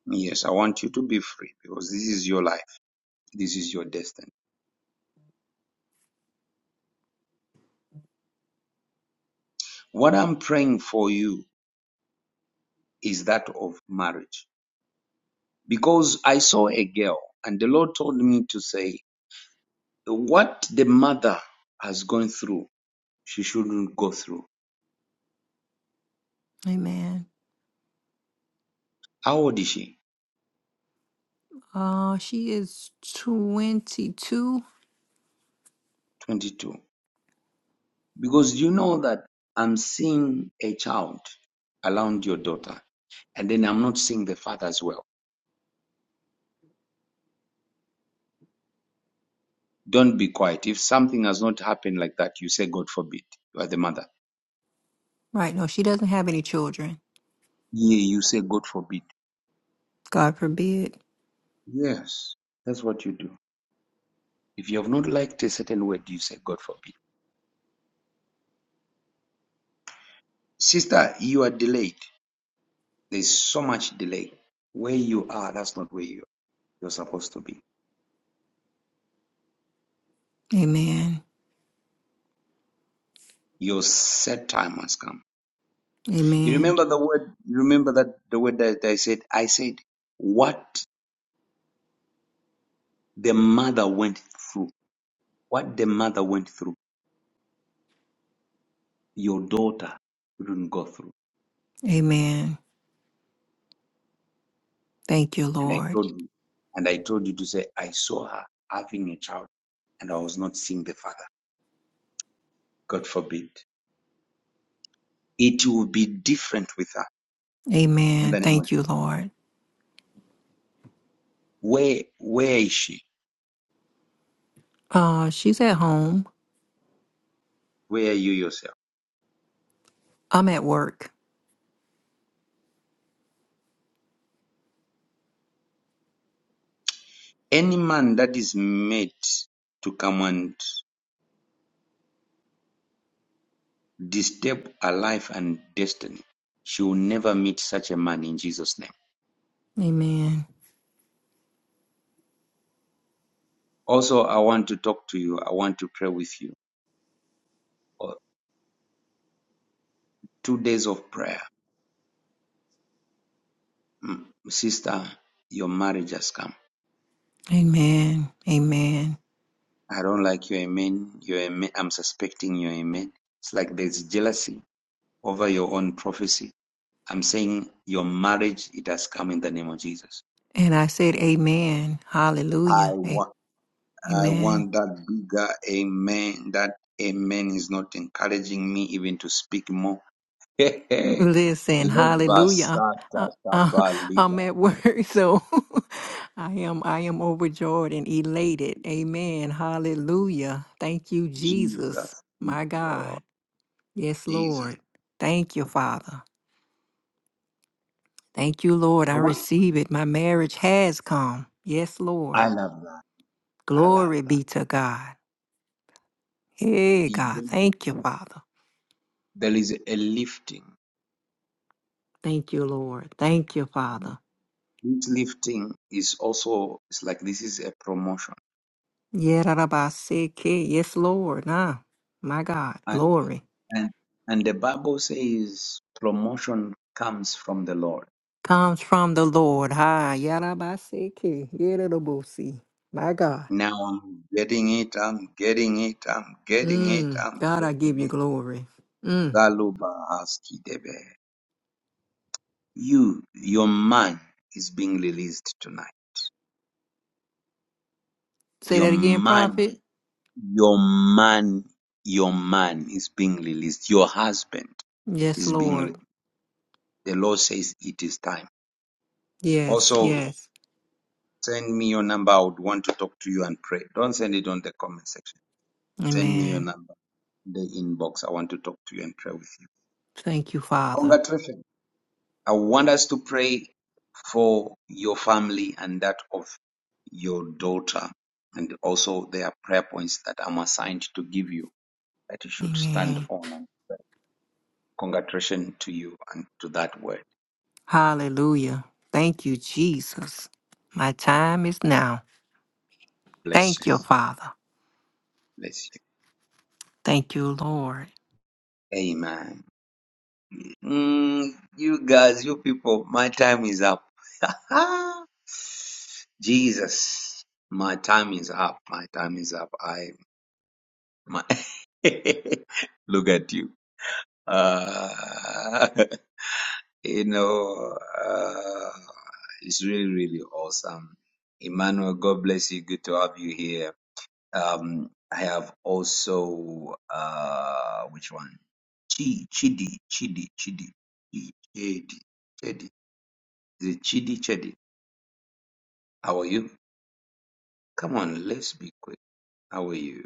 Speaker 1: Yes, I want you to be free because this is your life. This is your destiny. What I'm praying for you is that of marriage. Because I saw a girl and the Lord told me to say, what the mother has gone through she shouldn't go through.
Speaker 22: Amen.
Speaker 1: How old is she?
Speaker 22: Uh, she is twenty-two.
Speaker 1: 22. Because you know that I'm seeing a child around your daughter, and then I'm not seeing the father as well. Don't be quiet. If something has not happened like that, you say, God forbid. You are the mother.
Speaker 22: Right? No, she doesn't have any children.
Speaker 1: Yeah, you say, God forbid.
Speaker 22: God forbid.
Speaker 1: Yes, that's what you do. If you have not liked a certain word, you say, God forbid. Sister, you are delayed. There's so much delay. Where you are, that's not where you are. You're supposed to be.
Speaker 22: Amen.
Speaker 1: Your set time has come You
Speaker 22: Amen.
Speaker 1: remember the word, you remember that the word that I said? I said, what the mother went through, what the mother went through, your daughter couldn't go through.
Speaker 22: Amen. Thank you,
Speaker 1: And I
Speaker 22: Lord.
Speaker 1: told you, and I told you to say, I saw her having a child and I was not seeing the father. God forbid. It will be different with her in
Speaker 22: Amen.
Speaker 1: the name of
Speaker 22: Thank you,
Speaker 1: Jesus.
Speaker 22: Lord.
Speaker 1: Where, where is she?
Speaker 22: Uh, she's at home.
Speaker 1: Where are you yourself?
Speaker 22: I'm at work.
Speaker 1: Any man that is made to come and Disturb Disturbed life and destiny. She will never meet such a man in Jesus' name.
Speaker 22: Amen.
Speaker 1: Also, I want to talk to you. I want to pray with you. Oh, two days of prayer. Mm, Sister, your marriage has come.
Speaker 22: Amen. Amen.
Speaker 1: I don't like your amen. Your amen. I'm suspecting your amen. It's like there's jealousy over your own prophecy. I'm saying your marriage, it has come in the name of Jesus.
Speaker 22: And I said, Amen.
Speaker 1: I
Speaker 22: Hallelujah. A-
Speaker 1: want, I
Speaker 22: Amen.
Speaker 1: want that bigger amen. That amen is not encouraging me even to speak more. Hehe.
Speaker 22: Listen, hallelujah.
Speaker 1: Lebasata
Speaker 22: I, I, I'm
Speaker 1: Kabaliga.
Speaker 22: at work, so I am I am overjoyed and elated. Amen. Hallelujah. Thank you, Jesus.
Speaker 1: Jesus is
Speaker 22: My
Speaker 1: Lord.
Speaker 22: God. Yes,
Speaker 1: Jesus.
Speaker 22: Lord. Thank you, Father. Thank you, Lord.
Speaker 1: I
Speaker 22: I
Speaker 1: want
Speaker 22: receive it. My marriage has come. Yes,
Speaker 1: I
Speaker 22: Lord.
Speaker 1: love that. I love
Speaker 22: Glory
Speaker 1: that.
Speaker 22: be to God. Hey, God.
Speaker 1: It-
Speaker 22: Thank you, Father.
Speaker 1: There is a lifting.
Speaker 22: Thank you, Lord. Thank you,
Speaker 1: And
Speaker 22: Father.
Speaker 1: this lifting is also it's like this is a promotion.
Speaker 22: Yerabaseke, yes, Lord. Nah, my God,
Speaker 1: And
Speaker 22: glory
Speaker 1: and and the Bible says promotion comes from the Lord.
Speaker 22: comes from the Lord. Ah, Yerabaseke, Yerabosi, my God.
Speaker 1: Now I'm getting it, I'm getting it, I'm getting it,
Speaker 22: Mm,
Speaker 1: I'm
Speaker 22: God, I give you
Speaker 1: getting it.
Speaker 22: glory. Mm.
Speaker 1: Zaluba Aski debe. You, your man is being released tonight.
Speaker 22: Say
Speaker 1: Your
Speaker 22: that again,
Speaker 1: man,
Speaker 22: prophet.
Speaker 1: your man, your man is being released. Your husband
Speaker 22: Yes,
Speaker 1: is being
Speaker 22: Lord.
Speaker 1: released. The Lord says it is time.
Speaker 22: Yes,
Speaker 1: Also,
Speaker 22: yes.
Speaker 1: send me your number. I would want to talk to you and pray. Don't send it on the comment section. Send me your
Speaker 22: Amen.
Speaker 1: number, in the inbox. I want to talk to you and pray with you.
Speaker 22: Thank you, Father.
Speaker 1: Congratulations. I want us to pray for your family and that of your daughter, and also there are prayer points that I'm assigned to give you that you should stand
Speaker 22: Amen.
Speaker 1: on. And congratulations to you and to that word.
Speaker 22: Hallelujah. Thank you, Jesus. My time is now.
Speaker 1: Bless
Speaker 22: Thank
Speaker 1: you.
Speaker 22: you, Father.
Speaker 1: Bless
Speaker 22: Thank you, Lord.
Speaker 1: you. Amen. Mm, you guys, you people, my time is up. Ah, Jesus, my time is up. My time is up. I my look at you. Ah, You know, uh, it's really, really awesome. Emmanuel, God bless you. Good to have you here. Um, I have also, uh, which one? Chi, Chidi, Chidi, Chidi, Chi- Chidi, Chidi. Is it Chidi, Chidi? How are you? Come on, let's be quick. How are you?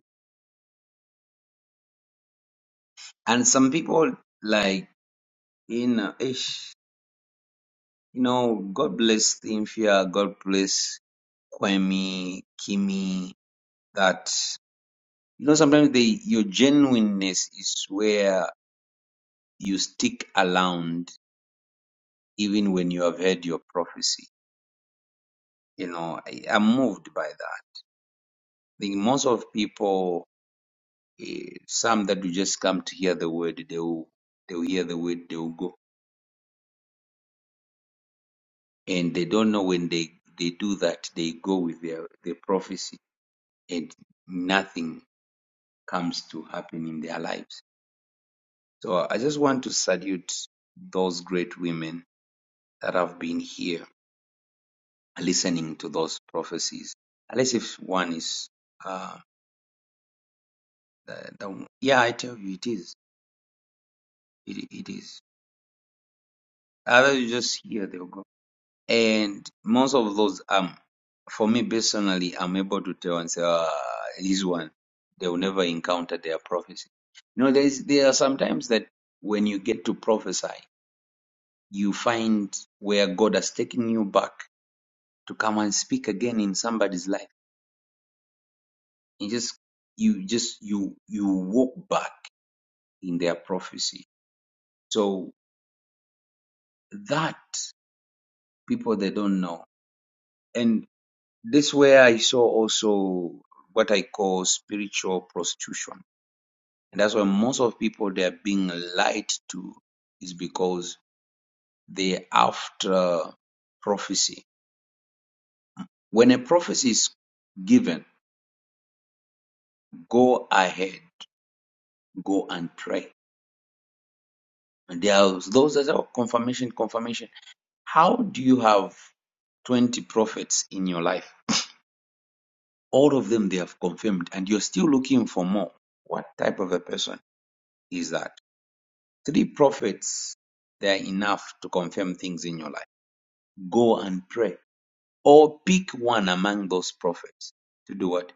Speaker 1: And some people like, in, know, ish, you know, God bless Cynthia. God bless Kwemi, Kimi, that. You know, sometimes the your genuineness is where you stick around even when you have heard your prophecy. You know, I, I'm moved by that. I think most of people, eh, some that will just come to hear the word, they will they will hear the word, they will go, and they don't know when they they do that, they go with their their prophecy, and nothing comes to happen in their lives. So I just want to salute those great women that have been here listening to those prophecies unless if one is uh the, the yeah i tell you it is it, it is other you just hear they'll go and most of those um for me personally i'm able to tell and say ah this one they'll never encounter their prophecy you know there's there are sometimes that when you get to prophesy you find where god has taken you back to come and speak again in somebody's life you just you just you you walk back in their prophecy. So that people they don't know. And this where I saw also what I call spiritual prostitution. And that's why most of people they are being lied to is because they after prophecy. When a prophecy is given, go ahead, go and pray. And there are those that are confirmation, confirmation. How do you have 20 prophets in your life? all of them they have confirmed and you're still looking for more what type of a person is that three prophets they are enough to confirm things in your life go and pray or pick one among those prophets to do what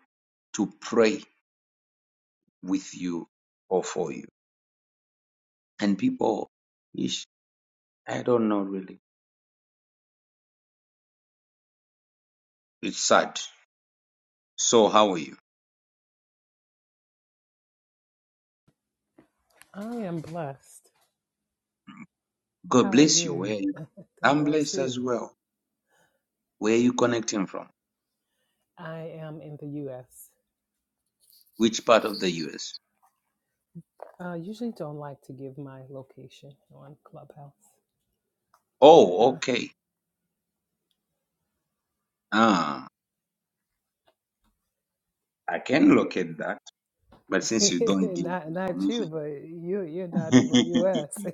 Speaker 1: to pray with you or for you and people ish i don't know really it's sad so how are you
Speaker 23: I am blessed.
Speaker 1: god
Speaker 23: How are
Speaker 1: bless you where
Speaker 23: you?
Speaker 1: are you
Speaker 23: God
Speaker 1: i'm
Speaker 23: bless
Speaker 1: blessed
Speaker 23: you.
Speaker 1: as well where are you connecting from
Speaker 23: I am in the US.
Speaker 1: which part of the us
Speaker 23: I uh, usually don't like to give my location on Clubhouse, but
Speaker 1: oh
Speaker 23: uh,
Speaker 1: okay ah I can locate that, but since you don't give
Speaker 23: not not you,
Speaker 1: information,
Speaker 23: but you you're not in the US.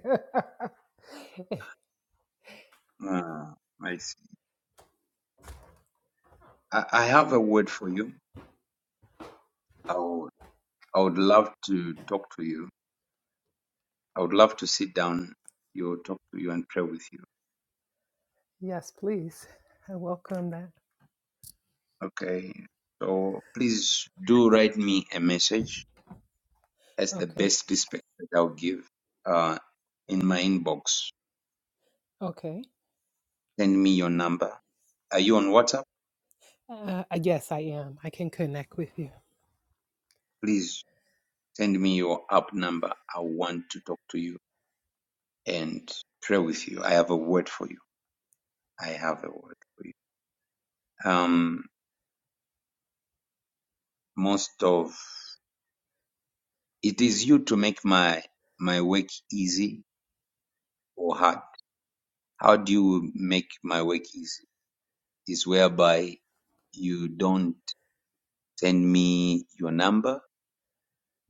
Speaker 1: Ah, I see. I, I have a word for you. I would, I would love to talk to you. I would love to sit down, you talk to you and pray with you.
Speaker 23: yes, please. I welcome that.
Speaker 1: Okay. So please do write me a message. That's the
Speaker 23: Okay.
Speaker 1: best respect that I'll give. Uh, in my inbox.
Speaker 23: Okay.
Speaker 1: Send me your number. Are you on WhatsApp?
Speaker 23: Uh, yes, I am. I can connect with you.
Speaker 1: Please send me your app number. I want to talk to you. and pray with you. I have a word for you. I have a word for you. Um, most of it is you to make my my work easy or hard. How do you make my work easy? Is whereby you don't send me your number,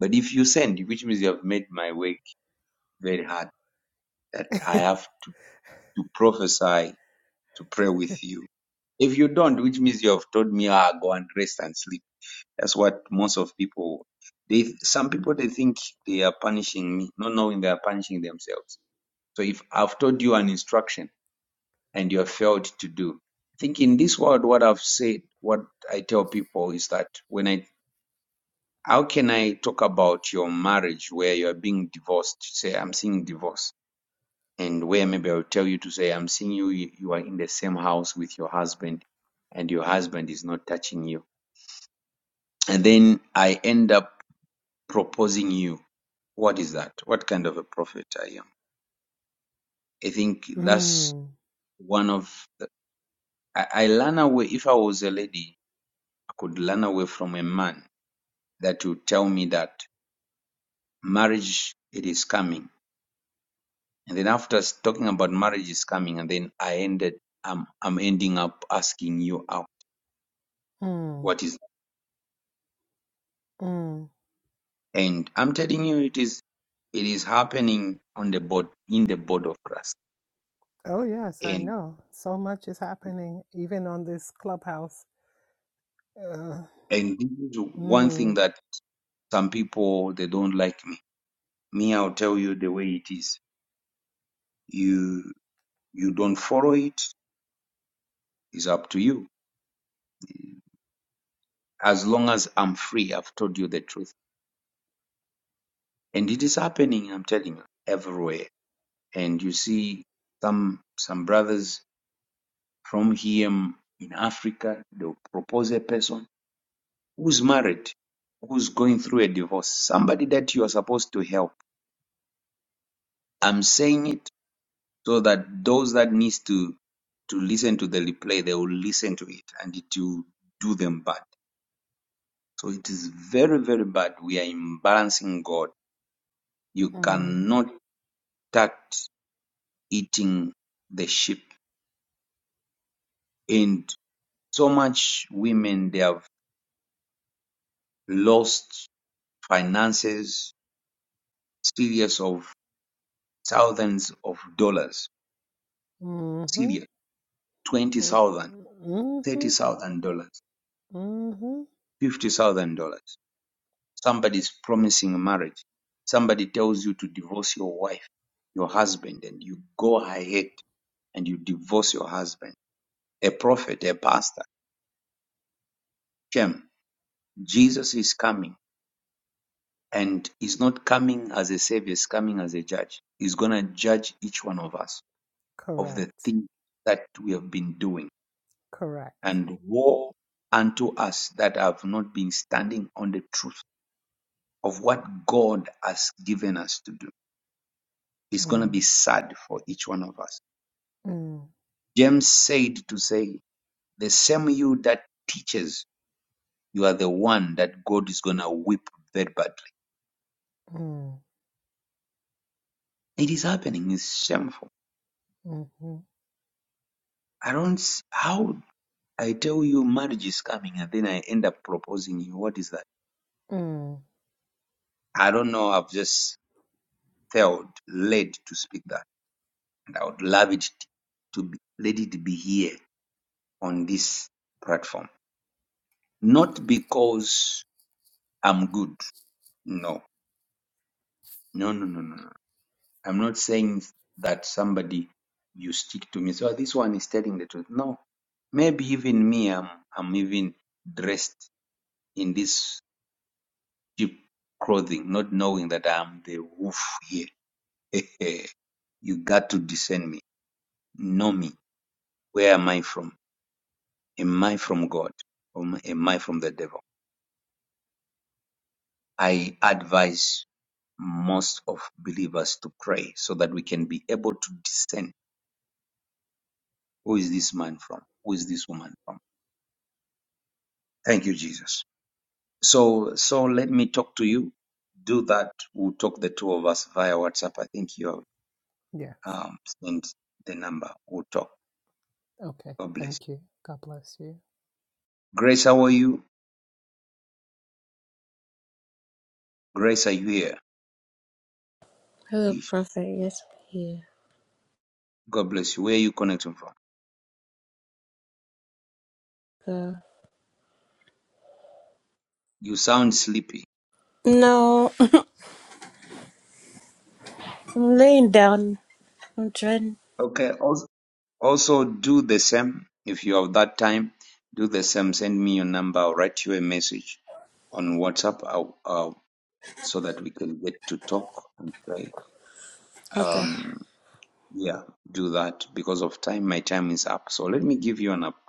Speaker 1: but if you send, which means you have made my work very hard. That I have to, to prophesy to pray with you. If you don't, which means you have told me, ah, go and rest and sleep. That's what most of people they some people they think they are punishing me, not knowing they are punishing themselves. So if I've told you an instruction and you have failed to do, I think in this world what I've said, what I tell people is that when I how can I talk about your marriage where you are being divorced? Say I'm seeing divorce, and where maybe I'll tell you to say I'm seeing you. You are in the same house with your husband, and your husband is not touching you. And then I end up proposing you what is that what kind of a prophet i am i think that's
Speaker 23: Mm,
Speaker 1: one of the, I, I learn away if i was a lady i could learn away from a man that would tell me that marriage it is coming and then after talking about marriage is coming and then i ended i'm, I'm ending up asking you out
Speaker 23: mm,
Speaker 1: what is
Speaker 23: mm.
Speaker 1: that? and i'm telling you it is it is happening on the board in the board of christ
Speaker 23: Oh, yes, I
Speaker 1: and
Speaker 23: know. So much is happening, even on this clubhouse. Uh,
Speaker 1: and this is one thing
Speaker 23: mm,
Speaker 1: that some people they don't like me Me, I'll tell you the way it is. You you don't follow it, it's up to you. As long as I'm free, I've told you the truth. And it is happening, I'm telling you, everywhere. And you see some some brothers from here in Africa, they'll propose a person who's married, who's going through a divorce, somebody that you are supposed to help. I'm saying it so that those that needs to to listen to the replay, they will listen to it and it will do them bad So it is very, very bad. We are imbalancing God. You
Speaker 23: mm,
Speaker 1: cannot start eating the sheep. And so much women, they have lost finances, serious of thousands of dollars.
Speaker 23: mm-hmm,
Speaker 1: Serious. Twenty
Speaker 23: mm,
Speaker 1: thousand, dollars, thirty
Speaker 23: mm-hmm,
Speaker 1: thousand dollars,
Speaker 23: mm-hmm.
Speaker 1: fifty thousand dollars. Somebody is promising marriage. Somebody tells you to divorce your wife, your husband, and you go ahead and you divorce your husband a prophet, a pastor. Shem, Jesus is coming and he's not coming as a savior, he's coming as a judge. He's going to judge each one of us of the
Speaker 23: Correct,
Speaker 1: things that we have been doing
Speaker 23: correct.
Speaker 1: and woe unto us that have not been standing on the truth of what God has given us to do. It's going to
Speaker 23: Mm,
Speaker 1: be sad for each one of us.
Speaker 23: mm,
Speaker 1: James said to say, the same you that teaches, you are the one that God is going to whip very badly
Speaker 23: mm,
Speaker 1: It is happening. It's shameful.
Speaker 23: mm-hmm,
Speaker 1: I don't. s- How I tell you marriage is coming and then I end up proposing you. What is that?
Speaker 23: mm.
Speaker 1: I don't know. I've just felt led to speak that, and I would love it to be, let it be here on this platform. Not because I'm good. No, no, no, no, no. no. I'm not saying that somebody you stick to me. So this one is telling the truth. No, maybe even me. I'm I'm even dressed in this cheap clothing, not knowing that I'm the wolf here. you got to discern me, know me. Where am I from? Am I from God? Or am I from the devil? I advise most of believers to pray so that we can be able to discern who is this man from? Who is this woman from? Thank you, Jesus. So, so let me talk to you. Do that. We'll talk the two of us via WhatsApp. I think you
Speaker 23: Yes.
Speaker 1: have um, sent the number. We'll talk.
Speaker 23: Okay.
Speaker 1: God bless.
Speaker 23: Thank you. God bless you.
Speaker 1: Grace, how are you? Grace, are you here?
Speaker 24: Hello,
Speaker 1: Ish.
Speaker 24: Prophet. Yes, I'm here.
Speaker 1: God bless you. Where are you connecting from?
Speaker 24: Uh,
Speaker 1: You sound sleepy.
Speaker 24: no, I'm laying down. I'm trying.
Speaker 1: Okay. Also, also do the same. If you have that time, do the same. Send me your number. I'll write you a message on WhatsApp I'll, I'll- so that we can get to talk and pray.
Speaker 24: Okay.
Speaker 1: Um, yeah, do that because of time. My time is up. So let me give you an, app-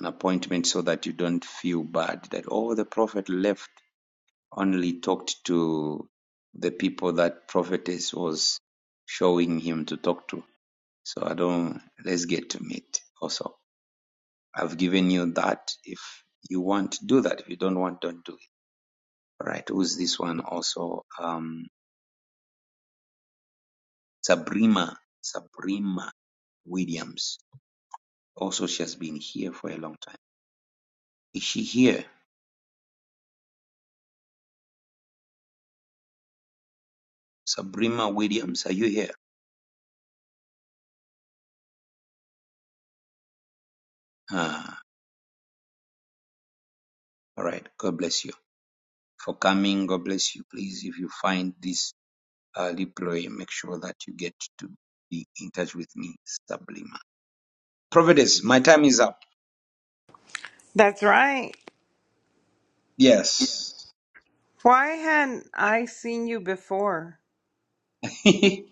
Speaker 1: an appointment so that you don't feel bad that, oh, the prophet left. only talked to the people that prophetess was showing him to talk to. So I don't, let's get to meet also. I've given you that. If you want, do that. If you don't want, don't do it. All right. Who's this one also? Um, Sabrina, Sabrina Williams. Also, she has been here for a long time. Is she here? Sabrina Williams, are you here? Ah, all right. God bless you for coming. God bless you. Please, if you find this early ploy, make sure that you get to be in touch with me, Sublimer. Prophetess, my time is up.
Speaker 7: That's right.
Speaker 1: Yes.
Speaker 7: Why hadn't I seen you before?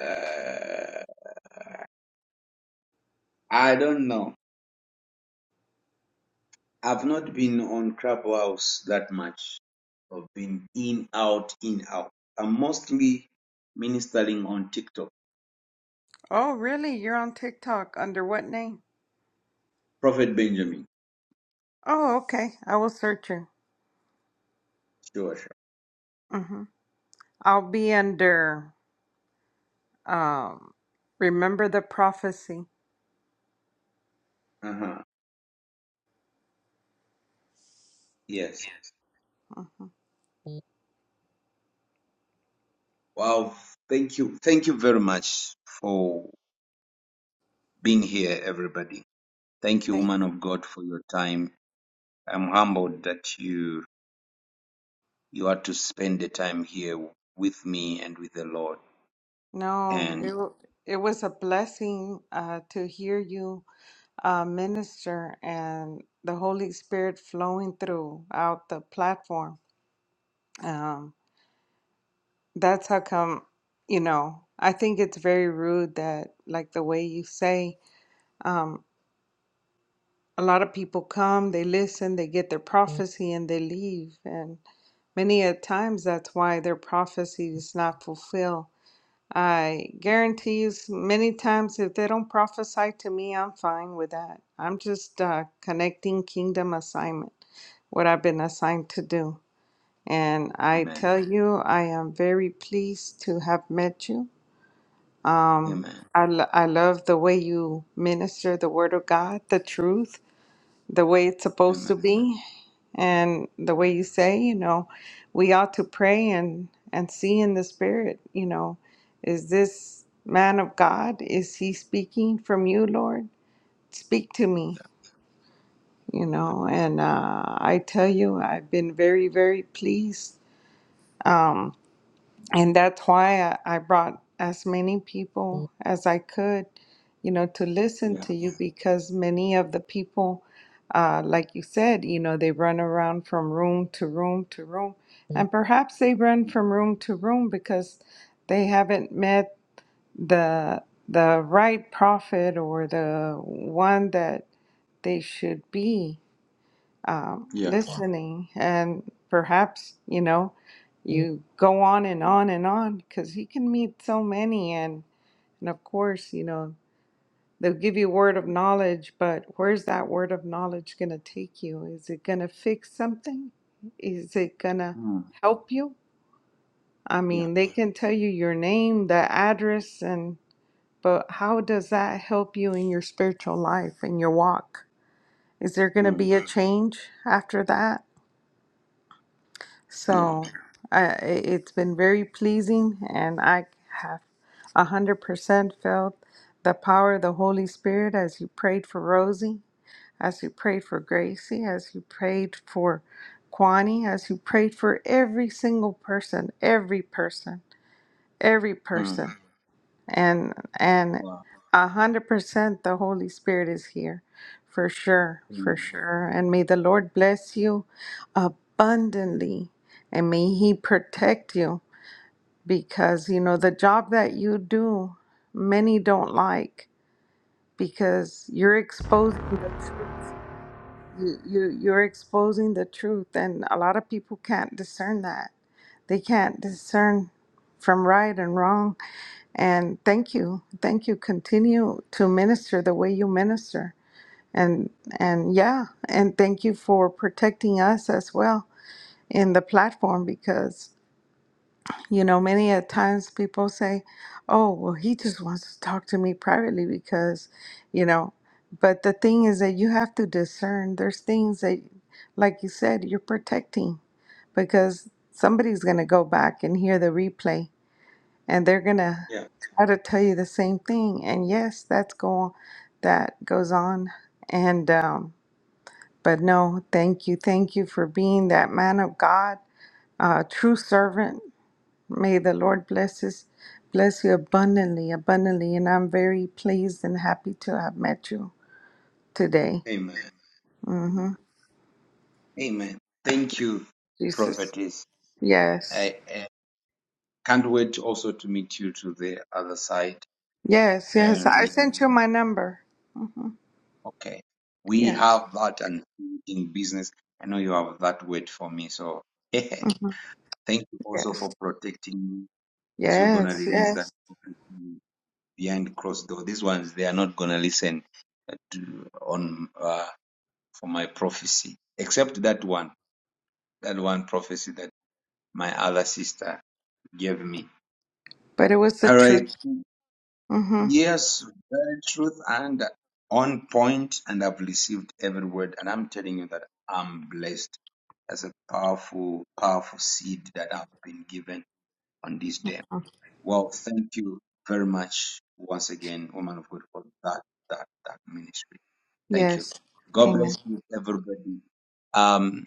Speaker 1: Uh, I don't know. I've not been on Clubhouse that much. I've been in, out, in, out. I'm mostly ministering on TikTok.
Speaker 7: Oh, really? You're on TikTok under what name?
Speaker 1: Prophet Benjamin.
Speaker 7: Oh, okay. I will search you.
Speaker 1: Sure, sure.
Speaker 7: hmm I'll be under um, Remember the Prophecy.
Speaker 1: Uh huh. Yes. Wow. Thank you. Thank you very much for being here, everybody. Thank you,
Speaker 7: Thank.
Speaker 1: woman of God, for your time. I'm humbled that you you are to spend the time here with me and with the Lord.
Speaker 7: No,
Speaker 1: And
Speaker 7: it wa- it was a blessing uh, to hear you uh, minister and the Holy Spirit flowing throughout the platform. Um, that's how come, you know. I think it's very rude that, like the way you say. a lot of people come, they listen, they get their prophecy, and they leave. And many a times that's why their prophecy is not fulfilled. I guarantee you, many times if they don't prophesy to me, I'm fine with that. I'm just uh, connecting kingdom assignment, what I've been assigned to do. And I
Speaker 1: amen,
Speaker 7: tell you, I am very pleased to have met you. Um,
Speaker 1: amen,
Speaker 7: I, lo- I love the way you minister the word of God, the truth the way it's supposed
Speaker 1: amen,
Speaker 7: to be and the
Speaker 1: amen.
Speaker 7: way you say you know we ought to pray and and see in the spirit you know is this man of god is he speaking from you lord speak to me you know and uh, i tell you i've been very very pleased um, and that's why I, I brought as many people as I could, you know, to listen
Speaker 1: Yeah,
Speaker 7: to you because many of the people, uh, like you said, you know, they run around from room to room to room, and perhaps they run from room to room because they haven't met the the right prophet or the one that they should be um,
Speaker 1: yeah, mm, yeah,
Speaker 7: listening and perhaps you know you go on and on and on because you can meet so many and and of course you know they'll give you word of knowledge but where's that word of knowledge going to take you is it going to fix something is it going to
Speaker 1: mm,
Speaker 7: help you i
Speaker 1: yeah,
Speaker 7: mean they can tell you your name the address and but how does that help you in your spiritual life in your walk is there going to
Speaker 1: mm,
Speaker 7: be a change after that
Speaker 1: yeah.
Speaker 7: So I, i- it's been very pleasing, and I have 100% felt the power of the Holy Spirit as you prayed for Rosie, as you prayed for Gracie, as you prayed for Kwani, as you prayed for every single person, every person, every
Speaker 1: Mm.
Speaker 7: person and and
Speaker 1: Wow.
Speaker 7: a hundred percent the holy spirit is here for sure for
Speaker 1: Amen.
Speaker 7: sure and may the lord bless you abundantly and may he protect you because you know the job that you do many don't like because you're exposing the truth you, you you're exposing the truth and a lot of people can't discern that they can't discern from right and wrong and thank you. Thank you. Continue to minister the way you minister. And and yeah, and thank you for protecting us as well in the platform because you know many at times people say, "Oh, well he just wants to talk to me privately because, you know, but the thing is that you have to discern. There's things that like you said, you're protecting because somebody's going to go back and hear the replay and they're gonna try to tell you the same thing. And yes, that's going that goes on. And um, but no, thank you, thank you for being that man of God, uh, true servant. May the Lord bless us, bless you abundantly, abundantly. And I'm very pleased and happy to have met you today.
Speaker 1: amen, amen.
Speaker 7: hmm
Speaker 1: Amen. Thank you,
Speaker 7: Jesus,
Speaker 1: prophetess.
Speaker 7: yes,
Speaker 1: I, I can't wait also to meet you to the other side.
Speaker 7: yes, yes.
Speaker 1: And
Speaker 7: I
Speaker 1: we
Speaker 7: sent you my number. hmm
Speaker 1: okay. We
Speaker 7: Yes,
Speaker 1: have that and in business. I know you have that word for me, so.
Speaker 7: hmm
Speaker 1: Thank you also
Speaker 7: yes,
Speaker 1: for protecting me as you're gonna
Speaker 7: yes,
Speaker 1: release that
Speaker 7: yes.
Speaker 1: topic behind closed door. These ones they are not gonna listen uh, to, on uh, for my prophecy, except that one, that one prophecy that my other sister gave me.
Speaker 7: But it was the
Speaker 1: All
Speaker 7: truth.
Speaker 1: right.
Speaker 7: Mm-hmm.
Speaker 1: Yes, very truth and on point, and I've received every word, and I'm telling you that I'm blessed. That's a powerful, powerful seed that I've been given on this day. Well, thank you very much once again, woman of God, for that that that ministry. Thank you.
Speaker 7: Yes.
Speaker 1: God
Speaker 7: Amen.
Speaker 1: bless you, everybody. Um,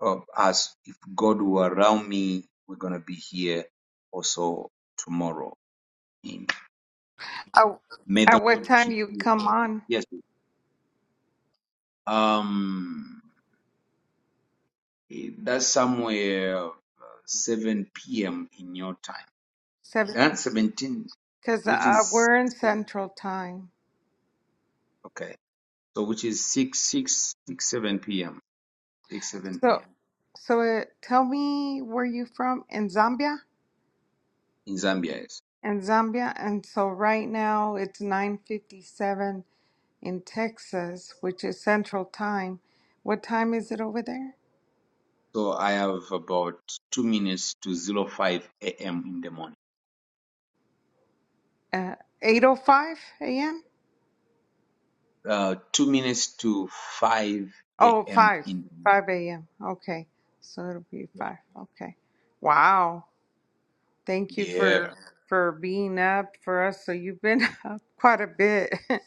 Speaker 1: oh, as if God were around me, we're gonna be here also tomorrow. In
Speaker 7: Oh,
Speaker 1: May
Speaker 7: at
Speaker 1: the
Speaker 7: what
Speaker 1: Lord
Speaker 7: time
Speaker 1: keep
Speaker 7: you
Speaker 1: you
Speaker 7: come
Speaker 1: all.
Speaker 7: on?
Speaker 1: Yes. Um, eh, that's somewhere uh, 7 p.m. in your time.
Speaker 7: Seven,
Speaker 1: That's 17,
Speaker 7: because uh,
Speaker 1: which
Speaker 7: uh,
Speaker 1: is
Speaker 7: we're in Central Time.
Speaker 1: okay. So which is 6, 6, 6, 7 p.m. 6 7
Speaker 7: So,
Speaker 1: p.m.
Speaker 7: so uh, tell me where you from in Zambia?
Speaker 1: in Zambia. Yes.
Speaker 7: In Zambia, and so right now it's nine fifty-seven in Texas, which is Central Time. What time is it over there?
Speaker 1: So I have about two minutes to zero five a.m. in the morning.
Speaker 7: Uh, eight oh five a.m.
Speaker 1: Uh, two minutes to five
Speaker 7: Oh,
Speaker 1: a.m.
Speaker 7: five
Speaker 1: in
Speaker 7: five
Speaker 1: the
Speaker 7: a.m. Okay, so it'll be five. Okay. Wow. Thank you
Speaker 1: morning.
Speaker 7: for
Speaker 1: Yeah.
Speaker 7: for being up for us. So you've been up quite a bit.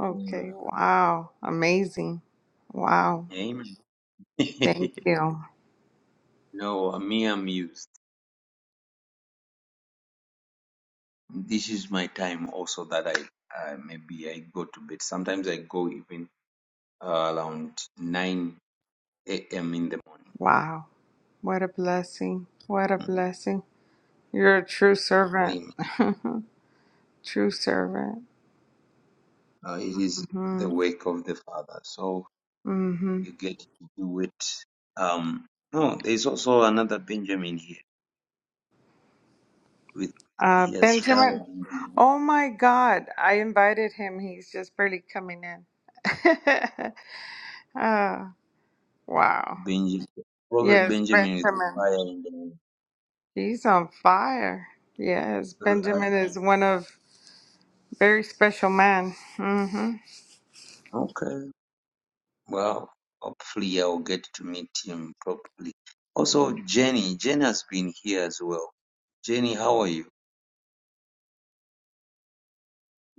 Speaker 7: Okay.
Speaker 1: Amen.
Speaker 7: Wow. Amazing. Wow.
Speaker 1: Amen.
Speaker 7: Thank you.
Speaker 1: no, me, I'm used. This is my time also that I uh, maybe I go to bed. Sometimes I go even uh, around nine a.m. in the morning.
Speaker 7: Wow. What a blessing. What a
Speaker 1: Mhm.
Speaker 7: blessing. You're a true servant.
Speaker 1: Amen.
Speaker 7: true servant.
Speaker 1: Uh, it is the
Speaker 7: Mhm.
Speaker 1: wake of the Father. So
Speaker 7: Mhm.
Speaker 1: you get to do it. Um, no, there's also another Benjamin here with
Speaker 7: Uh
Speaker 1: he has fire
Speaker 7: Benjamin.
Speaker 1: and
Speaker 7: Oh my god. I invited him. He's just barely coming in. Ah. wow.
Speaker 1: Benjamin, Prophet
Speaker 7: Yes,
Speaker 1: Benjamin with the
Speaker 7: Benjamin.
Speaker 1: fire and
Speaker 7: He's on fire. Yes,
Speaker 1: the,
Speaker 7: Benjamin is one of very special man. hmm
Speaker 1: okay. Well, hopefully I'll get to meet him properly. Also, Jenny, Jenny has been here as well. Jenny, how are you?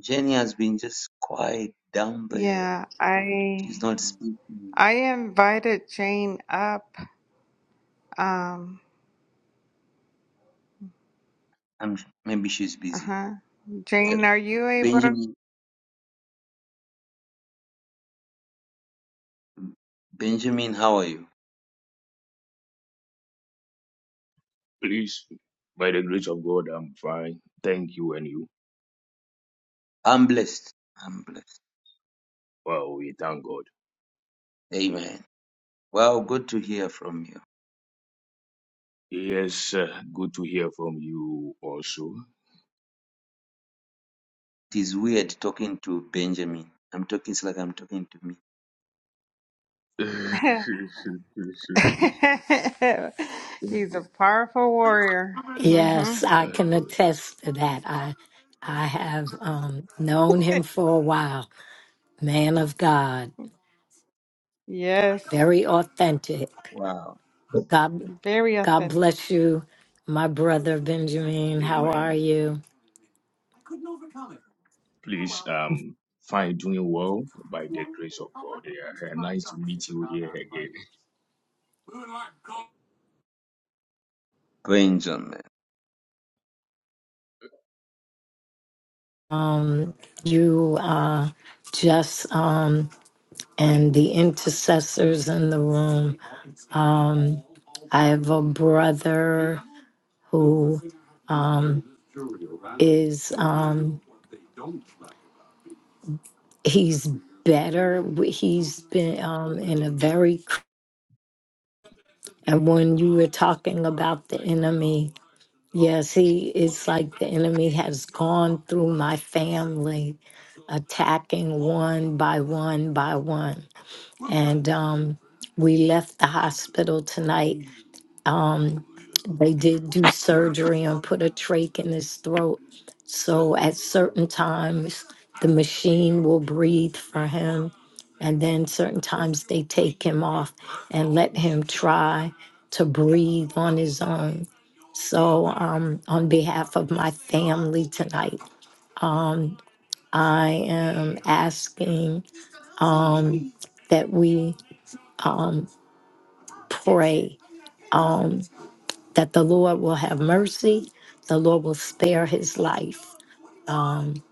Speaker 1: Jenny has been just quiet down there.
Speaker 7: Yeah,
Speaker 1: She's
Speaker 7: I
Speaker 1: not speaking.
Speaker 7: I invited Jane up. Um,
Speaker 1: I'm, maybe she's busy.
Speaker 7: uh-huh.
Speaker 1: Uh,
Speaker 7: Jane, are you able
Speaker 1: Benjamin, Benjamin, how are you?
Speaker 25: Please, by the grace of God, I'm fine. Thank you and you.
Speaker 1: I'm blessed. I'm blessed.
Speaker 25: Well, we thank God.
Speaker 1: Amen. Wow, good to hear from you.
Speaker 25: Yes, uh, good to hear from you also.
Speaker 1: It is weird talking to Benjamin. I'm talking, it's like I'm talking to me.
Speaker 25: Amen.
Speaker 7: to? He's a powerful warrior. hmm
Speaker 18: Yes, I can attest to that. I I have um, known him for a while. Man of God,
Speaker 7: Yes,
Speaker 18: very authentic.
Speaker 1: Wow,
Speaker 18: God
Speaker 7: very
Speaker 18: God
Speaker 7: authentic.
Speaker 18: bless you, my brother Benjamin. How are you?
Speaker 25: Please, um, fine, doing well by the grace of God. Yeah, nice to meet you here again.
Speaker 1: Benjamin.
Speaker 18: Um, you uh, just um, and the intercessors in the room. Um, I have a brother who um, is um, he's better. W- He's been um, in a very cr- and when you were talking about the enemy, yes, he it's like the enemy has gone through my family, attacking one by one by one, and um, we left the hospital tonight Um, they did do surgery and put a trach in his throat. So at certain times, the machine will breathe for him. And then certain times, they take him off and let him try to breathe on his own. So, um, on behalf of my family tonight, um, I am asking um, that we um, pray Um, that the Lord will have mercy. The Lord will spare his life. Um,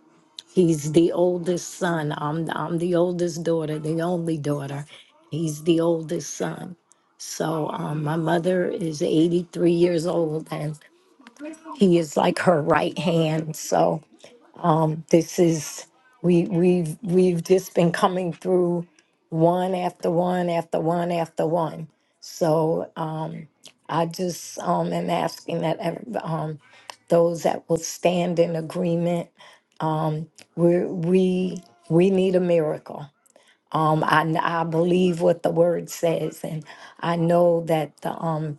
Speaker 18: he's the oldest son. I'm, I'm the oldest daughter, the only daughter. He's the oldest son. So um, my mother is 83 years old and he is like her right hand. So um, this is we we've we've just been coming through one after one after one after one. So um, I just um, am asking that ev- um, those that will stand in agreement. Um, we we we need a miracle. Um, I I believe what the word says, and I know that the um,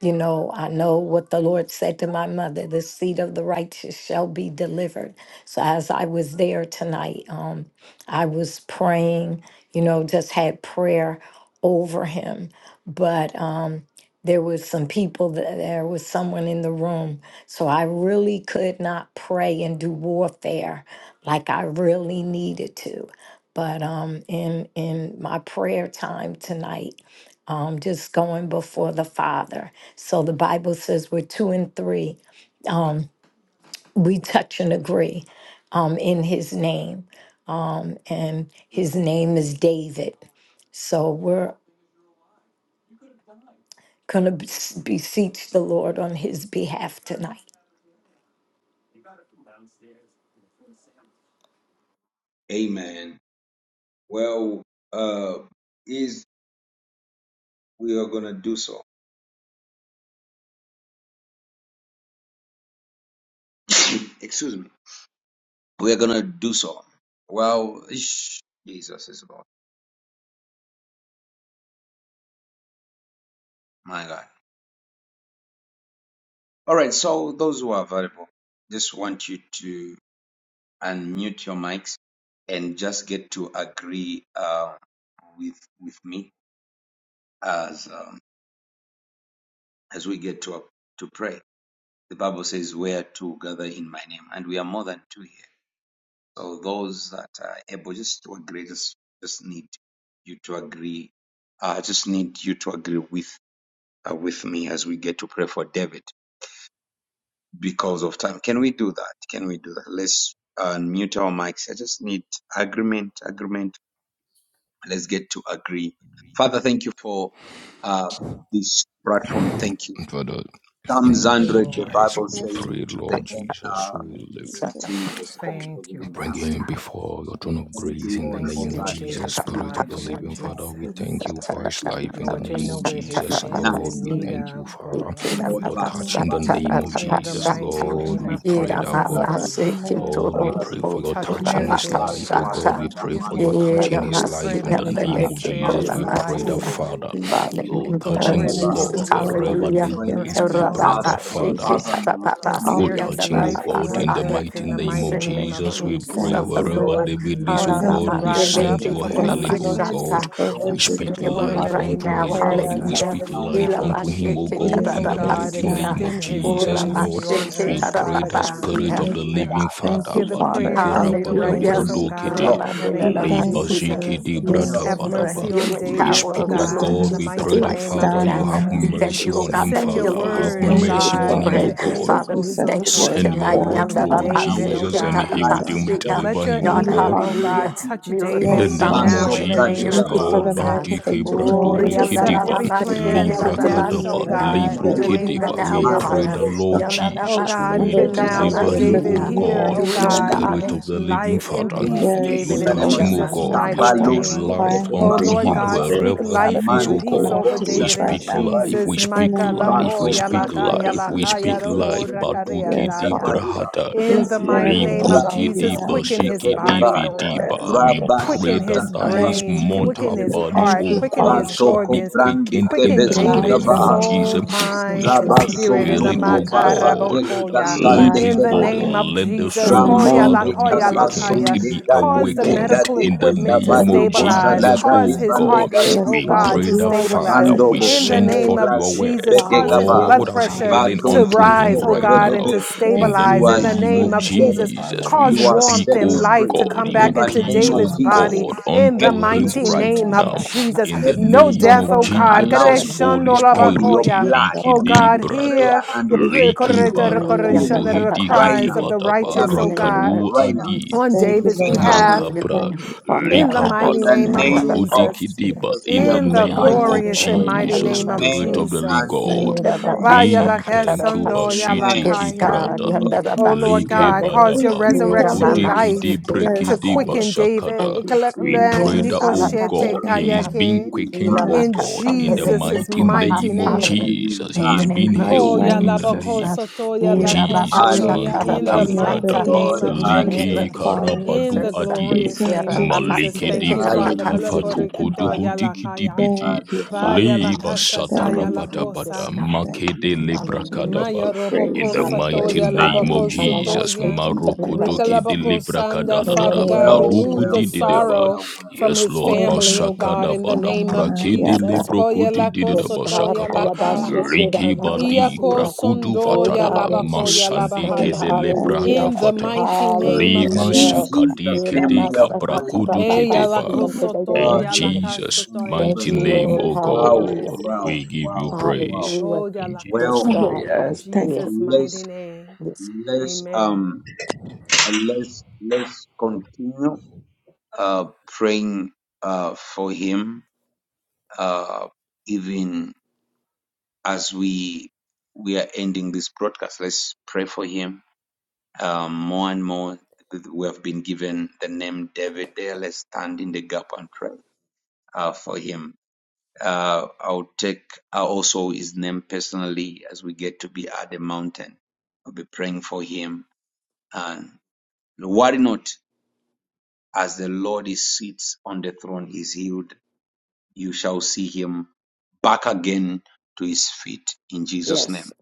Speaker 18: you know, I know what the Lord said to my mother the seed of the righteous shall be delivered. So, as I was there tonight, um, I was praying, you know, just had prayer over him. But um, there was some people, that, there was someone in the room. So, I really could not pray and do warfare like I really needed to. But um, in, in my prayer time tonight, um, just going before the Father. So the Bible says we're two and three. Um, we touch and agree um, in His name, um, and His name is David. So we're going to beseech the Lord on His behalf tonight.
Speaker 1: Amen. Well, uh, is we are gonna do so. Excuse me. We are gonna do so. Well, ish, Jesus is Lord. My God. All right. So those who are available, just want you to unmute your mics and just get to agree uh, with with me as. um, as we get to, to pray. The Bible says, Where two gather in my name, and we are more than two here. So those that are able, just to agree, just, just need you to agree. I uh, just need you to agree with uh, with me as we get to pray for David because of time. Can we do that? Can we do that? Let's uh, mute our mics. I just need agreement, agreement. Let's get to agree. Father, thank you for uh, this platform. Thank you
Speaker 25: Father, in the
Speaker 1: Psalms
Speaker 23: Thank you,
Speaker 25: name of
Speaker 1: 100, the
Speaker 23: Lord.
Speaker 25: Jesus,
Speaker 1: Bible
Speaker 25: we
Speaker 1: says
Speaker 25: pray,
Speaker 1: to say,
Speaker 25: Lord Jesus,
Speaker 1: enter
Speaker 25: we lift.
Speaker 1: into the court of
Speaker 23: Thank you,
Speaker 1: the
Speaker 25: Bring
Speaker 23: Lord.
Speaker 25: him
Speaker 1: thanksgiving.
Speaker 25: before your
Speaker 1: We
Speaker 25: throne of
Speaker 1: Thank
Speaker 25: grace
Speaker 1: you,
Speaker 25: in the
Speaker 1: Lord,
Speaker 23: Thank
Speaker 1: for
Speaker 23: you
Speaker 25: name
Speaker 7: This
Speaker 25: of
Speaker 23: for
Speaker 1: that
Speaker 7: is real
Speaker 25: Jesus,
Speaker 23: David's
Speaker 25: Spirit of
Speaker 23: life,
Speaker 25: the
Speaker 1: wisdom,
Speaker 23: Lord
Speaker 25: living
Speaker 7: now
Speaker 1: uh,
Speaker 25: Father. We
Speaker 7: with
Speaker 23: Jesus.
Speaker 25: thank
Speaker 7: what
Speaker 1: request
Speaker 25: you
Speaker 7: the
Speaker 1: that
Speaker 25: for
Speaker 1: is
Speaker 7: prayer
Speaker 25: his
Speaker 1: given,
Speaker 25: life in
Speaker 7: request
Speaker 25: the
Speaker 23: Lord,
Speaker 7: that
Speaker 23: you
Speaker 25: name
Speaker 7: he
Speaker 23: know
Speaker 25: of
Speaker 1: given
Speaker 23: where
Speaker 1: this
Speaker 7: has
Speaker 23: he
Speaker 25: Jesus,
Speaker 7: requested.
Speaker 23: stands
Speaker 1: night
Speaker 25: Lord.
Speaker 23: in
Speaker 1: in
Speaker 25: We
Speaker 1: our
Speaker 23: need
Speaker 25: thank you,
Speaker 23: of.
Speaker 1: anointing.
Speaker 25: Father,
Speaker 23: Boy, yeah,
Speaker 7: In
Speaker 23: I
Speaker 7: the
Speaker 25: for
Speaker 1: Lord,
Speaker 25: your
Speaker 7: mighty
Speaker 23: say.
Speaker 1: back
Speaker 25: touch
Speaker 1: up
Speaker 7: name
Speaker 25: in
Speaker 7: of
Speaker 25: the
Speaker 1: our Lord,
Speaker 25: name of
Speaker 7: Jesus, Lord
Speaker 1: Peter,
Speaker 23: In the
Speaker 25: Jesus,
Speaker 1: their
Speaker 7: Jesus,
Speaker 23: mighty
Speaker 7: we're
Speaker 25: Lord.
Speaker 23: name
Speaker 25: We
Speaker 7: praying
Speaker 23: of
Speaker 7: right
Speaker 1: master,
Speaker 25: pray that
Speaker 7: now
Speaker 23: Jesus,
Speaker 1: Cobra,
Speaker 7: for
Speaker 25: for,
Speaker 23: dear
Speaker 1: the
Speaker 7: a
Speaker 23: Lord,
Speaker 1: Peter,
Speaker 25: Lord,
Speaker 7: miracle,
Speaker 1: the
Speaker 25: we pray
Speaker 1: Hasri,
Speaker 25: for your
Speaker 7: a
Speaker 23: touch
Speaker 25: touch in his
Speaker 23: David,
Speaker 7: miracle
Speaker 1: Rabba,
Speaker 23: O
Speaker 25: life. Oh God,
Speaker 1: Quata,
Speaker 25: we
Speaker 23: God.
Speaker 25: pray for your
Speaker 1: Ramandi,
Speaker 25: touch
Speaker 1: Peter,
Speaker 18: Ira
Speaker 25: in
Speaker 1: the
Speaker 25: his
Speaker 23: I
Speaker 18: masi
Speaker 25: life
Speaker 23: pray
Speaker 25: in
Speaker 1: Peter,
Speaker 25: the
Speaker 23: that
Speaker 7: for
Speaker 23: you
Speaker 7: God
Speaker 23: would
Speaker 18: yandele
Speaker 25: name
Speaker 7: up
Speaker 25: of
Speaker 23: spare
Speaker 25: Jesus.
Speaker 18: kikola
Speaker 23: his
Speaker 25: We
Speaker 1: Master,
Speaker 25: pray
Speaker 23: life,
Speaker 7: all
Speaker 18: masi
Speaker 25: that,
Speaker 7: of
Speaker 1: Toro,
Speaker 7: his
Speaker 23: Lord.
Speaker 25: Father,
Speaker 1: Bosa,
Speaker 7: feet.
Speaker 18: Father, in
Speaker 25: you
Speaker 18: the name
Speaker 23: I
Speaker 25: touch
Speaker 7: Oh,
Speaker 18: of
Speaker 25: him,
Speaker 23: pray
Speaker 25: oh
Speaker 7: let
Speaker 23: that you
Speaker 18: Jesus,
Speaker 25: God,
Speaker 23: would
Speaker 7: no
Speaker 23: restore
Speaker 1: we
Speaker 7: weapon
Speaker 25: wherever
Speaker 23: him
Speaker 18: hallelujah.
Speaker 7: formed
Speaker 23: to
Speaker 1: pray
Speaker 25: David
Speaker 7: against
Speaker 25: is.
Speaker 7: him
Speaker 1: and
Speaker 23: perfect
Speaker 25: We
Speaker 1: we
Speaker 7: prosper,
Speaker 23: health
Speaker 25: pray
Speaker 1: ask
Speaker 25: that,
Speaker 7: Lord
Speaker 1: that
Speaker 25: Father.
Speaker 7: Jesus.
Speaker 1: Father may you
Speaker 23: and
Speaker 1: come
Speaker 25: Oh,
Speaker 7: All
Speaker 23: spare
Speaker 7: we
Speaker 1: through
Speaker 23: his
Speaker 25: touch
Speaker 7: need
Speaker 25: him, O
Speaker 23: life
Speaker 1: for
Speaker 23: here
Speaker 25: God,
Speaker 7: respect.
Speaker 23: on
Speaker 25: in
Speaker 1: David
Speaker 25: the
Speaker 18: Rababashikitabababasia,
Speaker 23: earth
Speaker 1: in
Speaker 25: mighty
Speaker 23: in
Speaker 1: the
Speaker 23: the
Speaker 18: We
Speaker 1: name
Speaker 25: name
Speaker 23: mighty
Speaker 1: of
Speaker 25: of
Speaker 18: send
Speaker 23: name
Speaker 18: the
Speaker 1: Jesus.
Speaker 23: of
Speaker 25: Jesus, we
Speaker 18: angels
Speaker 25: pray.
Speaker 7: Thank
Speaker 18: of
Speaker 23: Jesus.
Speaker 18: the
Speaker 7: you.
Speaker 25: Wherever
Speaker 1: Prayer
Speaker 25: they
Speaker 18: Lord.
Speaker 1: and
Speaker 25: be this, O
Speaker 23: Cause
Speaker 1: victory.
Speaker 23: him to
Speaker 25: God,
Speaker 7: Thank
Speaker 25: we
Speaker 7: you,
Speaker 1: That
Speaker 23: rise
Speaker 7: Father.
Speaker 25: send
Speaker 23: up
Speaker 1: there
Speaker 25: your
Speaker 1: be
Speaker 23: from his
Speaker 7: Thank you,
Speaker 25: healing,
Speaker 1: healing,
Speaker 25: O
Speaker 7: Lord
Speaker 1: We
Speaker 23: sickness,
Speaker 7: Jesus,
Speaker 1: be
Speaker 25: God.
Speaker 18: Hananamandelekekulamashata.
Speaker 7: for
Speaker 1: prayer
Speaker 18: We
Speaker 7: what
Speaker 25: We
Speaker 1: and
Speaker 7: you're
Speaker 25: speak
Speaker 18: send your
Speaker 7: doing,
Speaker 23: Lord,
Speaker 1: victory.
Speaker 23: in
Speaker 18: word
Speaker 23: the
Speaker 25: life
Speaker 7: Father.
Speaker 18: right
Speaker 7: We
Speaker 23: name
Speaker 1: that
Speaker 25: unto
Speaker 1: There
Speaker 23: of
Speaker 18: now.
Speaker 25: his
Speaker 1: be
Speaker 7: declare it
Speaker 25: body.
Speaker 7: as
Speaker 25: We
Speaker 1: healing
Speaker 18: Hallelujah.
Speaker 23: Jesus.
Speaker 25: speak
Speaker 7: already
Speaker 1: around his
Speaker 25: life
Speaker 7: done.
Speaker 1: life.
Speaker 25: unto him, O
Speaker 1: In the
Speaker 7: It
Speaker 25: God,
Speaker 7: is
Speaker 1: name
Speaker 25: in
Speaker 23: O
Speaker 25: the
Speaker 1: of
Speaker 7: already
Speaker 23: God,
Speaker 1: Jesus,
Speaker 25: mighty
Speaker 7: done.
Speaker 18: Ilamashikitabababasia,
Speaker 25: name of
Speaker 23: extend
Speaker 1: we
Speaker 23: his
Speaker 7: In the
Speaker 1: pray
Speaker 25: Jesus,
Speaker 23: days
Speaker 1: for
Speaker 7: name of
Speaker 25: Lord.
Speaker 23: here on
Speaker 1: David.
Speaker 25: We
Speaker 23: earth,
Speaker 7: Jesus.
Speaker 1: And
Speaker 25: pray
Speaker 23: Father
Speaker 25: the
Speaker 1: David
Speaker 23: God.
Speaker 25: spirit
Speaker 18: Uramashikitabababasia.
Speaker 7: Oh,
Speaker 25: of the
Speaker 1: will not
Speaker 7: yes.
Speaker 25: living
Speaker 1: die, but
Speaker 7: Thank
Speaker 25: Father,
Speaker 7: you,
Speaker 23: Hear
Speaker 1: he
Speaker 23: the
Speaker 1: will live
Speaker 7: Father.
Speaker 1: to
Speaker 25: Batiki
Speaker 23: prayers of
Speaker 7: Thank
Speaker 23: the
Speaker 7: you,
Speaker 1: declare
Speaker 25: Rabada
Speaker 1: the
Speaker 7: Lord
Speaker 18: Hallelujah.
Speaker 23: righteous,
Speaker 7: Jesus.
Speaker 23: O
Speaker 1: goodness of the
Speaker 25: Bradokite,
Speaker 23: God,
Speaker 1: Lord.
Speaker 23: in the
Speaker 18: Ramadela
Speaker 7: We
Speaker 23: name of
Speaker 1: As
Speaker 7: thank
Speaker 1: we
Speaker 7: you,
Speaker 18: Ramasita.
Speaker 1: pray
Speaker 25: Lebaziki
Speaker 7: Lord.
Speaker 1: for
Speaker 23: Jesus.
Speaker 25: di
Speaker 1: the
Speaker 18: We
Speaker 25: Brata
Speaker 7: Yes,
Speaker 18: send
Speaker 23: Have
Speaker 1: miracle,
Speaker 18: the
Speaker 23: mercy
Speaker 7: Father.
Speaker 25: Badaba.
Speaker 1: we
Speaker 23: on
Speaker 18: healing
Speaker 25: We
Speaker 1: pray
Speaker 23: David,
Speaker 18: power
Speaker 23: O
Speaker 7: It
Speaker 25: speak,
Speaker 1: for
Speaker 18: of the
Speaker 25: O
Speaker 1: the
Speaker 7: is
Speaker 23: God,
Speaker 18: Lord
Speaker 23: in
Speaker 1: healing,
Speaker 25: God,
Speaker 23: the
Speaker 7: done.
Speaker 25: we
Speaker 18: Jesus
Speaker 25: pray
Speaker 23: mighty
Speaker 7: It
Speaker 25: the
Speaker 1: we
Speaker 18: Christ
Speaker 7: is
Speaker 23: name
Speaker 1: pray
Speaker 23: of
Speaker 18: even
Speaker 25: Father,
Speaker 1: for
Speaker 7: done
Speaker 25: you
Speaker 1: the
Speaker 18: now.
Speaker 7: in the
Speaker 25: have
Speaker 18: We
Speaker 23: Jesus.
Speaker 1: strength.
Speaker 7: name of
Speaker 18: thank
Speaker 25: mercy
Speaker 18: you, oh
Speaker 7: Jesus.
Speaker 25: on
Speaker 18: God,
Speaker 25: him,
Speaker 1: We
Speaker 18: that
Speaker 23: Send your
Speaker 25: Father.
Speaker 1: pray,
Speaker 18: healing
Speaker 25: Have
Speaker 18: is
Speaker 23: word,
Speaker 18: the
Speaker 1: Lord,
Speaker 23: O
Speaker 7: Thank
Speaker 1: and
Speaker 7: you,
Speaker 25: mercy
Speaker 1: let
Speaker 18: children's
Speaker 25: on
Speaker 23: God,
Speaker 25: him, O
Speaker 7: Father.
Speaker 23: to
Speaker 18: bread.
Speaker 25: God.
Speaker 1: every
Speaker 7: Jesus,
Speaker 18: Father,
Speaker 7: we
Speaker 23: Ediko
Speaker 18: we
Speaker 7: sent
Speaker 1: sickness
Speaker 7: the
Speaker 18: thank you
Speaker 7: word
Speaker 25: Send
Speaker 1: be
Speaker 25: your
Speaker 18: tonight.
Speaker 7: forth,
Speaker 25: word,
Speaker 18: Yanda
Speaker 23: to
Speaker 1: removed
Speaker 7: Father,
Speaker 25: Lord
Speaker 7: in the
Speaker 23: David,
Speaker 1: away
Speaker 23: O
Speaker 18: Rabasi,
Speaker 7: name
Speaker 1: from
Speaker 25: Jesus,
Speaker 7: of
Speaker 25: and
Speaker 1: his
Speaker 18: Kita
Speaker 25: he
Speaker 23: God.
Speaker 25: will
Speaker 1: life
Speaker 7: Jesus.
Speaker 1: and
Speaker 25: dem-
Speaker 18: Rabasi, uh,
Speaker 1: death
Speaker 25: deliver
Speaker 23: Let your
Speaker 25: him, O
Speaker 18: God,
Speaker 7: Heavenly
Speaker 1: in
Speaker 25: God.
Speaker 23: angel,
Speaker 1: the
Speaker 23: O
Speaker 7: Father.
Speaker 1: name of
Speaker 23: God,
Speaker 18: hallelujah.
Speaker 23: touch
Speaker 1: Jesus.
Speaker 25: In
Speaker 23: David
Speaker 25: the
Speaker 18: Miracles,
Speaker 7: Yes,
Speaker 23: even
Speaker 18: signs,
Speaker 25: name of
Speaker 23: now
Speaker 7: Father.
Speaker 1: Maso
Speaker 23: in
Speaker 18: wonders,
Speaker 23: the
Speaker 18: and
Speaker 23: name
Speaker 25: Jesus,
Speaker 23: of
Speaker 7: Thank you
Speaker 18: miracles,
Speaker 7: for
Speaker 1: pradigabaha.
Speaker 25: Lord,
Speaker 18: oh
Speaker 7: the
Speaker 18: God.
Speaker 7: miracle
Speaker 25: Banti
Speaker 23: Jesus.
Speaker 1: We
Speaker 7: that you're
Speaker 1: heal
Speaker 18: Oh,
Speaker 7: doing. We're
Speaker 25: Kebradore
Speaker 1: his
Speaker 18: Yanda
Speaker 23: Intercept
Speaker 7: declaring
Speaker 25: Kidiba,
Speaker 1: deliverance.
Speaker 23: every
Speaker 7: that faith
Speaker 18: Ramasi,
Speaker 1: We
Speaker 23: plan
Speaker 7: comes
Speaker 18: Kita
Speaker 25: Libra
Speaker 23: of
Speaker 7: from
Speaker 1: heal
Speaker 23: death,
Speaker 7: believing
Speaker 1: him
Speaker 23: O
Speaker 7: in
Speaker 25: Kadaba,
Speaker 18: Ramasi,
Speaker 7: the
Speaker 1: in
Speaker 18: uh,
Speaker 1: the name
Speaker 7: things
Speaker 23: God,
Speaker 1: of
Speaker 25: Libro
Speaker 23: in
Speaker 7: that
Speaker 23: the
Speaker 18: Do
Speaker 7: we
Speaker 1: Jesus.
Speaker 18: it
Speaker 23: name
Speaker 18: even
Speaker 25: Kidiba,
Speaker 23: of
Speaker 7: cannot
Speaker 18: now,
Speaker 7: see
Speaker 25: we
Speaker 7: as
Speaker 1: Manto
Speaker 25: pray
Speaker 23: Jesus.
Speaker 18: God.
Speaker 25: the
Speaker 7: evidence.
Speaker 25: Lord
Speaker 7: God.
Speaker 1: boshata.
Speaker 18: Yanda
Speaker 23: Oh
Speaker 25: Jesus,
Speaker 23: God,
Speaker 18: Ramasi,
Speaker 7: And
Speaker 25: we
Speaker 7: Lord
Speaker 23: even
Speaker 18: Kita
Speaker 1: David,
Speaker 23: now
Speaker 1: you
Speaker 7: Jesus,
Speaker 25: deliver
Speaker 1: are
Speaker 23: let
Speaker 7: we're
Speaker 25: him,
Speaker 1: healed
Speaker 18: Ramasi.
Speaker 23: David
Speaker 18: uh,
Speaker 25: O
Speaker 7: believing
Speaker 23: hear,
Speaker 25: God.
Speaker 23: oh
Speaker 7: right
Speaker 18: do it,
Speaker 1: in
Speaker 18: oh
Speaker 1: the
Speaker 7: now,
Speaker 23: God,
Speaker 1: name of
Speaker 18: God,
Speaker 7: Father.
Speaker 25: Spirit
Speaker 18: in
Speaker 25: of
Speaker 1: Jesus.
Speaker 25: the living
Speaker 23: life
Speaker 18: Jesus'
Speaker 23: and
Speaker 25: Father,
Speaker 1: You
Speaker 18: name.
Speaker 1: are
Speaker 23: peace,
Speaker 25: may
Speaker 1: healed
Speaker 25: you
Speaker 23: David,
Speaker 1: in
Speaker 7: Yes,
Speaker 1: the
Speaker 23: in
Speaker 18: Ee,
Speaker 1: name
Speaker 7: O
Speaker 25: touch
Speaker 1: of
Speaker 18: the
Speaker 25: him, O
Speaker 18: ba,
Speaker 1: Jesus.
Speaker 23: Jesus'
Speaker 7: Lord,
Speaker 25: God.
Speaker 18: sha,
Speaker 7: yes,
Speaker 25: We
Speaker 23: mighty
Speaker 7: Father,
Speaker 25: speak
Speaker 1: Tabalos
Speaker 7: we
Speaker 23: name.
Speaker 25: life
Speaker 23: Oh
Speaker 7: every
Speaker 25: unto
Speaker 23: Lord
Speaker 25: him
Speaker 7: false
Speaker 23: God,
Speaker 1: kepedevaskiteva.
Speaker 7: spirit
Speaker 23: speak
Speaker 7: that's
Speaker 25: wherever
Speaker 7: out
Speaker 25: he
Speaker 7: of
Speaker 23: life
Speaker 7: you.
Speaker 25: is,
Speaker 23: and
Speaker 7: We
Speaker 25: O
Speaker 23: peace
Speaker 1: Manto
Speaker 25: God.
Speaker 7: command it
Speaker 23: over
Speaker 7: to
Speaker 25: We
Speaker 7: leave
Speaker 23: David
Speaker 7: right
Speaker 23: in
Speaker 1: boshata
Speaker 25: speak
Speaker 7: now.
Speaker 25: life,
Speaker 23: Jesus'
Speaker 1: tobalide.
Speaker 25: we
Speaker 7: In
Speaker 25: speak
Speaker 7: the
Speaker 23: Micah
Speaker 7: name of
Speaker 25: life,
Speaker 23: loko
Speaker 25: we
Speaker 1: Bato
Speaker 7: Jesus.
Speaker 25: speak
Speaker 23: yalaka
Speaker 1: brade
Speaker 7: Yes,
Speaker 25: life, we
Speaker 7: Lord
Speaker 23: yalaka
Speaker 1: kasum
Speaker 25: speak
Speaker 7: Jesus.
Speaker 23: yaroko
Speaker 25: life.
Speaker 23: rakaria
Speaker 25: Batuki
Speaker 7: Yes, Father.
Speaker 1: kebedebedebedebadabadiva.
Speaker 25: Dibrahata.
Speaker 23: In the
Speaker 7: This
Speaker 23: mighty
Speaker 1: Goko
Speaker 7: miracle
Speaker 23: name
Speaker 25: Libro
Speaker 7: is
Speaker 23: of
Speaker 1: Brande
Speaker 7: already
Speaker 23: Jesus,
Speaker 25: Kidiba
Speaker 7: done,
Speaker 23: quicken
Speaker 1: Kastika
Speaker 7: says
Speaker 23: his
Speaker 25: Shiki
Speaker 7: the Lord.
Speaker 1: Bedeva,
Speaker 23: body,
Speaker 25: Divi
Speaker 23: Lord
Speaker 7: Yes,
Speaker 25: Diba. We
Speaker 7: Lord.
Speaker 1: Rabba
Speaker 25: pray
Speaker 23: quicken
Speaker 25: that
Speaker 23: his
Speaker 1: Shataka
Speaker 25: the- his
Speaker 23: brain,
Speaker 7: Yes,
Speaker 1: Bastika
Speaker 7: Lord
Speaker 23: quicken
Speaker 25: mortal
Speaker 23: his
Speaker 7: Jesus.
Speaker 1: Bedeva,
Speaker 25: bodies,
Speaker 23: heart,
Speaker 7: Thank
Speaker 25: O
Speaker 7: you,
Speaker 23: quicken
Speaker 25: God,
Speaker 23: his
Speaker 7: Father.
Speaker 25: shall
Speaker 1: Batoko
Speaker 25: be
Speaker 23: organs,
Speaker 1: Brande
Speaker 25: quickened
Speaker 7: Speak
Speaker 25: in
Speaker 23: quicken
Speaker 25: the
Speaker 7: the life
Speaker 1: Kebeskita
Speaker 23: David's
Speaker 25: name
Speaker 7: in the
Speaker 25: of
Speaker 1: Bahas,
Speaker 23: soul,
Speaker 7: name
Speaker 25: Jesus.
Speaker 7: of
Speaker 25: We
Speaker 7: Jesus.
Speaker 23: mind, and
Speaker 1: Rabba
Speaker 7: Life
Speaker 25: speak
Speaker 7: in
Speaker 23: spirit
Speaker 7: the
Speaker 23: in the
Speaker 25: healing,
Speaker 7: name
Speaker 1: Sotoko
Speaker 25: O
Speaker 7: of Jesus.
Speaker 1: Barba
Speaker 25: God.
Speaker 23: Makarabokoya
Speaker 25: Let
Speaker 7: Life,
Speaker 1: Telegasande
Speaker 25: his
Speaker 23: in the
Speaker 25: body,
Speaker 1: Kedeve,
Speaker 23: name
Speaker 7: Father.
Speaker 23: of
Speaker 25: let the
Speaker 23: Jesus.
Speaker 7: In the
Speaker 25: soul,
Speaker 23: Koya
Speaker 7: name
Speaker 1: Ramon
Speaker 7: of
Speaker 23: la
Speaker 25: Father,
Speaker 1: de
Speaker 25: be
Speaker 23: koya la
Speaker 7: Jesus.
Speaker 25: quickened,
Speaker 1: Cabason
Speaker 23: kaya.
Speaker 1: de
Speaker 25: be
Speaker 23: Cause
Speaker 1: Gaden
Speaker 23: the
Speaker 1: de
Speaker 7: Yes,
Speaker 25: awakened
Speaker 23: medical
Speaker 1: Gade
Speaker 25: in
Speaker 1: de
Speaker 25: the
Speaker 23: equipment to
Speaker 7: yes.
Speaker 25: name
Speaker 1: Cabado
Speaker 25: of
Speaker 7: Father,
Speaker 23: stabilize.
Speaker 1: Boshala
Speaker 25: Jesus, oh
Speaker 1: Gade
Speaker 23: Cause his
Speaker 1: Bande
Speaker 25: God.
Speaker 23: heart rate,
Speaker 7: yes,
Speaker 23: oh
Speaker 25: We
Speaker 1: Gaskutobo,
Speaker 7: Father,
Speaker 23: God,
Speaker 25: pray
Speaker 23: to
Speaker 7: you
Speaker 25: that,
Speaker 7: are
Speaker 23: stabilize
Speaker 25: Father, we
Speaker 7: the
Speaker 23: in
Speaker 1: Randobo,
Speaker 23: the
Speaker 25: send
Speaker 7: Lord.
Speaker 23: name
Speaker 25: forth
Speaker 23: of
Speaker 25: your word,
Speaker 1: Leglace,
Speaker 23: Jesus. Cause
Speaker 7: Doctor,
Speaker 23: his
Speaker 1: Bedegaba,
Speaker 7: you do,
Speaker 23: blood
Speaker 25: Lord, as
Speaker 23: pressure
Speaker 25: healing
Speaker 7: you
Speaker 23: to
Speaker 1: Batos,
Speaker 25: unto
Speaker 7: do.
Speaker 25: him
Speaker 23: rise, oh
Speaker 25: right
Speaker 23: God, and
Speaker 25: now.
Speaker 23: to
Speaker 1: Bedebe.
Speaker 25: In the
Speaker 7: Yes,
Speaker 1: You
Speaker 23: stabilize
Speaker 1: are
Speaker 23: in the
Speaker 25: name
Speaker 23: name
Speaker 25: of
Speaker 1: healed,
Speaker 23: of
Speaker 7: thank you,
Speaker 1: David.
Speaker 23: Jesus.
Speaker 18: Jesus'
Speaker 7: Father.
Speaker 25: Jesus,
Speaker 18: name.
Speaker 25: we
Speaker 23: Cause
Speaker 7: You
Speaker 1: You are
Speaker 18: Yes,
Speaker 25: speak,
Speaker 23: warmth
Speaker 1: set
Speaker 23: and
Speaker 18: yeah.
Speaker 25: oh
Speaker 23: life
Speaker 1: free
Speaker 23: to
Speaker 7: do me
Speaker 25: God,
Speaker 23: come
Speaker 18: Ee,
Speaker 7: and
Speaker 18: da,
Speaker 25: your
Speaker 1: in
Speaker 23: back
Speaker 7: that,
Speaker 1: the
Speaker 18: ba,
Speaker 23: into
Speaker 25: peace,
Speaker 1: name
Speaker 7: na,
Speaker 1: of
Speaker 25: oh
Speaker 7: na,
Speaker 23: David's
Speaker 18: mm,
Speaker 1: Jesus.
Speaker 23: body
Speaker 25: God,
Speaker 23: in
Speaker 7: God,
Speaker 23: the
Speaker 25: unto
Speaker 1: Every
Speaker 25: him
Speaker 18: yes,
Speaker 23: mighty
Speaker 7: you do me
Speaker 25: right
Speaker 23: name
Speaker 1: sickness,
Speaker 7: and
Speaker 23: of
Speaker 25: now.
Speaker 7: that.
Speaker 23: Jesus.
Speaker 25: In the
Speaker 23: No
Speaker 1: every
Speaker 7: So
Speaker 25: name
Speaker 23: death,
Speaker 7: go,
Speaker 25: of
Speaker 23: oh
Speaker 1: sickness
Speaker 7: no, no,
Speaker 23: God.
Speaker 7: no,
Speaker 25: Jesus,
Speaker 1: around
Speaker 25: Holy
Speaker 1: your
Speaker 7: no, no,
Speaker 1: body,
Speaker 7: no,
Speaker 25: Spirit,
Speaker 1: your
Speaker 7: no,
Speaker 23: Kereshandolabakoya.
Speaker 7: no, that.
Speaker 1: blood,
Speaker 23: Oh
Speaker 25: Diki
Speaker 1: we
Speaker 25: Di,
Speaker 23: God,
Speaker 25: brother.
Speaker 1: declare
Speaker 23: hear
Speaker 1: and
Speaker 23: the
Speaker 1: we
Speaker 7: Ushi,
Speaker 25: Liki
Speaker 1: decree
Speaker 25: barakudu
Speaker 1: healing
Speaker 23: the
Speaker 25: hidiki
Speaker 1: right
Speaker 23: cries
Speaker 1: now.
Speaker 23: of the
Speaker 25: divada
Speaker 1: Let there
Speaker 7: you
Speaker 23: righteous,
Speaker 18: In
Speaker 7: do
Speaker 23: O
Speaker 1: be
Speaker 18: the
Speaker 7: me and
Speaker 18: name
Speaker 1: healing
Speaker 23: God,
Speaker 25: barakadu
Speaker 7: that.
Speaker 18: of
Speaker 1: right now
Speaker 25: adi
Speaker 23: on
Speaker 18: Jesus.
Speaker 7: Thank
Speaker 1: in
Speaker 7: you,
Speaker 23: David's
Speaker 7: Lord
Speaker 1: Jesus'
Speaker 7: Jesus.
Speaker 1: name.
Speaker 23: behalf,
Speaker 18: Hallelujah.
Speaker 25: Makabra
Speaker 7: Thank you, Father.
Speaker 23: in the
Speaker 1: In
Speaker 23: mighty
Speaker 25: Likabada
Speaker 1: the
Speaker 23: name of
Speaker 7: Thank you,
Speaker 1: name of
Speaker 23: Jesus,
Speaker 18: Ilabatasatatabatasia.
Speaker 25: Brakudikidiba
Speaker 7: Jesus.
Speaker 1: Jesus, we
Speaker 25: in
Speaker 1: have
Speaker 25: the
Speaker 7: Thank
Speaker 23: in
Speaker 7: you,
Speaker 23: the
Speaker 25: name
Speaker 1: prayed
Speaker 7: Father.
Speaker 25: of
Speaker 18: Ilamasia
Speaker 23: glorious and
Speaker 7: Oh,
Speaker 23: mighty
Speaker 7: yes,
Speaker 25: Jesus,
Speaker 23: name
Speaker 18: italababa.
Speaker 23: of
Speaker 25: Spirit
Speaker 7: Lord
Speaker 25: of
Speaker 1: Amen
Speaker 25: the Living
Speaker 7: Jesus.
Speaker 1: and
Speaker 23: Jesus.
Speaker 7: Thank
Speaker 25: God.
Speaker 7: you,
Speaker 1: amen.
Speaker 7: Lord.
Speaker 25: We thank you,
Speaker 18: Ilabatasakatarabasia.
Speaker 25: Bashiti
Speaker 1: Amen.
Speaker 18: Yes,
Speaker 23: Vayalakasandoyalakaya.
Speaker 18: God.
Speaker 25: Kibradala,
Speaker 1: Amen.
Speaker 23: O
Speaker 18: Yandarabasia,
Speaker 23: Lord God,
Speaker 1: Amen.
Speaker 18: yandere,
Speaker 23: cause your
Speaker 25: Likebadaba
Speaker 7: Thank you,
Speaker 23: resurrection
Speaker 7: Father.
Speaker 1: Jesus.
Speaker 18: iramabasia,
Speaker 23: life to
Speaker 7: Yes,
Speaker 25: Rakudikidibrekidiba
Speaker 7: Father.
Speaker 18: kirabasia.
Speaker 23: quicken David.
Speaker 18: Thank
Speaker 25: Shakada.
Speaker 18: you,
Speaker 25: We
Speaker 1: In
Speaker 23: Ikalakle
Speaker 25: pray
Speaker 18: Jesus.
Speaker 7: Yes,
Speaker 25: that,
Speaker 1: Jesus'
Speaker 25: O
Speaker 7: Father.
Speaker 1: name.
Speaker 25: God,
Speaker 18: Alabashia,
Speaker 7: Quicken
Speaker 25: He is
Speaker 7: him.
Speaker 18: kita,
Speaker 25: being
Speaker 23: nikoshetekayake.
Speaker 1: It is
Speaker 25: quickened,
Speaker 1: done.
Speaker 25: O
Speaker 7: Yes,
Speaker 23: In
Speaker 25: God, in
Speaker 7: Father.
Speaker 25: the
Speaker 18: ilamakashandele,
Speaker 23: Jesus'
Speaker 25: mighty
Speaker 23: mighty
Speaker 25: name of
Speaker 23: name.
Speaker 1: It
Speaker 18: kikoramasaya.
Speaker 7: Quicken
Speaker 1: is
Speaker 25: Jesus. He
Speaker 18: In the
Speaker 25: is
Speaker 7: Jesus.
Speaker 1: done.
Speaker 18: name
Speaker 25: being
Speaker 1: In
Speaker 18: of
Speaker 7: Body,
Speaker 1: Jesus'
Speaker 25: healed
Speaker 23: Koya
Speaker 7: brain,
Speaker 25: in
Speaker 1: name.
Speaker 25: the name
Speaker 18: Jesus.
Speaker 23: labako
Speaker 18: uh,
Speaker 23: sotoya
Speaker 25: Oh
Speaker 7: let this
Speaker 23: lako
Speaker 7: be
Speaker 25: Jesus,
Speaker 7: a
Speaker 23: sotoya in
Speaker 1: Hallelujah,
Speaker 25: Mantoke
Speaker 23: the
Speaker 7: Many of
Speaker 1: people of
Speaker 7: the
Speaker 23: mighty
Speaker 18: irababashakarabasata.
Speaker 25: Bradaba,
Speaker 7: things
Speaker 23: name
Speaker 1: God.
Speaker 7: that
Speaker 23: of
Speaker 18: In
Speaker 7: you
Speaker 18: the
Speaker 7: can
Speaker 18: name
Speaker 7: do,
Speaker 23: Jesus.
Speaker 25: Liki
Speaker 18: of
Speaker 1: Hallelujah.
Speaker 7: Father.
Speaker 23: In
Speaker 25: Karabadu
Speaker 23: the
Speaker 18: Jesus. uh,
Speaker 25: Adi,
Speaker 7: It's
Speaker 23: glorious
Speaker 7: not
Speaker 23: name of
Speaker 7: just a few
Speaker 23: Jesus.
Speaker 18: irababasia,
Speaker 25: Maliki di
Speaker 7: things,
Speaker 23: Thank you,
Speaker 7: it's the
Speaker 23: Father.
Speaker 25: Brata
Speaker 7: things
Speaker 18: kirababasia.
Speaker 7: that you
Speaker 1: Hallelujah.
Speaker 23: Kolokori
Speaker 25: Fatuku
Speaker 7: can do.
Speaker 23: katoya
Speaker 25: Duhutiki
Speaker 1: Hallelujah.
Speaker 25: di
Speaker 23: lakaya.
Speaker 25: Biti,
Speaker 7: Thank you, Father.
Speaker 1: Hallelujah.
Speaker 23: Baya
Speaker 25: Leba
Speaker 18: Jesus, uh,
Speaker 1: Thank
Speaker 23: lakasataya
Speaker 7: Thank
Speaker 1: you,
Speaker 7: you,
Speaker 1: Jesus.
Speaker 18: yes,
Speaker 25: Satarabadabada,
Speaker 23: lakosa.
Speaker 18: God.
Speaker 7: thank
Speaker 1: In
Speaker 25: Make
Speaker 7: you,
Speaker 25: de
Speaker 1: Jesus'
Speaker 7: Lord
Speaker 1: name.
Speaker 7: Jesus.
Speaker 18: Hallelujah.
Speaker 25: Lebrakadaba.
Speaker 7: We
Speaker 23: Maya
Speaker 25: In
Speaker 7: praise
Speaker 23: roboko
Speaker 25: the
Speaker 7: you, we
Speaker 25: mighty
Speaker 23: satoya
Speaker 7: worship
Speaker 18: Hallelujah.
Speaker 25: name of
Speaker 23: labako
Speaker 1: Hallelujah.
Speaker 18: Hallelujah.
Speaker 25: Jesus,
Speaker 23: sotoya.
Speaker 18: Thank
Speaker 1: Thank
Speaker 7: and
Speaker 1: you,
Speaker 18: you,
Speaker 1: Jesus.
Speaker 7: praise
Speaker 18: Lord.
Speaker 25: Marokodoki
Speaker 7: you.
Speaker 23: Rikalabako
Speaker 18: Hallelujah.
Speaker 23: sanda.
Speaker 25: Delivrakadada,
Speaker 18: In the
Speaker 23: Father
Speaker 18: name
Speaker 23: God,
Speaker 1: Well,
Speaker 25: Baruku
Speaker 23: remove
Speaker 18: of
Speaker 23: the
Speaker 25: di
Speaker 1: well, well,
Speaker 18: Jesus.
Speaker 25: Dideba.
Speaker 23: sorrow
Speaker 1: well, well.
Speaker 23: from
Speaker 25: Yes,
Speaker 23: his
Speaker 25: Lord,
Speaker 7: Ori
Speaker 23: family, O God, in the
Speaker 7: Morasana
Speaker 25: Basakadabada,
Speaker 23: name
Speaker 7: Mana
Speaker 23: of
Speaker 25: Braki
Speaker 7: Yata
Speaker 1: Jesus,
Speaker 23: Jesus. Koya
Speaker 25: Delibrokudi
Speaker 23: lako
Speaker 1: Jesus.
Speaker 18: Yes,
Speaker 25: Didaba
Speaker 18: God.
Speaker 23: sotoya
Speaker 18: Hallelujah.
Speaker 23: lakara.
Speaker 25: Riki
Speaker 18: My
Speaker 1: my
Speaker 25: badi
Speaker 23: Iyako
Speaker 18: master,
Speaker 25: brakudu
Speaker 23: sondo
Speaker 18: Oh, God,
Speaker 25: vatada
Speaker 18: in
Speaker 23: yalabako
Speaker 18: Jesus'
Speaker 25: masandi
Speaker 7: Yes,
Speaker 18: name.
Speaker 7: yes,
Speaker 25: kede
Speaker 23: yalabahaya.
Speaker 7: thank you,
Speaker 25: lebrata
Speaker 18: Hallelujah.
Speaker 23: In the
Speaker 7: Father
Speaker 25: fata
Speaker 23: mighty
Speaker 7: Jesus.
Speaker 23: name of
Speaker 7: Yes.
Speaker 25: lima
Speaker 20: too.
Speaker 1: In
Speaker 18: Hallelujah.
Speaker 23: Jesus.
Speaker 25: shakadi
Speaker 1: Jesus'
Speaker 18: Ira
Speaker 1: name
Speaker 25: kede
Speaker 1: we have
Speaker 18: masa kata
Speaker 1: prayed,
Speaker 25: kabrakudu
Speaker 18: baba
Speaker 23: Eh,
Speaker 18: basi
Speaker 25: kedeba.
Speaker 23: yalako
Speaker 18: yang
Speaker 1: people
Speaker 18: bebe
Speaker 1: of
Speaker 23: soto
Speaker 18: bebe
Speaker 25: In
Speaker 1: God, in
Speaker 18: sini.
Speaker 23: yalaka
Speaker 1: Jesus'
Speaker 25: Jesus'
Speaker 1: name
Speaker 23: soto.
Speaker 1: we have
Speaker 23: In
Speaker 18: Thank
Speaker 25: mighty
Speaker 1: prayed.
Speaker 18: you,
Speaker 25: name,
Speaker 18: Lord.
Speaker 25: O
Speaker 23: Jesus'
Speaker 1: Wow,
Speaker 18: Hallelujah.
Speaker 23: glorious
Speaker 25: God,
Speaker 1: wow,
Speaker 25: we
Speaker 23: name.
Speaker 25: give you
Speaker 1: wow, wow.
Speaker 25: praise.
Speaker 18: Hallelujah.
Speaker 23: Oh,
Speaker 25: In Jesus'
Speaker 18: Yes,
Speaker 1: Well,
Speaker 23: yalakasa.
Speaker 7: Oh
Speaker 18: God.
Speaker 25: name,
Speaker 23: In
Speaker 7: yes, thank
Speaker 18: Hallelujah.
Speaker 7: you.
Speaker 23: Jesus' mighty
Speaker 1: let's
Speaker 23: name.
Speaker 1: let's
Speaker 23: Amen.
Speaker 1: um uh, let's let's continue uh praying uh for him uh even as we we are ending this broadcast. Let's pray for him um more and more. We have been given the name David there. Let's stand in the gap and pray uh, for him Uh, I'll take uh, also his name personally as we get to be at the mountain. I'll be praying for him. And worry not, as the Lord is sits on the throne is healed, you shall see him back again to his feet in Jesus'
Speaker 18: Yes.
Speaker 1: name.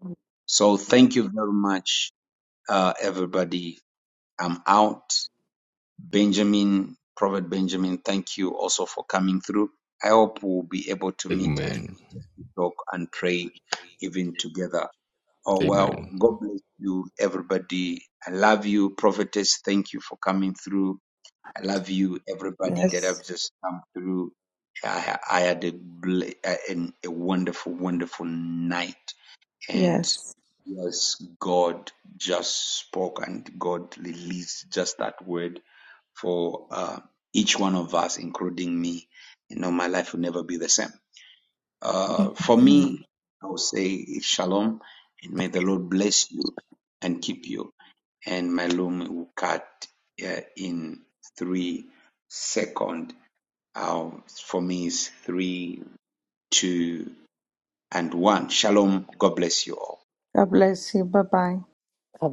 Speaker 1: So thank you very much, uh, everybody. I'm out. Benjamin, Prophet Benjamin, thank you also for coming through. I hope we'll be able to meet and
Speaker 25: Amen.
Speaker 1: talk and pray even together. Oh, well,
Speaker 25: Amen.
Speaker 1: God bless you, everybody. I love you, prophetess. Thank you for coming through. I love you, everybody that
Speaker 7: Yes,
Speaker 1: have just come through. I, I had a, bl- a, an- a wonderful, wonderful night. And
Speaker 7: yes.
Speaker 1: yes, God just spoke and God released just that word for uh, each one of us, including me. You know, my life will never be the same. Uh, for me, I will say it's shalom, and may the Lord bless you and keep you. And my loom will cut uh, in three second. Uh, for me, is three, two, and one. Shalom. God bless you all.
Speaker 7: God bless you. Bye bye.
Speaker 18: I